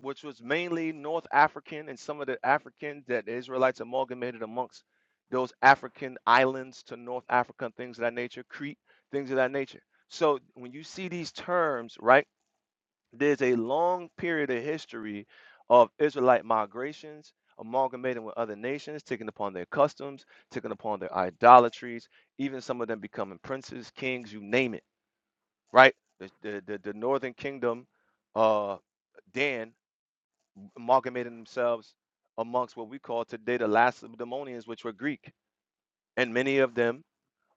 S16: Which was mainly North African and some of the Africans that the Israelites amalgamated amongst those African islands to North Africa and things of that nature, Crete, things of that nature. So when you see these terms, right, there's a long period of history of Israelite migrations, amalgamating with other nations, taking upon their customs, taking upon their idolatries, even some of them becoming princes, kings, you name it right? The the the, the Northern Kingdom, uh, Dan amalgamated themselves amongst what we call today the Lacedaemonians, which were Greek, and many of them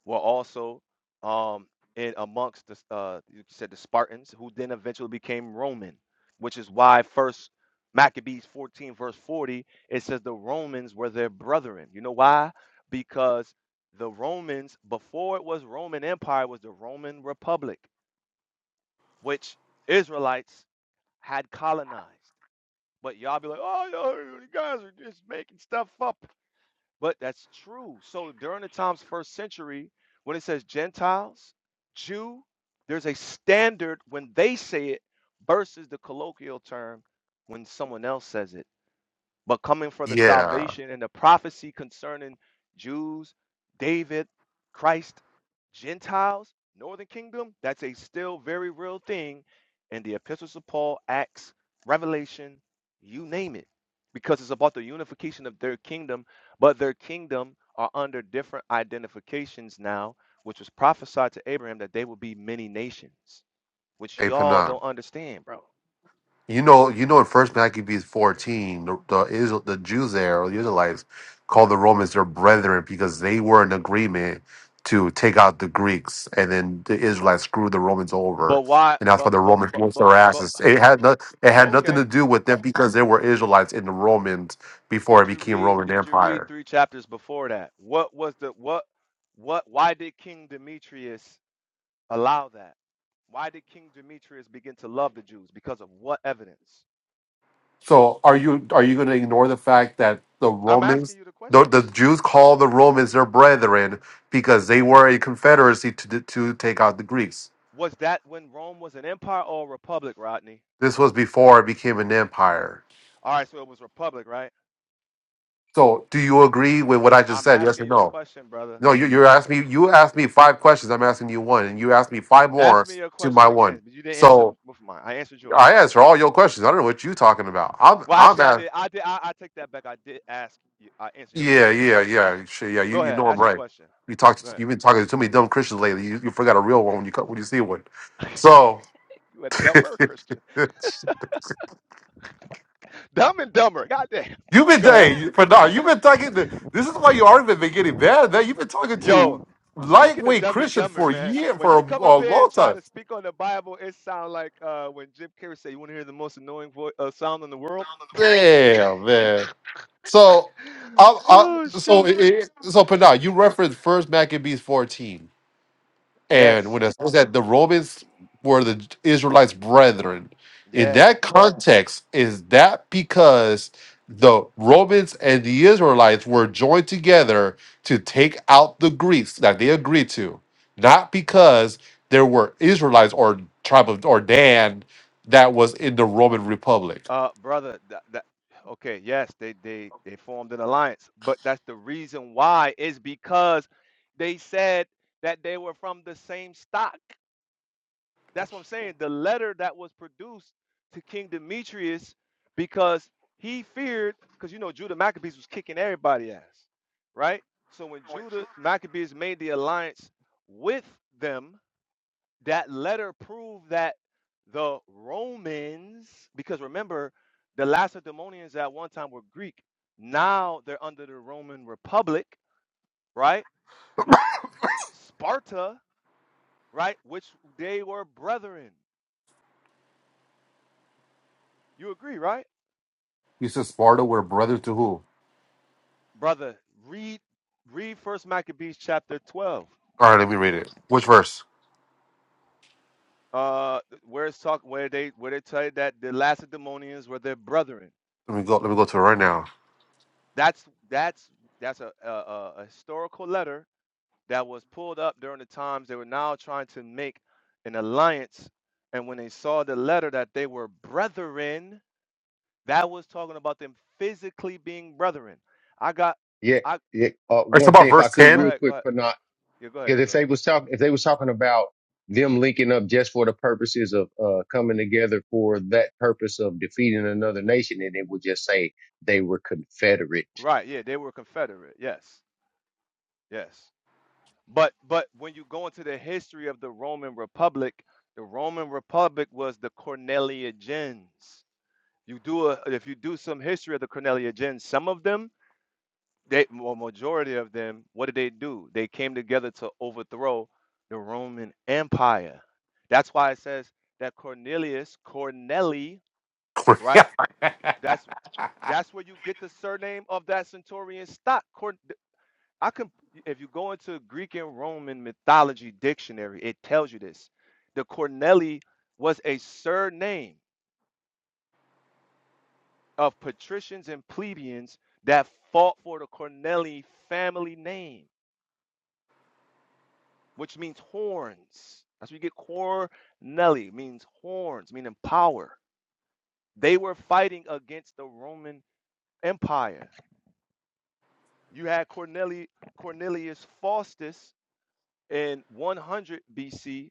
S16: were also um in amongst the uh you said the Spartans, who then eventually became Roman, which is why first Maccabees 14 verse 40 it says the Romans were their brethren. You know why? Because the Romans before it was Roman Empire was the Roman Republic, which Israelites had colonized. But y'all be like, oh, yo, you guys are just making stuff up. But that's true. So during the times first century, when it says Gentiles, Jew, there's a standard when they say it versus the colloquial term when someone else says it but coming for the
S25: Yeah.
S16: salvation and the prophecy concerning Jews, David, Christ, Gentiles, Northern Kingdom, that's a still very real thing in the epistles of Paul, Acts, Revelation, you name it, because it's about the unification of their kingdom, but their kingdom are under different identifications now, which was prophesied to Abraham that they will be many nations, which
S25: Hey,
S16: y'all
S25: Pana.
S16: don't understand, bro.
S25: You know, you know, in First Maccabees fourteen, the the, Israel, the Jews there, or the Israelites, called the Romans their brethren because they were in agreement to take out the Greeks, and then the Israelites screwed the Romans over,
S16: But why?
S25: and that's why
S16: But
S25: the
S16: but
S25: Romans
S16: but
S25: lost
S16: but
S25: their
S16: but.
S25: asses. It had no, it had nothing
S16: Okay.
S25: to do with them because they were Israelites in the Romans before it
S16: Did you
S25: became
S16: read
S25: Roman
S16: did you
S25: Empire.
S16: read three chapters before that? What was the what what why did King Demetrius allow that? Why did King Demetrius begin to love the Jews? Because of what evidence?
S25: So are you are you going to ignore the fact that the
S16: I'm asking
S25: Romans,
S16: you the
S25: the,
S16: question.
S25: the Jews, call the Romans their brethren because they were a confederacy to to take out the Greeks?
S16: Was that when Rome was an empire or a republic, Rodney?
S25: This was before it became an empire.
S16: All right, so it was republic, right?
S25: So do you agree with what I just
S16: I'm
S25: said? Yes or
S16: asking you a
S25: no?
S16: question, brother.
S25: No, you you asked me you asked me five questions. I'm asking you one, and you asked me five more
S16: Ask me your
S25: to my
S16: question
S25: one.
S16: again, but you didn't answer
S25: So
S16: mine. I answered
S25: I
S16: yours.
S25: answer all your questions. I don't know what you're talking about. I'm
S16: Well,
S25: I'm
S16: actually, I
S25: asking.
S16: did. I did. I, I take that back. I did ask. You, I answered your
S25: Yeah,
S16: question with a
S25: yeah,
S16: question.
S25: yeah. Sure, yeah, you,
S16: Go
S25: you
S16: ahead.
S25: know I'm
S16: Ask a
S25: right.
S16: question.
S25: You
S16: Go
S25: talked you've
S16: ahead.
S25: been talking to too many dumb Christians lately. You, you forgot a real one when you co- when you see one. So
S16: You a
S25: you've
S16: dumber Christian. Dumb and dumber. Goddamn.
S25: been
S16: Go ahead.
S25: hey, but now, you've been talking to this is why your argument been getting bad, man. You've been talking to
S16: Yo, speaking of
S25: lightweight
S16: dumb and
S25: Christians
S16: dumber,
S25: for a
S16: man,
S25: year
S16: when
S25: for a,
S16: you come
S25: a
S16: up here
S25: long
S16: and try
S25: time.
S16: to speak on the Bible, it sound like uh, when Jim Carrey said, You want to hear the most annoying voice, uh, sound in the world?
S25: Damn, man. So I, I
S16: Oh,
S25: so
S16: shoot.
S25: it, so Panah, you referenced first Maccabees 14. And
S16: Yes.
S25: when it says that the Romans were the Israelites' brethren, in
S16: Yeah.
S25: that context, is that because the Romans and the Israelites were joined together to take out the Greeks that they agreed to, not because there were Israelites or tribe of or Dan that was in the Roman Republic.
S16: Uh, brother, that, that, okay, yes, they, they, they formed an alliance, but that's the reason why is because they said that they were from the same stock. That's what I'm saying. The letter that was produced to King Demetrius because he feared, because you know Judah Maccabees was kicking everybody ass, right? So when Judah Maccabees made the alliance with them, that letter proved that the Romans, because remember, the Lacedaemonians at one time were Greek. Now they're under the Roman Republic, right? Sparta, right? Which they were brethren. You agree, right?
S25: You said Sparta were brothers to who?
S16: brother, read read First Maccabees chapter twelve,
S25: All right, let me read it. Which verse?
S16: uh, where it's talk where they where they tell you that the Lacedaemonians were their brethren.
S25: Let me go. Let me go to it right now.
S16: That's that's that's a, a, a historical letter that was pulled up during the times they were now trying to make an alliance, and when they saw the letter that they were brethren, that was talking about them physically being brethren. I got,
S12: Yeah.
S16: I
S12: yeah. Uh,
S25: It's
S12: one thing,
S25: about
S16: go
S12: if
S16: ahead,
S12: I
S25: verse
S12: could,
S16: go
S12: real
S25: ten.
S16: ahead, go
S12: quick,
S16: ahead.
S12: Panah.
S16: Yeah, go ahead,
S12: Because if
S16: Israel.
S12: they was talking, if they was talking about them linking up just for the purposes of uh, coming together for that purpose of defeating another nation, then it would just say they were Confederate.
S16: Right, yeah, they were Confederate. Yes, yes. But but when you go into the history of the Roman Republic, the Roman Republic was the Cornelia gens. You do a, if you do some history of the Cornelia gens, some of them, they well, majority of them, what did they do? They came together to overthrow the Roman Empire. That's why it says that Cornelius, Corneli, right? That's that's where you get the surname of that centurion stock. I can, if you go into Greek and Roman mythology dictionary, it tells you this. The Cornelii was a surname of patricians and plebeians that fought for the Cornelii family name, which means horns. That's where you get Cornelii, means horns, meaning power. They were fighting against the Roman Empire. You had Corneli, Cornelius Faustus in 100 BC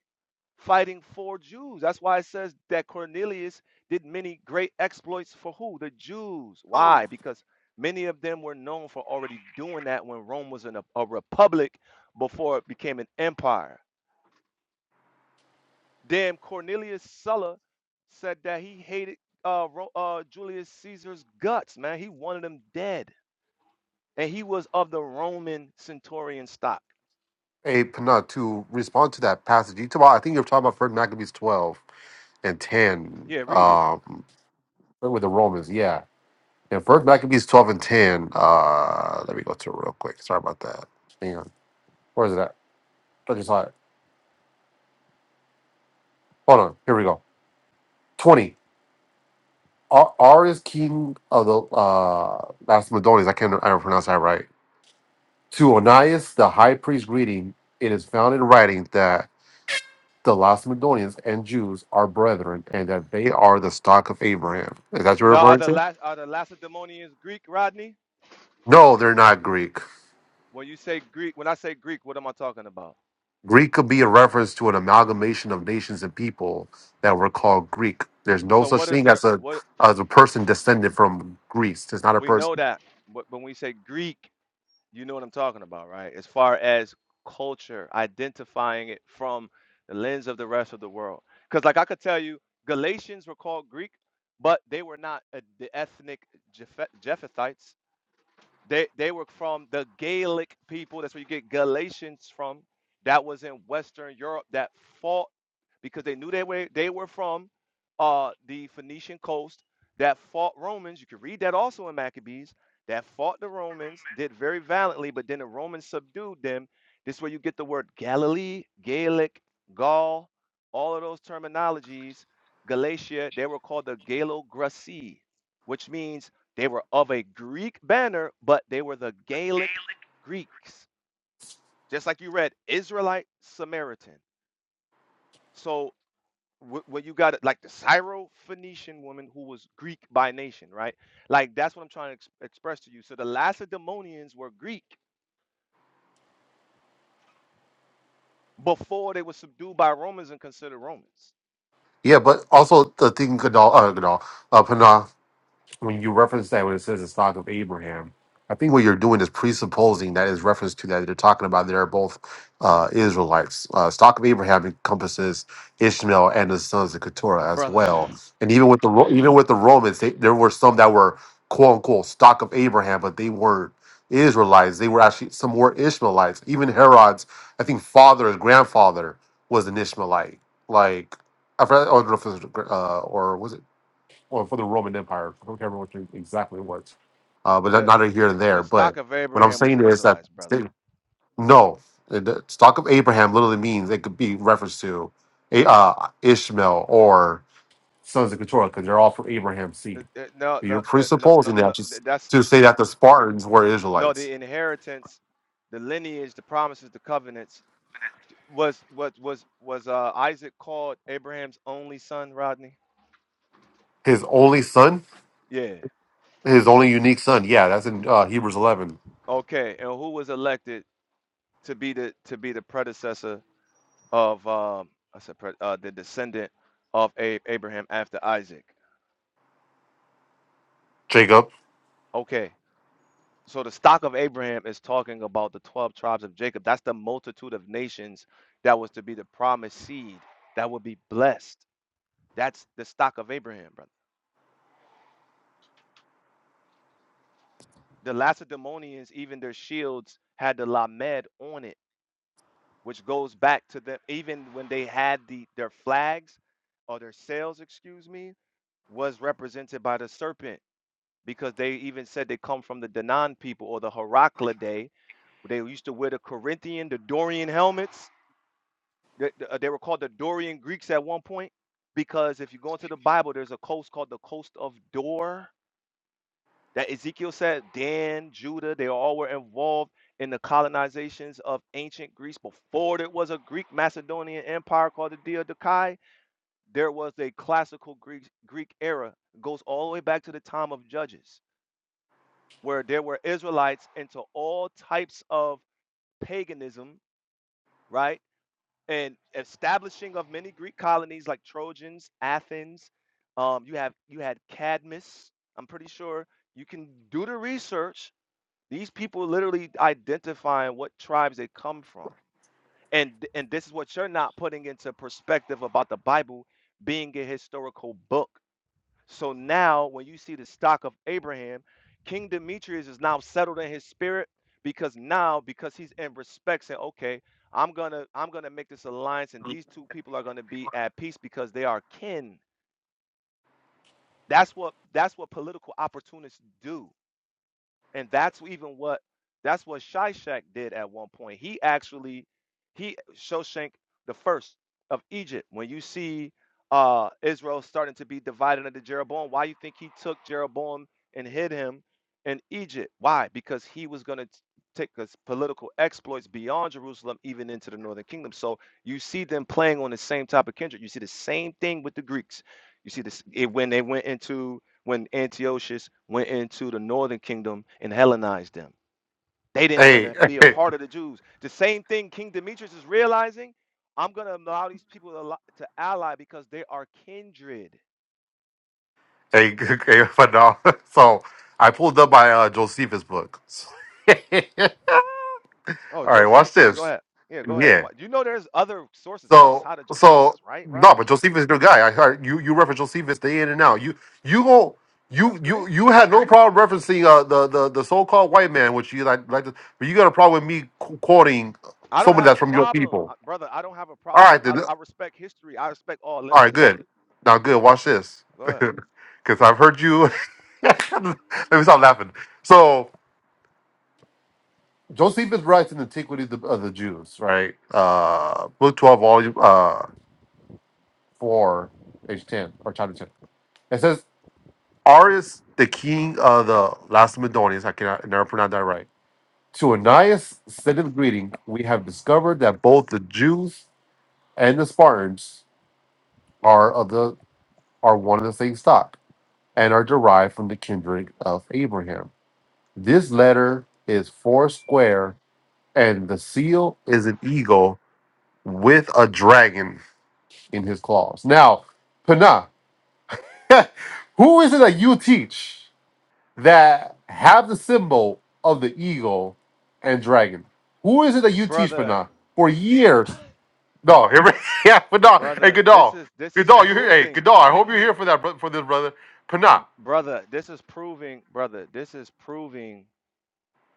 S16: fighting for Jews. That's why it says that Cornelius did many great exploits for who? The Jews. Why? Because many of them were known for already doing that when Rome was in a, a republic before it became an empire. Then Cornelius Sulla said that he hated uh, Ro- uh, Julius Caesar's guts, man. He wanted him dead. And he was of the Roman centurion stock.
S25: Hey, Pana, to respond to that passage, you talk about, I think you're talking about First Maccabees 12 and 10
S16: Yeah, read it.
S25: um, with the Romans. Yeah. And First Maccabees 12 and 10. Uh, let me go to it real quick. Sorry about that. Hang on. Where is it at? I just saw it. Hold on. Here we go. 20. R, R is king of the uh, Macedonians. I can't I don't pronounce that right. To Onias, the high priest, greeting. It is found in writing that the Lacedaemonians and Jews are brethren, and that they are the stock of Abraham. Is that you're
S16: Now, are
S25: referring
S16: the,
S25: to?
S16: La- are the Lacedaemonians Greek, Rodney?
S25: No, they're not Greek.
S16: When you say Greek, when I say Greek, what am I talking about?
S25: Greek could be a reference to an amalgamation of nations and people that were called Greek. There's no
S16: So
S25: such
S16: what is
S25: thing
S16: there?
S25: as a
S16: What
S25: as a person descended from Greece. It's not a
S16: we know
S25: person.
S16: that, but when we say Greek, you know what I'm talking about, right? As far as culture, identifying it from the lens of the rest of the world. Because like I could tell you, Galatians were called Greek, but they were not uh, the ethnic Jeph- Japhethites. They they were from the Gaelic people. That's where you get Galatians from. That was in Western Europe that fought because they knew they were they were from uh, the Phoenician coast that fought Romans. You can read that also in Maccabees. That fought the Romans, did very valiantly, but then the Romans subdued them. This is where you get the word Galilee, Gaelic, Gaul, all of those terminologies. Galatia, they were called the Galo-Grassi, which means they were of a Greek banner, but they were the Gaelic Greeks. Just like you read, Israelite Samaritan. So wh- when you got it, like the Syro-Phoenician woman who was Greek by nation, right? Like that's what I'm trying to ex- express to you. So the Lacedaemonians were Greek before they were subdued by Romans and considered Romans,
S25: Yeah, but also the thing could all uh, could all, uh, Pana, when you reference that when it says the stock of Abraham, I think what you're doing is presupposing that is reference to that they're talking about. They're both uh, Israelites. Uh, stock of Abraham encompasses Ishmael and the sons of Keturah as
S16: brother.
S25: well. And even with the Ro- even with the Romans, they, there were some that were quote unquote stock of Abraham, but they weren't Israelites. They were actually some were Ishmaelites. Even Herod's, I think, father or grandfather was an Ishmaelite. Like I forgot, I don't know if it was, uh, or was it? or for the Roman Empire. I don't remember which it exactly it was, uh, but not
S16: The
S25: neither here and
S16: the
S25: there. But
S16: stock of
S25: what I'm
S16: Abraham was
S25: saying is that
S16: Israelites, brother.
S25: they, no, the the stock of Abraham literally means it could be reference to A- uh, Ishmael or sons of Keturah because they're all from Abraham's
S16: Uh,
S25: seed.
S16: uh, No,
S25: You're
S16: no, uh, no, no,
S25: presupposing that
S16: no. th-
S25: just
S16: That's
S25: to say that the Spartans were
S16: No,
S25: Israelites.
S16: the inheritance, the lineage, the promises, the covenants was what was was uh Isaac called Abraham's only son, Rodney?
S25: His only son,
S16: Yeah.
S25: his only unique son. Yeah, that's in uh, Hebrews 11.
S16: Okay. And who was elected to be the to be the predecessor of um I said pre- uh the descendant of A- Abraham after Isaac?
S25: Jacob.
S16: Okay. So the stock of Abraham is talking about the 12 tribes of Jacob. That's the multitude of nations that was to be the promised seed that would be blessed. That's the stock of Abraham, brother. The Lacedaemonians, even their shields had the Lamed on it, which goes back to them even when they had the their flags or their sails, excuse me, was represented by the serpent because they even said they come from the Danaan people or the Heraclidae. They used to wear the Corinthian, the Dorian helmets. they they were called the Dorian Greeks at one point because if you go into the Bible, there's a coast called the coast of Dor that Ezekiel said, Dan, Judah, they all were involved in the colonizations of ancient Greece. Before there was a Greek Macedonian empire called the Diadochi, there was a classical Greek, Greek era. It goes all the way back to the time of Judges, where there were Israelites into all types of paganism, right? And establishing of many Greek colonies like Trojans, Athens. Um, you have you had Cadmus. I'm pretty sure you can do the research These people literally identifying what tribes they come from. And and this is what you're not putting into perspective about the Bible being a historical book. So now when you see the stock of Abraham, King Demetrius is now settled in his spirit because now because he's in respect saying, okay, I'm gonna I'm gonna make this alliance and these two people are gonna be at peace because they are kin. That's what that's what political opportunists do and that's even what that's what Shishak did at one point. He actually he Shoshank the first of Egypt. When you see uh Israel starting to be divided into Jeroboam, why you think he took Jeroboam and hid him in Egypt? Why? Because he was going to take his political exploits beyond Jerusalem, even into the northern kingdom. So you see them playing on the same type of kindred. You see the same thing with the Greeks. You see this it, when they went into when Antiochus went into the northern kingdom and Hellenized them. They didn't want
S25: Hey,
S16: to be a part of the Jews. The same thing King Demetrius is realizing I'm going to allow these people to, allo- to ally because they are kindred.
S25: Hey, okay, but no. So I pulled up my uh, Josephus book.
S16: Oh,
S25: All right, watch
S16: Josephus, go
S25: this.
S16: ahead. Yeah, go ahead.
S25: Yeah.
S16: What, you know there's other sources
S25: So
S16: outside of Josephus,
S25: so
S16: right,
S25: no, but
S16: Rodney?
S25: Josephus is a good guy. I heard you you reference Josephus day in and out. You you go you
S16: That's
S25: you
S16: great.
S25: you had no problem referencing uh, the the the so called white man, which you like like, to, but you got a problem with me qu- quoting
S16: I don't
S25: someone
S16: have a
S25: that's from your
S16: problem,
S25: people.
S16: uh, brother. I don't have a
S25: All
S16: problem with.
S25: right then.
S16: I, I respect history. I respect all
S25: All right,
S16: lenses of
S25: good.
S16: it.
S25: Now good. Watch this,
S16: Go ahead,
S25: because I've heard you. Let me stop laughing. So. Josephus writes in Antiquity of the, of the Jews, right? Uh, book 12, volume uh, 4, page 10, or chapter 10. It says, Arius, the king of the Lacedaemonians, I cannot I never pronounce that right, to Anias sendeth greeting. We have discovered that both the Jews and the Spartans are of the are one of the same stock and are derived from the kindred of Abraham. This letter is four square, and the seal is an eagle with a dragon in his claws. Now, Panah, who is it that you teach that have the symbol of the eagle and dragon? Who is it that you teach,
S16: brother.
S25: Panah? For years. No, here, yeah, Panah. Hey,
S16: Brother, this
S25: Gadal.
S16: is this is
S25: Gadal, you're here. Hey,
S16: proving.
S25: Gadal, I hope you're here for that, bro- for this, brother. Panah.
S16: brother, this is proving, brother, this is proving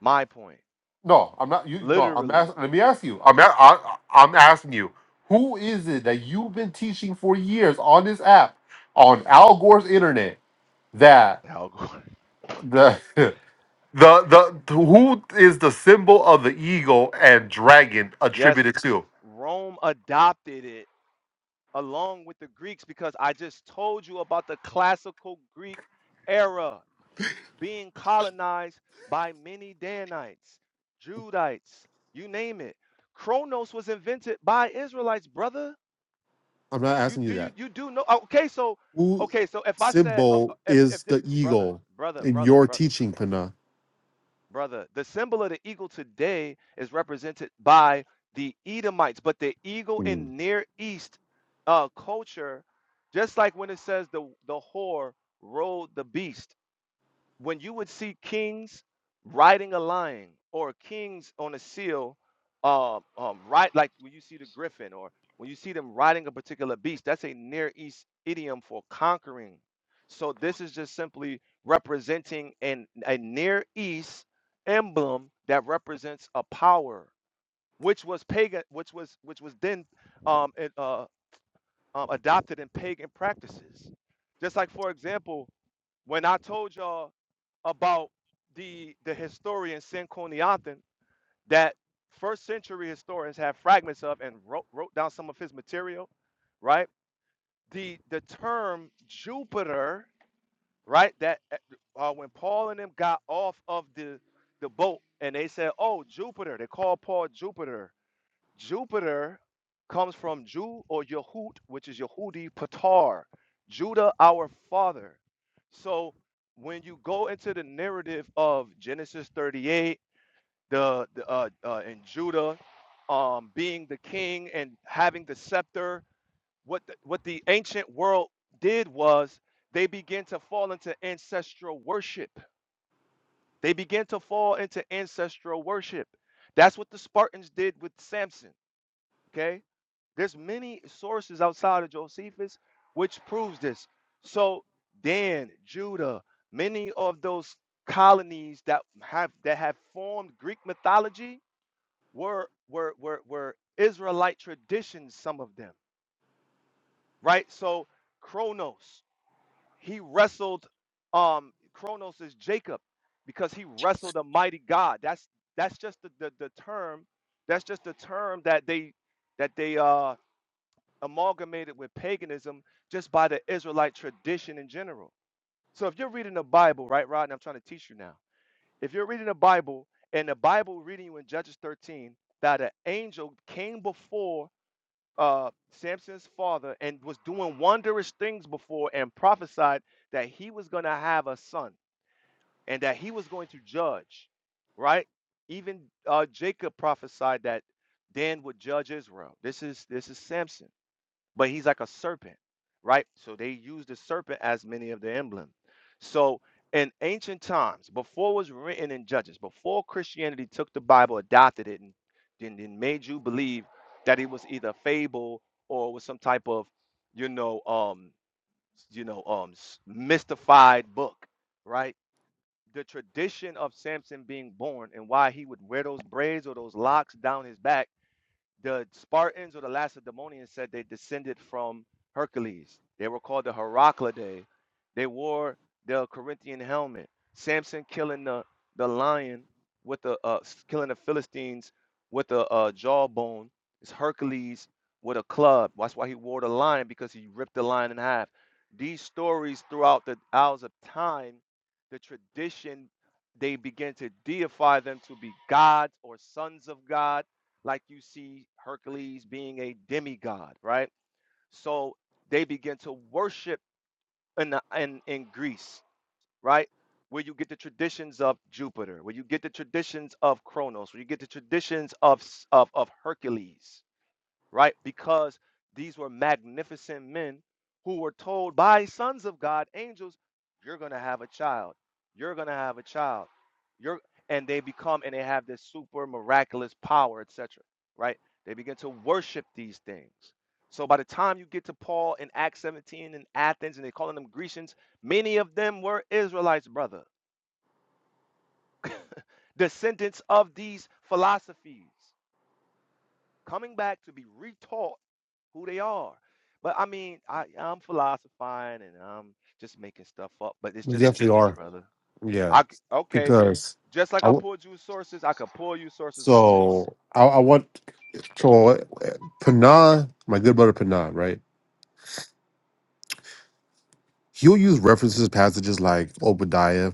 S16: my point.
S25: No, I'm not. You no. I'm
S16: Literally,
S25: asking. Let me ask you. I'm a- I, I'm asking you. Who is it that you've been teaching for years on this app, on Al Gore's internet, that
S16: Algor.
S25: the The the who is the symbol of the eagle and dragon
S16: yes,
S25: attributed to?
S16: Rome adopted it along with the Greeks because I just told you about the classical Greek era being colonized by many Danites, Judites, you name it. Chronos was invented by Israelites, brother.
S25: I'm not
S16: You
S25: asking you
S16: do you
S25: that.
S16: you do know? Okay, so
S25: Who
S16: okay, so if I said oh, oh,
S25: symbol
S16: if
S25: is
S16: if the,
S25: the
S16: brother,
S25: eagle
S16: brother,
S25: in
S16: brother,
S25: your
S16: brother.
S25: teaching, Pana?
S16: Brother, the symbol of the eagle today is represented by the Edomites, but the eagle
S25: Mm.
S16: in Near East uh, culture, just like when it says the, the whore rode the beast, when you would see kings riding a lion or kings on a seal, um, um, right like when you see the griffin or when you see them riding a particular beast, that's a Near East idiom for conquering. So this is just simply representing an, a Near East emblem that represents a power, which was pagan, which was which was then um, it, uh, um, adopted in pagan practices. Just like, for example, when I told y'all about the the historian Senconiathan that first century historians have fragments of and wrote, wrote down some of his material, right? The the term Jupiter, right? That eh, uh, when Paul and them got off of the the boat and they said, "Oh, Jupiter," they called Paul Jupiter, Jupiter comes from Ju or Yehut, which is Yehudi Patar, Judah our father. So when you go into the narrative of Genesis 38, the, the uh, uh, and Judah um, being the king and having the scepter, what the, what the ancient world did was they began to fall into ancestral worship. They began to fall into ancestral worship. That's what the Spartans did with Samson. Okay, there's many sources outside of Josephus which proves this. So Dan, Judah, many of those colonies that have that have formed Greek mythology were were were, were Israelite traditions, some of them, right? So Kronos, he wrestled um Kronos is Jacob because he wrestled a mighty God. That's that's just the, the, the term, that's just the term that they that they uh amalgamated with paganism just by the Israelite tradition in general. So if you're reading the Bible, right, Rod, and I'm trying to teach you now, if you're reading the Bible and the Bible reading you in Judges 13 that an angel came before uh, Samson's father and was doing wondrous things before and prophesied that he was going to have a son and that he was going to judge, right? Even uh, Jacob prophesied that Dan would judge Israel. This is this is Samson but he's like a serpent, right? So they use the serpent as many of the emblem. So in ancient times, before it was written in Judges, before Christianity took the Bible, adopted it, and then, then made you believe that it was either fable or was some type of, you know, um, you know, um, s- mystified book, right? The tradition of Samson being born and why he would wear those braids or those locks down his back the Spartans or the Lacedaemonians said they descended from Hercules. They were called the Heraclidae. They wore the Corinthian helmet. Samson killing the, the lion with the uh, killing the Philistines with a uh, jawbone. It's Hercules with a club. That's why he wore the lion because he ripped the lion in half. These stories throughout the hours of time, the tradition, they begin to deify them to be gods or sons of God like you see Hercules being a demigod, right? So they begin to worship in, the, in, in Greece, right? Where you get the traditions of Jupiter, where you get the traditions of Kronos, where you get the traditions of, of, of Hercules, right? Because these were magnificent men who were told by sons of God, angels, you're going to have a child. You're going to have a child. You're and they become and they have this super miraculous power, etc., right? They begin to worship these things. So by the time you get to Paul in Acts 17 in Athens and they're calling them Grecians, many of them were Israelites, brother, descendants of these philosophies. coming back to be retaught who they are. But I mean, I I'm philosophizing and I'm just making stuff up, but it's
S25: We
S16: just the
S25: definitely
S16: truth,
S25: are.
S16: brother.
S25: Yeah,
S16: I c- okay,
S25: because
S16: just like
S25: I
S16: I
S25: w-
S16: pulled you sources, I could pull you sources on this
S25: so I, I want so uh, Pana, my good brother Pana, right? He'll use references passages like Obadiah,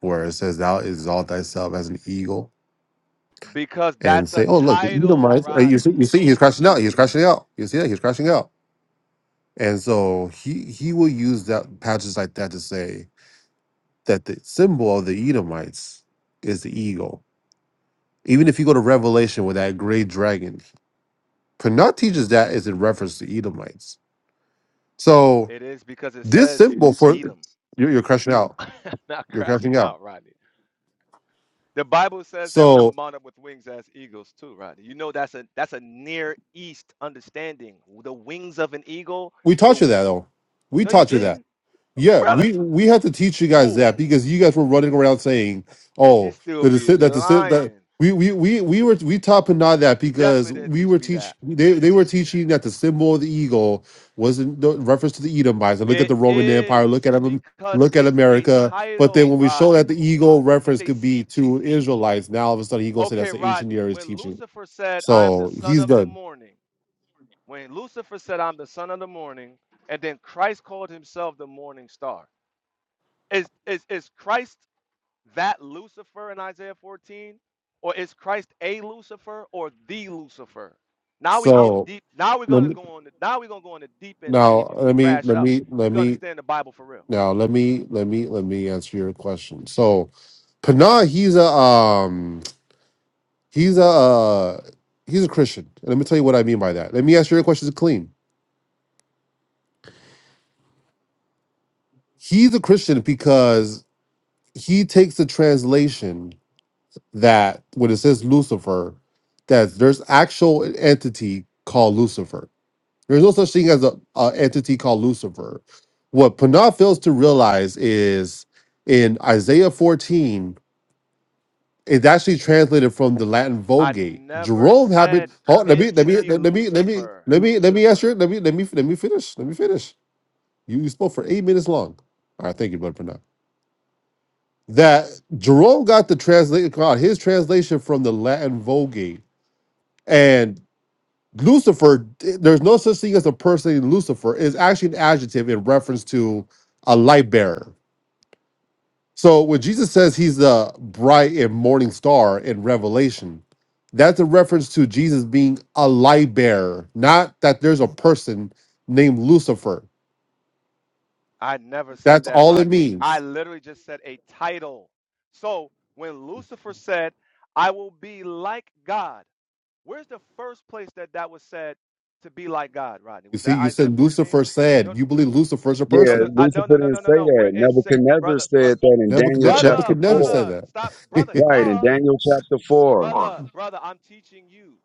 S25: where it says, "Thou exalt thyself as an eagle."
S16: because
S25: and
S16: that's
S25: say,
S16: a
S25: "Oh, look, you do
S16: title,
S25: uh, You see, you
S16: Rodney.
S25: see, he's crashing out. He's crashing out. You see that he's crashing out." And so he he will use that passages like that to say that the symbol of the Edomites is the eagle. Even if you go to Revelation with that great dragon, Pernod teaches that is in reference to Edomites. So
S16: It is because it
S25: this
S16: says
S25: symbol for
S16: Edom,
S25: you're, you're crashing out.
S16: not
S25: You're
S16: crashing
S25: crashing out.
S16: out, Rodney. The Bible says that we will
S25: So
S16: mount up with wings as eagles too, Rodney. You know that's a that's a near east understanding. The wings of an eagle.
S25: we
S16: The
S25: taught you
S16: w-
S25: that though. We
S16: no, you
S25: taught you that.
S16: didn't.
S25: Yeah,
S16: brother,
S25: we we had to teach you guys
S16: who
S25: that because you guys were running around saying,
S16: you
S25: "Oh,
S16: still
S25: the
S16: be
S25: deci- that deci- that
S16: lying?
S25: we we we we were we top and not that
S16: You
S25: because
S16: definitely didn't
S25: we
S16: teach
S25: were
S16: me
S25: teach
S16: that.
S25: they they were teaching that the symbol of the eagle was in the reference to the Edomites. And look at
S16: It
S25: the Roman Empire,
S16: is
S25: look at them,
S16: because
S25: look at
S16: it's a
S25: America. But then
S16: title,
S25: when we show that
S16: Rodney.
S25: the eagle
S16: It's
S25: reference
S16: a
S25: could be
S16: seat.
S25: to Israelites, now all of a sudden he goes say that's
S16: Okay,
S25: the ancient
S16: Rodney.
S25: Near East
S16: When
S25: teaching.
S16: Lucifer said, "I am the
S25: So
S16: son
S25: he's
S16: of the
S25: done.
S16: morning," when Lucifer said, "I'm the son of the morning," and then Christ called himself the morning star. Is is is Christ that Lucifer in Isaiah 14? Or is Christ a Lucifer or the Lucifer? Now we're getting
S25: So
S16: deep. Now we're
S25: let
S16: gonna
S25: me-
S16: go on the now we're gonna go on the deep end and see if
S25: now
S16: you can
S25: let me
S16: crash
S25: let
S16: out.
S25: me
S16: You
S25: let
S16: can
S25: me
S16: understand the Bible for real.
S25: Now let me let me let me answer your question. So Panah, he's a um he's a uh, he's a Christian. And let me tell you what I mean by that. Let me answer your question clean. He's a Christian because he takes the translation that when it says Lucifer, that there's actual entity called Lucifer. There's no such thing as a, a entity called Lucifer. What Panah fails to realize is in Isaiah 14, It's actually translated from the Latin
S16: I
S25: Vulgate.
S16: never
S25: Jerome had it.
S16: said
S25: Hold, let me let me
S16: entity
S25: let me let me
S16: Lucifer.
S25: let me let me ask you. Let me let me let me finish. Let me finish. You, you spoke for eight minutes long. All right, thank you, brother. For now, that Jerome got the translation. His translation from the Latin Vulgate and Lucifer. There's no such thing as a person named Lucifer. Is actually an adjective in reference to a light bearer. So when Jesus says he's the bright and morning star in Revelation, that's a reference to Jesus being a light bearer, not that there's a person named Lucifer.
S16: I never said
S25: That's
S16: that,
S25: all it
S16: Rodney. I
S25: means.
S16: literally just said a title. So when Lucifer said, I will be like God, where's the first place that that was said to be like God, Rodney?
S25: You
S16: Was
S25: see,
S16: that
S25: you
S16: Isaiah
S25: said
S16: 14?
S25: Lucifer
S16: No,
S25: said, you believe Lucifer's a
S16: No,
S22: Yeah,
S16: no,
S25: person.
S16: I, no, no,
S22: Lucifer
S16: no,
S22: didn't
S16: no, no,
S22: say
S16: no.
S22: that.
S16: Where is sa-
S22: Nebuchadnezzar
S16: brother, brother,
S22: said that in Daniel
S25: Nebuchadne-
S22: chapter
S16: brother,
S25: Nebuchadnezzar
S22: 4.
S25: said
S16: brother?
S25: that.
S16: Stop, brother.
S22: Right, in
S16: Duh,
S22: Daniel chapter 4.
S16: brother, brother. I'm teaching you.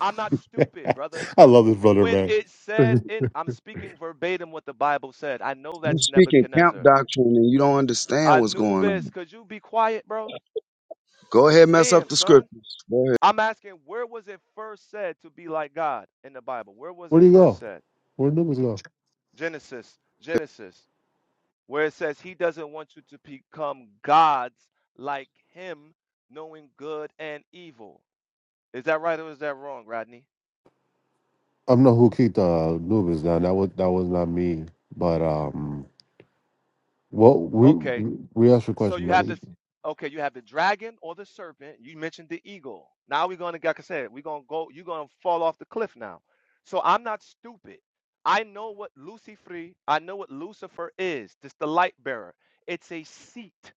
S16: I'm not stupid, brother.
S25: I love this brother,
S16: When
S25: man.
S16: it said in, I'm speaking verbatim what the Bible said. I know
S22: You
S16: that's
S25: Where
S22: speaking camp
S16: Nebuchadnezzar.
S22: doctrine and you don't understand what's going
S16: Anubis,
S22: on.
S16: could you be quiet, bro?
S22: Go ahead, mess up
S16: Damn,
S22: the
S16: son.
S22: scriptures. Go ahead.
S16: I'm asking, where was it first said to be like God in the Bible? Where was it
S25: do you
S16: first
S25: go?
S16: said?
S25: Where did Nubis go?
S16: Genesis, Genesis. where it says he doesn't want you to become gods like him, knowing good and evil. Is that right or is that wrong, Rodney?
S25: I'm not who kicked uh, Nubis down. That was that was not me. But um, well, we
S16: Okay,
S25: we asked your
S16: so
S25: question.
S16: you have
S25: Nani.
S16: this. Okay, you have the dragon or the serpent. You mentioned the eagle. Now we're going to, like I said, we're going to go, you're going to fall off the cliff now. So I'm not stupid. I know what Lucifer, I know what Lucifer is. This the light bearer. It's a seat.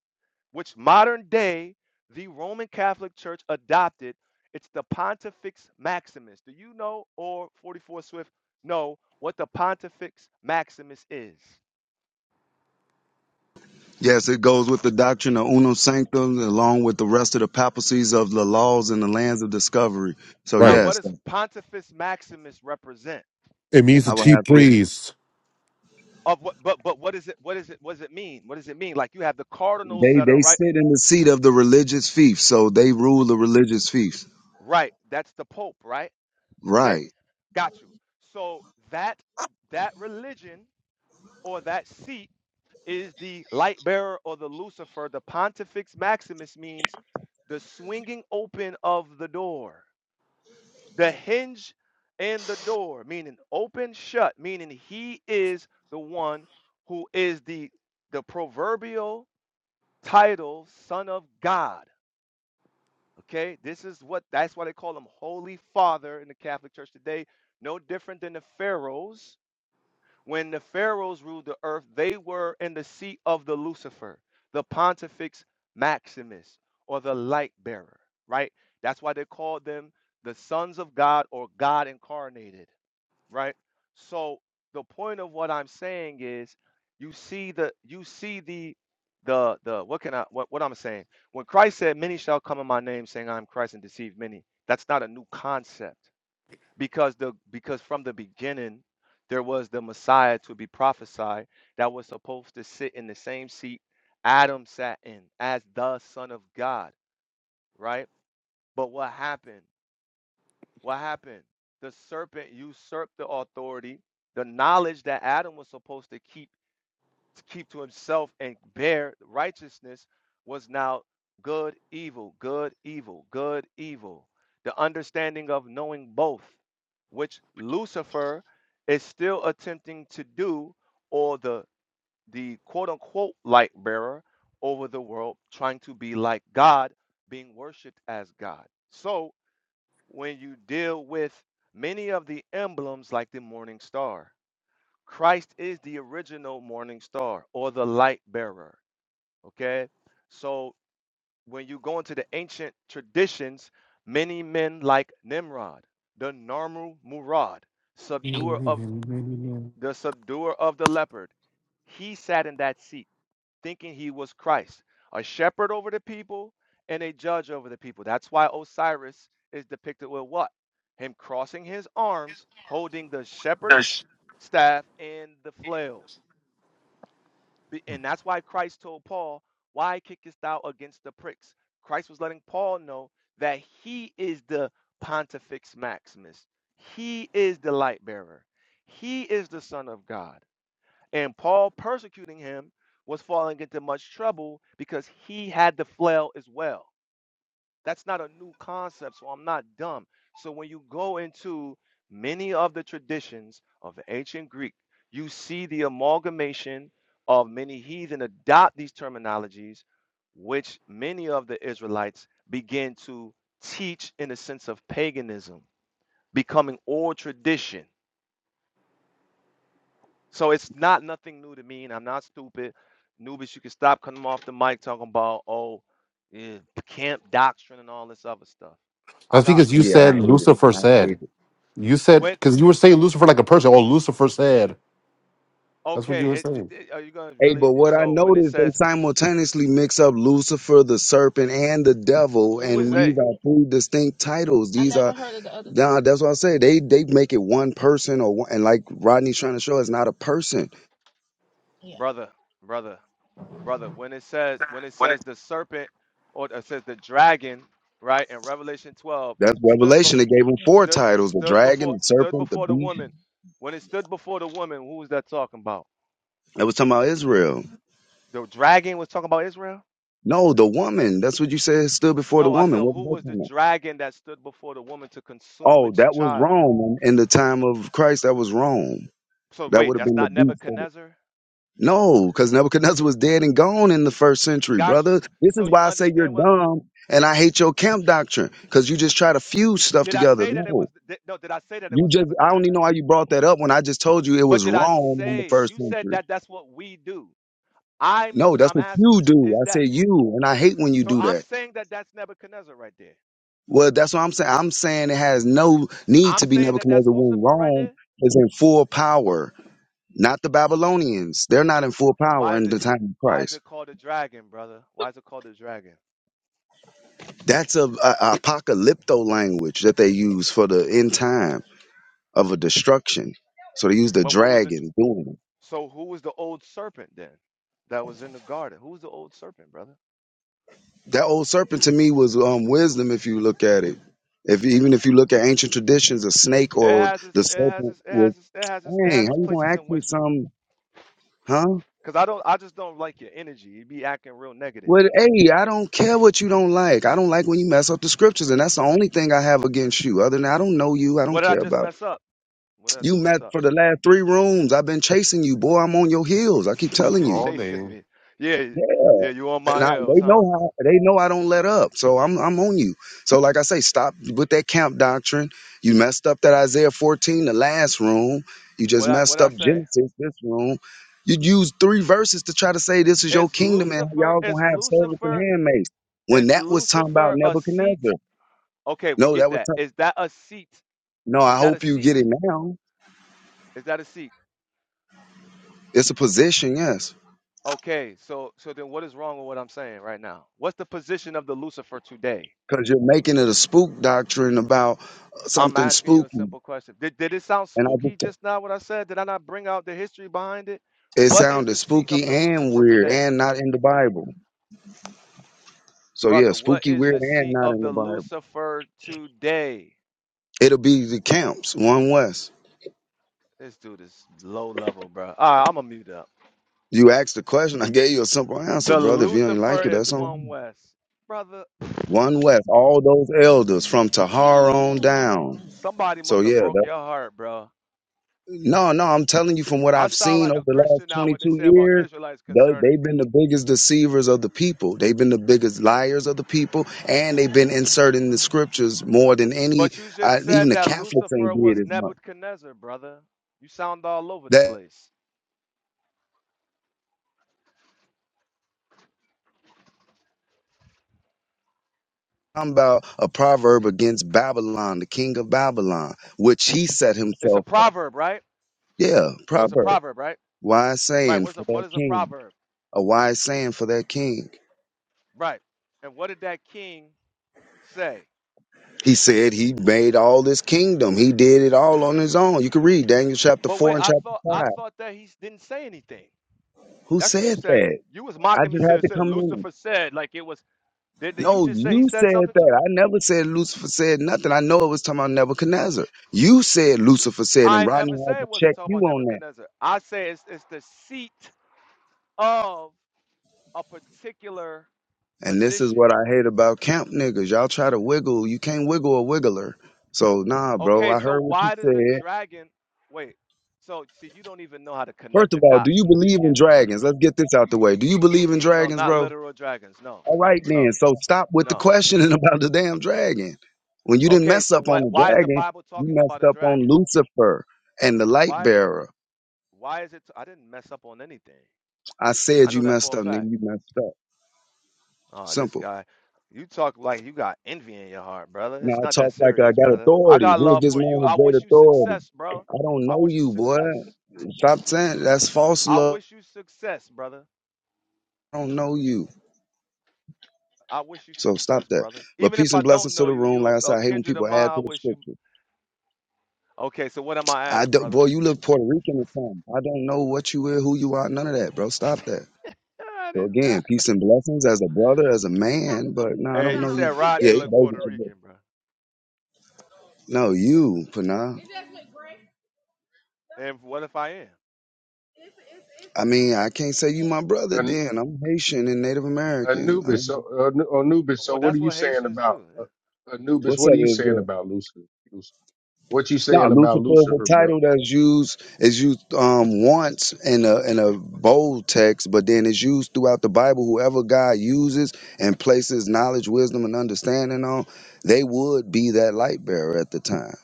S16: which modern day the Roman Catholic Church adopted. It's the Pontifex Maximus. Do you know, or 44 Swift, know what the Pontifex Maximus is?
S22: Yes, it goes with the doctrine of unum sanctum along with the rest of the papacies of the laws and the lands of discovery. So,
S16: Now,
S25: Right.
S16: what
S22: yes,
S16: does Pontifex Maximus represent?
S25: It means the
S22: I would
S25: chief
S22: have to.
S25: priest.
S16: Of what? But but what is it? What is it? What does it mean? What does it mean? Like you have the cardinals
S22: They
S16: that are
S22: they
S16: right,
S22: sit in the seat of the religious fief, so they rule the religious fief.
S16: right. That's the Pope, right? Today,
S22: Right.
S16: got you. So that that religion or that seat is the light bearer or the Lucifer. The Pontifex Maximus means the swinging open of the door, the hinge and the door, meaning open shut, meaning he is the one who is the the proverbial title son of God. Okay, this is what that's why they call him Holy Father in the Catholic Church today. No different than the pharaohs When the Pharaohs ruled the earth, they were in the seat of the Lucifer, the Pontifex Maximus, or the light bearer, right? That's why they called them the sons of God or God incarnated, right? So the point of what I'm saying is you see the you see the the the what can I what, what I'm saying? When Christ said, Many shall come in my name saying I am Christ and deceive many, that's not a new concept because the because from the beginning there was the Messiah to be prophesied that was supposed to sit in the same seat Adam sat in as the son of God, right? But what happened? What happened? The serpent usurped the authority, the knowledge that Adam was supposed to keep to keep to himself and bear righteousness was now good, evil, good, evil, good, evil. The understanding of knowing both, which Lucifer is still attempting to do, or the the quote unquote light bearer over the world, trying to be like God, being worshipped as God. So when you deal with many of the emblems like the morning star, Christ is the original morning star or the light bearer. Okay. So when you go into the ancient traditions, many men like Nimrod, the Narmu Murad,
S25: I
S16: subduer of
S25: think
S16: the subduer of the leopard, he sat in that seat thinking he was Christ, a shepherd over the people and a judge over the people. That's why Osiris is depicted with what? Him crossing his arms, holding the shepherd's staff and the flail. And that's why Christ told Paul, Why kickest thou against the pricks? Christ was letting Paul know that he is the Pontifex Maximus, he is the light bearer, he is the Son of God. And Paul persecuting him was falling into much trouble because he had the flail as well. That's not a new concept, so I'm not dumb. So when you go into many of the traditions of ancient Greek, you see the amalgamation of many heathen adopt these terminologies, which many of the Israelites begin to teach in a sense of paganism, becoming old tradition. So it's not nothing new to me, and I'm not stupid. Newbies, you can stop coming off the mic talking about oh, yeah, camp doctrine and all this other stuff. I got
S25: because you
S16: many
S22: Yeah, I
S25: said
S22: hate
S16: sources.
S22: it.
S25: Lucifer
S22: I hate it.
S25: said. You said
S16: When
S25: because you were saying Lucifer like a person. Oh, Lucifer said. That's what
S16: okay,
S25: you were
S16: it, it-
S25: saying
S16: it- are you gonna
S22: Hey,
S16: really?
S22: but what I
S16: So when it
S22: noticed, they
S16: says
S22: simultaneously mix up Lucifer, the serpent, and the devil, And
S16: who is
S22: and these
S16: they,
S22: are three distinct titles. These are, nah, two. that's what I say. They they make it one person, or one, and like Rodney's trying to show, it's not a person.
S16: brother, brother, brother, when it says when it says the serpent or it says the dragon, right? In Revelation 12,
S22: That's
S16: stood
S22: Revelation.
S16: before
S22: They gave him four
S16: stood
S22: titles: the
S16: stood
S22: dragon,
S16: before
S22: the
S16: stood
S22: serpent, the
S16: before the
S22: beast.
S16: woman. When it stood before the woman, who was that talking about?
S22: That was talking about Israel.
S16: The dragon was talking about Israel?
S22: No, the woman. That's what you said stood before the
S16: No, I
S22: woman.
S16: said,
S22: What
S16: who
S22: was that
S16: was the
S22: talking
S16: dragon that stood before the woman to
S22: about?
S16: consume
S22: Oh,
S16: its
S22: that was
S16: child?
S22: Rome in the time of Christ. That was Rome.
S16: So
S22: That would
S16: wait,
S22: have
S16: that's
S22: been the
S16: not
S22: beast.
S16: Nebuchadnezzar?
S22: No, because Nebuchadnezzar was dead and gone in the first century,
S16: Got
S22: brother.
S16: you.
S22: This
S16: So
S22: is
S16: you
S22: why I say you're
S16: understand what
S22: dumb and I hate your camp doctrine because you just try to fuse stuff
S16: did I
S22: together.
S16: say that it
S22: No,
S16: was did- no, did I say that it
S22: you
S16: was
S22: just, I don't even
S16: Nebuchadnezzar?
S22: know why you brought that up when I just told you it
S16: But
S22: was
S16: did I
S22: Rome in the
S16: say
S22: first
S16: you said
S22: century.
S16: that that's what we do? I'm
S22: No, that's
S16: I'm
S22: what
S16: asking
S22: you
S16: you,
S22: do.
S16: is
S22: I
S16: that
S22: said you, and I hate when you
S16: so
S22: do
S16: I'm
S22: that.
S16: saying that that's Nebuchadnezzar right there.
S22: Well, that's what I'm saying. I'm saying it has no need
S16: I'm
S22: to be
S16: saying that that's
S22: Nebuchadnezzar when
S16: Lucifer right
S22: Rome
S16: there?
S22: is in full power, not the Babylonians. They're not in full power
S16: why is
S22: in
S16: it
S22: the time of
S16: why is
S22: Christ.
S16: it called a dragon, brother? Why is it called a dragon?
S22: That's a, a apocalypto language that they use for the end time of a destruction. So they use the
S16: But what was the?
S22: dragon doing it.
S16: So who was the old serpent then that was in the garden? Who was the old serpent, brother?
S22: That old serpent to me was um, wisdom. If you look at it, if even if you look at ancient traditions, a snake
S16: It
S22: or
S16: has its
S22: the
S16: it has
S22: serpent
S16: its it
S22: was
S16: has its it has its it
S22: dang.
S16: has
S22: How
S16: its
S22: you gonna
S16: places
S22: ask
S16: in
S22: me
S16: wisdom.
S22: something, huh?
S16: Cause I don't I just don't like your energy. You be acting real negative.
S22: Well, hey, I don't care what you don't like. I don't like when you mess up the scriptures, and that's the only thing I have against you. Other than that, I don't know you. I
S16: What
S22: don't
S16: did I
S22: care
S16: just
S22: about
S16: mess up? What did I
S22: you.
S16: just mess
S22: Met
S16: up?
S22: for the last three rooms. I've been chasing you, boy. I'm on your heels. I keep
S16: he
S22: telling
S16: been
S22: you.
S25: all
S16: chasing
S25: day.
S16: me. Yeah,
S22: Yeah.
S16: yeah, you on
S22: And
S16: my
S22: I,
S16: heels,
S22: they
S16: huh?
S22: know how they know I don't let up. So I'm I'm on you. So like I say, stop with that camp doctrine. You messed up that Isaiah 14, the last room. You just
S16: What I what
S22: messed
S16: I
S22: up
S16: say?
S22: Genesis, this room. You used three verses to try to say this is your
S16: Is
S22: kingdom and
S16: Lucifer
S22: y'all gonna
S16: is
S22: have servants and
S16: Lucifer
S22: handmaids. When
S16: is
S22: that was talking about
S16: Lucifer a seat?
S22: Nebuchadnezzar.
S16: Okay, we
S22: No,
S16: get
S22: that was
S16: that.
S22: talking,
S16: Is that a seat?
S22: no,
S16: Is
S22: I
S16: that a
S22: hope you
S16: seat?
S22: get it now.
S16: Is that a seat?
S22: It's a position, yes.
S16: Okay, so so then what is wrong with what I'm saying right now? What's the position of the Lucifer today?
S22: Because you're making it a spook doctrine about uh,
S16: I'm
S22: something
S16: asking you a
S22: spooky.
S16: simple question. Did, did it sound
S22: And I
S16: spooky
S22: just
S16: just now what I said? Did I not bring out the history behind it?
S22: It
S16: What is
S22: sounded
S16: the seat
S22: spooky
S16: of the
S22: and
S16: Lucifer
S22: weird
S16: today?
S22: and not in the Bible. So yeah,
S16: Brother, what
S22: spooky,
S16: is
S22: weird,
S16: the
S22: and
S16: seat
S22: not
S16: of
S22: in the
S16: the
S22: Bible.
S16: Lucifer today?
S22: It'll be the camps, one west.
S16: This dude is low level, bro. All right, I'm gonna mute up.
S22: You asked the question, I gave you a simple answer,
S16: The
S22: brother. If you don't
S16: Lucifer
S22: like it,
S16: is
S22: that's on
S16: one
S22: you.
S16: west. Brother,
S22: One west, all those elders from Tahar on down.
S16: somebody
S22: So
S16: must have
S22: yeah,
S16: broke your heart, bro.
S22: No, no, I'm telling you from what
S16: I
S22: I've
S16: sound
S22: seen
S16: like
S22: over
S16: a
S22: the last
S16: Christian now when they
S22: 22
S16: say about
S22: years,
S16: Israelites
S22: they,
S16: concerning
S22: they've been the biggest deceivers of the people. They've been the biggest liars of the people, and they've been inserting the scriptures more than any,
S16: But you
S22: uh,
S16: just
S22: even
S16: said
S22: the
S16: that
S22: Catholics
S16: Lucifer
S22: ain't did
S16: was
S22: as much.
S16: Nebuchadnezzar, brother. You sound all over the
S22: That
S16: place.
S22: I'm about a proverb against Babylon, the king of Babylon, which he set
S16: It's a
S22: himself up.
S16: proverb, right?
S22: Yeah,
S16: So it's a
S22: proverb.
S16: proverb, right?
S22: Wise
S16: Right.
S22: saying
S16: What is a
S22: for
S16: what
S22: that
S16: is a
S22: king.
S16: proverb?
S22: A wise saying for that king.
S16: Right. And what did that king say?
S22: He said he made all this kingdom. He did it all on his own. You can read Daniel chapter
S16: But wait,
S22: 4 and
S16: I
S22: chapter
S16: thought I
S22: 5.
S16: thought that he didn't say anything.
S22: Who
S16: That's what you
S22: said
S16: said.
S22: that?
S16: You was
S22: I
S16: mocking me.
S22: just had
S16: Said,
S22: to
S16: said
S22: come in.
S16: Lucifer said like it was. Did did you
S22: No,
S16: just say he
S22: you
S16: said
S22: said
S16: something
S22: that.
S16: too?
S22: I never said Lucifer said nothing. I know it was talking about Nebuchadnezzar. You said Lucifer said, and
S16: I
S22: Rodney
S16: never
S22: had
S16: say
S22: to
S16: it wasn't
S22: check
S16: talking
S22: you
S16: about
S22: on that.
S16: Nebuchadnezzar. I say it's it's the seat of a particular
S22: And this is
S16: position.
S22: what I hate about camp niggas. Y'all try to wiggle. You can't wiggle a wiggler. So, nah, bro,
S16: Okay,
S22: I
S16: so
S22: heard what you
S16: why does the
S22: said.
S16: dragon wait? So see, you don't even know how to
S22: First
S16: connect the
S22: of all, do
S16: dots
S22: you
S16: from the
S22: believe in
S16: beginning, brother.
S22: dragons? Let's get this out the way. Do you believe in
S16: No,
S22: dragons,
S16: not
S22: bro?
S16: literal dragons. No,
S22: All
S16: no,
S22: right, then.
S16: no,
S22: So stop with the
S16: no.
S22: questioning about the damn dragon. When you didn't
S16: Okay,
S22: mess
S16: so
S22: up on
S16: what?
S22: the
S16: Why is the
S22: dragon,
S16: Bible
S22: you
S16: talking about
S22: messed
S16: a
S22: up on
S16: dragon?
S22: Lucifer and the light
S16: Why is it?
S22: bearer.
S16: Why is it? I didn't mess up on anything.
S22: I
S16: I
S22: said
S16: know
S22: you
S16: that for
S22: messed
S16: a
S22: up,
S16: fact.
S22: nigga. You messed up.
S16: Oh, this
S22: Simple.
S16: guy, you talk like you got envy in your heart, brother.
S22: Now
S16: It's
S22: I
S16: not that
S22: talk like I
S16: serious,
S22: got
S16: brother. I
S22: authority.
S16: got
S22: Who is
S16: love
S22: this
S16: for
S22: man
S16: you. I
S22: with great
S16: wish you
S22: authority?
S16: success, bro.
S22: I don't
S16: I
S22: know
S16: wish you
S22: you, boy.
S16: success.
S22: Stop saying that's false
S16: I
S22: love.
S16: wish you success, brother.
S22: I don't know you.
S16: I wish you
S22: So stop
S16: success,
S22: that.
S16: brother.
S22: But
S16: Even if
S22: peace
S16: I
S22: and
S16: don't
S22: blessings to
S16: know
S22: the
S16: you,
S22: room.
S16: you
S22: Like I
S16: a,
S22: said,
S16: a
S22: I hate when
S16: kindred of
S22: people
S16: mine.
S22: add
S16: I
S22: to the
S16: wish you.
S22: scripture.
S16: Okay, so what am I
S22: I
S16: adding,
S22: don't,
S16: brother?
S22: boy, you look Puerto Rican or something. I don't know what you are, who you are, none of that, bro. Stop that.
S16: Ah,
S22: So
S16: this guy.
S22: again, peace and blessings as a brother, as a man, but no, I
S16: Hey,
S22: don't
S16: he
S22: know
S16: said
S22: you.
S16: Rodney
S22: Yeah, he
S16: looked
S22: both
S16: Puerto
S22: of you.
S16: Rican, bro.
S22: no, you, Pana.
S16: And what if I am?
S22: I mean, I can't say you my brother
S12: An-
S22: then. I'm Haitian and Native American. I
S12: Anubis,
S22: don't
S12: so
S22: know.
S12: Anu- Anubis. So
S16: Well,
S12: what are
S16: that's
S12: you
S16: what
S12: saying
S16: Haitians
S12: about
S16: do.
S12: uh,
S16: Yeah.
S12: Anubis?
S22: What's
S12: What
S22: up,
S12: are you saying
S22: Israel?
S12: about Lucifer? Luc- What you
S22: No,
S12: saying about
S22: Lucifer is
S12: Lucifer,
S22: a
S12: bro?
S22: title that's used is used um once in a in a bold text, but then it's used throughout the Bible. Whoever God uses and places knowledge, wisdom, and understanding on, they would be that light bearer at the time.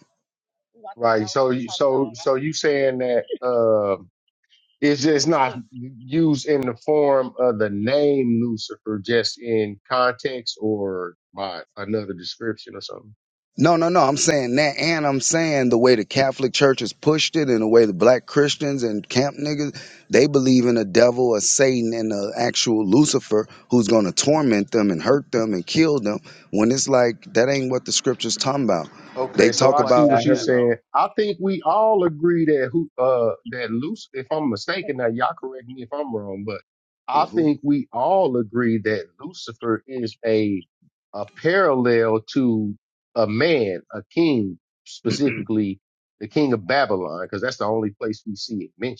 S12: Right. So you, so so you saying that? Uh, It's just not used in the form of the name Lucifer, just in context or by another description or something.
S22: No, no, no. I'm saying that, and I'm saying the way the Catholic Church has pushed it, and the way the black Christians and camp niggas they believe in a devil, a Satan, and an actual Lucifer who's going to torment them and hurt them and kill them. When it's like that ain't what the scriptures talking about.
S12: Okay,
S22: They
S12: so
S22: talk
S12: I
S16: Nobody
S12: see
S22: about. I
S12: what
S16: said
S12: you're
S16: that,
S22: heard
S12: saying.
S16: bro.
S12: I think we all agree that who uh that Lucifer, if I'm mistaken, now y'all correct me if I'm wrong, but I
S22: who?
S12: think we all agree that Lucifer is a a parallel to a man, a king, specifically the king of Babylon, because that's the only place we see it mentioned.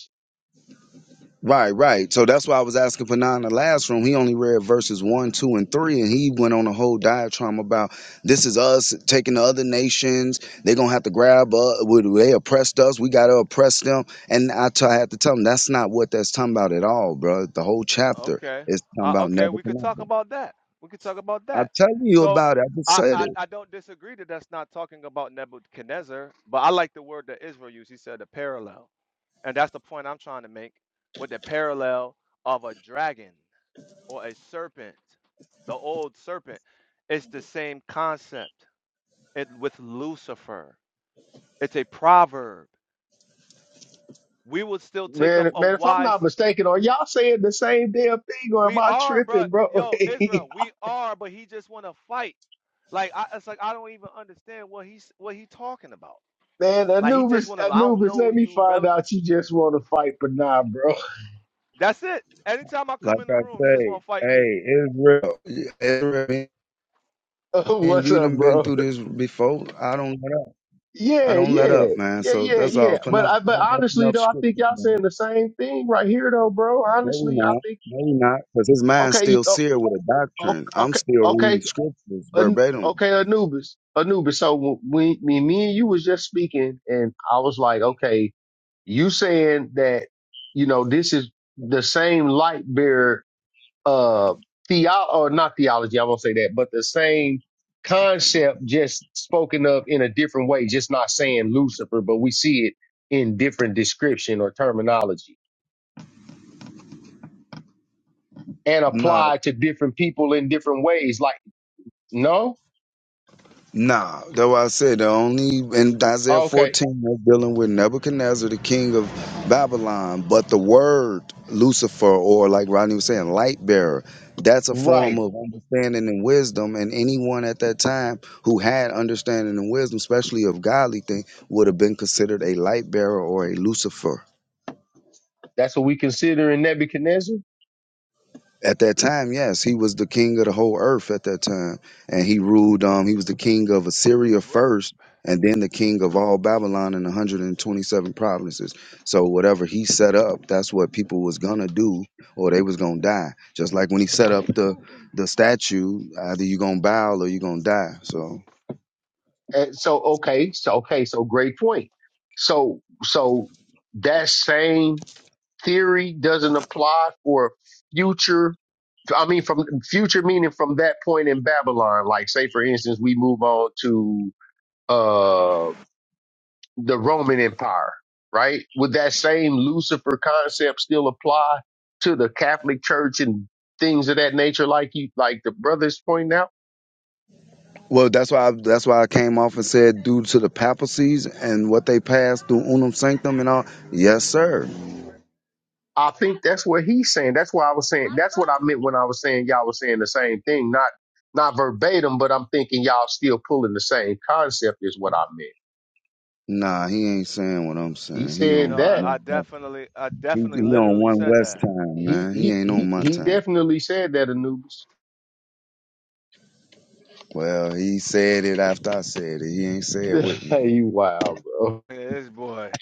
S22: Right, right. So that's why I was asking for nine in the last room. He only read verses one, two, and three, and he went on a whole diatribe about this is us taking the other nations. They're gonna have to grab us. Would they oppressed us? We gotta oppress them. And I t- I had to tell him that's not what that's talking about at all, bro. The whole chapter
S16: Okay.
S22: is talking
S16: Uh,
S22: about
S16: okay, we could talk
S22: Nebuchadnezzar.
S16: about that. We could talk about that.
S22: I'm telling you
S16: So
S22: about it. I just
S16: I,
S22: said
S16: I,
S22: it.
S16: I don't disagree that that's not talking about Nebuchadnezzar, but I like the word that Israel used. He said a parallel. And that's the point I'm trying to make with the parallel of a dragon or a serpent, the old serpent. It's the same concept it, with Lucifer. It's a proverb. We will still take up
S12: Man,
S16: a
S12: man, if I'm
S16: wise.
S12: not mistaken, are y'all saying the same damn thing or am
S16: We
S12: I
S16: are, bro.
S12: tripping, bro?
S16: Yo, Israel, we are, but he just want to fight. Like I, it's like I don't even understand what he's what he talking about.
S12: man,
S16: Like he just
S12: Anubis,
S16: want to. I don't
S12: Anubis,
S16: know
S12: let me
S16: you,
S12: find
S16: brother.
S12: out you just want to fight, but nah, bro.
S16: That's it. Anytime I
S22: Like
S16: come in the
S22: I
S16: room, he just want
S22: say,
S16: to fight me.
S22: hey, Israel, Israel, and
S12: What's
S22: you
S12: up,
S22: done been
S12: bro?
S22: through this before. I don't know. I
S12: Yeah,
S22: don't let
S12: yeah,
S22: up, man.
S12: yeah,
S22: So
S12: yeah,
S22: that's all
S12: yeah.
S22: for now.
S12: But I, but
S22: Not messing
S12: honestly
S22: up
S12: though, I think
S22: scriptures,
S12: y'all
S22: man.
S12: saying the same thing right here though, bro.
S22: Maybe
S12: Honestly, I
S22: not.
S12: think
S22: maybe not. Because his mind's
S12: okay,
S22: still
S12: oh,
S22: seared with a
S12: oh,
S22: doctrine. I'm
S12: okay,
S22: still
S12: okay,
S22: reading scriptures
S12: An-
S22: verbatim.
S12: okay, Anubis, Anubis. So when, me, me and you was just speaking, and I was like, okay. You saying that, you know, this is the same light bearer, uh, theo, or not theology, I won't say that, but the same concept just spoken of in a different way, just not saying Lucifer, but we see it in different description or terminology and
S22: Nah,
S12: applied to different people in different ways. Like, no?
S22: Nah, that's why I said the only in Isaiah
S12: Okay.
S22: 14 that's dealing with Nebuchadnezzar, the king of Babylon, but the word Lucifer, or like Rodney was saying, light bearer, that's a
S12: Right.
S22: form of understanding and wisdom. And anyone at that time who had understanding and wisdom, especially of godly thing, would have been considered a light bearer or a Lucifer.
S12: That's what we consider in Nebuchadnezzar.
S22: At that time, yes, he was the king of the whole earth at that time, and he ruled. Um, he was the king of Assyria first, and then the king of all Babylon and 127 provinces. So whatever he set up, that's what people was gonna do, or they was gonna die. Just like when he set up the the statue, either you gonna bow or you gonna die. So.
S12: And so, okay. So, okay. So great point. So, so that same theory doesn't apply for future i mean from future meaning from that point in babylon like say for instance we move on to uh the roman empire right would that same lucifer concept still apply to the catholic church and things of that nature like you like the brothers pointing out
S22: Well, that's why I, that's why I came off and said due to the papacies and what they passed through unum sanctum and all. Yes, sir.
S12: i think that's what he's saying that's why i was saying that's what i meant when i was saying y'all was saying the same thing not not verbatim but i'm thinking y'all still pulling the same concept is what i meant
S22: Nah, he ain't saying what I'm
S12: He
S22: saying. He
S12: said
S16: No,
S22: on
S12: that.
S22: my-
S16: I definitely, I
S22: he, he
S16: definitely,
S22: on
S16: literally
S22: one
S16: said
S22: West
S16: that.
S22: time,
S12: He
S22: man. He
S12: he
S22: ain't on
S12: he
S22: my
S12: he
S22: time.
S12: definitely said that Anubis.
S22: Well, he said it after I said it. He ain't say it with me.
S12: you wild, bro.
S16: Yeah, This boy,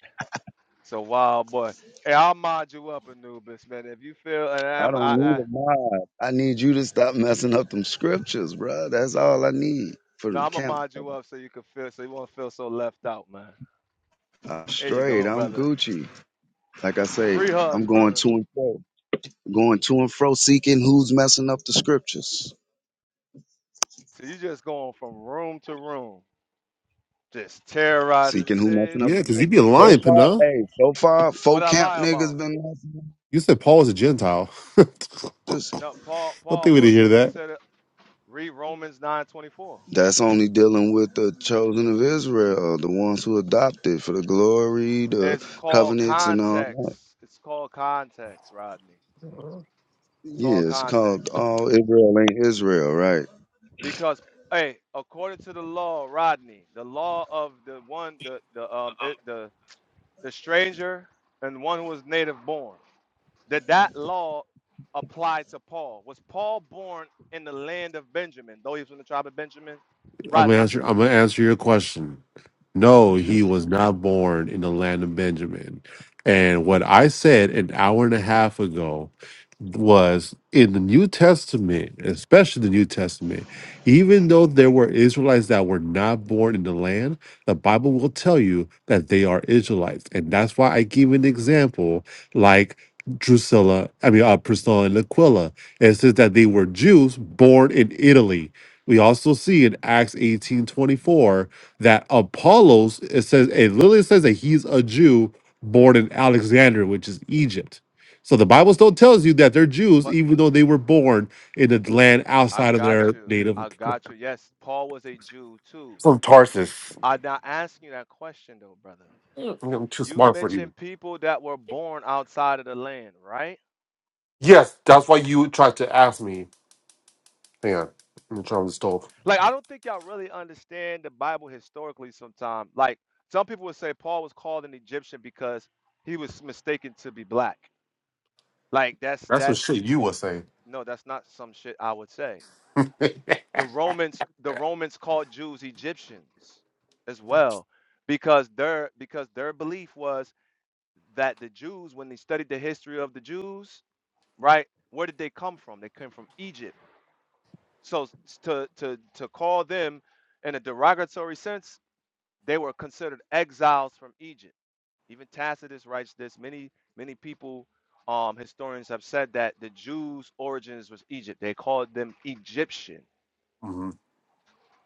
S16: it's a wild boy. Hey, I'll mod you up, Anubis, man. If you feel, and
S22: I
S16: I'm, I,
S22: don't need
S16: I
S22: a mod. I need you to stop messing up them scriptures, bruh. That's all I need for
S16: no,
S22: the
S16: I'm gonna
S22: camp.
S16: mod you up so you can feel, so you won't feel so left out, man.
S22: I'm
S16: There you go,
S22: straight. I'm
S16: brother.
S22: Gucci. Like I say,
S16: Free
S22: I'm
S16: hugs,
S22: going
S16: brother.
S22: to and fro, going to and fro, seeking who's messing up the scriptures,
S16: So you just going from room to room, just terrorizing the
S22: seeking who
S16: stage.
S22: messing up.
S25: Yeah,
S22: The
S25: because you'd
S22: scriptures.
S25: be
S22: So
S25: lying,
S22: far,
S25: Pana.
S22: hey, so far,
S16: What
S22: folk
S16: I
S22: camp
S16: lie
S22: niggas
S16: about?
S22: been messing.
S25: You said Paul was a Gentile. I think
S22: up. this.
S16: No, Paul, Paul
S25: we didn't
S16: would be
S25: hear that.
S16: considered. Read Romans nine twenty four.
S22: That's only dealing with the chosen of Israel, the ones who adopted for the glory, the
S16: It's called
S22: covenants, and all
S16: context.
S22: that.
S16: It's called context, Rodney. It's called
S22: Yeah, it's called
S16: context.
S22: All Israel Ain't Israel, right?
S16: Because hey, according to the law, Rodney, the law of the one the the um it, the the stranger and one who was native born, that that law applied to Paul. Was Paul born in the land of Benjamin, though he was from the tribe of Benjamin,
S25: I'm gonna
S16: Rodney?
S25: answer. I'm gonna answer your question. No, he was not born in the land of Benjamin. And what I said an hour and a half ago was in the New Testament, especially the New Testament, even though there were Israelites that were not born in the land, the Bible will tell you that they are Israelites. And that's why I give an example like Drusilla, I mean, uh, Priscilla and Aquila. It says that they were Jews born in Italy. We also see in Acts eighteen twenty four that Apollos, it says, it literally says that he's a Jew born in Alexandria, which is Egypt. So the Bible still tells you that they're Jews,
S16: But
S25: even though they were born in a land
S16: I
S25: outside of
S16: got
S25: their
S16: you.
S25: native.
S16: I got you. Yes, Paul was a Jew too.
S25: From Tarsus.
S16: I'm not asking you that question though, brother.
S25: I'm too
S16: You
S25: smart for you.
S16: mentioned people that were born outside of the land, right?
S25: Yes, that's why you tried to ask me. Hang on, I'm trying to stove.
S16: Like, I don't think y'all really understand the Bible historically sometimes. Like, some people would say Paul was called an Egyptian because he was mistaken to be black. Like, that's
S25: That's some
S16: that's
S25: shit you would say.
S16: no, that's not some shit I would say. The Romans, the Romans called Jews Egyptians as well because their because their belief was that the Jews, when they studied the history of the Jews, right, where did they come from? They came from Egypt. So s- to to to call them in a derogatory sense They were considered exiles from Egypt. Even Tacitus writes this. Many, many people, um, historians have said that the Jews' origins was Egypt. They called them Egyptian.
S25: Mhm.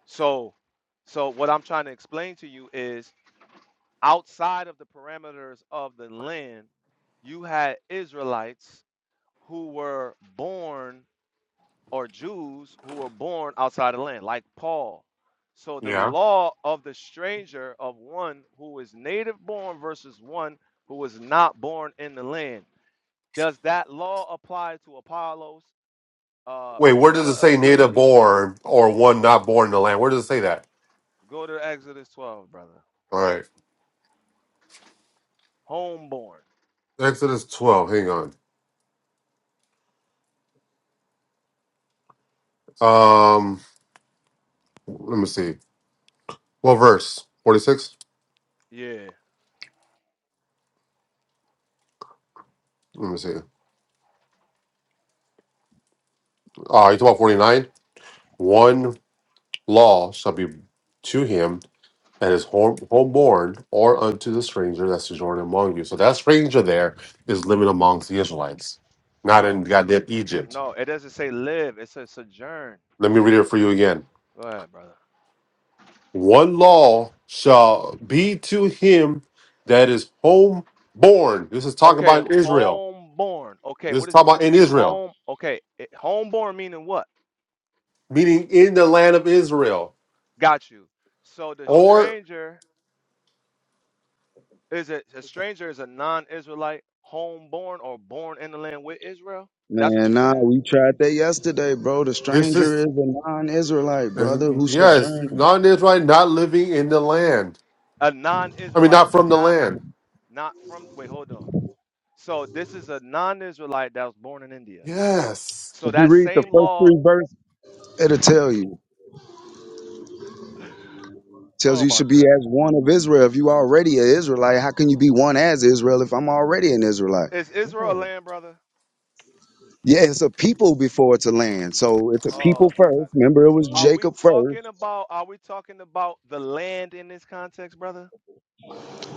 S16: So, so what I'm trying to explain to you is outside of the parameters of the land, you had Israelites who were born or Jews who were born outside the land, like Paul. So the
S25: Yeah.
S16: law of the stranger of one who is native born versus one who was not born in the land. Does that law apply to Apollos, uh,
S25: Wait, where does it
S16: Priscilla,
S25: say
S16: Aquila?
S25: native born or one not born in the land? Where does it say that?
S16: Go to Exodus 12, brother.
S25: All right.
S16: Homeborn.
S25: Exodus 12. Hang on. Um, Let me see. What verse? 46?
S16: Yeah.
S25: Let me see. Ah, you talk about 49? One law shall be to him that is home, homeborn or unto the stranger that sojourn among you. So that stranger there is living amongst the Israelites, not
S16: No.
S25: in goddamn Egypt.
S16: No, it doesn't say live. It says sojourn.
S25: Let me read it for you again.
S16: Go ahead, brother.
S25: One law shall be to him that is homeborn. This is talking
S16: Okay,
S25: about Israel.
S16: homeborn. Okay,
S25: This
S16: what
S25: is
S16: does it
S25: talking
S16: mean
S25: about
S16: to
S25: in
S16: be
S25: Israel,
S16: home? Okay, it, homeborn meaning what?
S25: meaning in the land of Israel.
S16: Got you. So the
S25: Or
S16: stranger is it a stranger is a non-Israelite homeborn or born in the land with Israel? That's what
S22: Man,
S16: you're
S22: nah,
S16: saying?
S22: we tried that yesterday, bro. The
S25: this is
S22: stranger is a non Israelite,
S25: As-
S22: brother, who
S25: Yes,
S22: sojourning.
S25: not an Israelite, not living in the land.
S16: A
S25: I mean,
S16: non-Israelite
S25: not from the
S16: not
S25: land.
S16: not from wait, hold on. So this is a non-Israelite that was born in India.
S25: Yes.
S16: So
S22: If you
S16: that
S22: read the
S16: same
S22: first
S16: law
S22: three verses, it'll tell you. tells
S16: Oh
S22: you you
S16: my
S22: should be as
S16: goodness.
S22: one of Israel. If you already an Israelite, how can you be one as Israel if I'm already an Israelite?
S16: Is Israel a
S25: Hmm.
S16: land, brother?
S22: Yeah, it's a people before it's a land. So it's a
S16: Oh
S22: people
S16: my
S22: first.
S16: goodness.
S22: Remember, it was
S16: Are we
S22: Jacob
S16: talking
S22: first.
S16: about are we talking about the land in this context, brother?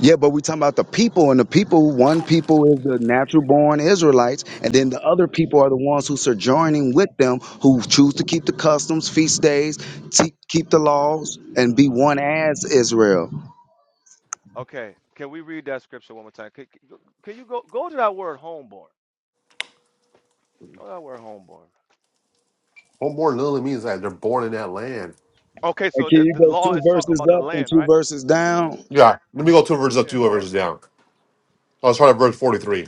S22: Yeah, but we talking about the people, and the people, one people is the natural born Israelites, and
S16: Oh
S22: then
S16: my
S22: the other
S16: gosh.
S22: people are the ones who sojourning with them who choose to keep the customs, feast days, te- keep the laws, and be
S16: Oh
S22: one as Israel.
S16: Okay, can we read that scripture one more time? Can, can you go go to that word homeborn? Go to that word homeborn.
S25: What literally means that they're born in that land.
S16: Okay,
S22: And
S16: so
S22: can
S16: the,
S22: you
S16: the
S22: go
S16: law
S22: two
S16: is talking
S22: verses
S16: about the
S22: up and
S16: land,
S22: two
S16: right?
S22: verses down?
S25: Yeah. Let me go two verses up,
S16: Yeah,
S25: two
S16: go up,
S25: verses
S16: brother.
S25: down. I'll start at verse 43.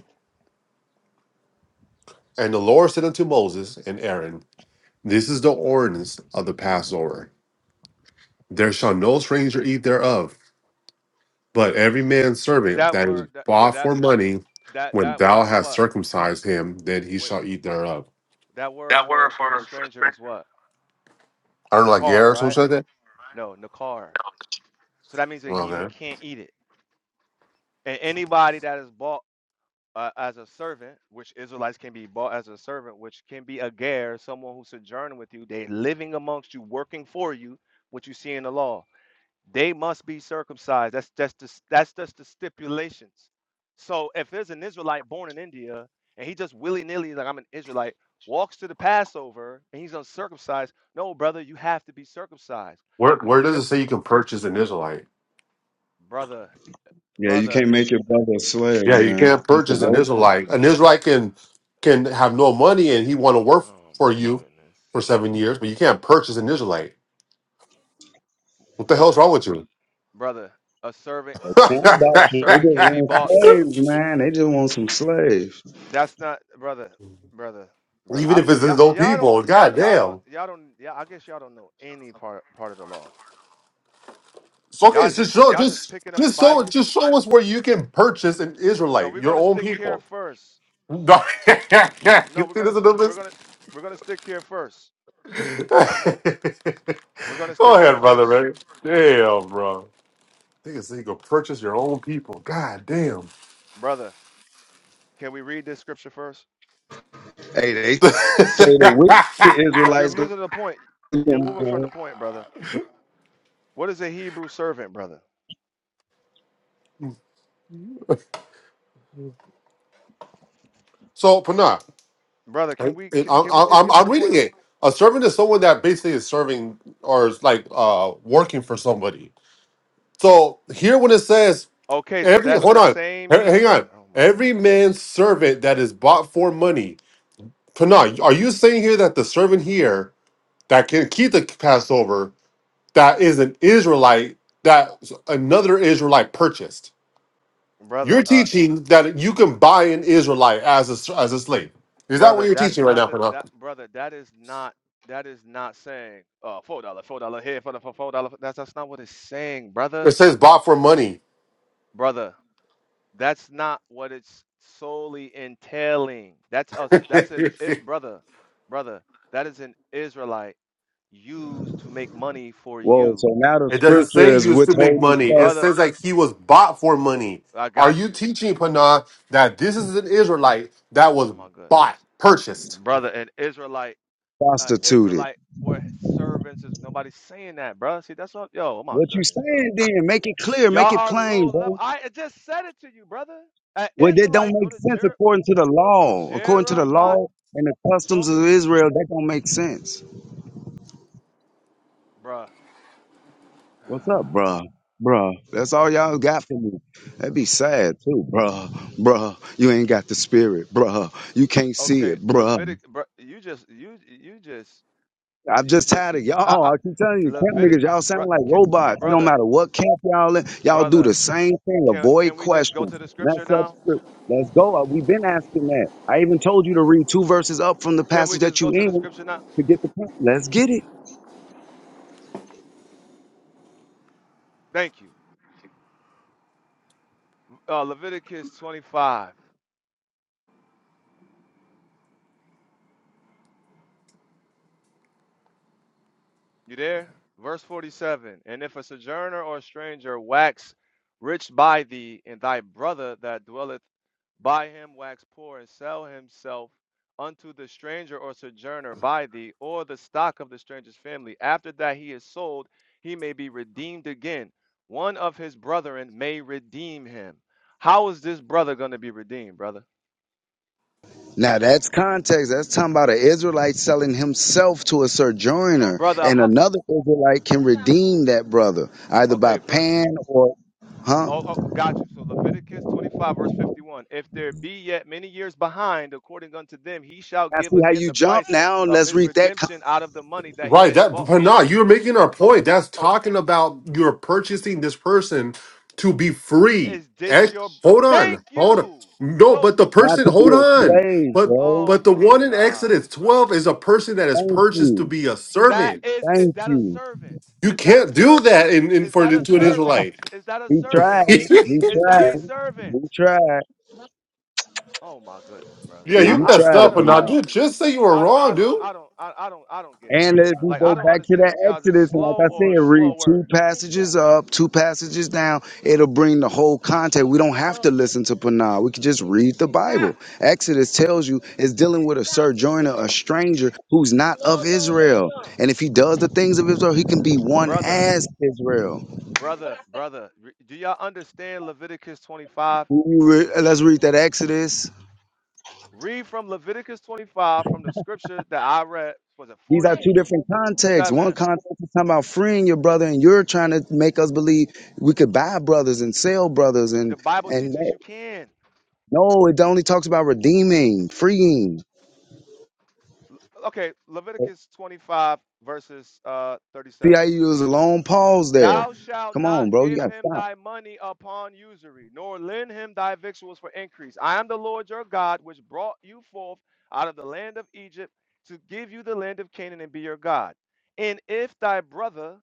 S25: And the Lord said unto Moses and Aaron, This is the ordinance of the Passover. There shall no stranger eat thereof, but every man's servant
S16: That
S25: that is
S16: word that
S25: bought
S16: that
S25: for money,
S16: that
S25: when
S16: that
S25: thou
S16: word is
S25: hast
S16: what?
S25: circumcised him, then he
S16: Wait,
S25: shall eat thereir
S16: that word for for stranger is what?
S25: I don't know, like, yeah,
S16: Nakar,
S25: or
S16: right?
S25: something
S16: No, Nakar. So that means a
S25: like that.
S16: heathen can't eat it. And anybody that is bought uh, as a servant, which Israelites can be bought as a servant, which can be a ger, someone who's sojourning with you, they living amongst you, working for you, what you see in the law. they must be circumcised. That's just the, that's just the stipulations. So if there's an Israelite born in India and he just willy nilly like I'm an Israelite walks to the Passover and he's uncircumcised, no brother, you have to be circumcised.
S25: Where where does it
S16: Just
S25: say you can purchase an Israelite?
S16: brother,
S22: Yeah, you
S16: brother,
S22: can't make your brother a
S25: Yeah,
S22: slave,
S25: you
S22: man.
S25: can't
S22: You can
S25: purchase
S16: bro-
S25: an
S22: work for
S25: Israelite. An Israelite can can have no money and he want to work
S16: oh
S25: for
S16: my
S25: you
S16: goodness,
S25: for seven years, but you can't purchase an Israelite. What the hell's
S16: brother,
S25: wrong with you?
S16: brother, a servant,
S22: a
S16: a
S22: camp
S16: servant, a
S22: doctrine. They
S16: servant
S22: just
S16: can't be
S22: want
S16: bought.
S22: slaves, man. They just want some slaves.
S16: That's not brother, brother, brother.
S25: Even
S16: I,
S25: if it's
S16: y'all,
S25: his own
S16: y'all don't.
S25: people,
S16: Y'all don't,
S25: goddamn.
S16: y'all don't, yeah. I guess y'all don't know any part part of the law.
S25: It's okay.
S16: Y'all
S25: It's just
S16: just
S25: show,
S16: y'all just
S25: just
S16: picking up the
S25: just show
S16: Bible.
S25: just show us where you can purchase an
S16: No,
S25: Israelite,
S16: we're
S25: your
S16: gonna
S25: own
S16: stick here
S25: people.
S16: first.
S25: No,
S16: No,
S25: you
S16: we're
S25: see
S16: gonna
S25: this,
S16: we're
S25: Anubis?
S16: gonna we're gonna stick here first. We're gonna
S25: Go
S16: stick here
S25: ahead, brother.
S16: first,
S25: Man. Damn, bro. Niggas say you go purchase your own people. God damn.
S16: brother. Can we read this scripture first?
S22: Hey, they say the wicked
S16: Cause you're
S22: Israelites gonna
S16: moving to the point. You're moving from the
S22: be-
S16: point, brother. What is a Hebrew servant, brother?
S25: so Pana,
S16: Brother, can
S25: right?
S16: we
S25: it-
S16: c-
S25: I'm,
S16: can we just
S25: I'm
S16: get to
S25: I'm
S16: the
S25: reading
S16: point?
S25: it. A servant is someone that basically is serving or is like uh working for somebody. So here when it says
S16: Okay, so
S25: every
S16: that's
S25: hold
S16: the
S25: on,
S16: same,
S25: h- hang
S16: brother.
S25: on,
S16: Oh my
S25: every
S16: goodness,
S25: man's servant that is bought for money. Pana, are you saying here that the servant here that can keep the Passover that is an Israelite that another Israelite purchased? You're
S16: brother. Uh,
S25: teaching that you can buy an Israelite as a, as a slave. Is that what
S16: brother,
S25: you're
S16: that's
S25: teaching right
S16: not
S25: now,
S16: the
S25: Pranav?
S16: that brother. That is not that is not saying uh four dollar four dollar here for the four dollar. That's that's not what it's saying, brother.
S25: It says bought for money.
S16: brother that's not what it's solely entailing that's us that's an it
S25: it
S16: brother brother that is an israelite used to make money for
S22: Whoa,
S16: you
S22: so now the
S25: doesn't
S22: scripture
S25: say
S22: is
S25: used to make
S22: withholding
S25: money.
S22: stuff
S25: It
S16: brother
S25: says like he was
S16: oh
S25: bought for money.
S16: my, i
S25: Are
S16: got
S25: you
S16: you
S25: teaching, Panah that this is an Israelite that
S16: oh
S25: was
S16: my
S25: bought,
S16: goodness
S25: purchased?
S16: brother an israelite uh
S22: prostituted.
S16: israelite where servants is nobody's saying that bro see that's what yo oh my
S22: What you
S16: goodness bro
S22: saying then, make it clear, make
S16: y'all
S22: it
S16: are
S22: plain,
S16: low level
S22: bro.
S16: i just said it to you brother an
S22: Well, that don't
S16: israelite go
S22: make
S16: to
S22: sense
S16: Jer-
S22: according to the law. According to the
S16: jeremiah
S22: law and the
S16: show
S22: customs
S16: me
S22: of Israel, that don't make sense.
S16: bruh
S22: What's up, bruh? Bruh, that's all
S16: brother.
S22: y'all got for me. That'd be sad too, bruh. Bruh, you ain't got the spirit, bruh. You can't see
S16: Okay,
S22: it, bruh.
S16: Levitic, bro, you just you you just
S22: I'm
S16: you
S22: just
S16: just
S22: tired
S16: you
S22: of
S16: I, I
S22: y'all. I keep telling you, camp
S16: Levitic,
S22: niggas, y'all
S16: bro,
S22: sound like
S16: ca-
S22: robots. It don't
S16: brother,
S22: matter what camp y'all in, y'all do the
S16: brother.
S22: same thing.
S16: Can
S22: Avoid
S16: can we just go to
S22: questions.
S16: the scripture
S22: Mess up
S16: now?
S22: script. Let's go. Uh, We've been asking that. I even told you to read two verses up from the
S16: Can we
S22: passage that
S16: just
S22: you
S16: go to
S22: in
S16: the scripture now?
S22: to get the point. Let's get it.
S16: Thank you. Uh, Leviticus 25. You there? Verse 47 And if a sojourner or a stranger wax rich by thee, and thy brother that dwelleth by him wax poor, and sell himself unto the stranger or sojourner by thee, or the stock of the stranger's family, after that he is sold, he may be redeemed again. One of his brethren may redeem him. How is this brother going to be redeemed, brother?
S22: Now that's context. That's talking about an Israelite selling himself to a sojourner,
S16: Brother,
S22: and
S16: how,
S22: another Israelite can redeem that brother either
S16: okay,
S22: by
S16: verse
S22: pan or huh.
S16: Oh, oh, got you. So Leviticus 25, verse 51. If there be yet many years behind, according unto them, he shall
S22: I
S16: give
S22: see how
S16: again
S22: you
S16: the
S22: jump
S16: price
S22: now, and
S16: of
S22: let's
S16: his
S22: read that
S16: redemption out of the money that he
S25: Right,
S16: was
S25: that
S16: bought
S25: but
S16: for.
S25: nah, you're making our
S16: Oh,
S25: point. That's
S16: oh,
S25: talking about you're purchasing this person to be free.
S16: is this your.
S25: Ex- hold on,
S16: Thank
S25: hold on.
S16: you.
S25: No,
S16: So,
S25: but the
S22: Not
S25: person,
S22: to be
S25: hold
S22: a
S25: on.
S22: slave,
S25: But
S22: bro.
S16: oh
S25: but the
S16: my
S25: one in
S16: gosh,
S25: Exodus
S16: brother.
S25: 12 is a person that is
S22: Thank
S25: purchased to
S22: you.
S25: be a
S16: That
S25: servant.
S16: is, is
S22: Thank
S16: that a
S22: you.
S16: servant?
S25: You
S16: Is that a
S25: can't do
S16: servant?
S25: that in, in
S16: Is
S25: for
S16: that a
S25: to an
S16: servant?
S25: Israelite.
S16: Is that a
S22: He tried
S16: servant?
S22: it.
S25: yeah,
S22: He
S16: Is that a
S22: tried it.
S16: servant?
S22: He tried.
S16: Oh my goodness, brother.
S22: Yeah,
S16: I,
S25: you
S22: you
S16: I don't,
S25: messed
S22: tried
S16: I
S22: it,
S25: up,
S16: don't,
S22: Panay.
S16: I
S25: Panah.
S16: don't.
S25: Dude, just say you were
S16: I don't, I
S25: wrong,
S16: don't,
S25: dude.
S16: I don't, I, I don't, I don't get it,
S22: And
S16: brother.
S22: if we
S16: Like I
S22: go
S16: don't
S22: back to
S16: understand
S22: that
S16: if y'all just
S22: Exodus, and like
S16: slow
S22: I
S16: or
S22: said, read
S16: slower,
S22: two passages up, two passages down, it'll bring the whole context. We don't have to listen to Panay. We can just read the Bible. Exodus tells you it's dealing with a sojourner, a stranger who's not of Israel. And if he does the things of Israel, he can be one
S16: brother,
S22: as Israel.
S16: brother, brother. re- Do y'all understand Leviticus 25?
S22: We re- Let's read that Exodus.
S16: Read from Leviticus 25 from the scripture that I read. Was it
S22: These are two different contexts. One
S16: 47?
S22: context is talking about freeing your brother, and you're trying to make us believe we could buy brothers and sell brothers,
S16: The
S22: and
S16: Bible
S22: and
S16: teaches you
S22: that-
S16: can.
S22: no, it only talks about redeeming, freeing.
S16: Okay, Leviticus 25 verses uh
S22: See how
S16: 37.
S22: you use a long pause there.
S16: Thou shalt
S22: Come
S16: not
S22: on, bro, you
S16: give
S22: gotta
S16: him
S22: stop.
S16: thy money upon usury, nor lend him thy victuals for increase. I am the Lord your God, which brought you forth out of the land of Egypt to give you the land of Canaan and be your God. And if thy brother,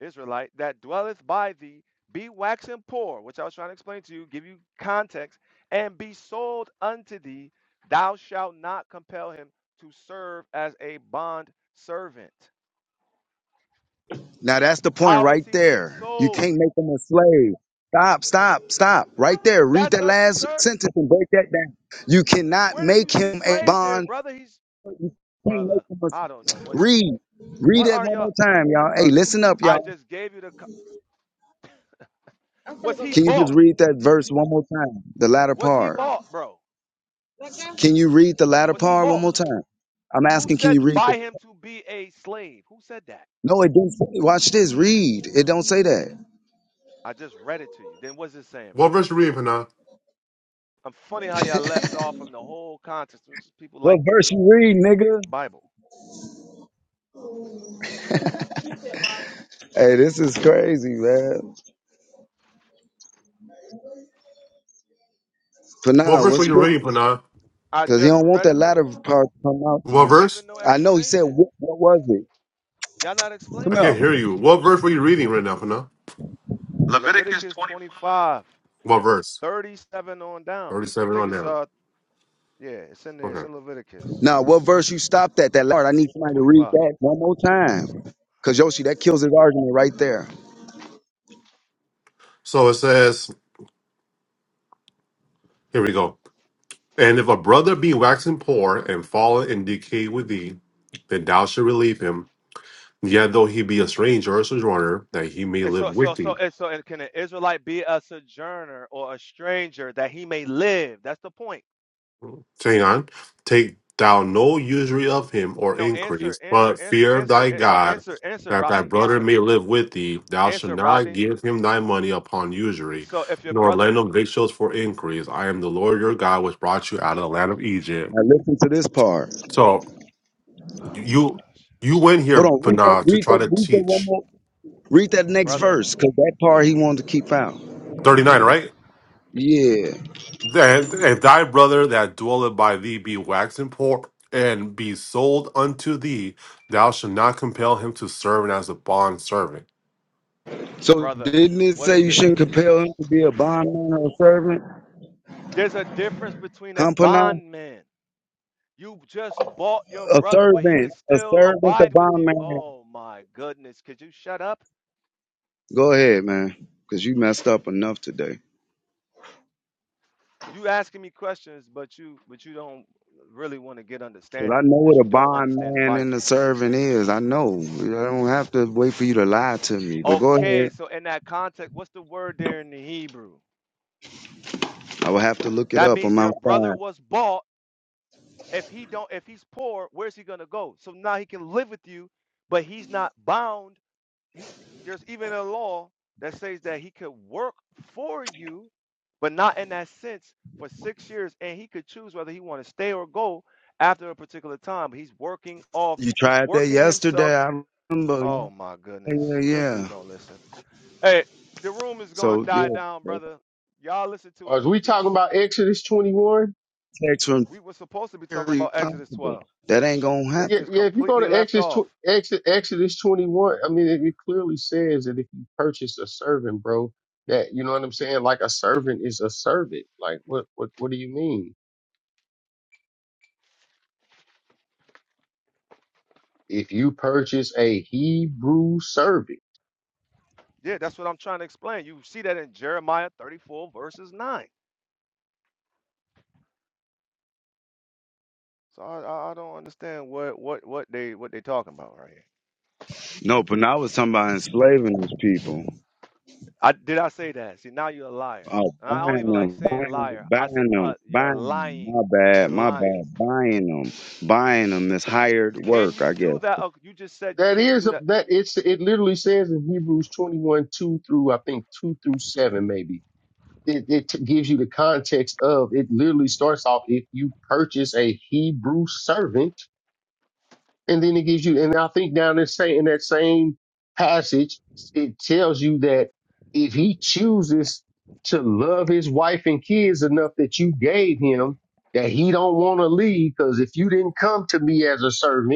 S16: Israelite, that dwelleth by thee, be waxen poor, which I was trying to explain to you, give you context, and be sold unto thee, thou shalt not compel him to serve as a bond servant.
S22: Now that's the point
S16: How is
S22: right
S16: he being
S22: there. You
S16: sold?
S22: can't make them a slave. Stop, stop, stop. Right there. Read
S16: That's
S22: that
S16: a
S22: last
S16: sir.
S22: sentence and break that down. You cannot
S16: Where do you
S22: make
S16: see
S22: him a
S16: slave there,
S22: bond.
S16: brother? He's
S22: You can't make him
S16: brother.
S22: a slave.
S16: I don't know what you.
S22: Read. Read
S16: What
S22: that
S16: are
S22: one
S16: your
S22: more time, y'all. Hey,
S16: brother?
S22: listen up,
S16: I
S22: y'all.
S16: just gave you the. co- Was he
S22: Can you
S16: bought?
S22: just read that verse one more time? The latter
S16: Was he
S22: part.
S16: bought, bro?
S22: Can you read the latter
S16: Was he
S22: part one
S16: bought?
S22: more time? I'm
S16: Who
S22: asking, can
S16: said
S22: you read
S16: buy
S22: the
S16: him to be a slave? Who said that?
S22: No, it didn't say watch this, read. It don't say that.
S16: I just read it to you. Then what's it saying,
S25: What
S16: bro?
S25: verse you reading, Panah?
S16: I'm funny how y'all left off from the whole context, which is people
S22: What
S16: like to
S22: verse
S16: do.
S22: you read, nigga?
S16: Bible.
S22: Hey, this is crazy, man. For
S25: What
S22: now,
S25: verse
S22: what's
S25: were you reading,
S22: scripture?
S25: Panah?
S16: I
S22: Because he
S16: just
S22: don't want
S16: read
S22: that
S16: it for
S22: latter
S16: you.
S22: part to come out no
S25: What
S22: more.
S25: verse?
S16: Giving no
S22: I know he said
S16: explanation.
S22: what, what was it?
S16: Y'all not
S25: I
S22: Come
S16: explaining
S25: can't
S22: here.
S16: nothing.
S25: hear you. What verse were you reading right now, Panah?
S16: Leviticus 25.
S25: What verse?
S16: 37 on down. I
S25: 37
S16: think
S25: on
S16: it's
S25: down.
S16: uh yeah, it's in there. It's
S25: Okay.
S16: in Leviticus
S22: Now, what verse you stopped at? That last part. I need somebody to read
S16: 25.
S22: that one more time. Cause Yoshi, that kills his argument right there.
S25: So it says, here we go. And if a brother be waxing poor and fallen and decay with thee, then thou shalt relieve him, yet though he be a stranger or sojourner, that he may
S16: And
S25: live
S16: so,
S25: with
S16: so, so,
S25: thee.
S16: and so, and can an Israelite be a sojourner or a stranger that he may live? That's the point.
S25: Hang on. Take thou no usury of him or
S16: No, answer,
S25: increase,
S16: answer,
S25: but
S16: answer,
S25: fear
S16: answer.
S25: thy
S16: an- No,
S25: God,
S16: answer, answer,
S25: that thy
S16: Rodney.
S25: brother
S16: Answer,
S25: may live with thee. Thou shalt
S16: answer,
S25: not
S16: Rodney.
S25: give him thy money upon usury,
S16: So, if your
S25: nor
S16: brother,
S25: lend him victuals for increase. I am the Lord your God, which brought you out of the land of Egypt.
S22: Now listen to this part.
S25: So
S16: oh my
S25: You
S16: gosh,
S25: you went
S22: Hold
S25: here,
S22: on, read that,
S25: Pana, to
S22: read
S25: try
S22: that,
S25: to
S22: read that one
S25: teach.
S22: more. Read that next
S16: brother,
S22: verse, cause that part he wanted to keep out.
S25: 39,
S16: oh
S25: right?
S16: my
S22: Yeah.
S25: Then if thy brother that dwelleth by thee be waxen poor and be sold unto thee, thou shalt not compel him to serve as a bond servant.
S22: So
S16: brother,
S22: didn't it
S16: what
S22: say
S16: does
S22: you
S16: it mean?
S22: shouldn't compel him to be a bondman or a servant?
S16: There's a difference between a
S22: Huh, Panay?
S16: bondman. You just bought your
S22: A
S16: brother, but he could
S22: servant, a
S16: still
S22: servant, a
S16: abide with you.
S22: bondman.
S16: Oh my goodness. Could you shut up?
S22: Go ahead, man, cause you messed up enough today.
S16: You asking me questions, but you but you don't really want to get
S22: Cause I
S16: understanding
S22: know
S16: because
S22: what
S16: you
S22: a
S16: don't
S22: bond
S16: understand the
S22: man and
S16: Bible.
S22: a servant is. I know. I don't have to wait for you to lie to me. But go
S16: Okay,
S22: ahead.
S16: so in that context, what's the word there in the Hebrew?
S22: I will have to look it
S16: That
S22: up.
S16: means
S22: I'm
S16: their brother
S22: outside.
S16: was bought. If he don't if he's poor, where's he gonna go? So now he can live with you, but he's not bound he, there's even a law that says that he could work for you, but not in that sense for six years, and he could choose whether he want to stay or go after a particular time. He's working off.
S22: You
S16: He's
S22: tried that
S16: working himself.
S22: yesterday. I remember.
S16: Oh
S22: Yeah,
S16: my goodness,
S22: yeah,
S16: this dude
S22: yeah.
S16: don't listen. Hey, the room is gonna
S22: So
S16: die
S22: yeah,
S16: down,
S22: that
S16: brother. Y'all listen to
S12: Are we
S16: Anubis.
S12: talking about Exodus twenty one?
S22: text from
S16: We were supposed to be talking
S22: very
S16: about Exodus
S22: possible.
S16: 12.
S22: That ain't gonna
S16: They
S12: Yeah,
S22: happen.
S16: just
S12: yeah. If you go
S16: completely
S12: to
S16: left
S12: Exodus
S16: off.
S12: tw- Ex- Exodus twenty one, I mean, it, it clearly says that if you purchase a servant, bro, that you know what I'm saying. Like a servant is a servant. Like what what what do you mean? If you purchase a Hebrew servant,
S16: Yeah, that's what I'm trying to explain. You see that in Jeremiah 34 verses 9. So I, I I don't understand what what what they what they talking about right here.
S22: No, but now I was talking about enslaving these people.
S16: I did I say that? See, now you're a liar.
S22: Oh,
S16: And I don't
S22: buying
S16: even like
S22: them,
S16: saying
S22: buying,
S16: liar. I said
S22: buying them,
S16: uh, you're
S22: buying them.
S16: lying.
S22: My
S16: You're
S22: bad, my
S16: lying.
S22: bad. Buying them, buying them is hired
S16: Can
S22: work.
S16: you
S22: I guess
S16: do that? Oh, you just said you
S12: that
S16: can't
S12: is
S16: do
S12: a,
S16: that.
S12: that it's it literally says in Hebrews twenty one two through I think two through seven maybe it, it t- gives you the context of it literally starts off if you purchase a Hebrew servant, and then it gives you, and I think down in, say, in that same passage, it tells you that if he chooses to love his wife and kids enough that you gave him, that he don't want to leave, because if you didn't come to me as a servant,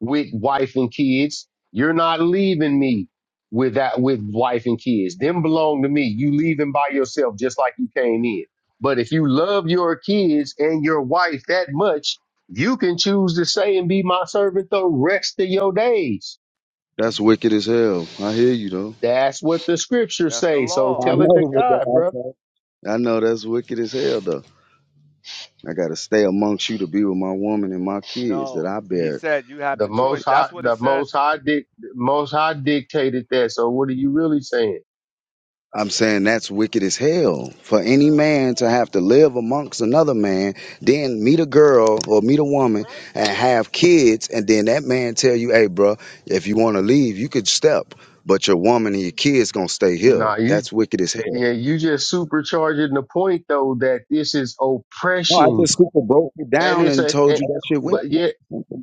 S12: with wife and kids. You're not leaving me with that, with wife and kids. Them belong to me. You leave them by yourself just like you came in. But if you love your kids and your wife that much, you can choose to say and be my servant the rest of your days.
S22: that's wicked as hell. I hear you though.
S12: That's what the scriptures
S16: That's the
S12: say. So
S22: I
S16: law.
S12: tell it
S22: know,
S12: to
S22: but
S12: God,
S22: the- I
S12: brother.
S22: know. I know that's wicked as hell, though. I gotta stay amongst you to be with my woman and my kids that
S16: No,
S22: I
S16: he
S22: bear.
S16: said you have
S12: The
S16: the
S12: most
S16: choice.
S12: high,
S16: That's what it
S12: the
S16: says
S12: most high, dic- most high dictated that. So what are you really saying?
S22: I'm saying that's wicked as hell for any man to have to live amongst another man, then meet a girl or meet a woman and have kids, and then that man tell you, "Hey, bro, if you want to leave, you could step, but your woman and your kids gonna stay here."
S12: Nah, you
S22: That's wicked as hell.
S12: Yeah, you just supercharging the point though that this is
S22: No, I
S12: oppression,
S22: just super broke it
S12: and
S22: down
S12: it's
S22: and
S12: a,
S22: told
S12: eh,
S22: you that shit wicked.
S12: but yeah,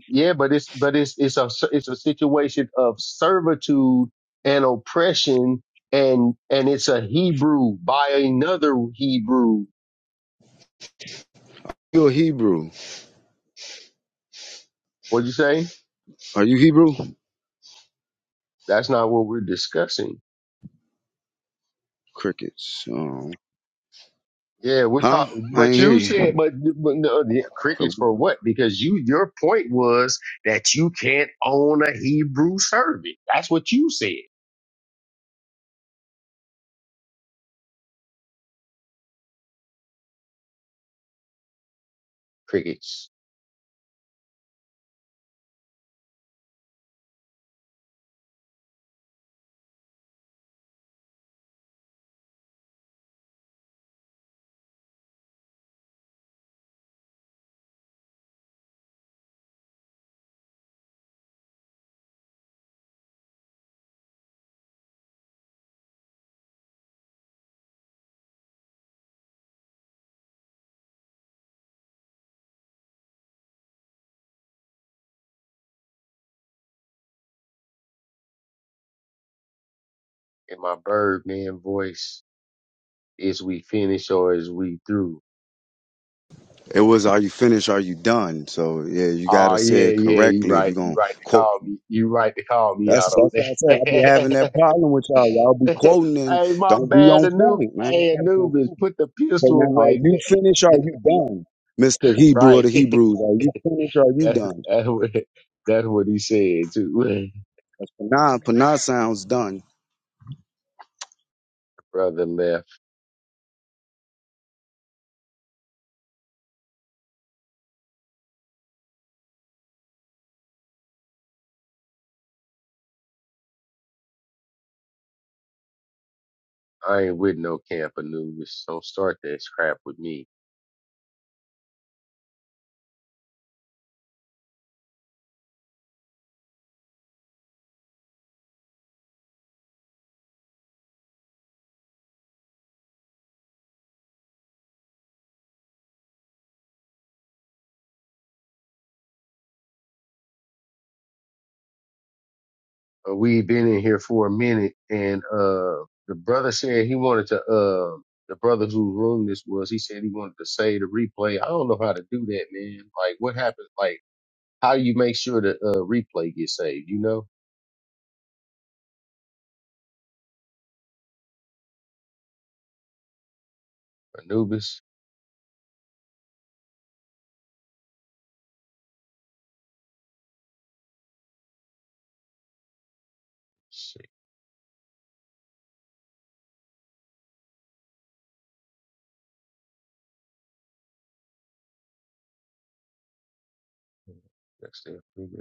S12: yeah, but it's but it's it's a it's a situation of servitude and oppression, and and it's a Hebrew by another Hebrew.
S22: You're a Hebrew.
S12: What'd you say?
S22: Are you Hebrew?
S12: That's not what we're discussing.
S22: Crickets. Um,
S12: Yeah, we're
S22: huh?
S12: talking,
S22: I
S12: but
S22: ain't hear
S12: you said,
S22: you.
S12: but, but no, the
S22: So,
S12: crickets for what? Because you, your point was that you can't own a Hebrew servant. That's what you said. crickets. in my Birdman voice is we finish or is we through.
S22: It was, are you finished? Are you done? So, yeah, you got
S12: Oh
S22: to say
S12: yeah,
S22: it
S12: yeah, you
S22: correctly if you're
S12: right. You
S22: going to
S12: right to
S22: quote.
S12: call me. You right to call me
S22: That's,
S12: out on
S22: that's what I said. I be having that
S12: that.
S22: problem with y'all. Y'all be quoting and
S12: hey, my
S22: don't be
S12: bad,
S22: on
S12: Anubis.
S22: point, man.
S12: Hey,
S22: I gotta be on point.
S12: Anubis, put the
S22: So
S12: pistol
S22: now, are
S12: away,
S22: you
S12: man.
S22: finished? Or are you done? Mr. Hebrew of the
S12: Right.
S22: Hebrews, are you finished? Or are you
S12: that's
S22: done?
S12: that's what that's what he said too.
S22: That's Panah. Panah sounds done.
S12: Brother left. I ain't with no camp Anubis. Don't start that crap with me. Uh, we been in here for a minute, and uh, the brother said he wanted to. Uh, the brother whose room this was, he said he wanted to save the replay. I don't know how to do that, man. Like, what happens? Like, how you make sure the uh, replay gets saved? You know, Anubis. Let's see, next thing,